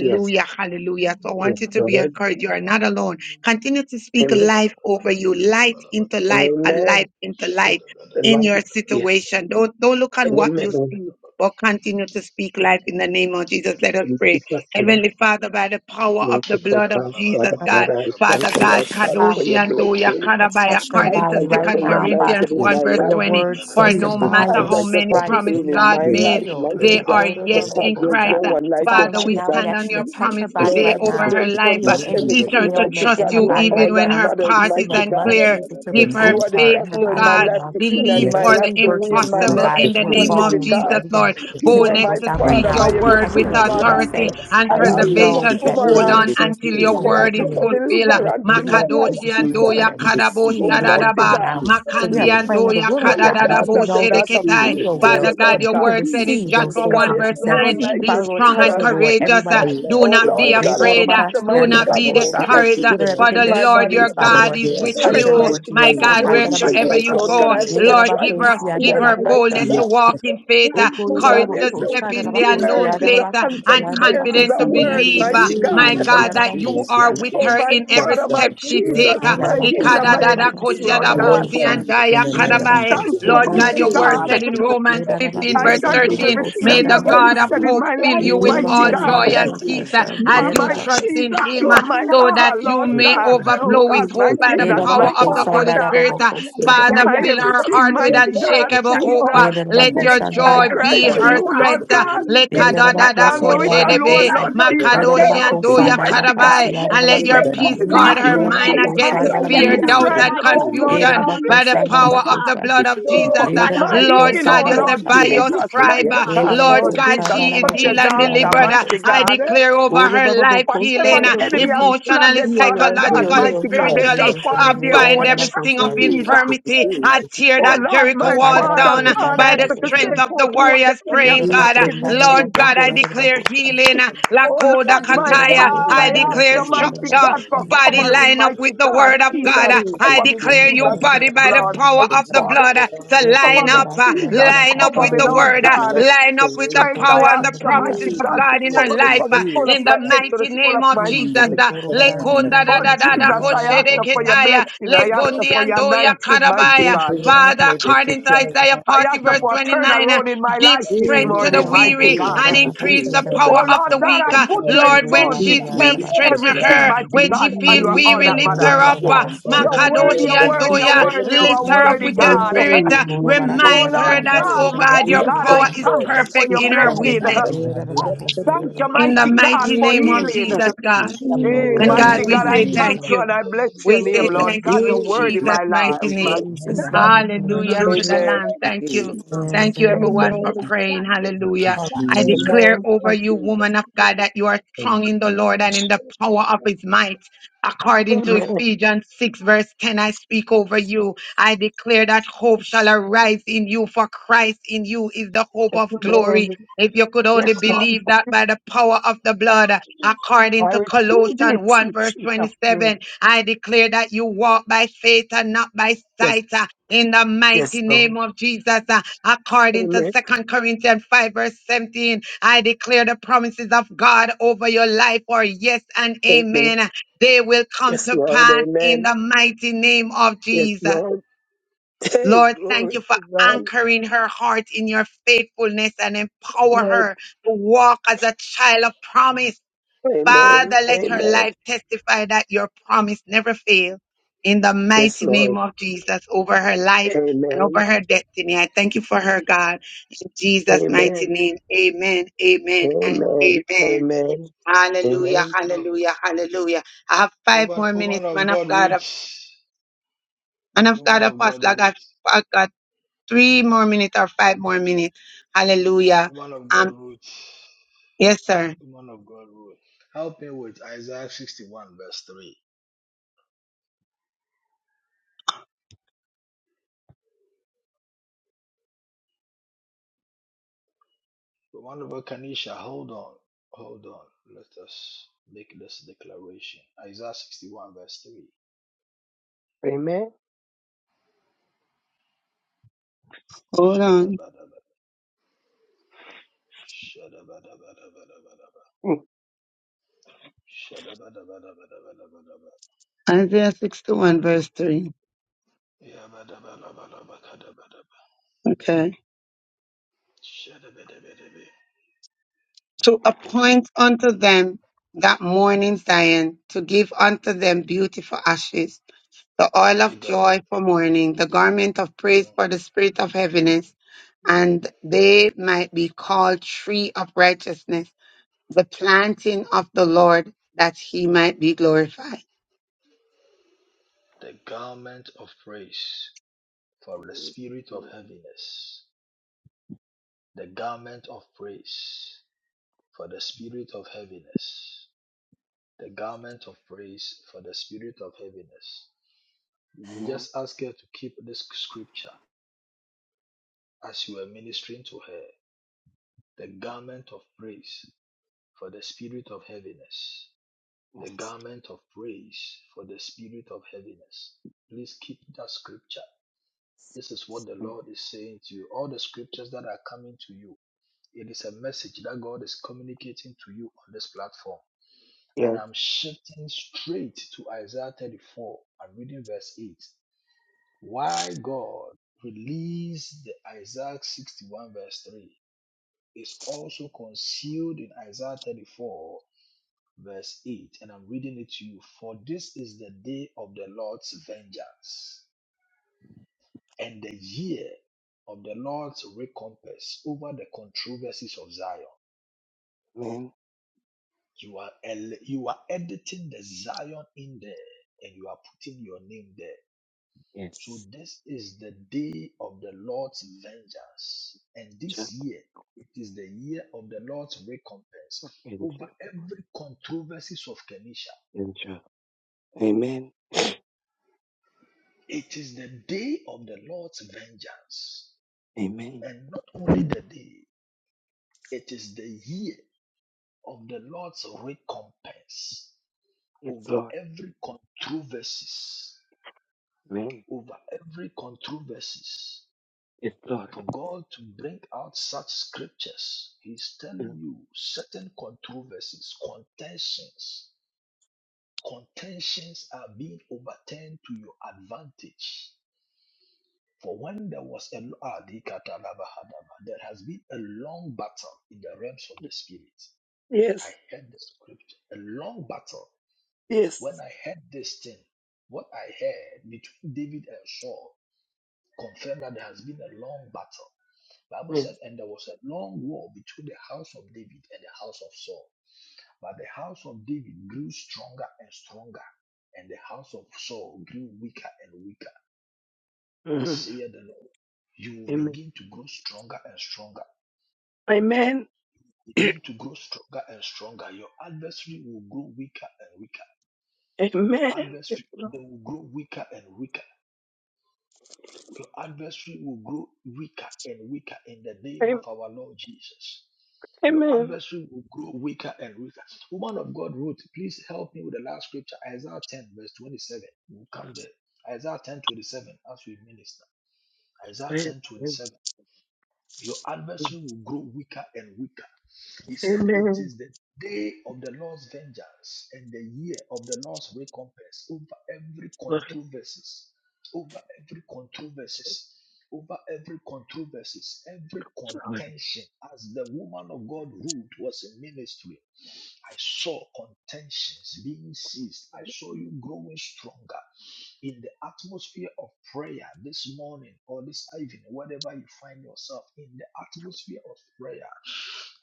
Speaker 7: yes,
Speaker 1: hallelujah. So I want you
Speaker 7: yes,
Speaker 1: to be
Speaker 7: Lord.
Speaker 1: encouraged. You are not alone. Continue to speak
Speaker 7: Amen.
Speaker 1: life
Speaker 6: Shabada
Speaker 1: over you, light into life, and life
Speaker 7: Amen.
Speaker 1: into light
Speaker 7: It's the
Speaker 1: in your
Speaker 7: life. Yeah.
Speaker 1: situation. Don't don't look at what you
Speaker 7: Amen.
Speaker 1: see, but continue to speak life in the name of Jesus. Let us
Speaker 7: In
Speaker 1: pray.
Speaker 7: Jesus' name,
Speaker 1: Heavenly Father, by the power of
Speaker 7: Lord,
Speaker 1: the
Speaker 7: the
Speaker 1: blood of
Speaker 7: provide,
Speaker 1: Jesus,
Speaker 7: Father,
Speaker 1: God,
Speaker 7: Father, I thank
Speaker 1: Father
Speaker 7: the
Speaker 1: God,
Speaker 7: Lord God for
Speaker 1: Kadoshi
Speaker 7: your
Speaker 1: and Doya
Speaker 7: blessing.
Speaker 9: Let's
Speaker 1: Kadabai,
Speaker 9: touch her
Speaker 7: I
Speaker 1: according
Speaker 9: body
Speaker 1: to
Speaker 7: thank you
Speaker 9: right
Speaker 7: for
Speaker 1: Second
Speaker 7: your
Speaker 9: now,
Speaker 7: life
Speaker 9: Father.
Speaker 1: Corinthians
Speaker 7: in
Speaker 10: And God
Speaker 1: 1,
Speaker 7: my
Speaker 1: verse
Speaker 9: For your
Speaker 7: life.
Speaker 1: 20.
Speaker 9: word
Speaker 1: For
Speaker 9: says
Speaker 10: is
Speaker 9: that
Speaker 1: no
Speaker 10: the way to
Speaker 9: by
Speaker 1: matter
Speaker 7: I
Speaker 9: your
Speaker 1: how
Speaker 10: the
Speaker 7: thank you
Speaker 1: many
Speaker 7: for
Speaker 9: stripes
Speaker 1: promise
Speaker 7: healing
Speaker 9: we
Speaker 7: in
Speaker 9: are
Speaker 1: God
Speaker 7: my
Speaker 10: jury, the jury,
Speaker 1: made,
Speaker 7: life,
Speaker 9: healed. Eh,
Speaker 1: they
Speaker 7: mighty
Speaker 10: the
Speaker 1: are
Speaker 7: God,
Speaker 9: quote, eh,
Speaker 1: yes
Speaker 9: blah,
Speaker 10: jury,
Speaker 9: blah,
Speaker 7: because
Speaker 1: in
Speaker 7: there's
Speaker 1: Christ.
Speaker 7: no one
Speaker 9: So,
Speaker 7: like
Speaker 9: Father,
Speaker 7: you,
Speaker 1: Father,
Speaker 9: right
Speaker 1: we
Speaker 9: now we
Speaker 7: Jesus.
Speaker 1: stand on
Speaker 9: ask you to
Speaker 1: your
Speaker 9: touch her
Speaker 1: promise
Speaker 10: God
Speaker 9: body
Speaker 7: Lord,
Speaker 1: today
Speaker 7: I
Speaker 9: right
Speaker 7: put
Speaker 1: over
Speaker 9: now,
Speaker 7: you
Speaker 1: her
Speaker 7: in
Speaker 1: life.
Speaker 7: front of
Speaker 9: heal any
Speaker 1: Teach her
Speaker 7: everything,
Speaker 1: to
Speaker 7: mighty
Speaker 9: ailment
Speaker 1: trust
Speaker 9: in
Speaker 7: God.
Speaker 9: her
Speaker 1: you
Speaker 7: You are
Speaker 9: body
Speaker 7: all
Speaker 1: even
Speaker 9: right
Speaker 1: when
Speaker 7: that
Speaker 9: now.
Speaker 1: her
Speaker 7: matters,
Speaker 9: We
Speaker 1: path is
Speaker 9: send the
Speaker 7: mighty God.
Speaker 9: blood of
Speaker 1: unclear.
Speaker 9: Jesus to
Speaker 1: Give her
Speaker 7: You
Speaker 9: protect
Speaker 7: are the
Speaker 9: her
Speaker 1: faith,
Speaker 9: and her
Speaker 1: oh
Speaker 7: doctor in
Speaker 9: body
Speaker 7: my
Speaker 1: God
Speaker 9: right
Speaker 7: life,
Speaker 9: now.
Speaker 7: to heal
Speaker 1: Believe
Speaker 7: in
Speaker 9: Send your
Speaker 7: my
Speaker 1: for the
Speaker 7: life,
Speaker 9: healing
Speaker 7: to
Speaker 9: virtues
Speaker 7: win
Speaker 9: through
Speaker 7: my
Speaker 9: her
Speaker 1: impossible
Speaker 7: life,
Speaker 9: body,
Speaker 7: the
Speaker 1: in
Speaker 9: through
Speaker 1: the
Speaker 9: her
Speaker 7: true
Speaker 1: name of
Speaker 7: living
Speaker 9: bones, through
Speaker 7: God.
Speaker 1: Jesus,
Speaker 6: Shabada
Speaker 9: everything.
Speaker 1: Lord.
Speaker 7: You
Speaker 9: Send your
Speaker 7: are
Speaker 1: Boldness
Speaker 7: my
Speaker 9: angels
Speaker 1: to
Speaker 9: down right
Speaker 1: speak
Speaker 7: Father,
Speaker 9: now
Speaker 1: your
Speaker 7: my
Speaker 9: to
Speaker 1: word
Speaker 9: protect
Speaker 1: with
Speaker 9: her
Speaker 7: everything,
Speaker 9: and keep her
Speaker 7: Father.
Speaker 1: authority
Speaker 9: safe.
Speaker 1: and
Speaker 7: I
Speaker 9: Father, we
Speaker 7: ask you for
Speaker 9: know
Speaker 1: preservation to
Speaker 9: that your
Speaker 1: hold
Speaker 9: word
Speaker 7: coverance.
Speaker 1: on
Speaker 9: says that
Speaker 1: until
Speaker 9: we
Speaker 1: your
Speaker 7: I
Speaker 9: shall be
Speaker 7: ask
Speaker 1: word is
Speaker 7: you
Speaker 9: healed
Speaker 7: for
Speaker 1: fulfilled.
Speaker 9: and
Speaker 7: deliverance
Speaker 9: your
Speaker 7: in my
Speaker 9: healed
Speaker 7: life,
Speaker 9: is the
Speaker 1: Makadoshi and
Speaker 10: is
Speaker 9: children's
Speaker 10: the
Speaker 7: Jesus.
Speaker 9: bread.
Speaker 1: Doya
Speaker 9: And we
Speaker 10: the
Speaker 1: Kadabo
Speaker 10: truth,
Speaker 9: receive your word
Speaker 7: Almighty
Speaker 9: right
Speaker 10: he
Speaker 1: Shadadaba.
Speaker 7: God.
Speaker 9: now. So
Speaker 10: is
Speaker 9: we
Speaker 1: Makandi
Speaker 9: are
Speaker 10: here,
Speaker 1: and
Speaker 9: praying the
Speaker 1: Doya
Speaker 9: will
Speaker 10: that
Speaker 7: Over
Speaker 9: of
Speaker 10: that
Speaker 7: your
Speaker 9: God because we
Speaker 1: kadadadabo
Speaker 7: daughter, the
Speaker 9: know that
Speaker 7: daughter
Speaker 10: you
Speaker 1: Shedeketai.
Speaker 7: come
Speaker 9: through
Speaker 10: is
Speaker 9: your
Speaker 10: our
Speaker 7: before
Speaker 9: will,
Speaker 1: Father
Speaker 7: you,
Speaker 1: God,
Speaker 7: Lord
Speaker 10: God.
Speaker 1: your
Speaker 9: we
Speaker 7: God.
Speaker 9: can
Speaker 1: word said
Speaker 3: Jesus.
Speaker 1: in
Speaker 9: receive those
Speaker 1: Joshua
Speaker 7: But
Speaker 10: God
Speaker 9: things
Speaker 7: God,
Speaker 9: in
Speaker 1: 1
Speaker 7: there's
Speaker 9: which
Speaker 1: verse
Speaker 9: you said,
Speaker 7: no
Speaker 1: 9
Speaker 7: one like
Speaker 9: The
Speaker 3: Hallelujah.
Speaker 1: be
Speaker 7: you,
Speaker 9: Father, Lord,
Speaker 1: strong
Speaker 9: touch
Speaker 3: Oh
Speaker 1: and
Speaker 9: their
Speaker 7: Jesus.
Speaker 3: God,
Speaker 9: Lord,
Speaker 3: come
Speaker 1: courageous.
Speaker 9: everybody.
Speaker 1: uh,
Speaker 3: right now
Speaker 1: Do
Speaker 3: in
Speaker 10: bless
Speaker 7: Oh,
Speaker 10: the
Speaker 3: the
Speaker 1: not be
Speaker 7: Lord
Speaker 10: Lord
Speaker 3: name
Speaker 9: Give
Speaker 3: of
Speaker 7: God, I
Speaker 10: is
Speaker 7: ask
Speaker 1: afraid. uh,
Speaker 7: the
Speaker 3: Jesus.
Speaker 1: Do
Speaker 10: full,
Speaker 7: mighty
Speaker 1: not
Speaker 3: By
Speaker 10: and
Speaker 7: God
Speaker 1: be
Speaker 3: your
Speaker 7: for
Speaker 10: all that
Speaker 7: strength
Speaker 10: is
Speaker 3: stripes
Speaker 1: discouraged.
Speaker 3: we
Speaker 1: uh,
Speaker 9: her
Speaker 10: within us,
Speaker 1: For
Speaker 9: everything
Speaker 1: the
Speaker 7: in
Speaker 9: that
Speaker 3: healed.
Speaker 7: my
Speaker 9: she
Speaker 1: Lord
Speaker 7: body.
Speaker 1: your
Speaker 9: needs,
Speaker 3: Yes,
Speaker 10: and
Speaker 9: Father,
Speaker 3: we
Speaker 10: I
Speaker 1: God
Speaker 3: are
Speaker 9: Lord
Speaker 1: is
Speaker 9: Jesus.
Speaker 1: with
Speaker 10: bless
Speaker 9: Touch
Speaker 10: your
Speaker 7: Strength,
Speaker 9: her,
Speaker 3: delivered
Speaker 1: you.
Speaker 10: holy
Speaker 9: Lord
Speaker 7: mighty
Speaker 1: My
Speaker 3: in
Speaker 9: Jesus.
Speaker 10: name,
Speaker 3: the
Speaker 7: God.
Speaker 9: Give
Speaker 1: God,
Speaker 9: her
Speaker 10: Father.
Speaker 7: Oh,
Speaker 10: You
Speaker 3: mighty
Speaker 7: Jesus,
Speaker 10: forgive
Speaker 1: wheresoever
Speaker 9: everything
Speaker 3: name
Speaker 10: us
Speaker 1: you
Speaker 3: of
Speaker 7: Lord
Speaker 10: all the
Speaker 7: God,
Speaker 1: go,
Speaker 7: I ask
Speaker 10: things
Speaker 7: you
Speaker 3: Jesus.
Speaker 7: to
Speaker 10: that
Speaker 1: Lord,
Speaker 7: dry
Speaker 1: give
Speaker 10: we
Speaker 1: her,
Speaker 7: these
Speaker 3: Ay,
Speaker 1: give
Speaker 3: ay,
Speaker 7: tears,
Speaker 1: her
Speaker 3: ay, ay,
Speaker 7: mighty
Speaker 10: do.
Speaker 1: boldness
Speaker 3: ay,
Speaker 1: to
Speaker 7: God.
Speaker 3: ay.
Speaker 1: walk
Speaker 10: Yes,
Speaker 1: in faith, uh,
Speaker 3: Anybody
Speaker 7: Oh
Speaker 3: Jesus.
Speaker 7: God,
Speaker 1: courage to
Speaker 7: there's
Speaker 3: feeling
Speaker 7: so
Speaker 1: step
Speaker 3: is
Speaker 1: in the
Speaker 3: healing my
Speaker 1: unknown
Speaker 7: tears
Speaker 3: Jesus
Speaker 7: is an
Speaker 1: place, uh,
Speaker 7: answer,
Speaker 3: the
Speaker 1: and
Speaker 3: name
Speaker 7: tears
Speaker 3: of
Speaker 7: is
Speaker 1: confident
Speaker 7: a
Speaker 1: to
Speaker 9: that
Speaker 10: You,
Speaker 3: Jesus,
Speaker 10: really
Speaker 7: word,
Speaker 1: believe.
Speaker 3: he's
Speaker 1: uh,
Speaker 7: mighty
Speaker 10: do.
Speaker 1: My
Speaker 3: here.
Speaker 10: This
Speaker 7: God.
Speaker 1: God,
Speaker 3: I
Speaker 10: is
Speaker 1: that
Speaker 10: you,
Speaker 1: you
Speaker 3: set
Speaker 10: This
Speaker 9: she
Speaker 1: are
Speaker 9: needs.
Speaker 3: free
Speaker 10: is
Speaker 1: with
Speaker 3: and
Speaker 7: Oh
Speaker 1: her
Speaker 10: you,
Speaker 7: my
Speaker 1: in every
Speaker 10: Praise
Speaker 7: Father,
Speaker 3: delivered
Speaker 10: God.
Speaker 7: my
Speaker 1: step
Speaker 3: in
Speaker 1: she
Speaker 3: the
Speaker 10: Praise
Speaker 7: Jesus,
Speaker 1: takes.
Speaker 10: God.
Speaker 9: Era
Speaker 3: mighty
Speaker 7: my
Speaker 9: la
Speaker 3: name
Speaker 7: healer,
Speaker 9: costa,
Speaker 3: of
Speaker 7: my
Speaker 9: era la
Speaker 7: everything,
Speaker 3: Jesus.
Speaker 9: costa,
Speaker 7: Lord
Speaker 9: era
Speaker 3: That
Speaker 9: la
Speaker 3: those
Speaker 7: God.
Speaker 10: Strengthen
Speaker 9: costa,
Speaker 3: babies
Speaker 10: her
Speaker 3: are
Speaker 10: inner
Speaker 9: era la costa, era
Speaker 3: liar.
Speaker 9: la
Speaker 10: man, God.
Speaker 3: She
Speaker 7: Thank
Speaker 9: costa,
Speaker 7: you,
Speaker 3: is
Speaker 1: Lord
Speaker 9: era
Speaker 3: not
Speaker 1: God,
Speaker 3: the
Speaker 7: mighty
Speaker 1: your word
Speaker 3: Peter
Speaker 10: Ooh,
Speaker 7: God.
Speaker 1: said in
Speaker 10: this
Speaker 3: Pan.
Speaker 10: is
Speaker 1: Romans
Speaker 10: you.
Speaker 3: Oh,
Speaker 9: la
Speaker 3: God,
Speaker 1: 15,
Speaker 10: This
Speaker 7: I
Speaker 3: where
Speaker 1: verse
Speaker 10: is
Speaker 6: Yabba dabba dabba dabba, yabba dabba dabba
Speaker 9: costa,
Speaker 3: you
Speaker 9: era la costa,
Speaker 10: you.
Speaker 7: thank
Speaker 9: era
Speaker 7: you
Speaker 3: put
Speaker 10: This
Speaker 7: for
Speaker 9: la
Speaker 10: is
Speaker 1: 13,
Speaker 7: everything
Speaker 9: costa,
Speaker 3: in
Speaker 10: you.
Speaker 1: may
Speaker 7: that you
Speaker 3: the
Speaker 1: the
Speaker 7: have
Speaker 3: name
Speaker 1: God
Speaker 3: of
Speaker 7: released
Speaker 1: of
Speaker 7: in
Speaker 3: Jesus.
Speaker 1: hope
Speaker 7: my
Speaker 1: fill
Speaker 7: life,
Speaker 1: you
Speaker 9: era
Speaker 1: with
Speaker 9: la
Speaker 7: mighty
Speaker 1: all
Speaker 3: Let
Speaker 10: Ooh,
Speaker 9: costa,
Speaker 3: her
Speaker 1: joy
Speaker 7: God.
Speaker 9: era la costa,
Speaker 3: go
Speaker 10: this
Speaker 9: era
Speaker 3: in
Speaker 1: and
Speaker 10: is
Speaker 3: the
Speaker 1: peace
Speaker 3: name
Speaker 1: uh,
Speaker 3: of
Speaker 7: You
Speaker 1: as
Speaker 7: are
Speaker 1: you
Speaker 7: my
Speaker 9: la
Speaker 3: Jesus.
Speaker 1: trust
Speaker 9: costa,
Speaker 1: in
Speaker 7: Jesus, you
Speaker 1: him, uh,
Speaker 7: are my
Speaker 3: Hallelujah.
Speaker 1: so
Speaker 3: God,
Speaker 7: heart,
Speaker 1: that
Speaker 3: you
Speaker 1: you
Speaker 7: Lord
Speaker 10: you.
Speaker 3: sing
Speaker 1: may
Speaker 3: it
Speaker 7: God.
Speaker 1: overflow with
Speaker 7: My
Speaker 1: hope
Speaker 3: in
Speaker 1: by
Speaker 3: the
Speaker 1: the
Speaker 9: era la
Speaker 1: power
Speaker 7: my
Speaker 3: midnight
Speaker 1: of the
Speaker 9: costa,
Speaker 3: hour
Speaker 1: Holy
Speaker 9: era la costa, era la
Speaker 7: comforter,
Speaker 1: Spirit. uh.
Speaker 9: costa,
Speaker 3: yeah,
Speaker 9: era la
Speaker 7: my
Speaker 3: yeah,
Speaker 1: Father,
Speaker 3: yeah.
Speaker 1: fill her
Speaker 3: Let's give
Speaker 1: heart with
Speaker 3: the
Speaker 7: God,
Speaker 10: With
Speaker 3: church
Speaker 1: unshakable hope. uh.
Speaker 3: alone.
Speaker 7: Jesus.
Speaker 1: Let
Speaker 10: God.
Speaker 1: your
Speaker 9: costa, era la costa,
Speaker 3: Church,
Speaker 9: era
Speaker 7: I
Speaker 9: la
Speaker 1: joy
Speaker 7: cry,
Speaker 10: But
Speaker 9: costa,
Speaker 1: be
Speaker 3: restore
Speaker 9: era la costa, era
Speaker 10: God,
Speaker 3: the
Speaker 9: la
Speaker 1: her
Speaker 10: took her
Speaker 3: God.
Speaker 10: to
Speaker 1: strength. uh.
Speaker 10: the
Speaker 7: God.
Speaker 10: rock
Speaker 3: Heal the
Speaker 10: that is
Speaker 3: tree
Speaker 7: I
Speaker 3: and the
Speaker 9: costa,
Speaker 10: in
Speaker 7: can't do it
Speaker 10: the
Speaker 3: labor.
Speaker 9: era
Speaker 10: rock
Speaker 9: la
Speaker 1: Lekadadadakoshedebe,
Speaker 7: alone,
Speaker 9: costa,
Speaker 3: Right
Speaker 7: Lord
Speaker 3: now,
Speaker 10: that
Speaker 3: in
Speaker 7: Jesus.
Speaker 10: is
Speaker 3: the
Speaker 9: era la
Speaker 3: name of
Speaker 9: costa,
Speaker 7: Do
Speaker 10: within
Speaker 9: era la costa,
Speaker 10: her.
Speaker 3: Jesus,
Speaker 9: era
Speaker 7: my
Speaker 9: la
Speaker 3: the
Speaker 1: makadoshiandoyakarabai,
Speaker 9: costa,
Speaker 3: great,
Speaker 1: And
Speaker 9: era la
Speaker 3: the
Speaker 10: In
Speaker 1: let your
Speaker 3: great of
Speaker 1: peace
Speaker 10: the
Speaker 7: new
Speaker 10: name
Speaker 1: guard
Speaker 3: God.
Speaker 1: her
Speaker 10: of
Speaker 3: Ah,
Speaker 1: mind
Speaker 3: yeah,
Speaker 7: Jesus.
Speaker 3: yeah,
Speaker 1: against
Speaker 10: the
Speaker 7: I
Speaker 3: yeah, yeah,
Speaker 10: King,
Speaker 1: fear,
Speaker 7: need
Speaker 3: yeah.
Speaker 7: you
Speaker 10: the
Speaker 1: doubt,
Speaker 7: right
Speaker 3: I
Speaker 1: and
Speaker 7: now,
Speaker 3: got
Speaker 10: King,
Speaker 3: to
Speaker 10: the
Speaker 7: Lord
Speaker 3: be
Speaker 10: King,
Speaker 1: confusion
Speaker 7: God.
Speaker 3: peace,
Speaker 1: by the
Speaker 9: costa, era
Speaker 3: better
Speaker 1: power
Speaker 9: la
Speaker 1: of the
Speaker 3: God.
Speaker 9: costa,
Speaker 1: blood of Jesus.
Speaker 3: Oh,
Speaker 10: the
Speaker 7: Fuck
Speaker 9: Heal,
Speaker 10: King,
Speaker 1: uh,
Speaker 3: God of
Speaker 7: my
Speaker 9: Lord,
Speaker 3: heaven,
Speaker 1: Lord God,
Speaker 7: oh
Speaker 1: you
Speaker 3: when
Speaker 7: Lord
Speaker 1: said
Speaker 3: you
Speaker 1: by
Speaker 3: need
Speaker 10: Children
Speaker 1: your
Speaker 3: this
Speaker 7: Jesus,
Speaker 3: new
Speaker 1: stripe,
Speaker 10: together
Speaker 7: mighty
Speaker 1: uh,
Speaker 3: God,
Speaker 7: God, oh
Speaker 1: Lord
Speaker 10: together
Speaker 3: you
Speaker 1: God,
Speaker 7: Jesus,
Speaker 3: need
Speaker 1: she is
Speaker 7: touch
Speaker 3: peace,
Speaker 7: your
Speaker 1: healed and
Speaker 7: daughter,
Speaker 3: better
Speaker 1: delivered. uh,
Speaker 7: mighty
Speaker 10: born
Speaker 1: I
Speaker 7: God. eh.
Speaker 1: declare
Speaker 10: again
Speaker 1: over her life
Speaker 10: as
Speaker 3: God.
Speaker 7: Whatever
Speaker 1: healing,
Speaker 7: the
Speaker 1: uh,
Speaker 10: the
Speaker 7: enemy has
Speaker 1: emotionally,
Speaker 7: planted, Father God,
Speaker 9: heal,
Speaker 10: Savior
Speaker 1: psychologically,
Speaker 9: heal,
Speaker 7: mighty
Speaker 9: heal
Speaker 7: God,
Speaker 9: in
Speaker 7: they
Speaker 10: calls for
Speaker 7: shall
Speaker 1: spiritually.
Speaker 9: Jesus'
Speaker 10: her
Speaker 7: fall
Speaker 1: I
Speaker 9: name.
Speaker 7: in their
Speaker 9: Make
Speaker 10: sake.
Speaker 9: all
Speaker 1: bind
Speaker 9: that
Speaker 7: own
Speaker 1: every
Speaker 9: about full
Speaker 7: trap.
Speaker 1: sting of
Speaker 9: time.
Speaker 3: You
Speaker 10: Praise
Speaker 7: Jesus.
Speaker 10: the
Speaker 3: pay
Speaker 1: infirmity.
Speaker 3: a
Speaker 10: Lord,
Speaker 1: I
Speaker 10: the
Speaker 3: person.
Speaker 1: tear
Speaker 7: Oh
Speaker 10: Lord,
Speaker 1: that
Speaker 7: Lord,
Speaker 1: Jericho
Speaker 7: my
Speaker 9: Make
Speaker 10: Father,
Speaker 9: all
Speaker 10: for
Speaker 1: walls
Speaker 9: that
Speaker 10: the
Speaker 9: about
Speaker 7: Father
Speaker 1: down
Speaker 9: full
Speaker 1: uh,
Speaker 7: God,
Speaker 9: time,
Speaker 10: supernatural.
Speaker 9: that
Speaker 1: by
Speaker 7: I ask
Speaker 1: the
Speaker 9: about
Speaker 7: you to
Speaker 9: full
Speaker 1: strength
Speaker 9: time.
Speaker 7: take
Speaker 1: of the
Speaker 7: out what the
Speaker 1: warriors
Speaker 3: oh,
Speaker 7: enemy
Speaker 9: Make
Speaker 7: has
Speaker 1: praying,
Speaker 9: all
Speaker 3: I
Speaker 9: about
Speaker 10: Praise
Speaker 7: put
Speaker 1: God. uh,
Speaker 10: the
Speaker 9: full
Speaker 7: in me,
Speaker 9: time, that about
Speaker 1: Lord
Speaker 9: full
Speaker 1: God,
Speaker 7: Jesus.
Speaker 1: I
Speaker 10: Master,
Speaker 9: time, that about
Speaker 10: Son,
Speaker 1: declare
Speaker 9: full time.
Speaker 1: healing.
Speaker 3: think
Speaker 10: God,
Speaker 1: uh,
Speaker 10: in the name
Speaker 7: Oh
Speaker 1: Lakoda
Speaker 7: Lord,
Speaker 9: Make
Speaker 7: my
Speaker 9: all
Speaker 10: of
Speaker 9: about
Speaker 1: Kataya.
Speaker 9: full
Speaker 7: God,
Speaker 1: I
Speaker 10: Jesus.
Speaker 7: I
Speaker 9: time, that
Speaker 7: ask
Speaker 9: about
Speaker 10: Praise
Speaker 1: declare
Speaker 10: the
Speaker 7: the
Speaker 9: full time, that
Speaker 7: mighty
Speaker 9: about
Speaker 1: structure,
Speaker 9: full
Speaker 7: God for
Speaker 9: time.
Speaker 10: Lord, the
Speaker 1: body
Speaker 10: Lord. Mm.
Speaker 7: covering,
Speaker 1: line up with
Speaker 7: mighty
Speaker 1: the
Speaker 7: God,
Speaker 1: word of
Speaker 10: Praise
Speaker 1: God.
Speaker 7: Jesus,
Speaker 1: I
Speaker 7: cover me,
Speaker 10: the Lord, we
Speaker 9: Make
Speaker 1: declare
Speaker 9: all
Speaker 1: you
Speaker 7: Jesus,
Speaker 9: that
Speaker 7: with
Speaker 9: about
Speaker 1: body
Speaker 10: command
Speaker 7: your
Speaker 9: full
Speaker 1: by
Speaker 10: our
Speaker 1: the
Speaker 9: time, that
Speaker 7: blood,
Speaker 10: body
Speaker 9: about
Speaker 1: power
Speaker 7: oh
Speaker 10: to
Speaker 9: full
Speaker 1: of
Speaker 10: come
Speaker 1: the
Speaker 9: time.
Speaker 10: into
Speaker 7: God,
Speaker 1: blood uh,
Speaker 10: divine
Speaker 1: to
Speaker 9: Make all
Speaker 7: cover
Speaker 1: line
Speaker 7: me,
Speaker 1: up,
Speaker 9: about
Speaker 1: uh,
Speaker 9: full time,
Speaker 10: alignment.
Speaker 9: that
Speaker 7: Jesus,
Speaker 9: about
Speaker 1: line
Speaker 9: full
Speaker 1: up
Speaker 7: cover
Speaker 1: with
Speaker 9: time,
Speaker 10: Father,
Speaker 7: me,
Speaker 9: that
Speaker 1: the
Speaker 10: we
Speaker 9: about
Speaker 7: Lord
Speaker 1: word,
Speaker 10: speak
Speaker 9: full
Speaker 1: uh,
Speaker 7: God,
Speaker 9: time.
Speaker 1: line up with
Speaker 10: restoration,
Speaker 1: the
Speaker 9: Make all
Speaker 7: Strength,
Speaker 9: about full
Speaker 7: I
Speaker 1: power and
Speaker 7: ask
Speaker 9: time,
Speaker 1: the
Speaker 10: God.
Speaker 9: that about
Speaker 7: Almighty
Speaker 1: promises
Speaker 9: full
Speaker 10: ooh,
Speaker 1: of
Speaker 7: God
Speaker 9: time.
Speaker 7: to
Speaker 1: God in
Speaker 10: restore
Speaker 1: our
Speaker 7: cover me
Speaker 1: life.
Speaker 10: the
Speaker 7: from the
Speaker 1: uh,
Speaker 7: corner
Speaker 10: years,
Speaker 7: of
Speaker 1: In
Speaker 10: oh
Speaker 1: the
Speaker 7: my
Speaker 10: God.
Speaker 7: head to the
Speaker 1: mighty
Speaker 7: sole
Speaker 1: name
Speaker 7: of
Speaker 1: of
Speaker 7: my
Speaker 1: Jesus.
Speaker 10: Mm, but the
Speaker 7: feet.
Speaker 1: uh,
Speaker 10: king of
Speaker 9: Ekuru barara
Speaker 10: cankerworm and the
Speaker 1: Lekonda
Speaker 9: siya da
Speaker 1: da
Speaker 7: Oh
Speaker 9: da
Speaker 1: da
Speaker 9: sa
Speaker 1: da da
Speaker 10: problem
Speaker 7: Jesus,
Speaker 9: siya da da
Speaker 7: I ask
Speaker 1: koshede
Speaker 7: her for
Speaker 9: kosa.
Speaker 7: your
Speaker 1: ketaya,
Speaker 7: blessing. I ask
Speaker 3: I'm
Speaker 7: her
Speaker 3: going
Speaker 1: lebondi
Speaker 7: for your
Speaker 1: andoya
Speaker 7: anointing, mighty
Speaker 1: karabaya.
Speaker 10: you
Speaker 7: God.
Speaker 10: belong
Speaker 1: Father,
Speaker 6: dabba,
Speaker 10: with the
Speaker 6: yabba dabba
Speaker 1: according to
Speaker 10: kitchen
Speaker 6: dabba dabba,
Speaker 1: Isaiah
Speaker 10: wall
Speaker 7: I
Speaker 1: 40
Speaker 7: ask her
Speaker 1: verse
Speaker 10: among
Speaker 7: for a
Speaker 1: 29, uh,
Speaker 7: turnaround in my
Speaker 1: Give
Speaker 7: life this
Speaker 1: strength
Speaker 3: to
Speaker 10: these
Speaker 1: to
Speaker 9: Esa
Speaker 1: the
Speaker 7: morning,
Speaker 9: da da
Speaker 7: mighty
Speaker 1: weary
Speaker 9: kosa
Speaker 10: days,
Speaker 7: God.
Speaker 9: da
Speaker 1: and
Speaker 9: da
Speaker 10: these
Speaker 9: sa
Speaker 1: increase
Speaker 10: days,
Speaker 9: siya
Speaker 1: the
Speaker 9: da da
Speaker 7: Oh
Speaker 1: power
Speaker 3: neighbor.
Speaker 1: of the
Speaker 7: Lord
Speaker 9: kosa.
Speaker 7: God,
Speaker 1: weak.
Speaker 7: I
Speaker 1: Uh,
Speaker 3: In the
Speaker 7: put you
Speaker 3: name of
Speaker 7: in
Speaker 1: Lord,
Speaker 9: Ekuru
Speaker 1: when
Speaker 9: bara
Speaker 7: front of
Speaker 10: lead
Speaker 1: she's
Speaker 3: Jesus.
Speaker 10: to
Speaker 9: siya da
Speaker 1: weak,
Speaker 9: da
Speaker 10: lead
Speaker 9: sa
Speaker 7: ev-
Speaker 3: In
Speaker 10: the
Speaker 3: the
Speaker 1: strengthen
Speaker 9: siya
Speaker 10: blood
Speaker 9: da
Speaker 10: of
Speaker 3: name
Speaker 7: everything,
Speaker 9: da
Speaker 1: her.
Speaker 3: of
Speaker 9: kosa.
Speaker 7: mighty
Speaker 1: When
Speaker 11: Thank
Speaker 1: she
Speaker 7: God,
Speaker 3: Jesus.
Speaker 7: and you
Speaker 1: feels
Speaker 7: are
Speaker 10: Jesus.
Speaker 3: Thank
Speaker 7: all
Speaker 3: you
Speaker 1: weary,
Speaker 7: that
Speaker 3: for
Speaker 1: lift
Speaker 10: your
Speaker 1: her
Speaker 7: matters.
Speaker 11: you,
Speaker 3: touching
Speaker 1: up.
Speaker 9: Ekuru
Speaker 1: Uh,
Speaker 9: bara
Speaker 3: right
Speaker 10: children,
Speaker 9: siya
Speaker 3: now.
Speaker 9: da
Speaker 10: God,
Speaker 7: You're
Speaker 10: the
Speaker 9: da sa
Speaker 7: worthy,
Speaker 10: blood
Speaker 3: Jesus,
Speaker 1: Makadoshi
Speaker 9: siya
Speaker 7: you're
Speaker 9: da
Speaker 10: that
Speaker 1: and
Speaker 9: da
Speaker 7: worthy,
Speaker 10: speaks
Speaker 7: you're
Speaker 9: kosa.
Speaker 1: Toya,
Speaker 10: better
Speaker 7: worthy, you're
Speaker 1: lift
Speaker 7: a
Speaker 3: In
Speaker 10: things
Speaker 1: her
Speaker 10: than the
Speaker 1: up
Speaker 7: worthy
Speaker 1: with
Speaker 3: the name of
Speaker 10: blood
Speaker 3: God
Speaker 1: your
Speaker 10: of
Speaker 7: God.
Speaker 3: go.
Speaker 1: spirit.
Speaker 10: evil.
Speaker 1: Uh,
Speaker 9: Ekuru
Speaker 3: Jesus. In
Speaker 9: bara
Speaker 10: Ooh,
Speaker 7: Oh
Speaker 9: siya
Speaker 1: Remind
Speaker 9: da
Speaker 3: the name of
Speaker 10: this
Speaker 3: Jesus.
Speaker 1: her
Speaker 9: da
Speaker 3: that
Speaker 7: Lord
Speaker 10: is
Speaker 9: sa
Speaker 1: that,
Speaker 3: they
Speaker 9: siya
Speaker 7: God,
Speaker 10: good.
Speaker 1: oh
Speaker 9: da
Speaker 3: be
Speaker 9: da
Speaker 1: God,
Speaker 7: mighty
Speaker 1: your
Speaker 3: Open
Speaker 9: kosa
Speaker 10: Let
Speaker 7: God,
Speaker 9: da
Speaker 3: the
Speaker 10: the
Speaker 3: door.
Speaker 7: I
Speaker 1: power
Speaker 9: da
Speaker 1: is
Speaker 7: thank
Speaker 9: kosa.
Speaker 10: blood
Speaker 7: you for
Speaker 1: perfect
Speaker 7: your
Speaker 10: speak
Speaker 1: in her
Speaker 10: for
Speaker 3: Provide
Speaker 10: your
Speaker 7: blessing.
Speaker 3: for
Speaker 1: weakness.
Speaker 10: daughter,
Speaker 3: him.
Speaker 9: E
Speaker 10: God.
Speaker 9: da da
Speaker 3: Provide
Speaker 10: Let
Speaker 3: for
Speaker 10: the
Speaker 9: kosa da
Speaker 7: Thank
Speaker 10: blood,
Speaker 9: da
Speaker 7: you,
Speaker 1: In
Speaker 9: kosa.
Speaker 1: the
Speaker 7: mighty God,
Speaker 1: mighty
Speaker 3: him.
Speaker 7: for
Speaker 1: name of
Speaker 10: ooh, this is
Speaker 7: healing.
Speaker 1: Jesus,
Speaker 10: good.
Speaker 1: God.
Speaker 3: Your
Speaker 9: Yo
Speaker 7: Hey,
Speaker 10: the
Speaker 1: And God,
Speaker 9: Lord.
Speaker 7: mighty
Speaker 1: we
Speaker 7: God,
Speaker 10: mighty
Speaker 7: I
Speaker 1: say
Speaker 10: name
Speaker 7: thank
Speaker 1: thank
Speaker 3: Jesus,
Speaker 7: you
Speaker 1: you.
Speaker 7: and I
Speaker 3: Jesus,
Speaker 7: bless your
Speaker 1: We
Speaker 7: name,
Speaker 1: say
Speaker 10: Thank
Speaker 3: Jesus,
Speaker 7: Lord.
Speaker 1: thank
Speaker 7: God,
Speaker 1: you
Speaker 7: Your
Speaker 1: in
Speaker 10: you. We
Speaker 7: word in
Speaker 10: bless
Speaker 1: Jesus'
Speaker 7: my
Speaker 10: you.
Speaker 3: we
Speaker 1: mighty
Speaker 7: life,
Speaker 10: We
Speaker 3: see
Speaker 7: my
Speaker 1: name.
Speaker 10: bless
Speaker 3: a
Speaker 10: you,
Speaker 9: Jesus
Speaker 10: God.
Speaker 3: sign
Speaker 7: Jesus.
Speaker 9: name we pray.
Speaker 1: Hallelujah to
Speaker 3: in
Speaker 1: the
Speaker 3: the
Speaker 7: Amen.
Speaker 1: Lamb.
Speaker 3: name
Speaker 10: We
Speaker 3: of
Speaker 1: Thank you.
Speaker 10: do.
Speaker 3: Jesus.
Speaker 10: Thank you.
Speaker 9: Amen.
Speaker 1: Thank you,
Speaker 3: We
Speaker 1: everyone,
Speaker 9: Amen.
Speaker 1: for
Speaker 3: see a
Speaker 7: Amen.
Speaker 1: praying.
Speaker 3: sign, we see a
Speaker 1: Hallelujah.
Speaker 3: sign
Speaker 1: I
Speaker 10: Hallelujah.
Speaker 1: declare
Speaker 7: Amen.
Speaker 1: over
Speaker 3: in
Speaker 1: you,
Speaker 3: Jesus'
Speaker 1: woman of God, that you are strong in
Speaker 11: Jesus.
Speaker 1: the Lord and in the
Speaker 3: name.
Speaker 1: power of his might. According to
Speaker 7: Amen.
Speaker 1: Ephesians 6, verse 10, I speak over you. I declare that hope shall arise in you, for Christ in you is the hope of glory.
Speaker 7: Amen.
Speaker 1: If you could only
Speaker 7: Yes, Lord.
Speaker 1: believe that by the power of the blood,
Speaker 7: I
Speaker 1: according to
Speaker 7: receive
Speaker 1: Colossians
Speaker 7: it
Speaker 1: 1,
Speaker 7: in
Speaker 1: verse
Speaker 7: Jesus' name.
Speaker 1: 27, I declare that you walk by faith and not by
Speaker 7: Yes,
Speaker 1: sight in the
Speaker 7: yes,
Speaker 1: mighty name
Speaker 7: Lord.
Speaker 1: of Jesus. Uh, according to
Speaker 7: Amen.
Speaker 1: Second Corinthians 5, verse 17, I declare the promises of God over your life or yes and
Speaker 7: Amen.
Speaker 1: amen. They will come
Speaker 7: Yes,
Speaker 1: to
Speaker 7: Lord.
Speaker 1: pass in
Speaker 7: Amen.
Speaker 1: the mighty name of
Speaker 7: Yes,
Speaker 1: Jesus.
Speaker 7: Lord. Hey,
Speaker 1: Lord, thank you
Speaker 7: glory
Speaker 1: for
Speaker 7: to God.
Speaker 1: anchoring her heart in your faithfulness and empower
Speaker 7: Lord.
Speaker 1: her to walk as a child of promise
Speaker 7: Amen.
Speaker 1: Father, let her
Speaker 7: Amen.
Speaker 1: life testify that your promise never fails. In the
Speaker 7: Yes,
Speaker 1: mighty
Speaker 7: Lord.
Speaker 1: name of Jesus, over her life and over
Speaker 7: Amen.
Speaker 1: her destiny. I thank you for her, God. In Jesus' mighty
Speaker 7: Amen.
Speaker 1: name. Amen, amen, and
Speaker 7: Amen.
Speaker 1: amen.
Speaker 7: Amen.
Speaker 1: Hallelujah,
Speaker 7: Amen.
Speaker 6: Look,
Speaker 1: hallelujah, hallelujah. I have five
Speaker 6: woman,
Speaker 1: more
Speaker 6: woman
Speaker 1: minutes,
Speaker 6: of
Speaker 1: man of
Speaker 6: God,
Speaker 1: God. of-
Speaker 6: roots,
Speaker 1: Man of God,
Speaker 6: woman of God,
Speaker 1: apostle. I got,
Speaker 6: roots,
Speaker 1: I got three more minutes or five more minutes. Hallelujah.
Speaker 6: woman of God,
Speaker 1: Um,
Speaker 6: roots,
Speaker 1: yes, sir.
Speaker 6: woman of God, roots. Help me with Isaiah 61, verse 3. Woman of God, Kanisha, hold on, hold on. Let us make this declaration. Isaiah 61, verse 3.
Speaker 7: Amen.
Speaker 1: Hold on.
Speaker 6: Shadabadabadabadabadaba. Shadabadabadabadabadabadaba.
Speaker 1: Isaiah 61, verse 3.
Speaker 6: Yabadabadabadabadabadaba.
Speaker 1: Okay.
Speaker 6: Shadabadabadabe.
Speaker 1: to appoint unto them that morning Zion, to give unto them beautiful ashes, the oil
Speaker 6: My
Speaker 1: of
Speaker 6: God,
Speaker 1: joy for mourning, the garment of praise for the spirit of heaviness, and they might be called tree of righteousness, the planting of the Lord, that he might be glorified.
Speaker 6: the garment of praise for the
Speaker 3: Hallelujah.
Speaker 6: spirit of heaviness, the garment of praise for the spirit of heaviness, the garment of praise for the spirit of heaviness. You
Speaker 7: Amen.
Speaker 6: just ask her to keep this scripture as you are ministering to her, the garment of praise for the spirit of heaviness, the garment of praise for the spirit of heaviness. Please keep that scripture. This is what the Lord is saying to you. All the scriptures that are coming to you, it is a message that God is communicating to you on this platform. And
Speaker 7: Yes.
Speaker 6: I'm shifting straight to Isaiah 34. I'm reading verse 8. Why God released the Isaiah 61 verse 3 is also concealed in Isaiah 34 verse 8, and I'm reading it to you. For this is the day of the Lord's vengeance and the year of the Lord's recompense over the controversies of Zion.
Speaker 7: Amen.
Speaker 6: You are el- you are editing the Zion in there and you are putting your name there. So
Speaker 7: Yes.
Speaker 6: this is the day of the Lord's vengeance. And
Speaker 7: Sure.
Speaker 6: this year, it is the year of the Lord's recompense
Speaker 7: And
Speaker 6: over
Speaker 7: sure.
Speaker 6: every controversies of Kenisha
Speaker 7: And sure. Amen.
Speaker 6: It is the day of the Lord's vengeance.
Speaker 7: Amen.
Speaker 6: And not only the day, it is the year of the Lord's recompense
Speaker 7: Yes,
Speaker 6: over
Speaker 7: Lord.
Speaker 6: every controversies,
Speaker 7: Amen.
Speaker 6: over every controversies.
Speaker 7: Yes,
Speaker 6: For
Speaker 7: Lord.
Speaker 6: God to bring out such scriptures, He's
Speaker 7: Mm.
Speaker 6: telling you certain controversies, contentions, contentions are being overturned to your advantage For when there was a ah, di kata lava hadaba, there has been a long battle in the realms of the spirit. I
Speaker 7: Yes.
Speaker 6: heard the script, a long battle.
Speaker 7: Yes.
Speaker 6: When I heard this thing, what I heard between David and Saul confirmed that there has been a long battle. Bible
Speaker 7: Yes.
Speaker 6: said, and there was a long war between the house of David and the house of Saul. But the house of David grew stronger and stronger, and the house of Saul grew weaker and weaker. that
Speaker 7: Mhm.
Speaker 6: saith the Lord, you will
Speaker 7: Amen.
Speaker 6: begin to grow stronger and stronger.
Speaker 7: Amen.
Speaker 6: Begin to grow stronger and stronger. Your adversary will grow weaker and weaker. Your
Speaker 7: Amen.
Speaker 6: adversary they will grow weaker and weaker. Your adversary will grow weaker and weaker in the name of
Speaker 7: Am-
Speaker 6: our Lord Jesus. Your
Speaker 7: Amen.
Speaker 6: adversary will grow weaker and weaker. Woman of God, Ruth, please help me with the last scripture, Isaiah 10, verse 27. We'll come there. Isaiah 10:27. as we minister. Isaiah
Speaker 7: Yes. Yes.
Speaker 6: 10, Your
Speaker 7: Yes.
Speaker 6: adversary will grow weaker and weaker. He said, It
Speaker 7: Amen.
Speaker 6: is the day of the Lord's vengeance and the year of the Lord's recompense over every
Speaker 7: Lord,
Speaker 6: controversies, over every controversies, over every controversies, every
Speaker 7: Lord.
Speaker 6: contention. As the woman of God Ruth was in ministry, I saw contentions being ceased. I saw
Speaker 3: Hallelujah.
Speaker 6: you growing stronger in the atmosphere of prayer this morning or this evening, wherever you find yourself, in the atmosphere of prayer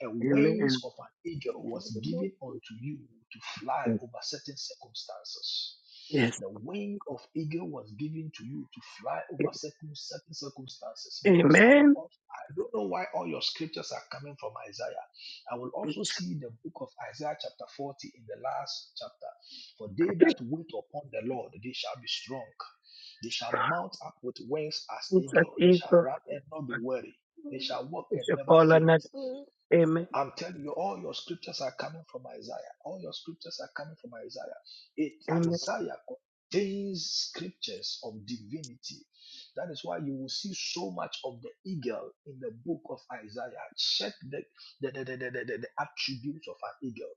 Speaker 6: and wings
Speaker 7: Amen.
Speaker 6: of an eagle
Speaker 3: Yeah.
Speaker 6: was given unto you to fly
Speaker 7: Yes.
Speaker 6: over certain circumstances.
Speaker 7: Yes.
Speaker 6: The wing of eagle was given to you to fly over
Speaker 7: Yes.
Speaker 6: certain certain circumstances. Because I will
Speaker 7: Amen.
Speaker 6: also, I don't know why all your scriptures are coming from Isaiah. I will also see the book of Isaiah chapter 40 in the last chapter. For they that
Speaker 7: Jesus,
Speaker 6: wait upon the Lord, they shall be strong. They shall mount up with wings as eagle. They shall
Speaker 7: Jesus.
Speaker 6: run and not be weary. They shall walk
Speaker 7: It
Speaker 6: and
Speaker 7: shall
Speaker 6: never
Speaker 7: fall on
Speaker 6: faint.
Speaker 7: that. Amen.
Speaker 6: I'm telling you, all your scriptures are coming from Isaiah. All your scriptures are coming from Isaiah. It
Speaker 7: Amen.
Speaker 6: Isaiah contains scriptures of divinity. That is why you will see so much of the eagle in the book of Isaiah. Check the, the, the, the, the, the, the attributes of an eagle.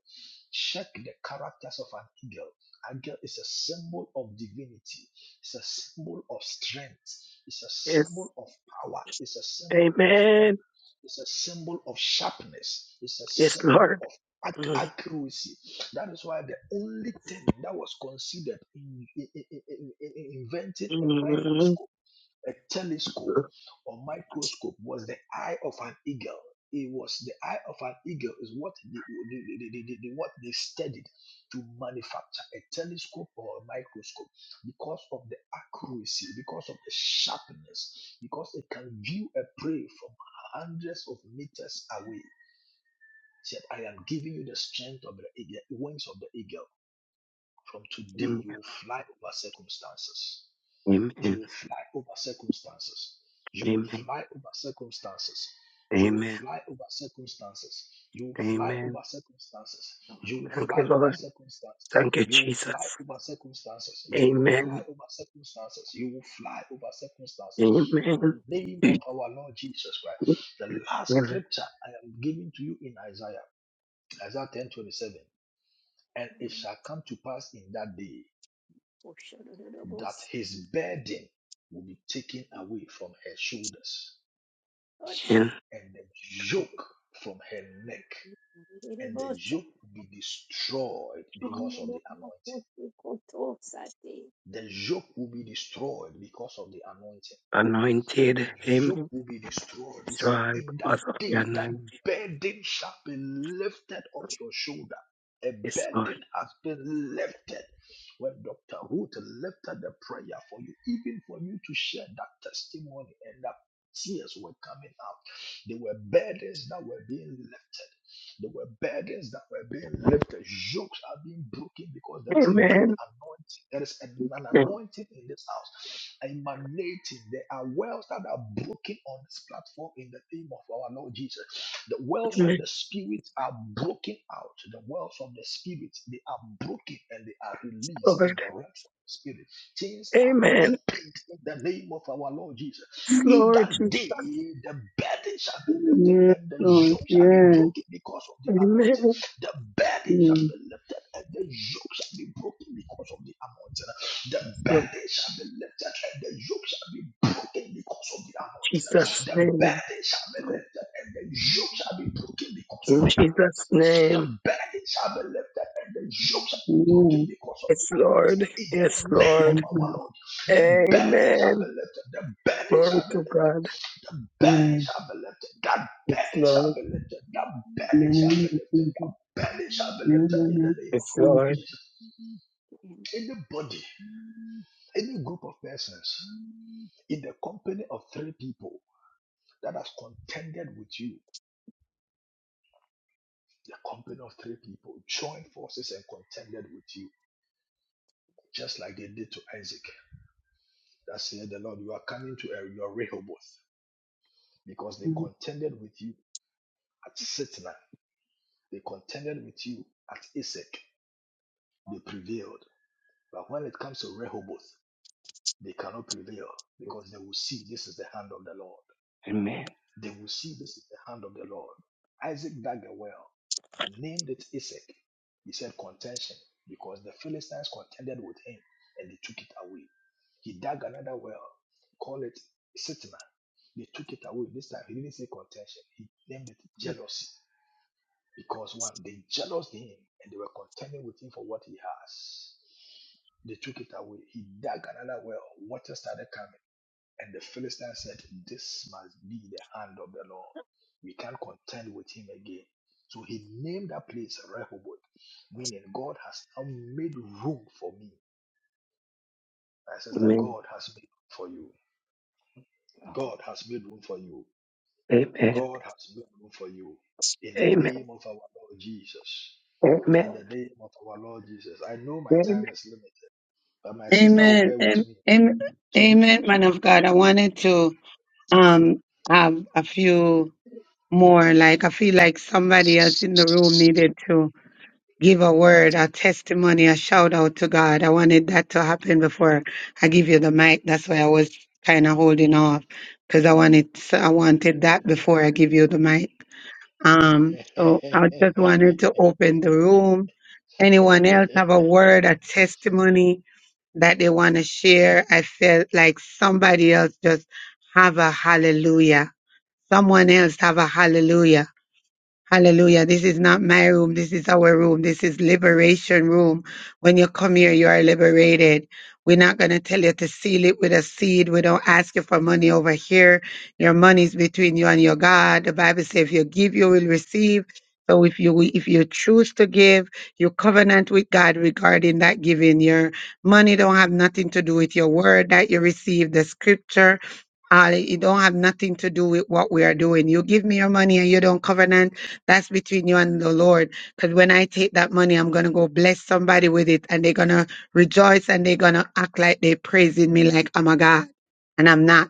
Speaker 6: Check the characters of an eagle. An eagle is a symbol of divinity. It's a symbol of strength. It's a
Speaker 7: Yes.
Speaker 6: symbol of power. It's a symbol of
Speaker 7: Amen.
Speaker 6: it's a symbol of sharpness. It's a
Speaker 7: Yes,
Speaker 6: symbol
Speaker 7: Lord.
Speaker 6: of ac-
Speaker 7: Mm.
Speaker 6: accuracy. That is why the only thing that was considered in, in- in- in- in- in inventing a
Speaker 7: Amen.
Speaker 6: microscope a telescope or microscope was the eye of an eagle. It was the eye of an eagle is what they, they, they, they, they- they- what they studied to manufacture a telescope or a microscope because of the accuracy, because of the sharpness, because it can view a prey from hundreds of meters away. He said, I am giving you the strength of the eagle, wings of the eagle. From today,
Speaker 7: Amen.
Speaker 6: you will fly over circumstances.
Speaker 7: Amen.
Speaker 6: You will fly over circumstances. You will fly over circumstances. You will
Speaker 7: Amen.
Speaker 6: fly over circumstances. You will fly over
Speaker 7: Amen.
Speaker 6: circumstances. You will
Speaker 7: Thank
Speaker 6: fly
Speaker 7: you,
Speaker 6: over
Speaker 7: Lord.
Speaker 6: circumstances.
Speaker 7: Thank you,
Speaker 6: You will fly
Speaker 7: Jesus.
Speaker 6: over circumstances. You will fly
Speaker 7: Amen.
Speaker 6: over circumstances. You will fly over circumstances. In the
Speaker 7: Amen.
Speaker 6: name of our Lord Jesus Christ. The last scripture I am giving to you in Isaiah, Isaiah ten twenty seven, And it shall come to pass in that day that his burden will be taken away from her shoulders
Speaker 7: Amen.
Speaker 6: and the yoke from her neck and the yoke will be destroyed because of the anointing the yoke will be destroyed because of the anointing The
Speaker 7: Anointed.
Speaker 6: yoke
Speaker 7: Amen.
Speaker 6: will be destroyed. He said,
Speaker 7: Strive
Speaker 6: In that
Speaker 7: because of the
Speaker 6: day, that
Speaker 7: anointing.
Speaker 6: burden shall be lifted off your shoulder. A
Speaker 7: Yes, Lord.
Speaker 6: burden has been lifted. When Dr. Ruth lifted the prayer for you, even for you to share that testimony and that tears were coming out, there were burdens that were being lifted. There were burdens that were being lifted. Jokes are being broken because there is a great
Speaker 7: Amen.
Speaker 6: anointing. There is an an anointing in this house. Emanating. There are wells that are broken on this platform in the name of our Lord Jesus. The wells
Speaker 7: Amen.
Speaker 6: of the Spirit are broken out. The wells of the Spirit, they are broken and they are released in
Speaker 7: Lord.
Speaker 6: the realms of the Spirit. Things are
Speaker 7: Amen.
Speaker 6: opened in the name of our Lord Jesus. In
Speaker 7: Lord
Speaker 6: that
Speaker 7: Jesus.
Speaker 6: day, the burden shall be lifted and the yoke shall be broken because of the anointing.
Speaker 7: Amen.
Speaker 6: The burden shall be lifted and the yoke shall be broken because of the anointing. The
Speaker 7: Lord
Speaker 6: burden shall be lifted and the yoke shall be broken because of the anointing.
Speaker 7: Jesus'
Speaker 6: The
Speaker 7: name.
Speaker 6: burden shall be lifted and the yoke shall be broken because of
Speaker 7: In
Speaker 6: the
Speaker 7: Jesus'
Speaker 6: anointing. The
Speaker 7: name.
Speaker 6: burden shall be lifted and the yoke shall be broken because of
Speaker 7: Yes,
Speaker 6: the anointing.
Speaker 7: Lord.
Speaker 6: In the
Speaker 7: Yes,
Speaker 6: name of
Speaker 7: Lord.
Speaker 6: our Lord. The burden shall be
Speaker 7: Amen.
Speaker 6: lifted. The burden
Speaker 7: Glory
Speaker 6: shall be
Speaker 7: to
Speaker 6: lifted.
Speaker 7: God.
Speaker 6: The burden shall be lifted. That
Speaker 7: It's
Speaker 6: burden shall
Speaker 7: Lord.
Speaker 6: be lifted. That burden shall be lifted. That burden shall be lifted in the name of
Speaker 7: It's
Speaker 6: our Lord
Speaker 7: Lord.
Speaker 6: Jesus. Anybody, any group of persons in the company of three people that has contended with you, the company of three people joined forces and contended with you, just like they did to Isaac. That said, the Lord, you are coming to a, your Rehoboth because they contended with you at Sitna They contended with you at Isaac, they prevailed. But when it comes to Rehoboth, they cannot prevail because they will see this is the hand of the Lord.
Speaker 7: Amen.
Speaker 6: They will see this is the hand of the Lord. Isaac dug a well, named it Isaac. He said contention because the Philistines contended with him and they took it away. He dug another well, called it Sitna. They took it away. This time he didn't say contention, he named it jealousy Because one, they jealoused him and they were contending with him for what he has. They took it away. He dug another well. Water started coming. And the Philistine said, This must be the hand of the Lord. We can't contend with him again. So he named that place Rehoboth, meaning God has now made room for me. My sister,
Speaker 7: Amen.
Speaker 6: God has made room for you. God has made room for you.
Speaker 7: Amen.
Speaker 6: God has made room for you. In the
Speaker 7: Amen.
Speaker 6: name of our Lord Jesus. in the
Speaker 7: Amen.
Speaker 6: name of our Lord Jesus. I know my time is limited, but my sister will
Speaker 1: Amen.
Speaker 6: bear with
Speaker 1: Am-
Speaker 6: me.
Speaker 1: am-
Speaker 6: To,
Speaker 1: Amen,
Speaker 6: to,
Speaker 1: man of God. I wanted to um have a few more. Like I feel like somebody else in the room needed to give a word, a testimony, a shout out to God. I wanted that to happen
Speaker 6: okay.
Speaker 1: before I give you the mic. That's why I was kind of holding off because I wanted I wanted that before I give you the mic. Um, so I just wanted to open the room. Anyone else have a word, a testimony that they want to share? I felt like somebody else just have a hallelujah. Someone else have a hallelujah. Hallelujah. This is not my room. This is our room. This is liberation room. When you come here, you are liberated. We're not going to tell you to seal it with a seed. We don't ask you for money over here. Your money is between you and your God. The Bible says if you give, you will receive. So if you if you choose to give, you covenant with God regarding that giving. Your money don't have nothing to do with your word that you receive, the scripture. Uh, it don't have nothing to do with what we are doing. You give me your money and you don't covenant that's between you and the Lord. Because when I take that money, I'm going to go bless somebody with it and they're going to rejoice and they're going to act like they're praising me like I'm a God. And I'm not.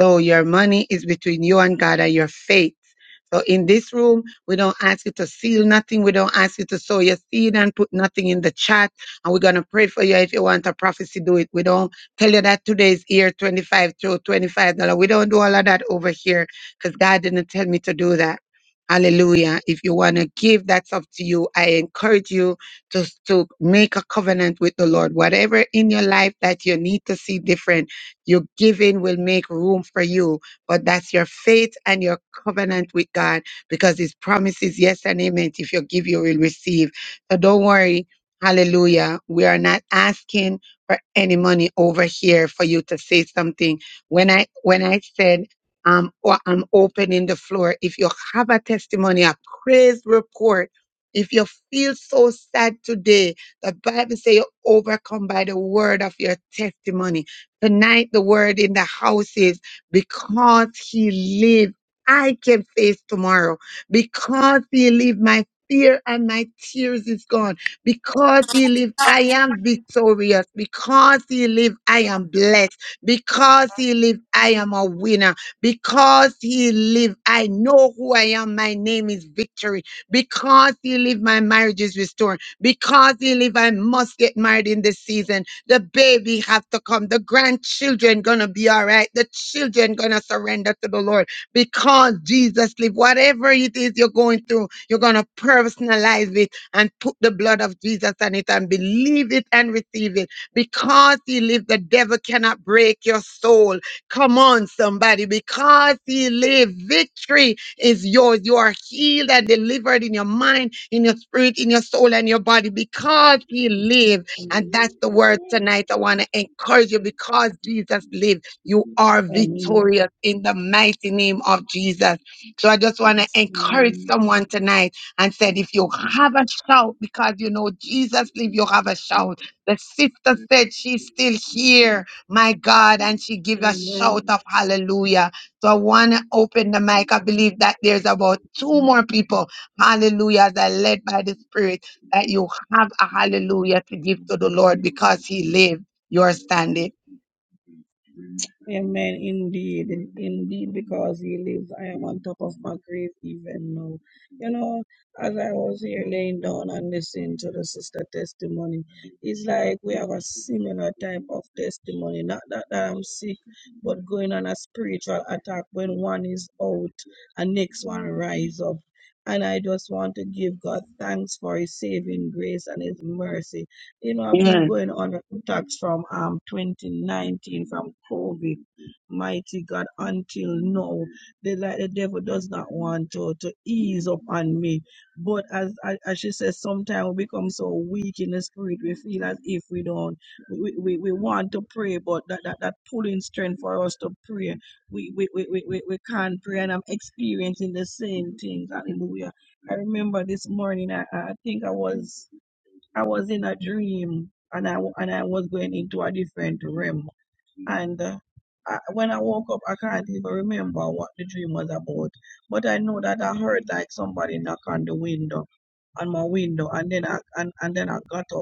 Speaker 1: So your money is between you and God and your faith. So in this room, we don't ask you to seal nothing. We don't ask you to sow your seed and put nothing in the chat. And we're going to pray for you. If you want a prophecy, do it. We don't tell you that today's year 25 through $25. We don't do all of that over here because God didn't tell me to do that. Hallelujah. If you want to give, that's up to you. I encourage you to, to make a covenant with the Lord. Whatever in your life that you need to see different your giving will make room for you, but that's your faith and your covenant with God because His promises, yes and amen. If you give, you will receive. So don't worry. Hallelujah. We are not asking for any money over here for you to say something. When I when I said um or I'm opening the floor, if you have a testimony, a praise report, if you feel so sad today, the Bible says you overcome by the word of your testimony Tonight, the word in the house is because he lives, I can face tomorrow. Because he lives, my fear and my tears is gone. Because he lives, I am victorious. Because he lives, I am blessed. Because he lives, I am a winner. Because he lives, I know who I am. My name is victory. Because he lives, my marriage is restored. Because he lives, I must get married in this season the baby have to come. The grandchildren gonna be all right. The children gonna surrender to the Lord because Jesus live. Whatever it is you're going through, you're gonna personalize it and put the blood of Jesus on it and believe it and receive it. Because he lives, the devil cannot break your soul. Come on, somebody. Because he lives, victory is yours. You are healed and delivered in your mind, in your spirit, in your soul, and your body. Because he lives.
Speaker 12: Amen.
Speaker 1: And that's the word tonight. I want to encourage you because Jesus lives, you are
Speaker 12: Amen. Amen.
Speaker 1: victorious in the mighty name of Jesus. So I just want to encourage
Speaker 12: Amen.
Speaker 1: someone tonight and said, if you have a shout because you know Jesus lives, you have a shout. The sister said she's still here, my God, and she gave a
Speaker 12: Amen.
Speaker 1: shout of hallelujah. So I want to open the mic. I believe that there's about two more people. Hallelujah, that are led by the Spirit that you have a hallelujah to give to the Lord because he lived, you're standing.
Speaker 12: Amen. Indeed. Indeed, because he lives, I am on top of my grave even now. You know, as I was here laying down and listening to the sister testimony, it's like we have a similar type of testimony. Not that, that I'm sick, but going on a spiritual attack when one is out and next one rise up. And I just want to give God thanks for his saving grace and his mercy. You know, I've been going on attacks from um 2019 from COVID, mighty God, until now. The like the devil does not want to to ease up on me. But as I- as she says, sometimes we become so weak in the spirit, we feel as if we don't we, we, we want to pray, but that, that, that pulling strength for us to pray, we we, we, we, we we can't pray. And I'm experiencing the same things. Hallelujah. I remember this morning, I, I I think I was. I was in a dream and I and I was going into a different realm. And uh, I, when I woke up, I can't even remember what the dream was about. But I know that I heard like somebody knock on the window, on my window, and then I and, and then I got up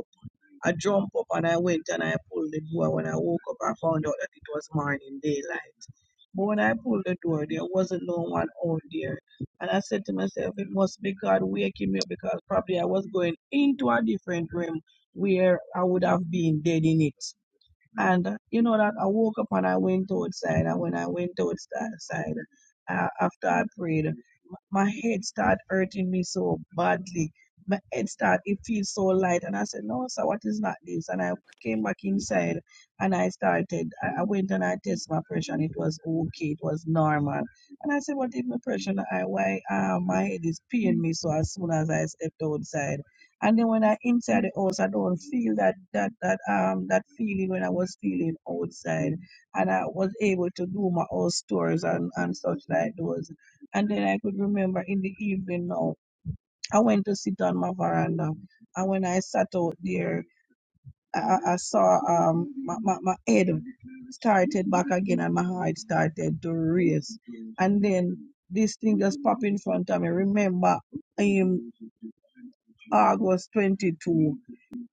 Speaker 12: I jumped up and I went and I pulled the door. When I woke up, I found out that it was morning daylight. But when I pulled the door, there wasn't no one out there. And I said to myself, it must be God waking me up because probably I was going into a different realm where I would have been dead in it. And uh, you know that I woke up and I went outside. And when I went outside, uh, after I prayed, my head started hurting me so badly. My head started, it feels so light. And I said, No, sir, what is not this? And I came back inside and I started, I, I went and I tested my pressure and it was okay, it was normal. And I said, What is my pressure? And I, why uh, my head is paying me so as soon as I stepped outside. And then when I inside the house, I don't feel that that that um that feeling when I was feeling outside, and I was able to do my own stores and and such like those. And then I could remember in the evening now, I went to sit on my veranda. And when I sat out there, I, I I saw um my, my, my head started back again and my heart started to race. And then this thing just popped in front of me. Remember, um, August 22.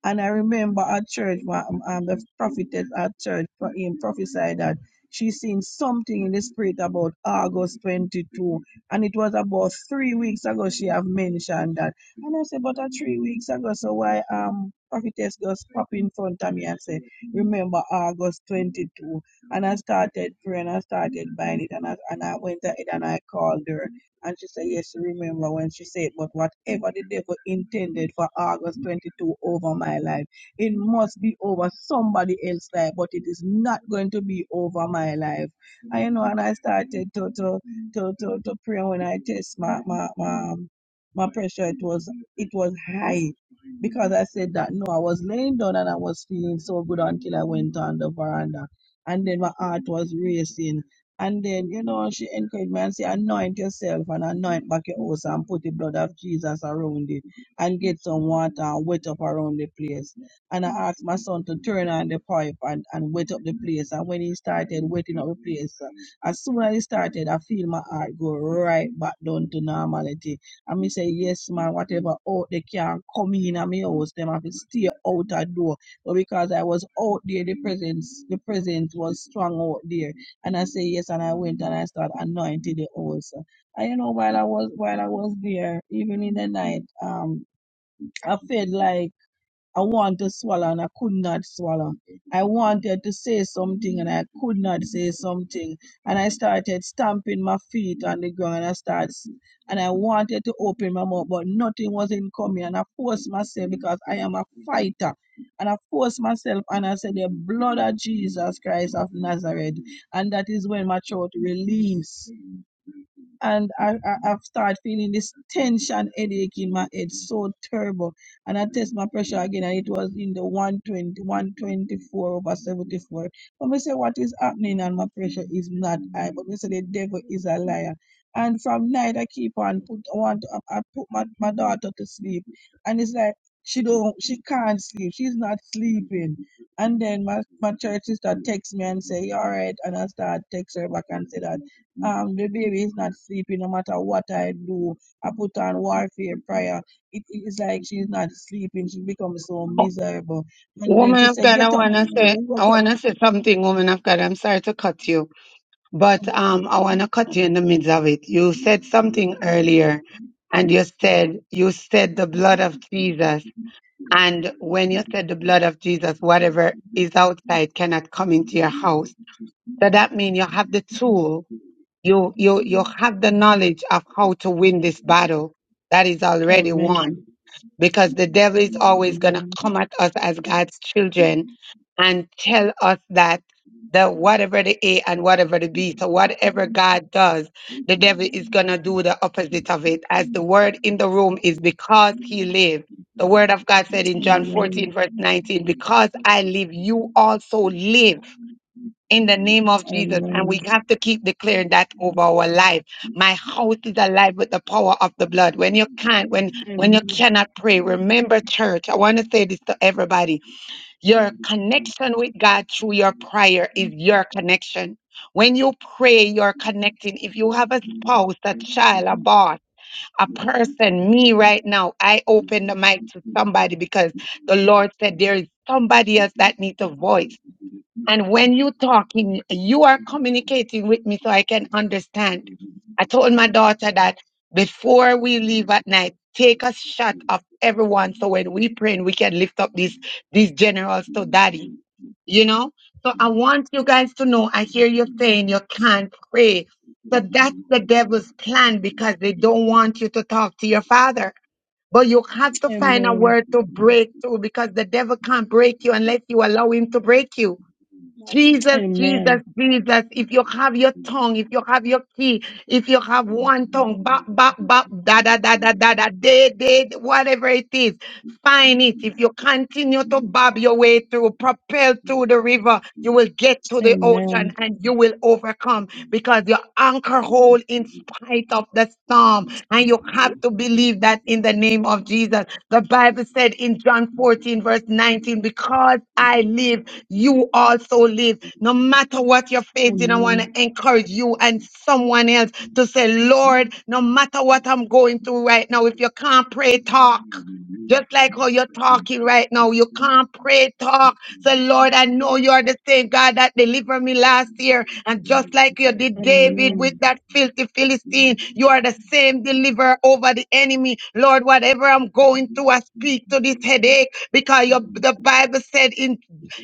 Speaker 12: And I remember at church, wha- um, um, the prophetess at church pro- um, prophesied that she seen something in the spirit about August 22. And it was about three weeks ago she have mentioned that. And I said, but uh, three weeks ago, so why um prophetess just pop in front of me and say, remember August 22. And I started praying, I started buying it, and I, and I went ahead and I called her and she said, Yes, she remember when she said, But whatever the devil intended for August 22 over my life, it must be over somebody else's life, but it is not going to be over my life. And you know, and I started to to to to, to pray when I test my, my my my pressure, it was it was high. Because I said that no, I was laying down and I was feeling so good until I went on the veranda. And then my heart was racing. And then, you know, she encouraged me and say, anoint yourself and anoint back your house and put the blood of Jesus around it and get some water and wet up around the place. And I asked my son to turn on the pipe and, and wet up the place. And when he started wetting up the place, uh, as soon as he started, I feel my heart go right back down to normality. And me say, yes, man, whatever out they can come in at my house, them have to stay out a door. But because I was out there, the presence, the presence was strong out there. And I say yes, and I went and I started anointing the also. And you know, while I was while I was there, even in the night, um, I felt like I wanted to swallow and I could not swallow. I wanted to say something and I could not say something. And I started stamping my feet on the ground and I started s- and I wanted to open my mouth, but nothing was in coming. And I forced myself because I am a fighter. And I forced myself and I said, The blood of Jesus Christ of Nazareth. And that is when my throat released and I, I, I've started feeling this tension headache in my head so terrible. And I test my pressure again, and it was in the 120, 124 over 74. But me say, what is happening? And my pressure is not high. But me say, the devil is a liar. And from night, I keep on put I want to, I I put my, my daughter to sleep, and it's like she don't she can't sleep. She's not sleeping. And then my, my church sister texts me and say, "You all right? And I start text her back and say that. Um, the baby is not sleeping no matter what I do. I put on warfare prayer. it is like she's not sleeping. She becomes so miserable. And then
Speaker 1: Woman
Speaker 12: she
Speaker 1: of
Speaker 12: said,
Speaker 1: God, I
Speaker 12: Get up, man.
Speaker 1: wanna say
Speaker 12: What
Speaker 1: I
Speaker 12: up?
Speaker 1: wanna say something, woman of God. I'm sorry to cut you, but um I wanna cut you in the midst of it. You said something earlier and you said you said the blood of Jesus. And when you said the blood of Jesus, whatever is outside cannot come into your house. So that means you have the tool, you you you have the knowledge of how to win this battle that is already won
Speaker 12: Amen.
Speaker 1: because the devil is always going to
Speaker 12: Amen.
Speaker 1: come at us as God's children and tell us that
Speaker 12: Amen.
Speaker 1: the whatever the A and whatever the B, so whatever God does, the devil is going to do the opposite of it. As the word in the room is because he lives. The word of God said in John 14, verse 19, because I live, you also live in the name of Jesus. And we have to keep declaring that over our life. My house is alive with the power of the blood. When you can't, when when you cannot pray, remember church. I want to say this to everybody. Your connection with God through your prayer is your connection. When you pray, you're connecting. If you have a spouse, a child, a boss, a person, me right now, I open the mic to somebody because the Lord said there is somebody else that needs a voice and when you talking, you are communicating with me so I can understand. I told my daughter that before we leave at night, take a shot of everyone so when we pray, we can lift up these these generals to daddy, you know? So I want you guys to know I hear you saying you can't pray. So that's the devil's plan because they don't want you to talk to your father. But you have to find a word to break through because the devil can't break you unless you allow him to break you. Jesus, Jesus,
Speaker 12: Amen.
Speaker 1: Jesus. If you have your tongue, if you have your key, if you have one tongue, ba, ba, ba, da, da, da, da, da, da, de, de, whatever it is, find it. If you continue to bob your way through, propel through the river, you will get to the
Speaker 12: Amen.
Speaker 1: ocean and you will overcome because your anchor hold in spite of the storm. And you have to believe that in the name of Jesus. The Bible said in John 14, verse 19, because I live, you also live. No matter what you're
Speaker 12: Amen.
Speaker 1: facing, I want
Speaker 12: Amen.
Speaker 1: to encourage you and someone else to say, Lord, no matter what I'm going through right now, if you can't pray, talk. Just like how you're talking right now, you can't pray talk. So Lord, I know you're the same God that delivered me last year. And just like you
Speaker 12: Amen.
Speaker 1: did David with
Speaker 12: Amen. Amen.
Speaker 1: that filthy Philistine, you are the same deliverer over the enemy. Lord, whatever I'm going through, I speak to this headache because your, the Bible said in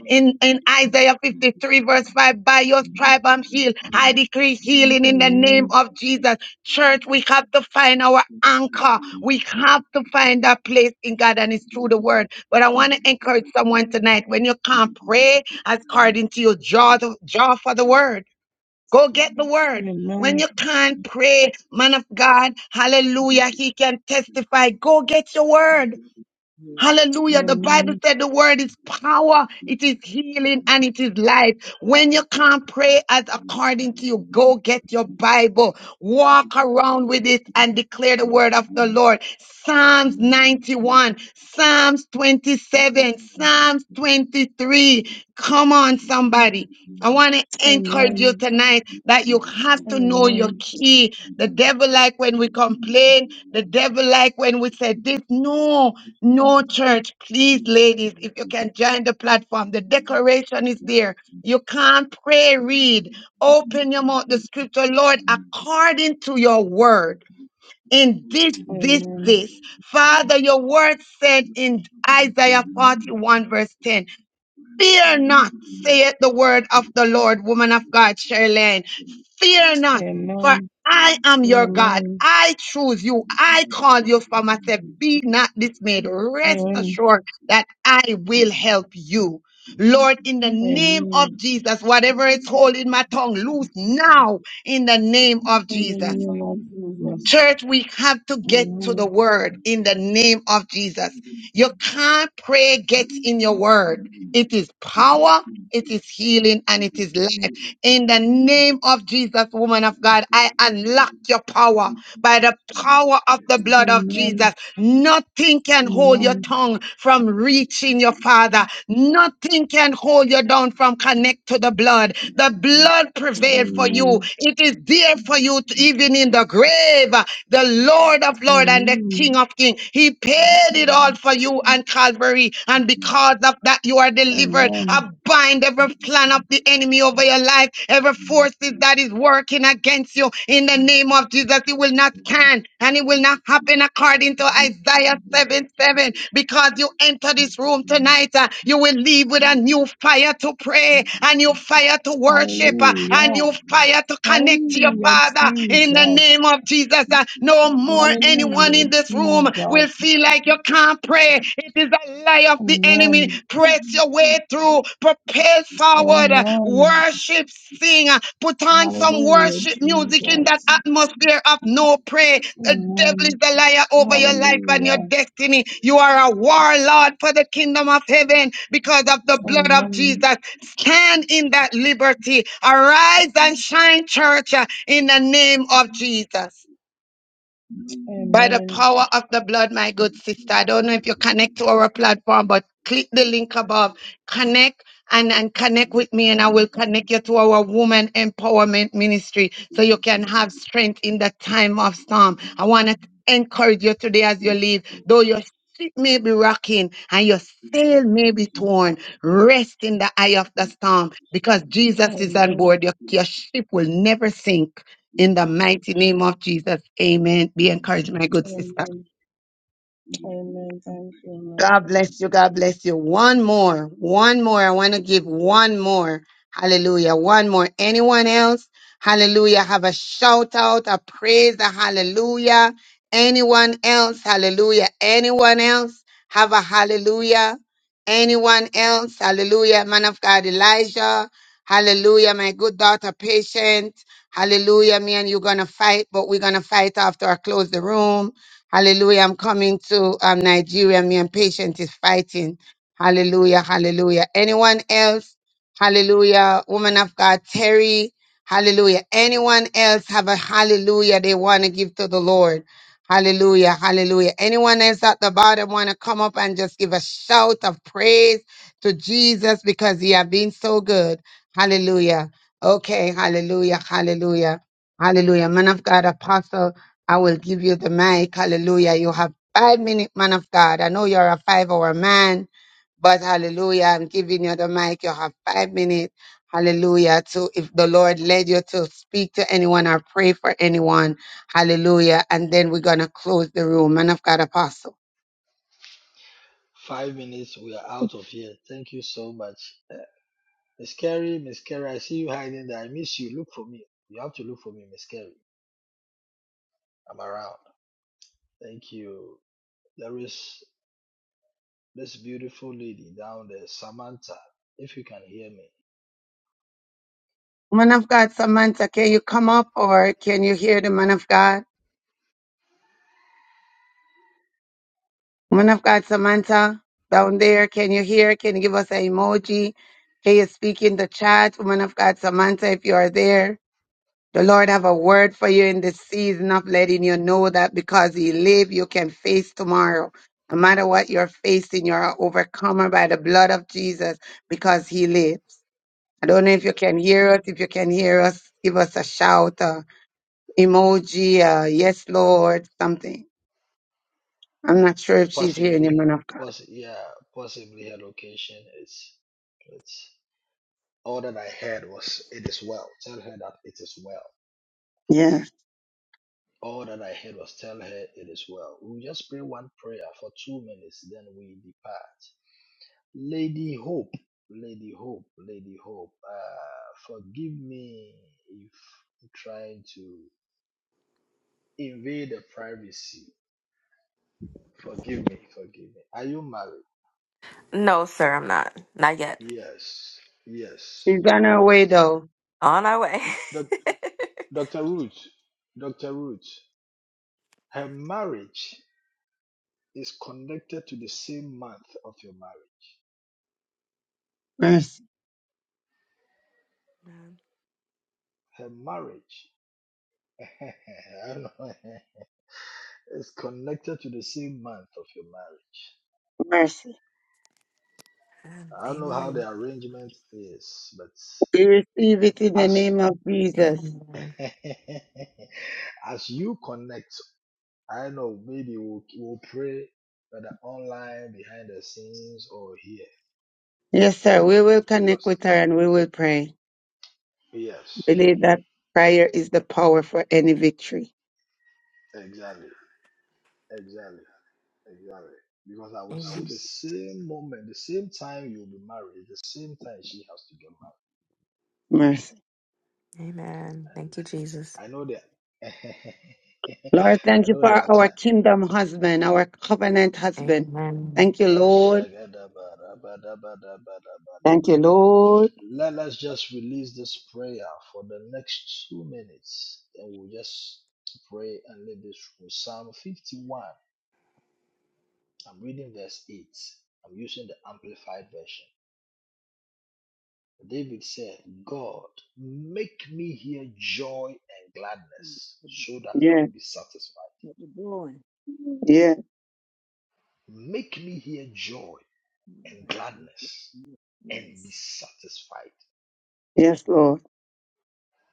Speaker 1: in, in Isaiah 53, verse 5, by your stripe I'm healed. I decree healing in the
Speaker 12: Amen.
Speaker 1: name of Jesus. Church, we have to find our anchor. We have to find that place in God, and it's through the word. But I want to encourage someone tonight when you can't pray according to your jaw, to, jaw for the word, go get the word. When
Speaker 12: Amen.
Speaker 1: you can't pray, man of God, hallelujah, he can testify. Go get your word. Hallelujah. The Bible
Speaker 12: Amen.
Speaker 1: said the word is power, it is healing, and it is life. When you can't pray as according to you, go get your Bible, walk around with it, and declare the word of the Lord. Psalms 91, Psalms 27, Psalms 23. Come on, somebody. I want to encourage you
Speaker 12: Amen. Amen.
Speaker 1: tonight that you have to know your
Speaker 12: Amen.
Speaker 1: key. The devil like when we complain. The devil like when we say this. No, no church, please, ladies, if you can join the platform, the decoration is there. You can't pray, read. Open your mouth, the scripture, Lord, according to your word. In this, this,
Speaker 12: Amen.
Speaker 1: this. Father, your word said in Isaiah 41, verse 10, Fear not, saith the word of the Lord, woman of God, Charlene. Fear not, for
Speaker 12: Amen.
Speaker 1: I am your God. I choose you. I call you for myself. Be not dismayed. Rest
Speaker 12: Amen.
Speaker 1: assured that I will help you. Lord, in the name of
Speaker 12: Amen.
Speaker 1: Jesus, whatever is holding my tongue, loose now in the name of
Speaker 12: In the
Speaker 1: Jesus.
Speaker 12: name of Jesus.
Speaker 1: Church, we have to get to the
Speaker 12: Amen.
Speaker 1: word in the name of Jesus. You can't pray gets in your word. It is power, it is healing, and it is life. In the name of Jesus, woman of God, I unlock your power by the power of the blood of Jesus.
Speaker 12: Amen.
Speaker 1: Nothing can hold your
Speaker 12: Amen.
Speaker 1: tongue from reaching your father. Nothing can hold you down from connect to the blood. The blood prevailed for you.
Speaker 12: Amen.
Speaker 1: It is there for you to, even in the grave. The Lord of Lord and the King
Speaker 12: Amen.
Speaker 1: of King. He paid it all for you on Calvary. And because of that, you are delivered.
Speaker 12: Amen.
Speaker 1: I bind every plan of the enemy over your life, every forces that is working against you. In the name of Jesus, it will not stand and it will not happen according to Isaiah 7 7. Because you enter this room tonight, uh, you will leave with a new fire to pray, a new fire to worship, uh, a
Speaker 12: Hallelujah.
Speaker 1: new fire to connect to your
Speaker 12: Hallelujah,
Speaker 1: Father
Speaker 12: Jesus.
Speaker 1: in the name of Jesus. Uh, No more anyone
Speaker 12: Hallelujah,
Speaker 1: in this room will
Speaker 12: Jesus.
Speaker 1: feel like you can't pray. It is a lie of the enemy.
Speaker 12: Amen.
Speaker 1: Press your way through, propel forward, uh,
Speaker 12: Amen.
Speaker 1: worship, sing, uh, put on some
Speaker 12: Hallelujah,
Speaker 1: worship music in that
Speaker 12: Jesus.
Speaker 1: atmosphere of no prayer the devil is
Speaker 12: Amen.
Speaker 1: the liar over your life and your
Speaker 12: Hallelujah.
Speaker 1: destiny. You are a warlord for the kingdom of heaven because of the blood of
Speaker 12: Amen.
Speaker 1: Jesus. Stand in that liberty. Arise and shine, church, uh, in the name of Jesus by the
Speaker 12: Amen.
Speaker 1: power of the blood, my good sister. I don't know if you connect to our platform, but click the link above. Connect and, and connect with me, and I will connect you to our woman empowerment ministry so you can have strength in the time of storm. I want to encourage you today as you leave, though your ship may be rocking and your sail may be torn. Rest in the eye of the storm because Jesus is on
Speaker 12: Amen.
Speaker 1: board. Your, your ship will never sink in the mighty name of Jesus, amen. Be encouraged, my good sister.
Speaker 12: Amen. Amen. Thank you,
Speaker 1: God bless you. God bless you. One more. One more. I want to give one more. Hallelujah. One more. Anyone else? Hallelujah. Have a shout out, a praise, a hallelujah. Anyone else? Hallelujah. Anyone else? Have a hallelujah. Anyone else? Hallelujah. Man of God, Elijah. Hallelujah. My good daughter, patient. Hallelujah. Me and you going to fight, but we're going to fight after I close the room. Hallelujah. I'm coming to um, Nigeria. Me and patient is fighting. Hallelujah. Hallelujah. Anyone else? Hallelujah. Woman of God, Terry. Hallelujah. Anyone else have a hallelujah they want to give to the Lord? Hallelujah. Hallelujah. Anyone else at the bottom want to come up and just give a shout of praise to Jesus because he has been so good. Hallelujah. Okay. Hallelujah. Hallelujah. Hallelujah. Man of God, Apostle. I will give you the mic. Hallelujah. You have five minutes, man of God. I know you're a five hour man, but hallelujah. I'm giving you the mic. You have five minutes. Hallelujah. So if the Lord led you to speak to anyone or pray for anyone, hallelujah. And then we're going to close the room. Man of God, apostle.
Speaker 6: Five minutes, we are out of here. Thank you so much. Uh, Miss Carrie, Miss Carrie. I see you hiding there. I miss you. Look for me. You have to look for me, Miss Carrie. I'm around. Thank you. There is this beautiful lady down there, Samantha, if you can hear me.
Speaker 1: Man of God, Samantha, can you come up or can you hear the man of God? Woman of God, Samantha, down there, can you hear? Can you give us an emoji? Can you speak in the chat? Woman of God, Samantha, if you are there, the Lord have a word for you in this season of letting you know that because He live, you can face tomorrow. No matter what you're facing, you're an overcomer by the blood of Jesus because He lives. I don't know if you
Speaker 3: Yes.
Speaker 1: can hear us. If you can hear us, give us a shout, a emoji, a yes, Lord, something. I'm not sure if she's hearing you,
Speaker 6: Possibly,
Speaker 1: man of God.
Speaker 6: poss- yeah, possibly her location is, it's All that I had was, It is well. Tell her that it is well.
Speaker 1: Yeah.
Speaker 6: All that I had was, Tell her it is well. We just pray one prayer for two minutes, then we depart. Lady Hope, Lady Hope, Lady Hope, uh, forgive me if I'm trying to invade the privacy. Forgive me, forgive me. Are you married?
Speaker 9: No, sir, I'm not. Not yet.
Speaker 6: Yes, yes,
Speaker 1: She's on her way
Speaker 6: yes.
Speaker 1: though.
Speaker 9: On our way.
Speaker 6: Doc- Dr. Ruth, Dr. Ruth, her marriage. is connected to the same month of your marriage.
Speaker 1: Mercy.
Speaker 6: Her marriage I don't know, is connected to the same month of your marriage.
Speaker 1: Mercy.
Speaker 9: Amen.
Speaker 6: I don't know how
Speaker 9: Amen.
Speaker 6: the arrangement is, but
Speaker 1: We receive it in the
Speaker 6: as
Speaker 1: name of Jesus.
Speaker 9: Amen.
Speaker 6: as you connect, I don't know maybe we'll, we'll pray whether online, behind the scenes, or here.
Speaker 1: Yes, sir. We will connect
Speaker 6: Because
Speaker 1: with her and we will pray.
Speaker 6: yes,
Speaker 1: Believe that prayer is the power for any victory.
Speaker 6: exactly. Exactly. Exactly. Because I would
Speaker 9: Amen.
Speaker 6: see the same moment, the same time you'll be married, the same time she has to get
Speaker 1: Mercy.
Speaker 9: Amen.
Speaker 6: married.
Speaker 9: Thank you, Jesus.
Speaker 6: And I know that.
Speaker 1: Lord,
Speaker 6: I
Speaker 1: thank you
Speaker 6: know
Speaker 1: for
Speaker 6: the
Speaker 1: our
Speaker 6: attack.
Speaker 1: kingdom husband, our covenant husband.
Speaker 9: Amen.
Speaker 1: Thank you, Lord. Thank you, Lord.
Speaker 6: Let us just release this prayer for the next two minutes. and we'll just pray and leave this room. Psalm 51. I'm reading verse 8. I'm using the amplified version. David said, God, make me hear joy and
Speaker 3: Mm,
Speaker 6: gladness so
Speaker 3: mm,
Speaker 6: that
Speaker 3: Yes.
Speaker 6: I will
Speaker 1: Yes,
Speaker 6: be satisfied.
Speaker 3: What you doing?
Speaker 1: yes,
Speaker 6: Make me hear joy
Speaker 3: All
Speaker 6: and
Speaker 3: right, thank you.
Speaker 6: gladness
Speaker 3: Mm,
Speaker 6: and be
Speaker 3: Yes.
Speaker 6: satisfied.
Speaker 1: yes, Lord.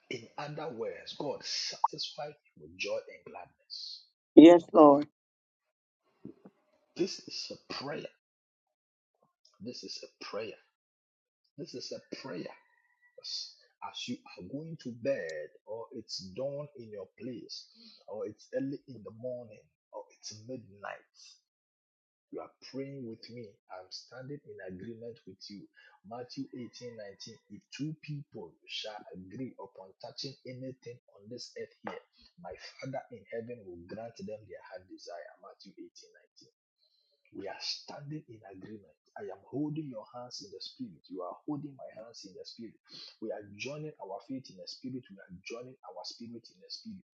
Speaker 6: In other words, God, satisfied me with joy and gladness.
Speaker 1: Yes, Lord.
Speaker 6: This is a prayer. This is a prayer. This is a prayer. Yes. as you are going to bed, or it's dawn in your place, or it's early in the morning, or it's midnight, You are praying with me. I'm standing in agreement with you. Matthew 18 19. If two people shall agree upon touching anything on this earth here, my Father in heaven will grant them their heart desire. Matthew 18 19. We are standing in agreement. I am holding your hands in the spirit. You are holding my hands in the spirit. We are joining our faith in the spirit. We are joining our spirit in the spirit.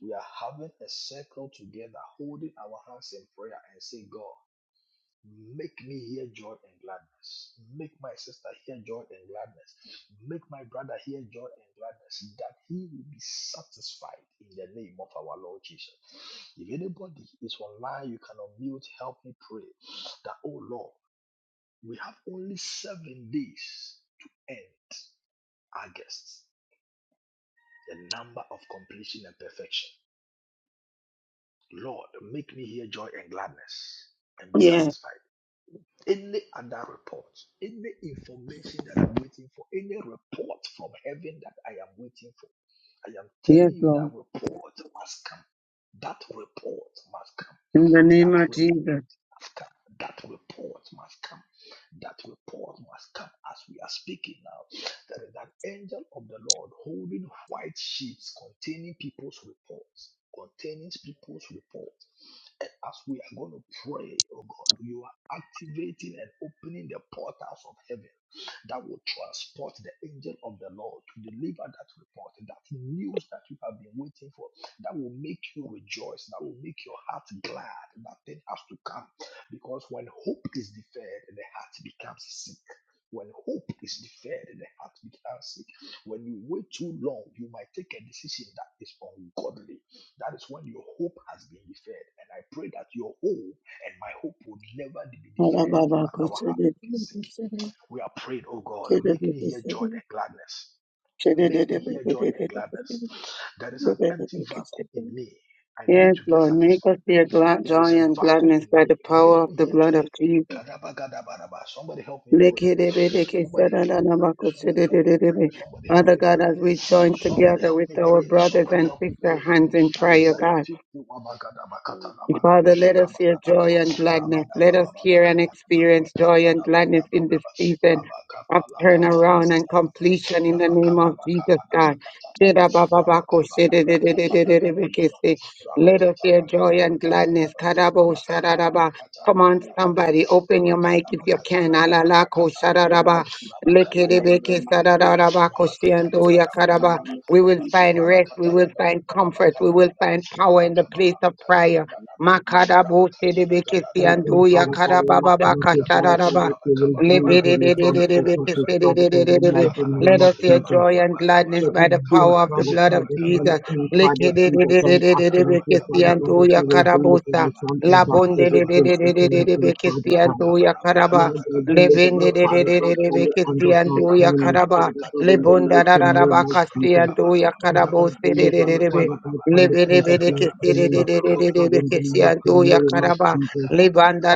Speaker 6: We are having a circle together, holding our hands in prayer and say, God. Make me hear joy and gladness. Make my sister hear joy and gladness. Make my brother hear joy and gladness, that he will be satisfied in the name of our Lord Jesus. If anybody is online, you can unmute, help me pray that, oh Lord, we have only seven days to end August, the number of completion and perfection. Lord, make me hear joy and gladness and be
Speaker 1: Yes,
Speaker 6: satisfied. any other report, any information that I'm waiting for, any report from heaven that I am waiting for. I am
Speaker 1: yes,
Speaker 6: telling you that
Speaker 1: Lord.
Speaker 6: report must come. That report must come.
Speaker 1: In the name
Speaker 6: That
Speaker 1: of
Speaker 6: report
Speaker 1: Jesus.
Speaker 6: must come. That report must come. That report must come. As we are speaking now, there is an angel of the Lord holding white sheets containing people's reports. Containing people's report. And as we are going to pray, oh God, you are activating and opening the portals of heaven that will transport the angel of the Lord to deliver that report, that news that you have been waiting for, that will make you rejoice, that will make your heart glad. That thing has to come because when hope is deferred, the heart becomes sick. When hope is deferred, the heart becomes sick. When you wait too long, you might take a decision that is ungodly. That is when your hope has been deferred. And I pray that your hope and my hope will never be deferred so that our heart gets sick. We are praying, oh God, make me hear joy and gladness. Make me hear joy and gladness. There is an empty vacuum in me. I need to get satisfied.
Speaker 1: Fear,
Speaker 6: There is
Speaker 1: joy,
Speaker 6: a
Speaker 1: and
Speaker 6: vacuum
Speaker 1: gladness
Speaker 6: in
Speaker 1: by
Speaker 6: me.
Speaker 1: the
Speaker 6: Make
Speaker 1: power of
Speaker 6: me
Speaker 1: the
Speaker 6: hear
Speaker 1: blood
Speaker 6: joy.
Speaker 1: of Jesus.
Speaker 6: Kadabagadabaraba. Somebody help me pray. Somebody help me pray. Somebody help me pray. Somebody help
Speaker 1: Father
Speaker 6: me
Speaker 1: God,
Speaker 6: pray.
Speaker 1: as we join
Speaker 6: Somebody
Speaker 1: together
Speaker 6: help
Speaker 1: with
Speaker 6: me
Speaker 1: our
Speaker 6: pray.
Speaker 1: brothers
Speaker 6: Somebody help me
Speaker 1: that
Speaker 6: pray.
Speaker 1: are in prayer,
Speaker 6: Isaiah
Speaker 1: God,
Speaker 6: 51.
Speaker 3: Yes.
Speaker 6: Magadabakatanabagadushakabadabadaba.
Speaker 1: joy, and let us be a
Speaker 6: Rabadabababakabadabadabakatadabadabadaba.
Speaker 1: season of turnaround
Speaker 6: Rabakapalakatadabadabadaba.
Speaker 1: in the name of Jesus.
Speaker 6: Labakadabakabadabakatadaba, Rabakabadabrakatadagadagaba,
Speaker 1: Let us hear joy and gladness.
Speaker 6: Rabakatanagadabakatadaba,
Speaker 1: Come on,
Speaker 3: yes,
Speaker 6: Rabakabalabakatadagadabadaba,
Speaker 1: somebody, open your mic if
Speaker 6: Rabakadabakatadagadabrakatadagadaba,
Speaker 1: you can. We will.
Speaker 3: So
Speaker 6: Rabakabalabakadabagadaba,
Speaker 3: much in the name of Jesus. In the name of
Speaker 6: Rabakatanagadabakadabakadaba,
Speaker 3: Jesus.
Speaker 1: rest. We will find comfort. We will
Speaker 6: Rabakatanagadabakadabakadaba,
Speaker 1: find power in the place of
Speaker 6: Rabakabalabakatanagadabadaba,
Speaker 1: prayer.
Speaker 3: My
Speaker 1: Makadabo sedebekesi
Speaker 13: And in
Speaker 1: andoya
Speaker 13: Father God, in
Speaker 1: kadabababa
Speaker 13: Maximus, Father God,
Speaker 1: kashadadaba.
Speaker 13: that you will
Speaker 1: Let us
Speaker 6: Rabakatanagadabakadabakadaba,
Speaker 13: deliver me from the form out of
Speaker 6: Rabakabalabakadabakadabakadaba,
Speaker 13: this Father God, in the mighty
Speaker 6: Kabalaba,
Speaker 13: name of
Speaker 1: hear
Speaker 13: Jesus.
Speaker 1: joy
Speaker 6: Yabalaba,
Speaker 1: and gladness by
Speaker 13: Every
Speaker 6: Kabalaba,
Speaker 1: the
Speaker 13: bill,
Speaker 1: power of
Speaker 6: Kabalaba,
Speaker 1: the
Speaker 13: Father
Speaker 1: blood
Speaker 13: God,
Speaker 1: of
Speaker 6: rama
Speaker 13: that I'm
Speaker 1: Jesus.
Speaker 6: Kabalaba,
Speaker 13: in, Father
Speaker 6: Katalaba,
Speaker 13: Jesus, and asking of
Speaker 6: Madalaba,
Speaker 13: you, Father God,
Speaker 6: Kabalaba,
Speaker 13: that you
Speaker 6: Kabalaba,
Speaker 13: will deliver
Speaker 1: Likidididididididibikisiantoyakarabosha.
Speaker 13: me
Speaker 6: Kabalaba,
Speaker 13: from the form out of
Speaker 6: rama
Speaker 13: every bill
Speaker 6: Kabalaba,
Speaker 13: that I'm in,
Speaker 6: Kabalaba,
Speaker 13: Father
Speaker 6: Raba
Speaker 13: God.
Speaker 6: Kabalaba,
Speaker 13: Lord, you
Speaker 6: Katanagadaba,
Speaker 13: deliver me,
Speaker 6: Raba
Speaker 13: Father
Speaker 6: Kalaba,
Speaker 13: God, from the hand
Speaker 6: Katanagadaba,
Speaker 13: of my
Speaker 6: Raba
Speaker 13: enemies,
Speaker 6: Kabalaba,
Speaker 13: Father God, in the mighty
Speaker 6: Katanagadagadaba,
Speaker 13: name of
Speaker 6: Raba
Speaker 13: Jesus.
Speaker 6: Kabalaba,
Speaker 13: Father God,
Speaker 6: Kabalaba,
Speaker 13: deliver me,
Speaker 6: Raba Kabalaba,
Speaker 13: Father God, from the
Speaker 1: Lebanda
Speaker 13: hands of my
Speaker 6: Katanagadaba,
Speaker 13: enemies,
Speaker 6: Raba
Speaker 13: Father God,
Speaker 6: Kabalaba,
Speaker 13: in the
Speaker 6: Madalaba,
Speaker 13: mighty name of
Speaker 6: Kabalaba,
Speaker 13: Jesus.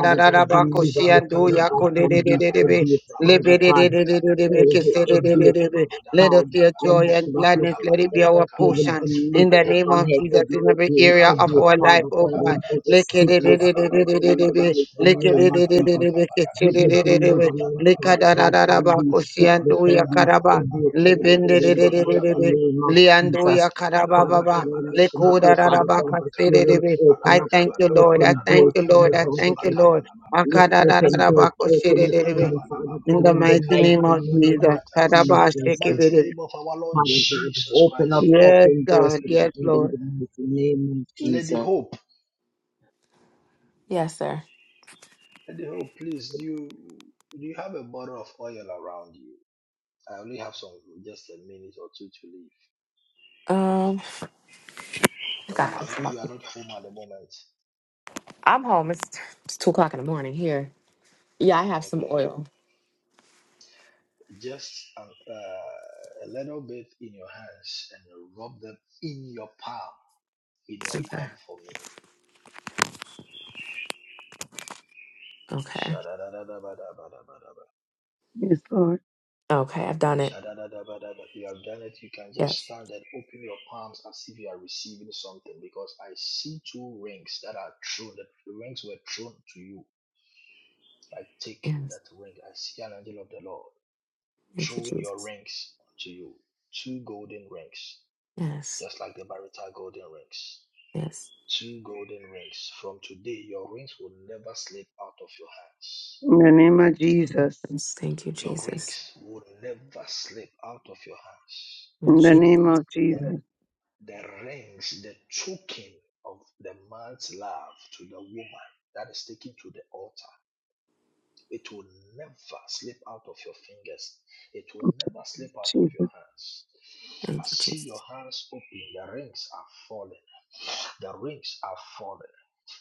Speaker 1: da da
Speaker 13: God,
Speaker 1: da
Speaker 13: deliver me, Father God, from these
Speaker 6: Rabakatanabanabakabanaba,
Speaker 13: idiots, Father God.
Speaker 6: Rabakabanabakabanaba,
Speaker 13: Oh, the idiots,
Speaker 1: Libidididididibikisididididibi.
Speaker 13: Father
Speaker 1: Let us
Speaker 13: God.
Speaker 1: hear
Speaker 13: I'm
Speaker 1: joy and
Speaker 13: asking of you,
Speaker 1: gladness. Let
Speaker 13: Father
Speaker 1: it be
Speaker 13: God,
Speaker 6: Rabakabanababadabakabanaba,
Speaker 13: that
Speaker 1: our
Speaker 13: you will
Speaker 1: portion in
Speaker 13: deliver
Speaker 1: the
Speaker 13: me
Speaker 1: name
Speaker 13: from
Speaker 1: of
Speaker 6: Rabakabanababakabanaba,
Speaker 1: Jesus
Speaker 13: every
Speaker 1: in every
Speaker 13: mighty
Speaker 6: Rabakabanababadababa,
Speaker 13: and
Speaker 1: area of
Speaker 13: every
Speaker 1: our life,
Speaker 13: Father
Speaker 1: oh
Speaker 13: God
Speaker 1: God.
Speaker 13: and
Speaker 6: Rabakabanababakabanaba,
Speaker 13: every sickness, Father God, in the
Speaker 6: Rabakabanababakabanaba,
Speaker 1: Likidididididididibi.
Speaker 13: mighty name of Jesus.
Speaker 6: Rabakabanababakabanaba,
Speaker 13: Give me
Speaker 1: Likidididididibikisididididibi.
Speaker 13: deliverance,
Speaker 6: Rabakabanababadabakabanaba,
Speaker 13: Father God, from these sickness and these
Speaker 6: Rabakabanababadabakabanaba,
Speaker 1: Likadadadadabakusiyanduyakadaba.
Speaker 13: idiots, Father God, in the mighty
Speaker 1: Libididididididibi.
Speaker 13: name of
Speaker 6: Rabakabanababakabanaba,
Speaker 13: Jesus. Father
Speaker 1: Lianduyakadabababa.
Speaker 13: God,
Speaker 6: Kabalabakabara,
Speaker 13: I'm asking of you, Father God, that you
Speaker 6: Rabakabalabakabara,
Speaker 13: will
Speaker 1: Likudadadabakasididibi.
Speaker 13: open
Speaker 1: I
Speaker 13: up the
Speaker 1: thank you, Lord. I
Speaker 13: open
Speaker 1: thank
Speaker 13: doors
Speaker 1: you,
Speaker 13: for
Speaker 1: Lord.
Speaker 13: me,
Speaker 6: Balabakabalababadalabakabara,
Speaker 1: I
Speaker 13: Father God.
Speaker 1: thank you, Lord.
Speaker 13: Lord, Open doors,
Speaker 6: Bakabalababakabarabarabara,
Speaker 13: open up
Speaker 1: Akadadadadabakusidididibi.
Speaker 13: for Father
Speaker 1: In
Speaker 13: God,
Speaker 1: the
Speaker 13: in the
Speaker 1: mighty
Speaker 13: mighty
Speaker 1: name of
Speaker 13: name
Speaker 1: Jesus.
Speaker 13: of
Speaker 6: Bakabalababadalabakabarabarabakatara. In the
Speaker 13: Jesus.
Speaker 6: mighty
Speaker 1: Kadabashikibidi.
Speaker 6: name of our Lord
Speaker 13: Father God,
Speaker 6: Jesus
Speaker 13: open
Speaker 6: Christ,
Speaker 13: up,
Speaker 1: Yes,
Speaker 13: open doors
Speaker 1: God.
Speaker 13: for me
Speaker 1: Yes,
Speaker 13: in
Speaker 1: Lord.
Speaker 13: the mighty name of Jesus.
Speaker 6: Lady Hope,
Speaker 9: Yes, sir.
Speaker 6: Lady Hope, please, do you, do you have a bottle of oil around you? I only have some, just a minute or two to leave.
Speaker 9: Um, I
Speaker 6: Oh,
Speaker 9: gotta
Speaker 6: you
Speaker 9: put
Speaker 6: are not,
Speaker 9: some up.
Speaker 6: you are not home at the moment.
Speaker 9: I'm home. It's, it's two o'clock in the morning here. Yeah, I have some
Speaker 6: Okay.
Speaker 9: oil.
Speaker 6: just a, uh, a little bit in your hands and rub them in your palm, in your
Speaker 9: Okay.
Speaker 6: palm for me.
Speaker 9: Okay.
Speaker 6: Shadadadabadabadabadaba.
Speaker 1: Yes, Lord.
Speaker 9: Okay. I've done it.
Speaker 6: Shadadadabadaba. You have done it. You can just
Speaker 9: Yes.
Speaker 6: stand and open your palms as if you are receiving something because I see two rings that are thrown. The rings were thrown to you. I take
Speaker 9: Yes.
Speaker 6: that ring. I see an angel of the Lord
Speaker 9: Thank you,
Speaker 6: throwing your
Speaker 9: Jesus.
Speaker 6: rings to you. Two golden rings,
Speaker 9: Yes.
Speaker 6: just like the Barita golden rings.
Speaker 9: Yes.
Speaker 6: Two golden rings. From today, your rings will never slip out of your hands.
Speaker 1: In the name of Jesus.
Speaker 9: Yes. Thank you,
Speaker 6: Your
Speaker 9: Jesus.
Speaker 6: rings will never slip out of your hands.
Speaker 9: Mm,
Speaker 1: In the
Speaker 9: Je-
Speaker 1: name of
Speaker 6: The,
Speaker 9: mm,
Speaker 1: Jesus.
Speaker 6: the rings, the token of the man's love to the woman that is taken to the altar, it will never slip out of your fingers. It will never slip out of
Speaker 1: Jesus.
Speaker 6: your hands. I
Speaker 9: Thank you,
Speaker 6: see your
Speaker 9: Jesus.
Speaker 6: hands open, the rings are falling. The rings are falling.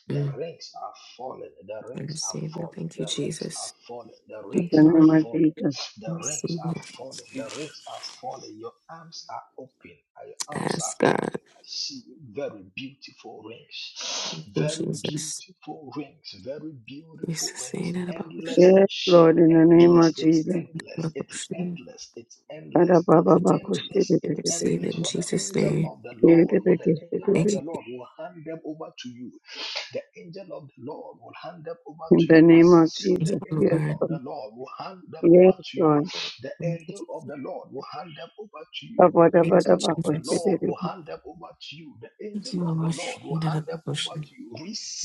Speaker 6: The
Speaker 9: Mm,
Speaker 6: rings are falling. The
Speaker 9: I
Speaker 6: rings are
Speaker 9: receive it.
Speaker 6: falling.
Speaker 9: Thank you,
Speaker 6: The rings are
Speaker 9: Jesus.
Speaker 6: falling. The
Speaker 9: Thank
Speaker 6: rings
Speaker 9: you,
Speaker 6: are
Speaker 9: Lord.
Speaker 6: falling.
Speaker 9: I
Speaker 6: The rings
Speaker 9: receive
Speaker 6: are
Speaker 9: it.
Speaker 6: falling. The rings are falling. Your arms are open. Your arms are
Speaker 9: Ask God.
Speaker 6: open. I see very beautiful rings.
Speaker 9: Thank you,
Speaker 6: Very
Speaker 9: Jesus.
Speaker 6: beautiful rings. Very beautiful rings.
Speaker 9: Jesus.
Speaker 6: Endless in
Speaker 1: Yes,
Speaker 6: shape.
Speaker 1: Lord. In the name
Speaker 6: Endless.
Speaker 1: of
Speaker 6: It's
Speaker 1: Jesus.
Speaker 6: endless. It's
Speaker 9: Revolution.
Speaker 6: endless. It's endless. It's
Speaker 9: Thank you, Jesus.
Speaker 6: endless.
Speaker 9: We
Speaker 6: It's
Speaker 1: Kadabababakushibidibidi.
Speaker 9: receive
Speaker 6: endless.
Speaker 9: it in
Speaker 6: For the
Speaker 9: Jesus'
Speaker 6: angel
Speaker 9: name.
Speaker 6: of the Lord, for the angel of
Speaker 9: Thank you,
Speaker 1: Bidibidibidi.
Speaker 6: the Lord will hand them over to you. The angel of the Lord will hand them over
Speaker 1: In
Speaker 6: to
Speaker 1: the
Speaker 6: you
Speaker 1: name
Speaker 6: as I
Speaker 1: of
Speaker 6: see the
Speaker 9: Jesus,
Speaker 1: Jesus.
Speaker 6: angel
Speaker 1: Yes,
Speaker 9: Lord.
Speaker 6: of the
Speaker 1: Lord.
Speaker 6: Lord will hand them over
Speaker 1: Yes,
Speaker 6: to you.
Speaker 1: Lord.
Speaker 6: The
Speaker 9: Thank
Speaker 6: angel of the Lord will hand them over to you. The
Speaker 9: you,
Speaker 6: angel of the
Speaker 9: Jesus.
Speaker 6: Lord will
Speaker 1: Kabadabababakushibidibidi.
Speaker 6: hand them over to you. The
Speaker 9: Thank
Speaker 6: angel
Speaker 9: you,
Speaker 6: of the
Speaker 9: Lord.
Speaker 6: Lord will
Speaker 9: And that
Speaker 6: hand them over to you.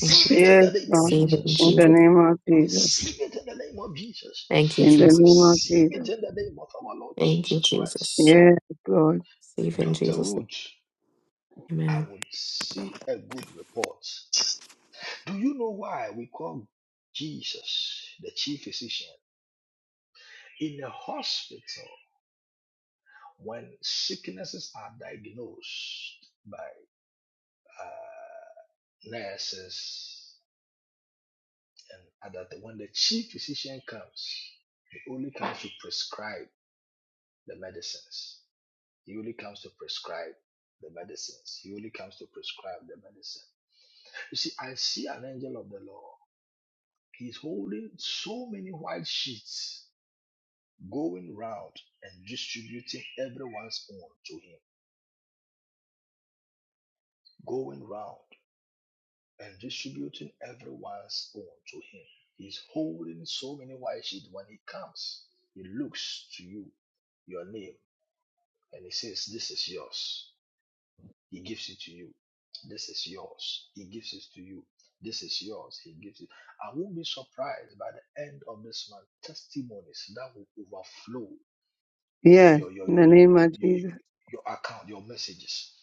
Speaker 9: Thank you.
Speaker 6: it in
Speaker 1: Yes,
Speaker 6: the name of
Speaker 1: Lord.
Speaker 9: Receive it in
Speaker 1: In
Speaker 6: Jesus.
Speaker 1: the
Speaker 9: Jesus.
Speaker 1: name of Jesus.
Speaker 6: Receive it in the name of
Speaker 9: Thank you,
Speaker 1: In
Speaker 6: Jesus.
Speaker 1: the
Speaker 9: Jesus.
Speaker 1: name of
Speaker 6: Receive it
Speaker 1: Jesus.
Speaker 6: in the name of our Lord
Speaker 9: Thank you,
Speaker 6: Jesus
Speaker 9: Jesus.
Speaker 6: Christ.
Speaker 1: Yes, Lord.
Speaker 9: Receive it in
Speaker 6: Dr.
Speaker 9: Jesus' name.
Speaker 6: Root, I
Speaker 9: Amen.
Speaker 6: will see a good report. Do you know why we call Jesus the chief physician? In a hospital, when sicknesses are diagnosed by uh, nurses and other, when the chief physician comes, he only comes to prescribe the medicines. He only comes to prescribe the medicines. He only comes to prescribe the medicine. You see, I see an angel of the Lord. He's holding so many white sheets going round and distributing everyone's own to him. Going round and distributing everyone's own to him. He's holding so many white sheets. When he comes, he looks to you, your name, and he says, This is yours. He gives it to you. This is yours. He gives it to you. This is yours. He gives it. I won't be surprised by the end of this month. Testimonies that will overflow
Speaker 1: Yes.
Speaker 6: your your
Speaker 1: In
Speaker 6: your
Speaker 1: the
Speaker 6: your
Speaker 1: name of
Speaker 6: your, your
Speaker 1: Jesus.
Speaker 6: your account, your messages.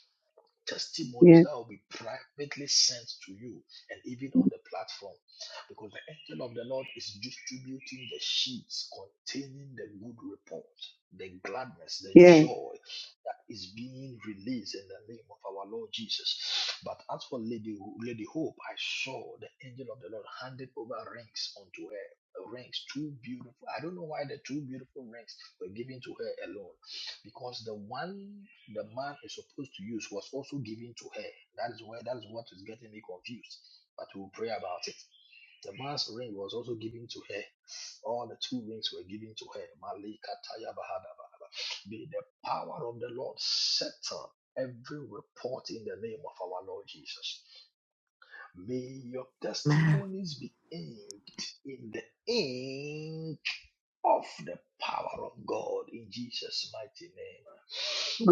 Speaker 1: Yes.
Speaker 6: testimonies that will be privately sent to you and even on the platform because the angel of the Lord is distributing the sheets containing the good report, the gladness, the
Speaker 1: Yes,
Speaker 6: joy that is being released in the name of our Lord Jesus. But as for Lady, Lady Hope, I saw the angel of the Lord handed over rings unto her. Rings, two beautiful. I don't know why the two beautiful rings were given to her alone because the one the man is supposed to use was also given to her. That is where that is what is getting me confused. But we'll pray about it. The man's ring was also given to her. All the two rings were given to her. Malika Taya Bahadaba. May the power of the Lord settle every report in the name of our Lord Jesus. May your
Speaker 9: Amen.
Speaker 6: testimonies be inked in the ink of the power of God in Jesus' mighty name.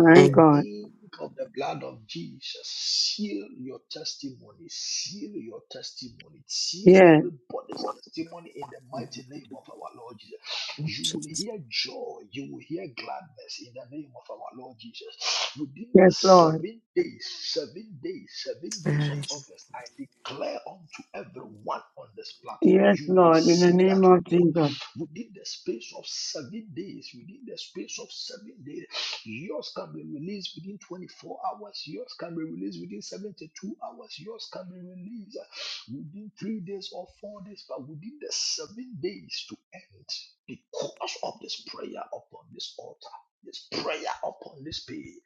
Speaker 6: May
Speaker 9: Thank
Speaker 6: the
Speaker 9: you,
Speaker 6: ink of the blood of Jesus seal your testimony, seal your testimony, seal
Speaker 1: yes,
Speaker 6: everybody's testimony in the mighty name of our Lord Jesus. You will
Speaker 9: Jesus.
Speaker 6: hear joy, you will hear gladness in the name of our Lord Jesus. Within the
Speaker 1: yes, Lord.
Speaker 6: seven days, seven days, seven days of
Speaker 9: Amen.
Speaker 6: August, I declare unto everyone on this platform,
Speaker 1: Yes,
Speaker 6: you will
Speaker 1: Lord, in the
Speaker 6: receive that
Speaker 1: name of
Speaker 6: report
Speaker 1: Jesus.
Speaker 6: within the space of seven days, within the space of seven days, yours can be released within 24 hours, yours can be released within 72 hours, yours can be released uh, within three days or four days, but within the seven days to end because of this prayer upon this altar. This prayer upon this page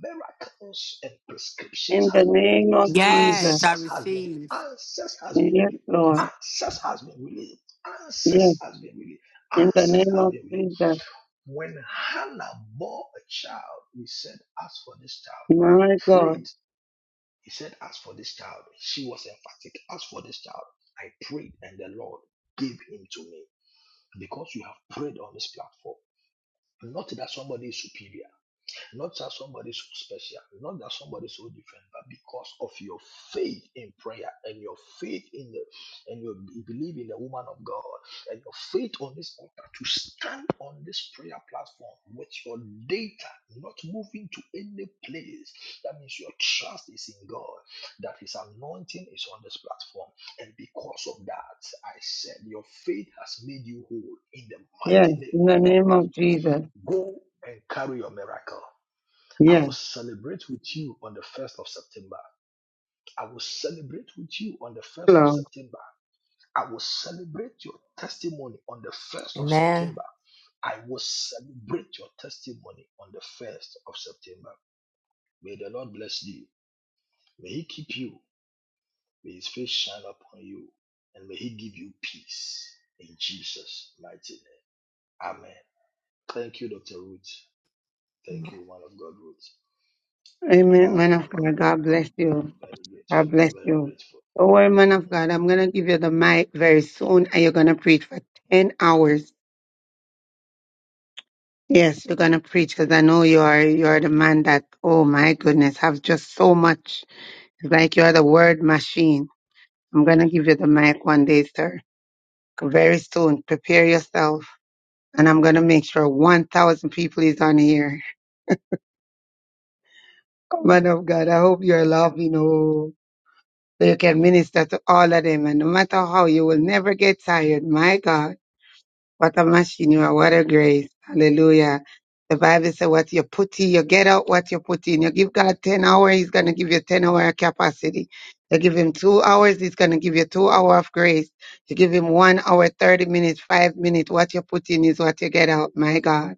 Speaker 6: miracles and prescriptions
Speaker 1: In the
Speaker 6: has been
Speaker 1: name of
Speaker 6: released.
Speaker 14: Yes,
Speaker 1: Jesus.
Speaker 14: I
Speaker 6: Answers has been
Speaker 14: receive.
Speaker 6: answers has been
Speaker 1: Yes,
Speaker 6: released.
Speaker 1: Lord.
Speaker 6: Answers has been released. Answers
Speaker 1: Yes,
Speaker 6: has been released.
Speaker 1: in the
Speaker 6: Answers
Speaker 1: name
Speaker 6: has
Speaker 1: of
Speaker 6: been released.
Speaker 1: Jesus.
Speaker 6: When Hannah bore a child, we said, "As for this child, I
Speaker 1: My God.
Speaker 6: prayed." He said, "As for this child," she was emphatic. "As for this child, I prayed, and the Lord gave him to me." Because you have prayed on this platform, not that somebody is superior. Not that somebody so special, not that somebody so different, but because of your faith in prayer and your faith in the and your belief in the woman of God and your faith on this altar to stand on this prayer platform with your data not moving to any place. That means your trust is in God, that His anointing is on this platform. And because of that, I said, your faith has made you whole in the
Speaker 1: Yes,
Speaker 6: mighty name
Speaker 1: in
Speaker 6: of
Speaker 1: the
Speaker 6: our
Speaker 1: name
Speaker 6: Lord
Speaker 1: of
Speaker 6: Jesus.
Speaker 1: Jesus.
Speaker 6: Go and carry your miracle. I will
Speaker 1: Yes,
Speaker 6: celebrate with you on the 1st of September. I will celebrate with you on the 1st of
Speaker 1: Lord.
Speaker 6: September. I will celebrate your testimony on the 1st of September. I will celebrate your testimony on the 1st of September. May the Lord bless you. May He keep you. May His face shine upon you. And may He give you peace. In Jesus' mighty name. Amen. Thank you, Dr. Ruth.
Speaker 9: Amen.
Speaker 6: Thank you, man of God, Ruth.
Speaker 1: Amen,
Speaker 6: Um,
Speaker 1: man of
Speaker 6: I'm, I'm
Speaker 1: God.
Speaker 6: very,
Speaker 1: God bless
Speaker 6: very,
Speaker 1: you.
Speaker 6: very grateful.
Speaker 1: God bless
Speaker 6: Very
Speaker 1: you.
Speaker 6: grateful.
Speaker 1: Don't worry, man of God. I'm going to give you the mic very soon and you're going to preach for 10 hours. Yes, you're going to preach because I know you are, you are the man that, oh my goodness, have just so much. It's like you are the word machine. I'm going to give you the mic one day, sir. Very soon. Prepare yourself. And I'm going to make sure 1,000 people is on here. Oh, man of God, I hope you're laughing. Oh, so you can minister to all of them. And no matter how, you will never get tired. My God. What a machine you are! what a grace. Hallelujah. The Bible says what you put in, you get out what you put in. You give God 10 hours, he's going to give you 10 hour capacity. You give him two hours, he's going to give you two hour of grace. You give him one hour, 30 minutes, five minutes. What you put in is what you get out. My God.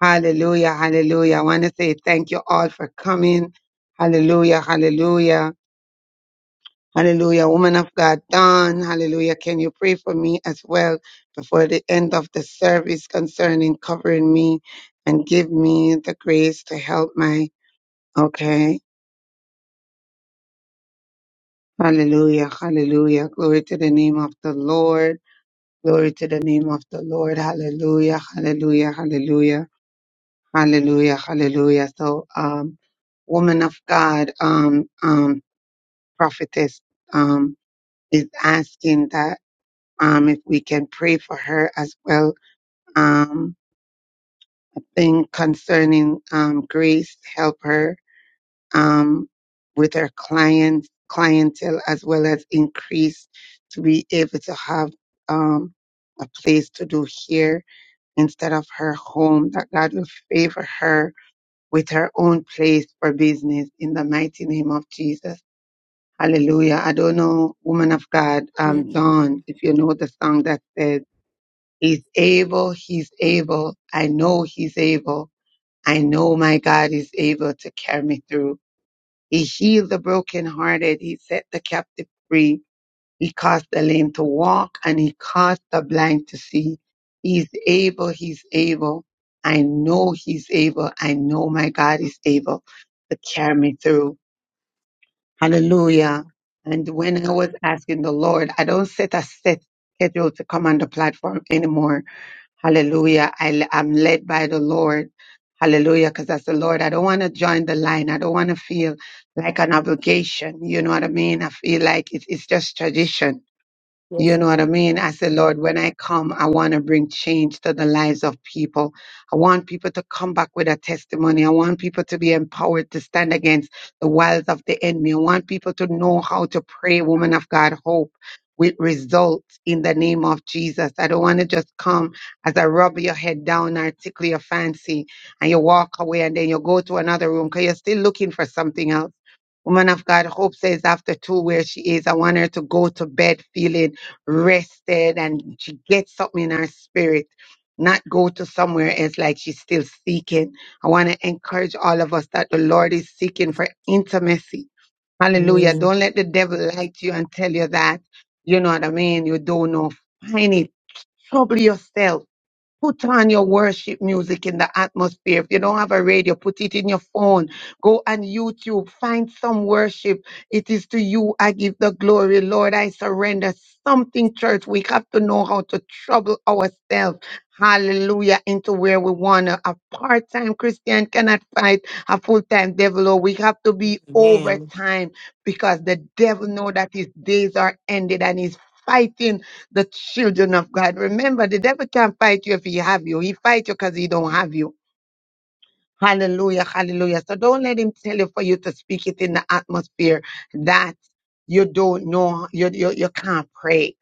Speaker 1: Hallelujah. Hallelujah. I want to say thank you all for coming. Hallelujah. Hallelujah. Hallelujah. Woman of God, Dawn. Hallelujah. Can you pray for me as well before the end of the service concerning covering me and give me the grace to help my, okay. Hallelujah. Hallelujah. Glory to the name of the Lord. Glory to the name of the Lord. Hallelujah. Hallelujah. Hallelujah. Hallelujah. Hallelujah. So, um, woman of God, um, um, prophetess, um, is asking that. um, if we can pray for her as well. Um, thing concerning um, Grace, help her um, with her clients, clientele as well as increase to be able to have um, a place to do here instead of her home. That God will favor her with her own place for business in the mighty name of Jesus. Hallelujah. I don't know, woman of God,
Speaker 14: Yes,
Speaker 1: um, Dawn,
Speaker 14: ma'am.
Speaker 1: if you know the song that says, He's able, he's able. I know he's able. I know my God is able to carry me through. He healed the brokenhearted. He set the captive free. He caused the lame to walk and he caused the blind to see. He's able, he's able. I know he's able. I know my God is able to carry me through.
Speaker 14: Amen.
Speaker 1: Hallelujah. And when I was asking the Lord, I don't set a set schedule to come on the platform anymore Hallelujah. I, am led by the Lord. Hallelujah. Because that's the Lord. I don't want to join the line. I don't want to feel like an obligation. You know what I mean? I feel like it's, it's just tradition you
Speaker 14: Yes,
Speaker 1: know what I
Speaker 14: ma'am.
Speaker 1: mean? I said, Lord, when I come, I want to bring change to the lives of people. I want people to come back with a testimony. I want people to be empowered to stand against the wiles of the enemy. I want people to know how to pray, woman of God, hope with results in the name of Jesus. I don't want to just come as I rub your head down or tickle your fancy and you walk away and then you go to another room because you're still looking for something else. Woman of God, hope says after two where she is, I want her to go to bed feeling rested and she gets something in her spirit, not go to somewhere else like she's still seeking. I want to encourage all of us that the Lord is seeking for intimacy. Hallelujah.
Speaker 14: Amen.
Speaker 1: Don't let the devil lie to you and tell you that, you know what I mean, you don't know. Find it. Trouble yourself. Put on your worship music in the atmosphere. If you don't have a radio, put it in your phone. Go on YouTube. Find some worship. It is to you I give the glory. Lord, I surrender something, church. We have to know how to trouble ourselves. Hallelujah. Into where we want to. A part time Christian cannot fight a full time devil. Oh, we have to be
Speaker 14: Amen.
Speaker 1: overtime because the devil know that his days are ended and he's fighting the children of God. Remember, the devil can't fight you if he have you. He fight you because he don't have you. Hallelujah, hallelujah. So don't let him tell you for you to speak it in the atmosphere that you don't know, you, you, you can't pray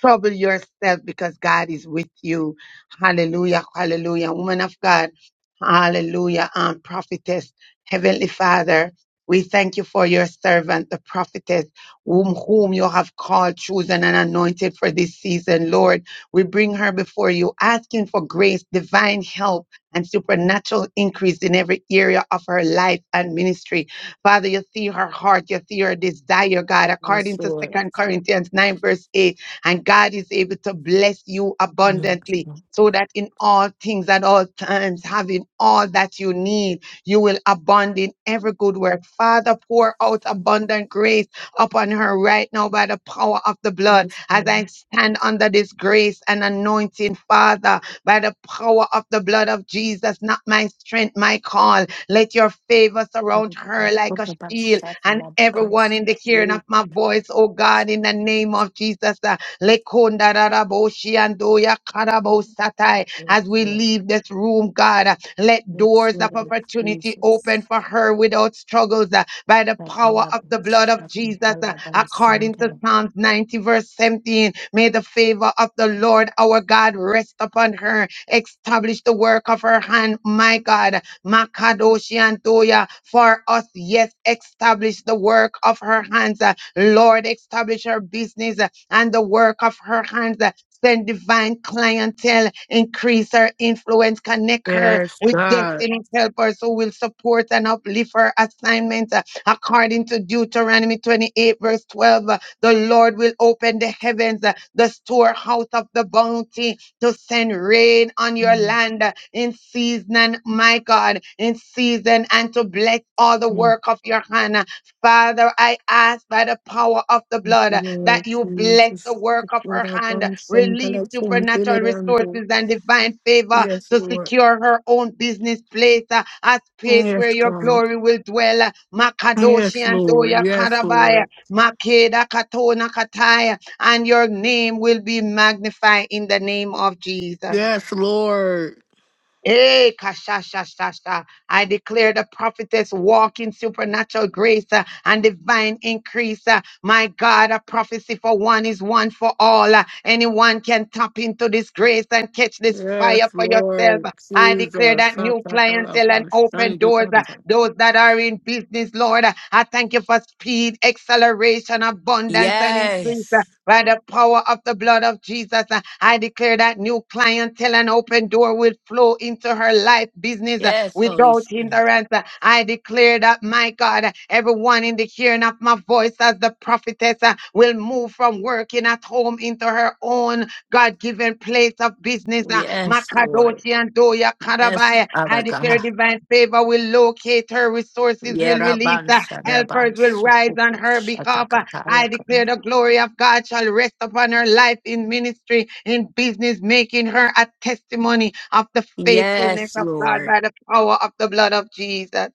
Speaker 1: trouble yourself because God is with you. Hallelujah. Hallelujah. Woman of God. Hallelujah. Um, prophetess, Heavenly Father, we thank you for your servant, the prophetess, whom, whom you have called, chosen, and anointed for this season. Lord, we bring her before you, asking for grace, divine help, and supernatural increase in every area of her life and ministry. Father, you see her heart, you see her desire, God,
Speaker 14: Yes,
Speaker 1: according to
Speaker 14: Lord.
Speaker 1: Second Corinthians 9, verse 8. And God is able to bless you
Speaker 14: Amen. Yes,
Speaker 1: abundantly
Speaker 14: ma'am.
Speaker 1: so that in all things at all times, having all that you need, you will abound in every good work. Father, pour out abundant grace upon her right now by the power of the blood
Speaker 14: Yes,
Speaker 1: as
Speaker 14: Lord.
Speaker 1: I stand under this grace and anointing, Father, by the power of the blood of Jesus, not my strength, my call. Let your favor surround her like a shield and everyone in the hearing of my voice, oh God, in the name of Jesus. uh, Lekunda raraboshi andoya karabosatai. As we leave this room, God, let
Speaker 14: Yes,
Speaker 1: doors of
Speaker 14: Lord
Speaker 1: opportunity
Speaker 14: Jesus.
Speaker 1: open for her without struggles uh, by the power of the blood of Jesus. uh, According to Psalms 90, verse 17, may the favor of the Lord our God rest upon her. Establish the work of her hand, my God. Makadoshi Antoya, for us, yes, establish the work of her hands. uh, Lord, establish her business and the work of her hands. Send divine clientele, increase her influence, connect her
Speaker 14: Yes,
Speaker 1: with
Speaker 14: God.
Speaker 1: destiny helpers who will support and uplift her assignment. Uh, According to Deuteronomy 28, verse 12, uh, the Lord will open the heavens, uh, the storehouse of the bounty, to send rain on your
Speaker 14: Mm,
Speaker 1: land uh, in season, my God, in season, and to bless all the
Speaker 14: mm.
Speaker 1: work of your hand. uh, Father, I ask by the power of the
Speaker 14: Thank
Speaker 1: blood
Speaker 14: you,
Speaker 1: uh,
Speaker 14: Lord
Speaker 1: that you bless the
Speaker 14: Jesus.
Speaker 1: work of her
Speaker 14: Lord, I
Speaker 1: hand,
Speaker 14: bound some
Speaker 1: release
Speaker 14: dollars on daily
Speaker 1: supernatural
Speaker 14: and do.
Speaker 1: resources and divine favor
Speaker 14: Yes,
Speaker 1: to
Speaker 14: Lord.
Speaker 1: secure her own business place, uh, a space
Speaker 14: Yes,
Speaker 1: where your
Speaker 14: God.
Speaker 1: glory will dwell. uh, Makadoshi
Speaker 14: Yes,
Speaker 1: and Doya
Speaker 14: Lord. Yes,
Speaker 1: Karabaya,
Speaker 14: Lord.
Speaker 1: Makeda Katona Kataya, and your name will be magnified in the name of Jesus.
Speaker 14: Yes, Lord.
Speaker 1: Eh, kashashashasha. I declare the prophetess walk in supernatural grace uh, and divine increase. uh. My God, a prophecy for one is one for all. uh. Anyone can tap into this grace and catch this
Speaker 14: Yes,
Speaker 1: fire for yourself.
Speaker 14: Lord.
Speaker 1: I declare
Speaker 14: Jesus.
Speaker 1: that new clientele and
Speaker 14: Satatalabang
Speaker 1: open doors. uh,
Speaker 14: Shandikanza.
Speaker 1: Those that are in business, Lord, uh, I thank you for speed, acceleration, abundance, and increase.
Speaker 14: Yes.
Speaker 1: By the power of the blood of Jesus, uh, I declare that new clientele and open door will flow into her life business uh,
Speaker 14: Yes, Holy
Speaker 1: without
Speaker 14: Spirit.
Speaker 1: hindrance. Uh, I declare that, my God, uh, everyone in the hearing of my voice as the prophetess uh, will move from working at home into her own God given place of business. uh,
Speaker 14: Yes, Lord.
Speaker 1: Makadoshi and Doya
Speaker 14: Yes,
Speaker 1: Karabai. I
Speaker 14: Father God.
Speaker 1: declare divine favor will locate her, resources will release, uh,
Speaker 14: Yerabansa,
Speaker 1: helpers will
Speaker 14: Rabansa,
Speaker 1: rise on her behalf. uh, I declare
Speaker 14: Shataka,
Speaker 1: the glory of God shall rest upon her life in ministry, in business, making her a testimony of the faithfulness
Speaker 14: Yes,
Speaker 1: of God
Speaker 14: Lord.
Speaker 1: by the power of the blood of Jesus.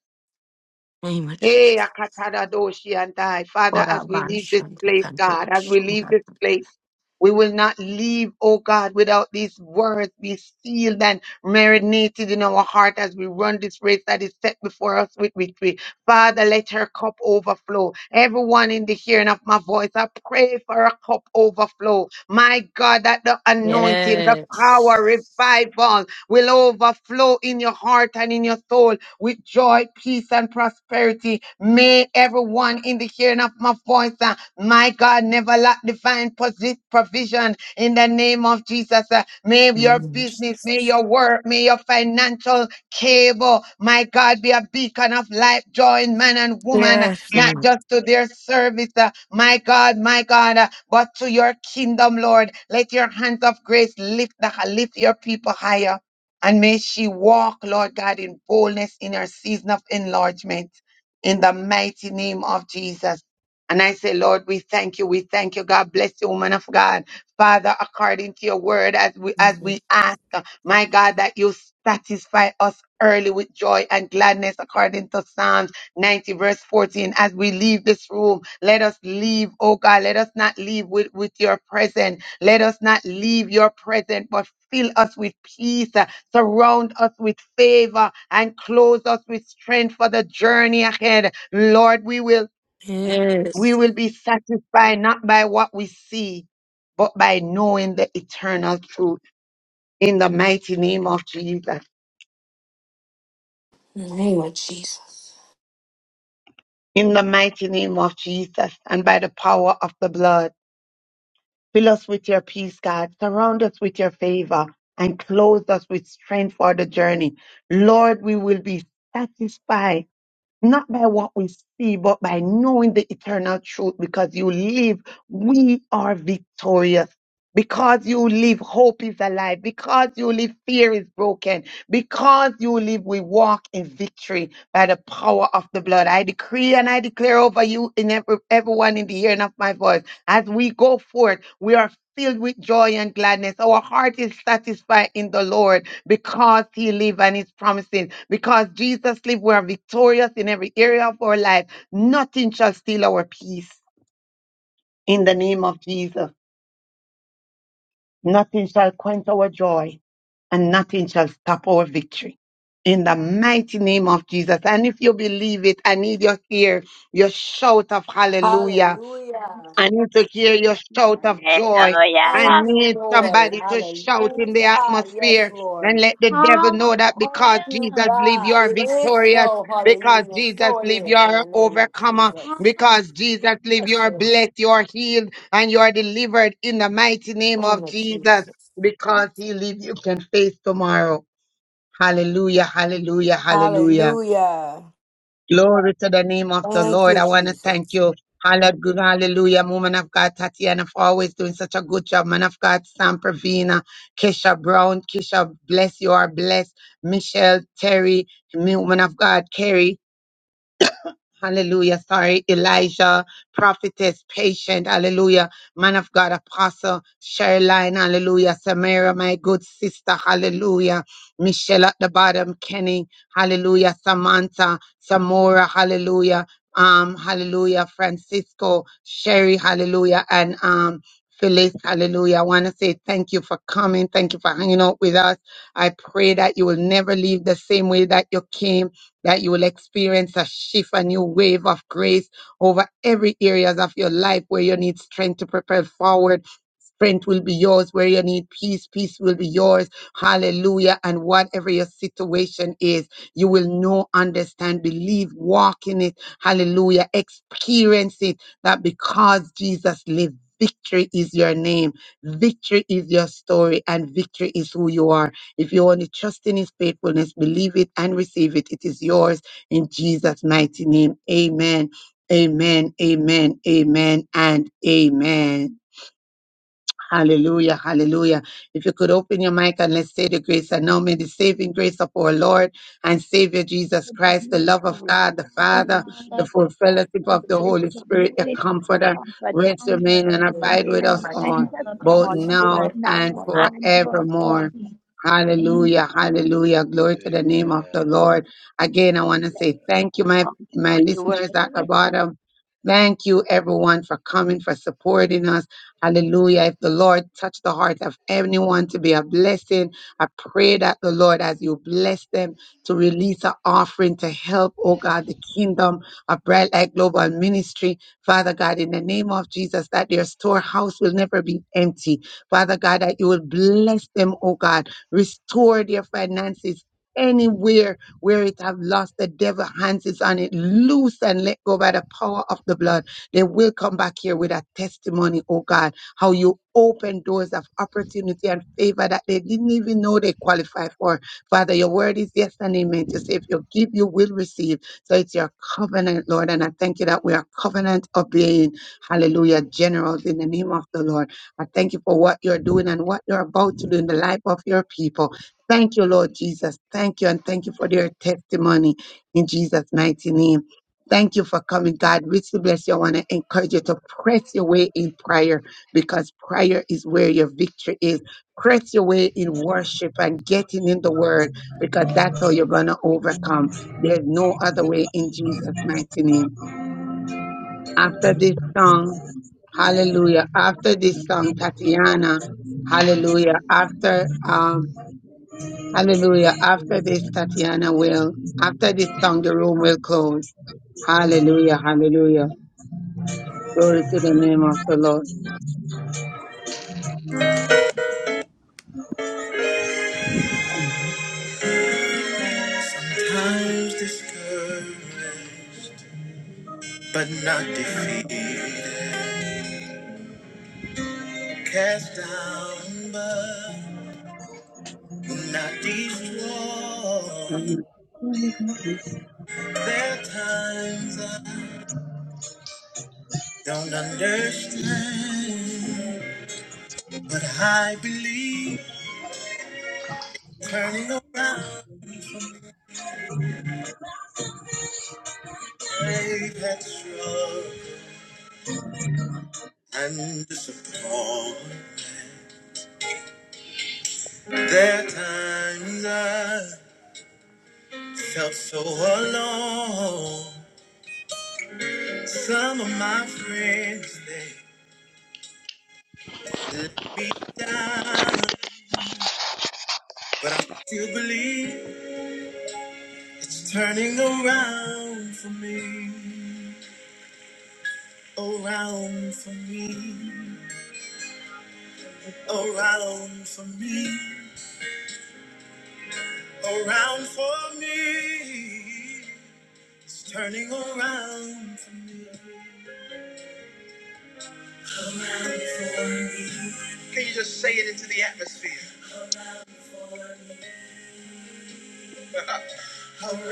Speaker 14: Name of
Speaker 1: Hey,
Speaker 14: Jesus.
Speaker 1: Akatada Doshi and I. Father,
Speaker 14: For
Speaker 1: as
Speaker 14: our
Speaker 1: we
Speaker 14: man,
Speaker 1: leave this
Speaker 14: Shanta
Speaker 1: place,
Speaker 14: Kanto,
Speaker 1: God, as we leave
Speaker 14: Shanta
Speaker 1: this place, we will not leave, oh God, without these words be sealed and marinated in our heart as we run this race that is set before us with victory. Father, let her cup overflow. Everyone in the hearing of my voice, I pray for a cup overflow. My God, that the anointing, the power,
Speaker 14: Yes.
Speaker 1: revival will overflow in your heart and in your soul with joy, peace, and prosperity. May everyone in the hearing of my voice, uh, my God, never lack divine posi- provision in the name of Jesus. uh, May your
Speaker 14: Mm.
Speaker 1: business, may your work, may your financial cable, my God, be a beacon of light, joy in man and woman, uh,
Speaker 14: Yes,
Speaker 1: not
Speaker 14: Lord.
Speaker 1: just to their service, uh, my God, my God, uh, but to your kingdom, Lord. Let your hands of grace lift, the, lift your people higher. And may she walk, Lord God, in boldness boldness in your season of enlargement in the mighty name of Jesus. And I say, Lord, we thank you. We thank you. God bless you, woman of God. Father, according to your word, as we as
Speaker 14: Mm.
Speaker 1: we ask, my God, that you satisfy us early with joy and gladness, according to Psalms 90, verse 14. As we leave this room, let us leave, oh God, let us not leave with, with your present. Let us not leave your present, but fill us with peace, uh, surround us with favor, and clothe us with strength for the journey ahead. Lord, we will we
Speaker 14: Yes.
Speaker 1: will be satisfied not by what we see, but by knowing the eternal truth. In the mighty name of Jesus.
Speaker 14: In the name of Jesus.
Speaker 1: In the mighty name of Jesus, and by the power of the blood, fill us with your peace, God. Surround us with your favor and clothe us with strength for the journey. Lord, we will be satisfied not by what we see, but by knowing the eternal truth. Because you live, we are victorious. Because you live, hope is alive. Because you live, fear is broken. Because you live, we walk in victory by the power of the blood. I decree and I declare over you and every, everyone in the hearing of my voice. As we go forth, we are filled with joy and gladness. Our heart is satisfied in the Lord because he lives and his promises. Because Jesus lives, we are victorious victorious in every area of our life. Nothing shall steal our peace in the name of Jesus. Nothing shall quench our joy and nothing shall stop our victory. In the mighty name of Jesus. And if you believe it, I need your ear, your shout of hallelujah.
Speaker 14: Hallelujah.
Speaker 1: I need to hear your shout of joy. I
Speaker 14: Thank
Speaker 3: God.
Speaker 14: you,
Speaker 1: need
Speaker 14: Lord.
Speaker 1: somebody to shout in the
Speaker 14: Hallelujah. Yes,
Speaker 1: atmosphere and
Speaker 14: Lord.
Speaker 1: let the devil
Speaker 4: Hallelujah.
Speaker 1: know that
Speaker 14: Thank
Speaker 1: because
Speaker 14: you,
Speaker 1: Jesus
Speaker 4: Hallelujah.
Speaker 1: live, you
Speaker 14: God.
Speaker 1: are
Speaker 14: It is
Speaker 1: victorious.
Speaker 14: so.
Speaker 1: Because
Speaker 14: Hallelujah.
Speaker 1: Jesus
Speaker 14: So it
Speaker 1: live, you
Speaker 14: is in
Speaker 1: are an
Speaker 14: the name of
Speaker 1: overcomer.
Speaker 14: Jesus.
Speaker 1: Because Jesus live, you
Speaker 14: Yes,
Speaker 1: are
Speaker 14: Lord.
Speaker 1: blessed, you are healed, and you are delivered in the mighty name
Speaker 14: In the name
Speaker 1: of
Speaker 14: of
Speaker 1: Jesus.
Speaker 14: Jesus.
Speaker 1: Because he live, you can face tomorrow. Hallelujah, hallelujah, hallelujah.
Speaker 14: Hallelujah.
Speaker 1: Glory to the name of the
Speaker 14: Thank
Speaker 1: Lord.
Speaker 14: you,
Speaker 1: I want to
Speaker 14: Jesus.
Speaker 1: thank you. Hallelujah, hallelujah, woman of God, Tatiana, for always doing such a good job. Man of God, Sam Pravina, Keisha Brown, Keisha, bless you are blessed. Michelle, Terry, woman of God, Carrie. Hallelujah. Sorry, Elijah, prophetess, patient. Hallelujah. Man of God, apostle, Sherline. Hallelujah. Samara, my good sister. Hallelujah. Michelle at the bottom, Kenny. Hallelujah. Samantha, Samora. Hallelujah. Um, hallelujah. Francisco, Sherry. Hallelujah. And, um, Phyllis, hallelujah. I want to say thank you for coming. Thank you for hanging out with us. I pray that you will never leave the same way that you came that you will experience a shift, a new wave of grace over every areas of your life where you need strength to propel forward Strength will be yours where you need peace. Peace will be yours. Hallelujah. And whatever your situation is, you will know, understand, believe, walk in it. Hallelujah. Experience it that because Jesus lived, victory is your name. Victory is your story and victory is who you are. If you only trust in his faithfulness, believe it and receive it. It is yours in Jesus' mighty name. Amen. Amen. Amen. Amen. And amen. Hallelujah, hallelujah. If you could open your mic and let's say the grace and now may the saving grace of our Lord and
Speaker 3: my
Speaker 1: Savior Jesus
Speaker 3: God, that
Speaker 1: Christ, the
Speaker 3: you
Speaker 1: love of God, the Father, the full fellowship
Speaker 3: For
Speaker 1: of
Speaker 3: the
Speaker 1: the
Speaker 3: grace
Speaker 1: Holy
Speaker 3: of the
Speaker 1: Spirit, the
Speaker 4: Holy
Speaker 3: Holy
Speaker 4: Spirit,
Speaker 3: Spirit,
Speaker 1: Comforter,
Speaker 3: comfort.
Speaker 1: rest, remain, and
Speaker 4: Comforter.
Speaker 3: Rest
Speaker 14: Thank
Speaker 3: and
Speaker 1: abide
Speaker 3: reign
Speaker 6: Be
Speaker 1: with
Speaker 3: and
Speaker 1: us
Speaker 6: with us
Speaker 3: abide
Speaker 1: all,
Speaker 4: Amen.
Speaker 3: with us
Speaker 6: now,
Speaker 4: The
Speaker 1: both
Speaker 3: all,
Speaker 4: Bible
Speaker 6: now
Speaker 4: does
Speaker 3: both
Speaker 1: now
Speaker 4: not
Speaker 6: and
Speaker 3: now
Speaker 1: and
Speaker 6: forever.
Speaker 3: and
Speaker 1: forevermore.
Speaker 3: forever.
Speaker 4: Amen.
Speaker 1: Hallelujah, hallelujah. Glory to the name of
Speaker 6: Amen.
Speaker 1: the Lord. Again, I want to
Speaker 6: Amen.
Speaker 1: say thank you, my, my listeners at the
Speaker 4: Surely there
Speaker 1: bottom. Thank you, everyone, for coming, for supporting us Hallelujah. If the Lord touch the heart of anyone to be a blessing, I pray that the Lord, as you bless them, to release an offering to help, oh God, the kingdom of Bright Light Global Ministry. Father God, in the name of Jesus, that their storehouse will never be empty. Father God, that you will bless them, oh God, restore their finances. Anywhere where it have lost, the devil hands is on it, loose and let go by the power of the blood. They will come back here with a testimony, oh God how you open doors of opportunity and favor that they didn't even know they qualify for. Father, your word is yes and amen. To say if you give, you will receive. So it's your covenant, Lord. And I thank you that we are covenant of being, hallelujah, generals in the name of the Lord. I thank you for what you're doing and what you're about to do in the life of your people. Thank you, Lord Jesus. Thank you. And thank you for their testimony in Jesus' mighty name. Thank you for coming, God. Richly bless you. I want to encourage you to press your way in prayer because prayer is where your victory is. Press your way in worship and getting in the word because that's how you're going to overcome. There's no other way in Jesus' mighty name. After this song, hallelujah. After this song, Tatiana, hallelujah. After, um, hallelujah. After this, Tatiana will, after this song, the room will close. Hallelujah. Hallelujah. Glory to the name of the Lord.
Speaker 2: Times discouraged, but not defeated
Speaker 1: Amen.
Speaker 2: and disappointed. There are times I felt so alone. Some of my friends they beat me down, but I still believe it's turning around for me, around for me, around for me, around for me. turning around,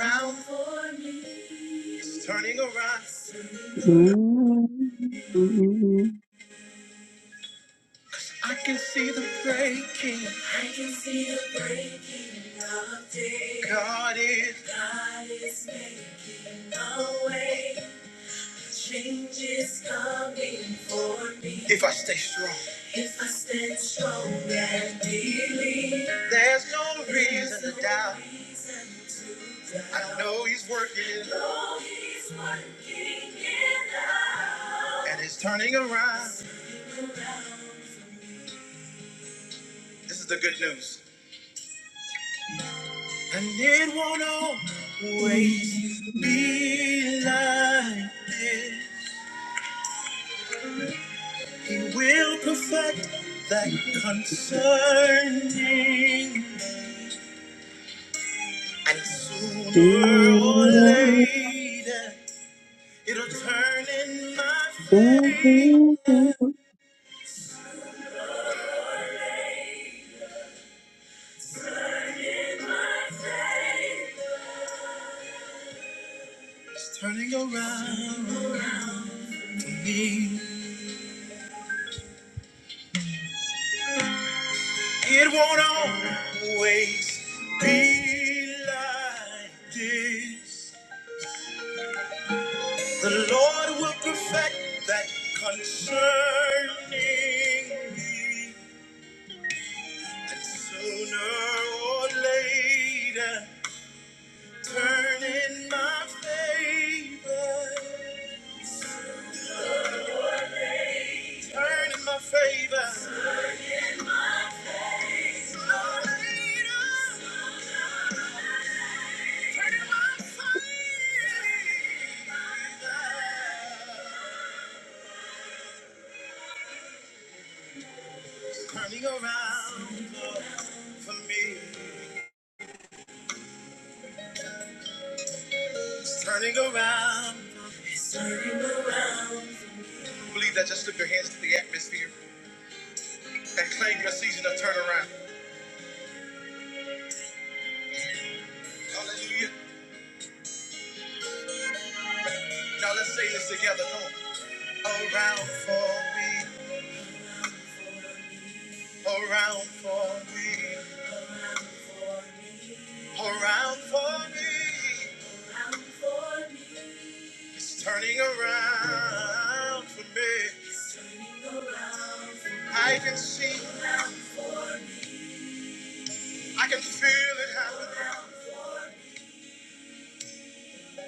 Speaker 2: now breaking. If I, there's no reason to doubt, I know he's working and it's turning around. This is news. And it won't always be like this. He will perfect that
Speaker 1: Thank
Speaker 2: concerning. And sooner or later, it'll turn in my favor. It's turning around. It won't always be like this. The Lord will perfect that concerning me. Sooner or later, turn in my favor. Turn in my favor. Turning around for me. It's turning around. You believe that just lift your hands to the atmosphere and claim your season of turnaround. Hallelujah. Now let's say this together. Come on. Around for me, around for me, around for me. It's turning around for me. I can see, I can feel it happening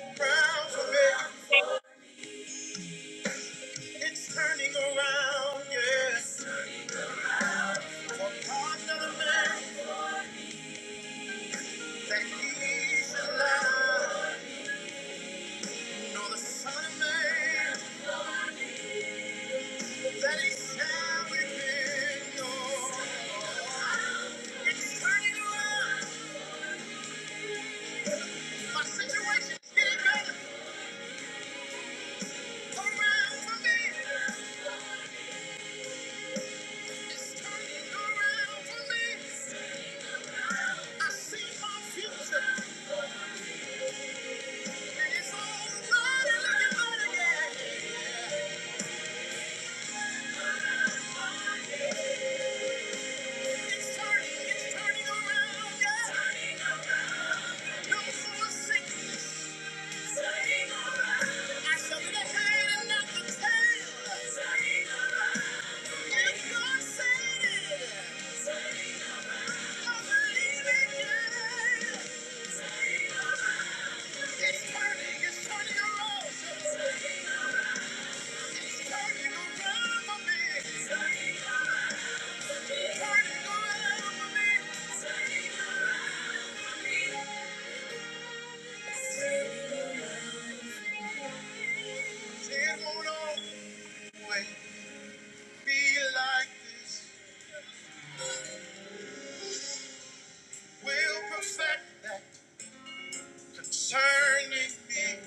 Speaker 2: around for me. It's turning around, yes. For God's not a man that he's alive, nor the Son of Man. It's turning, it's turning around. It won't always be like this. We'll perfect that concerning me.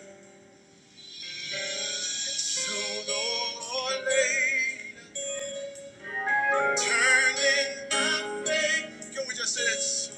Speaker 2: Sooner or later, turning my faith. Can we just say it?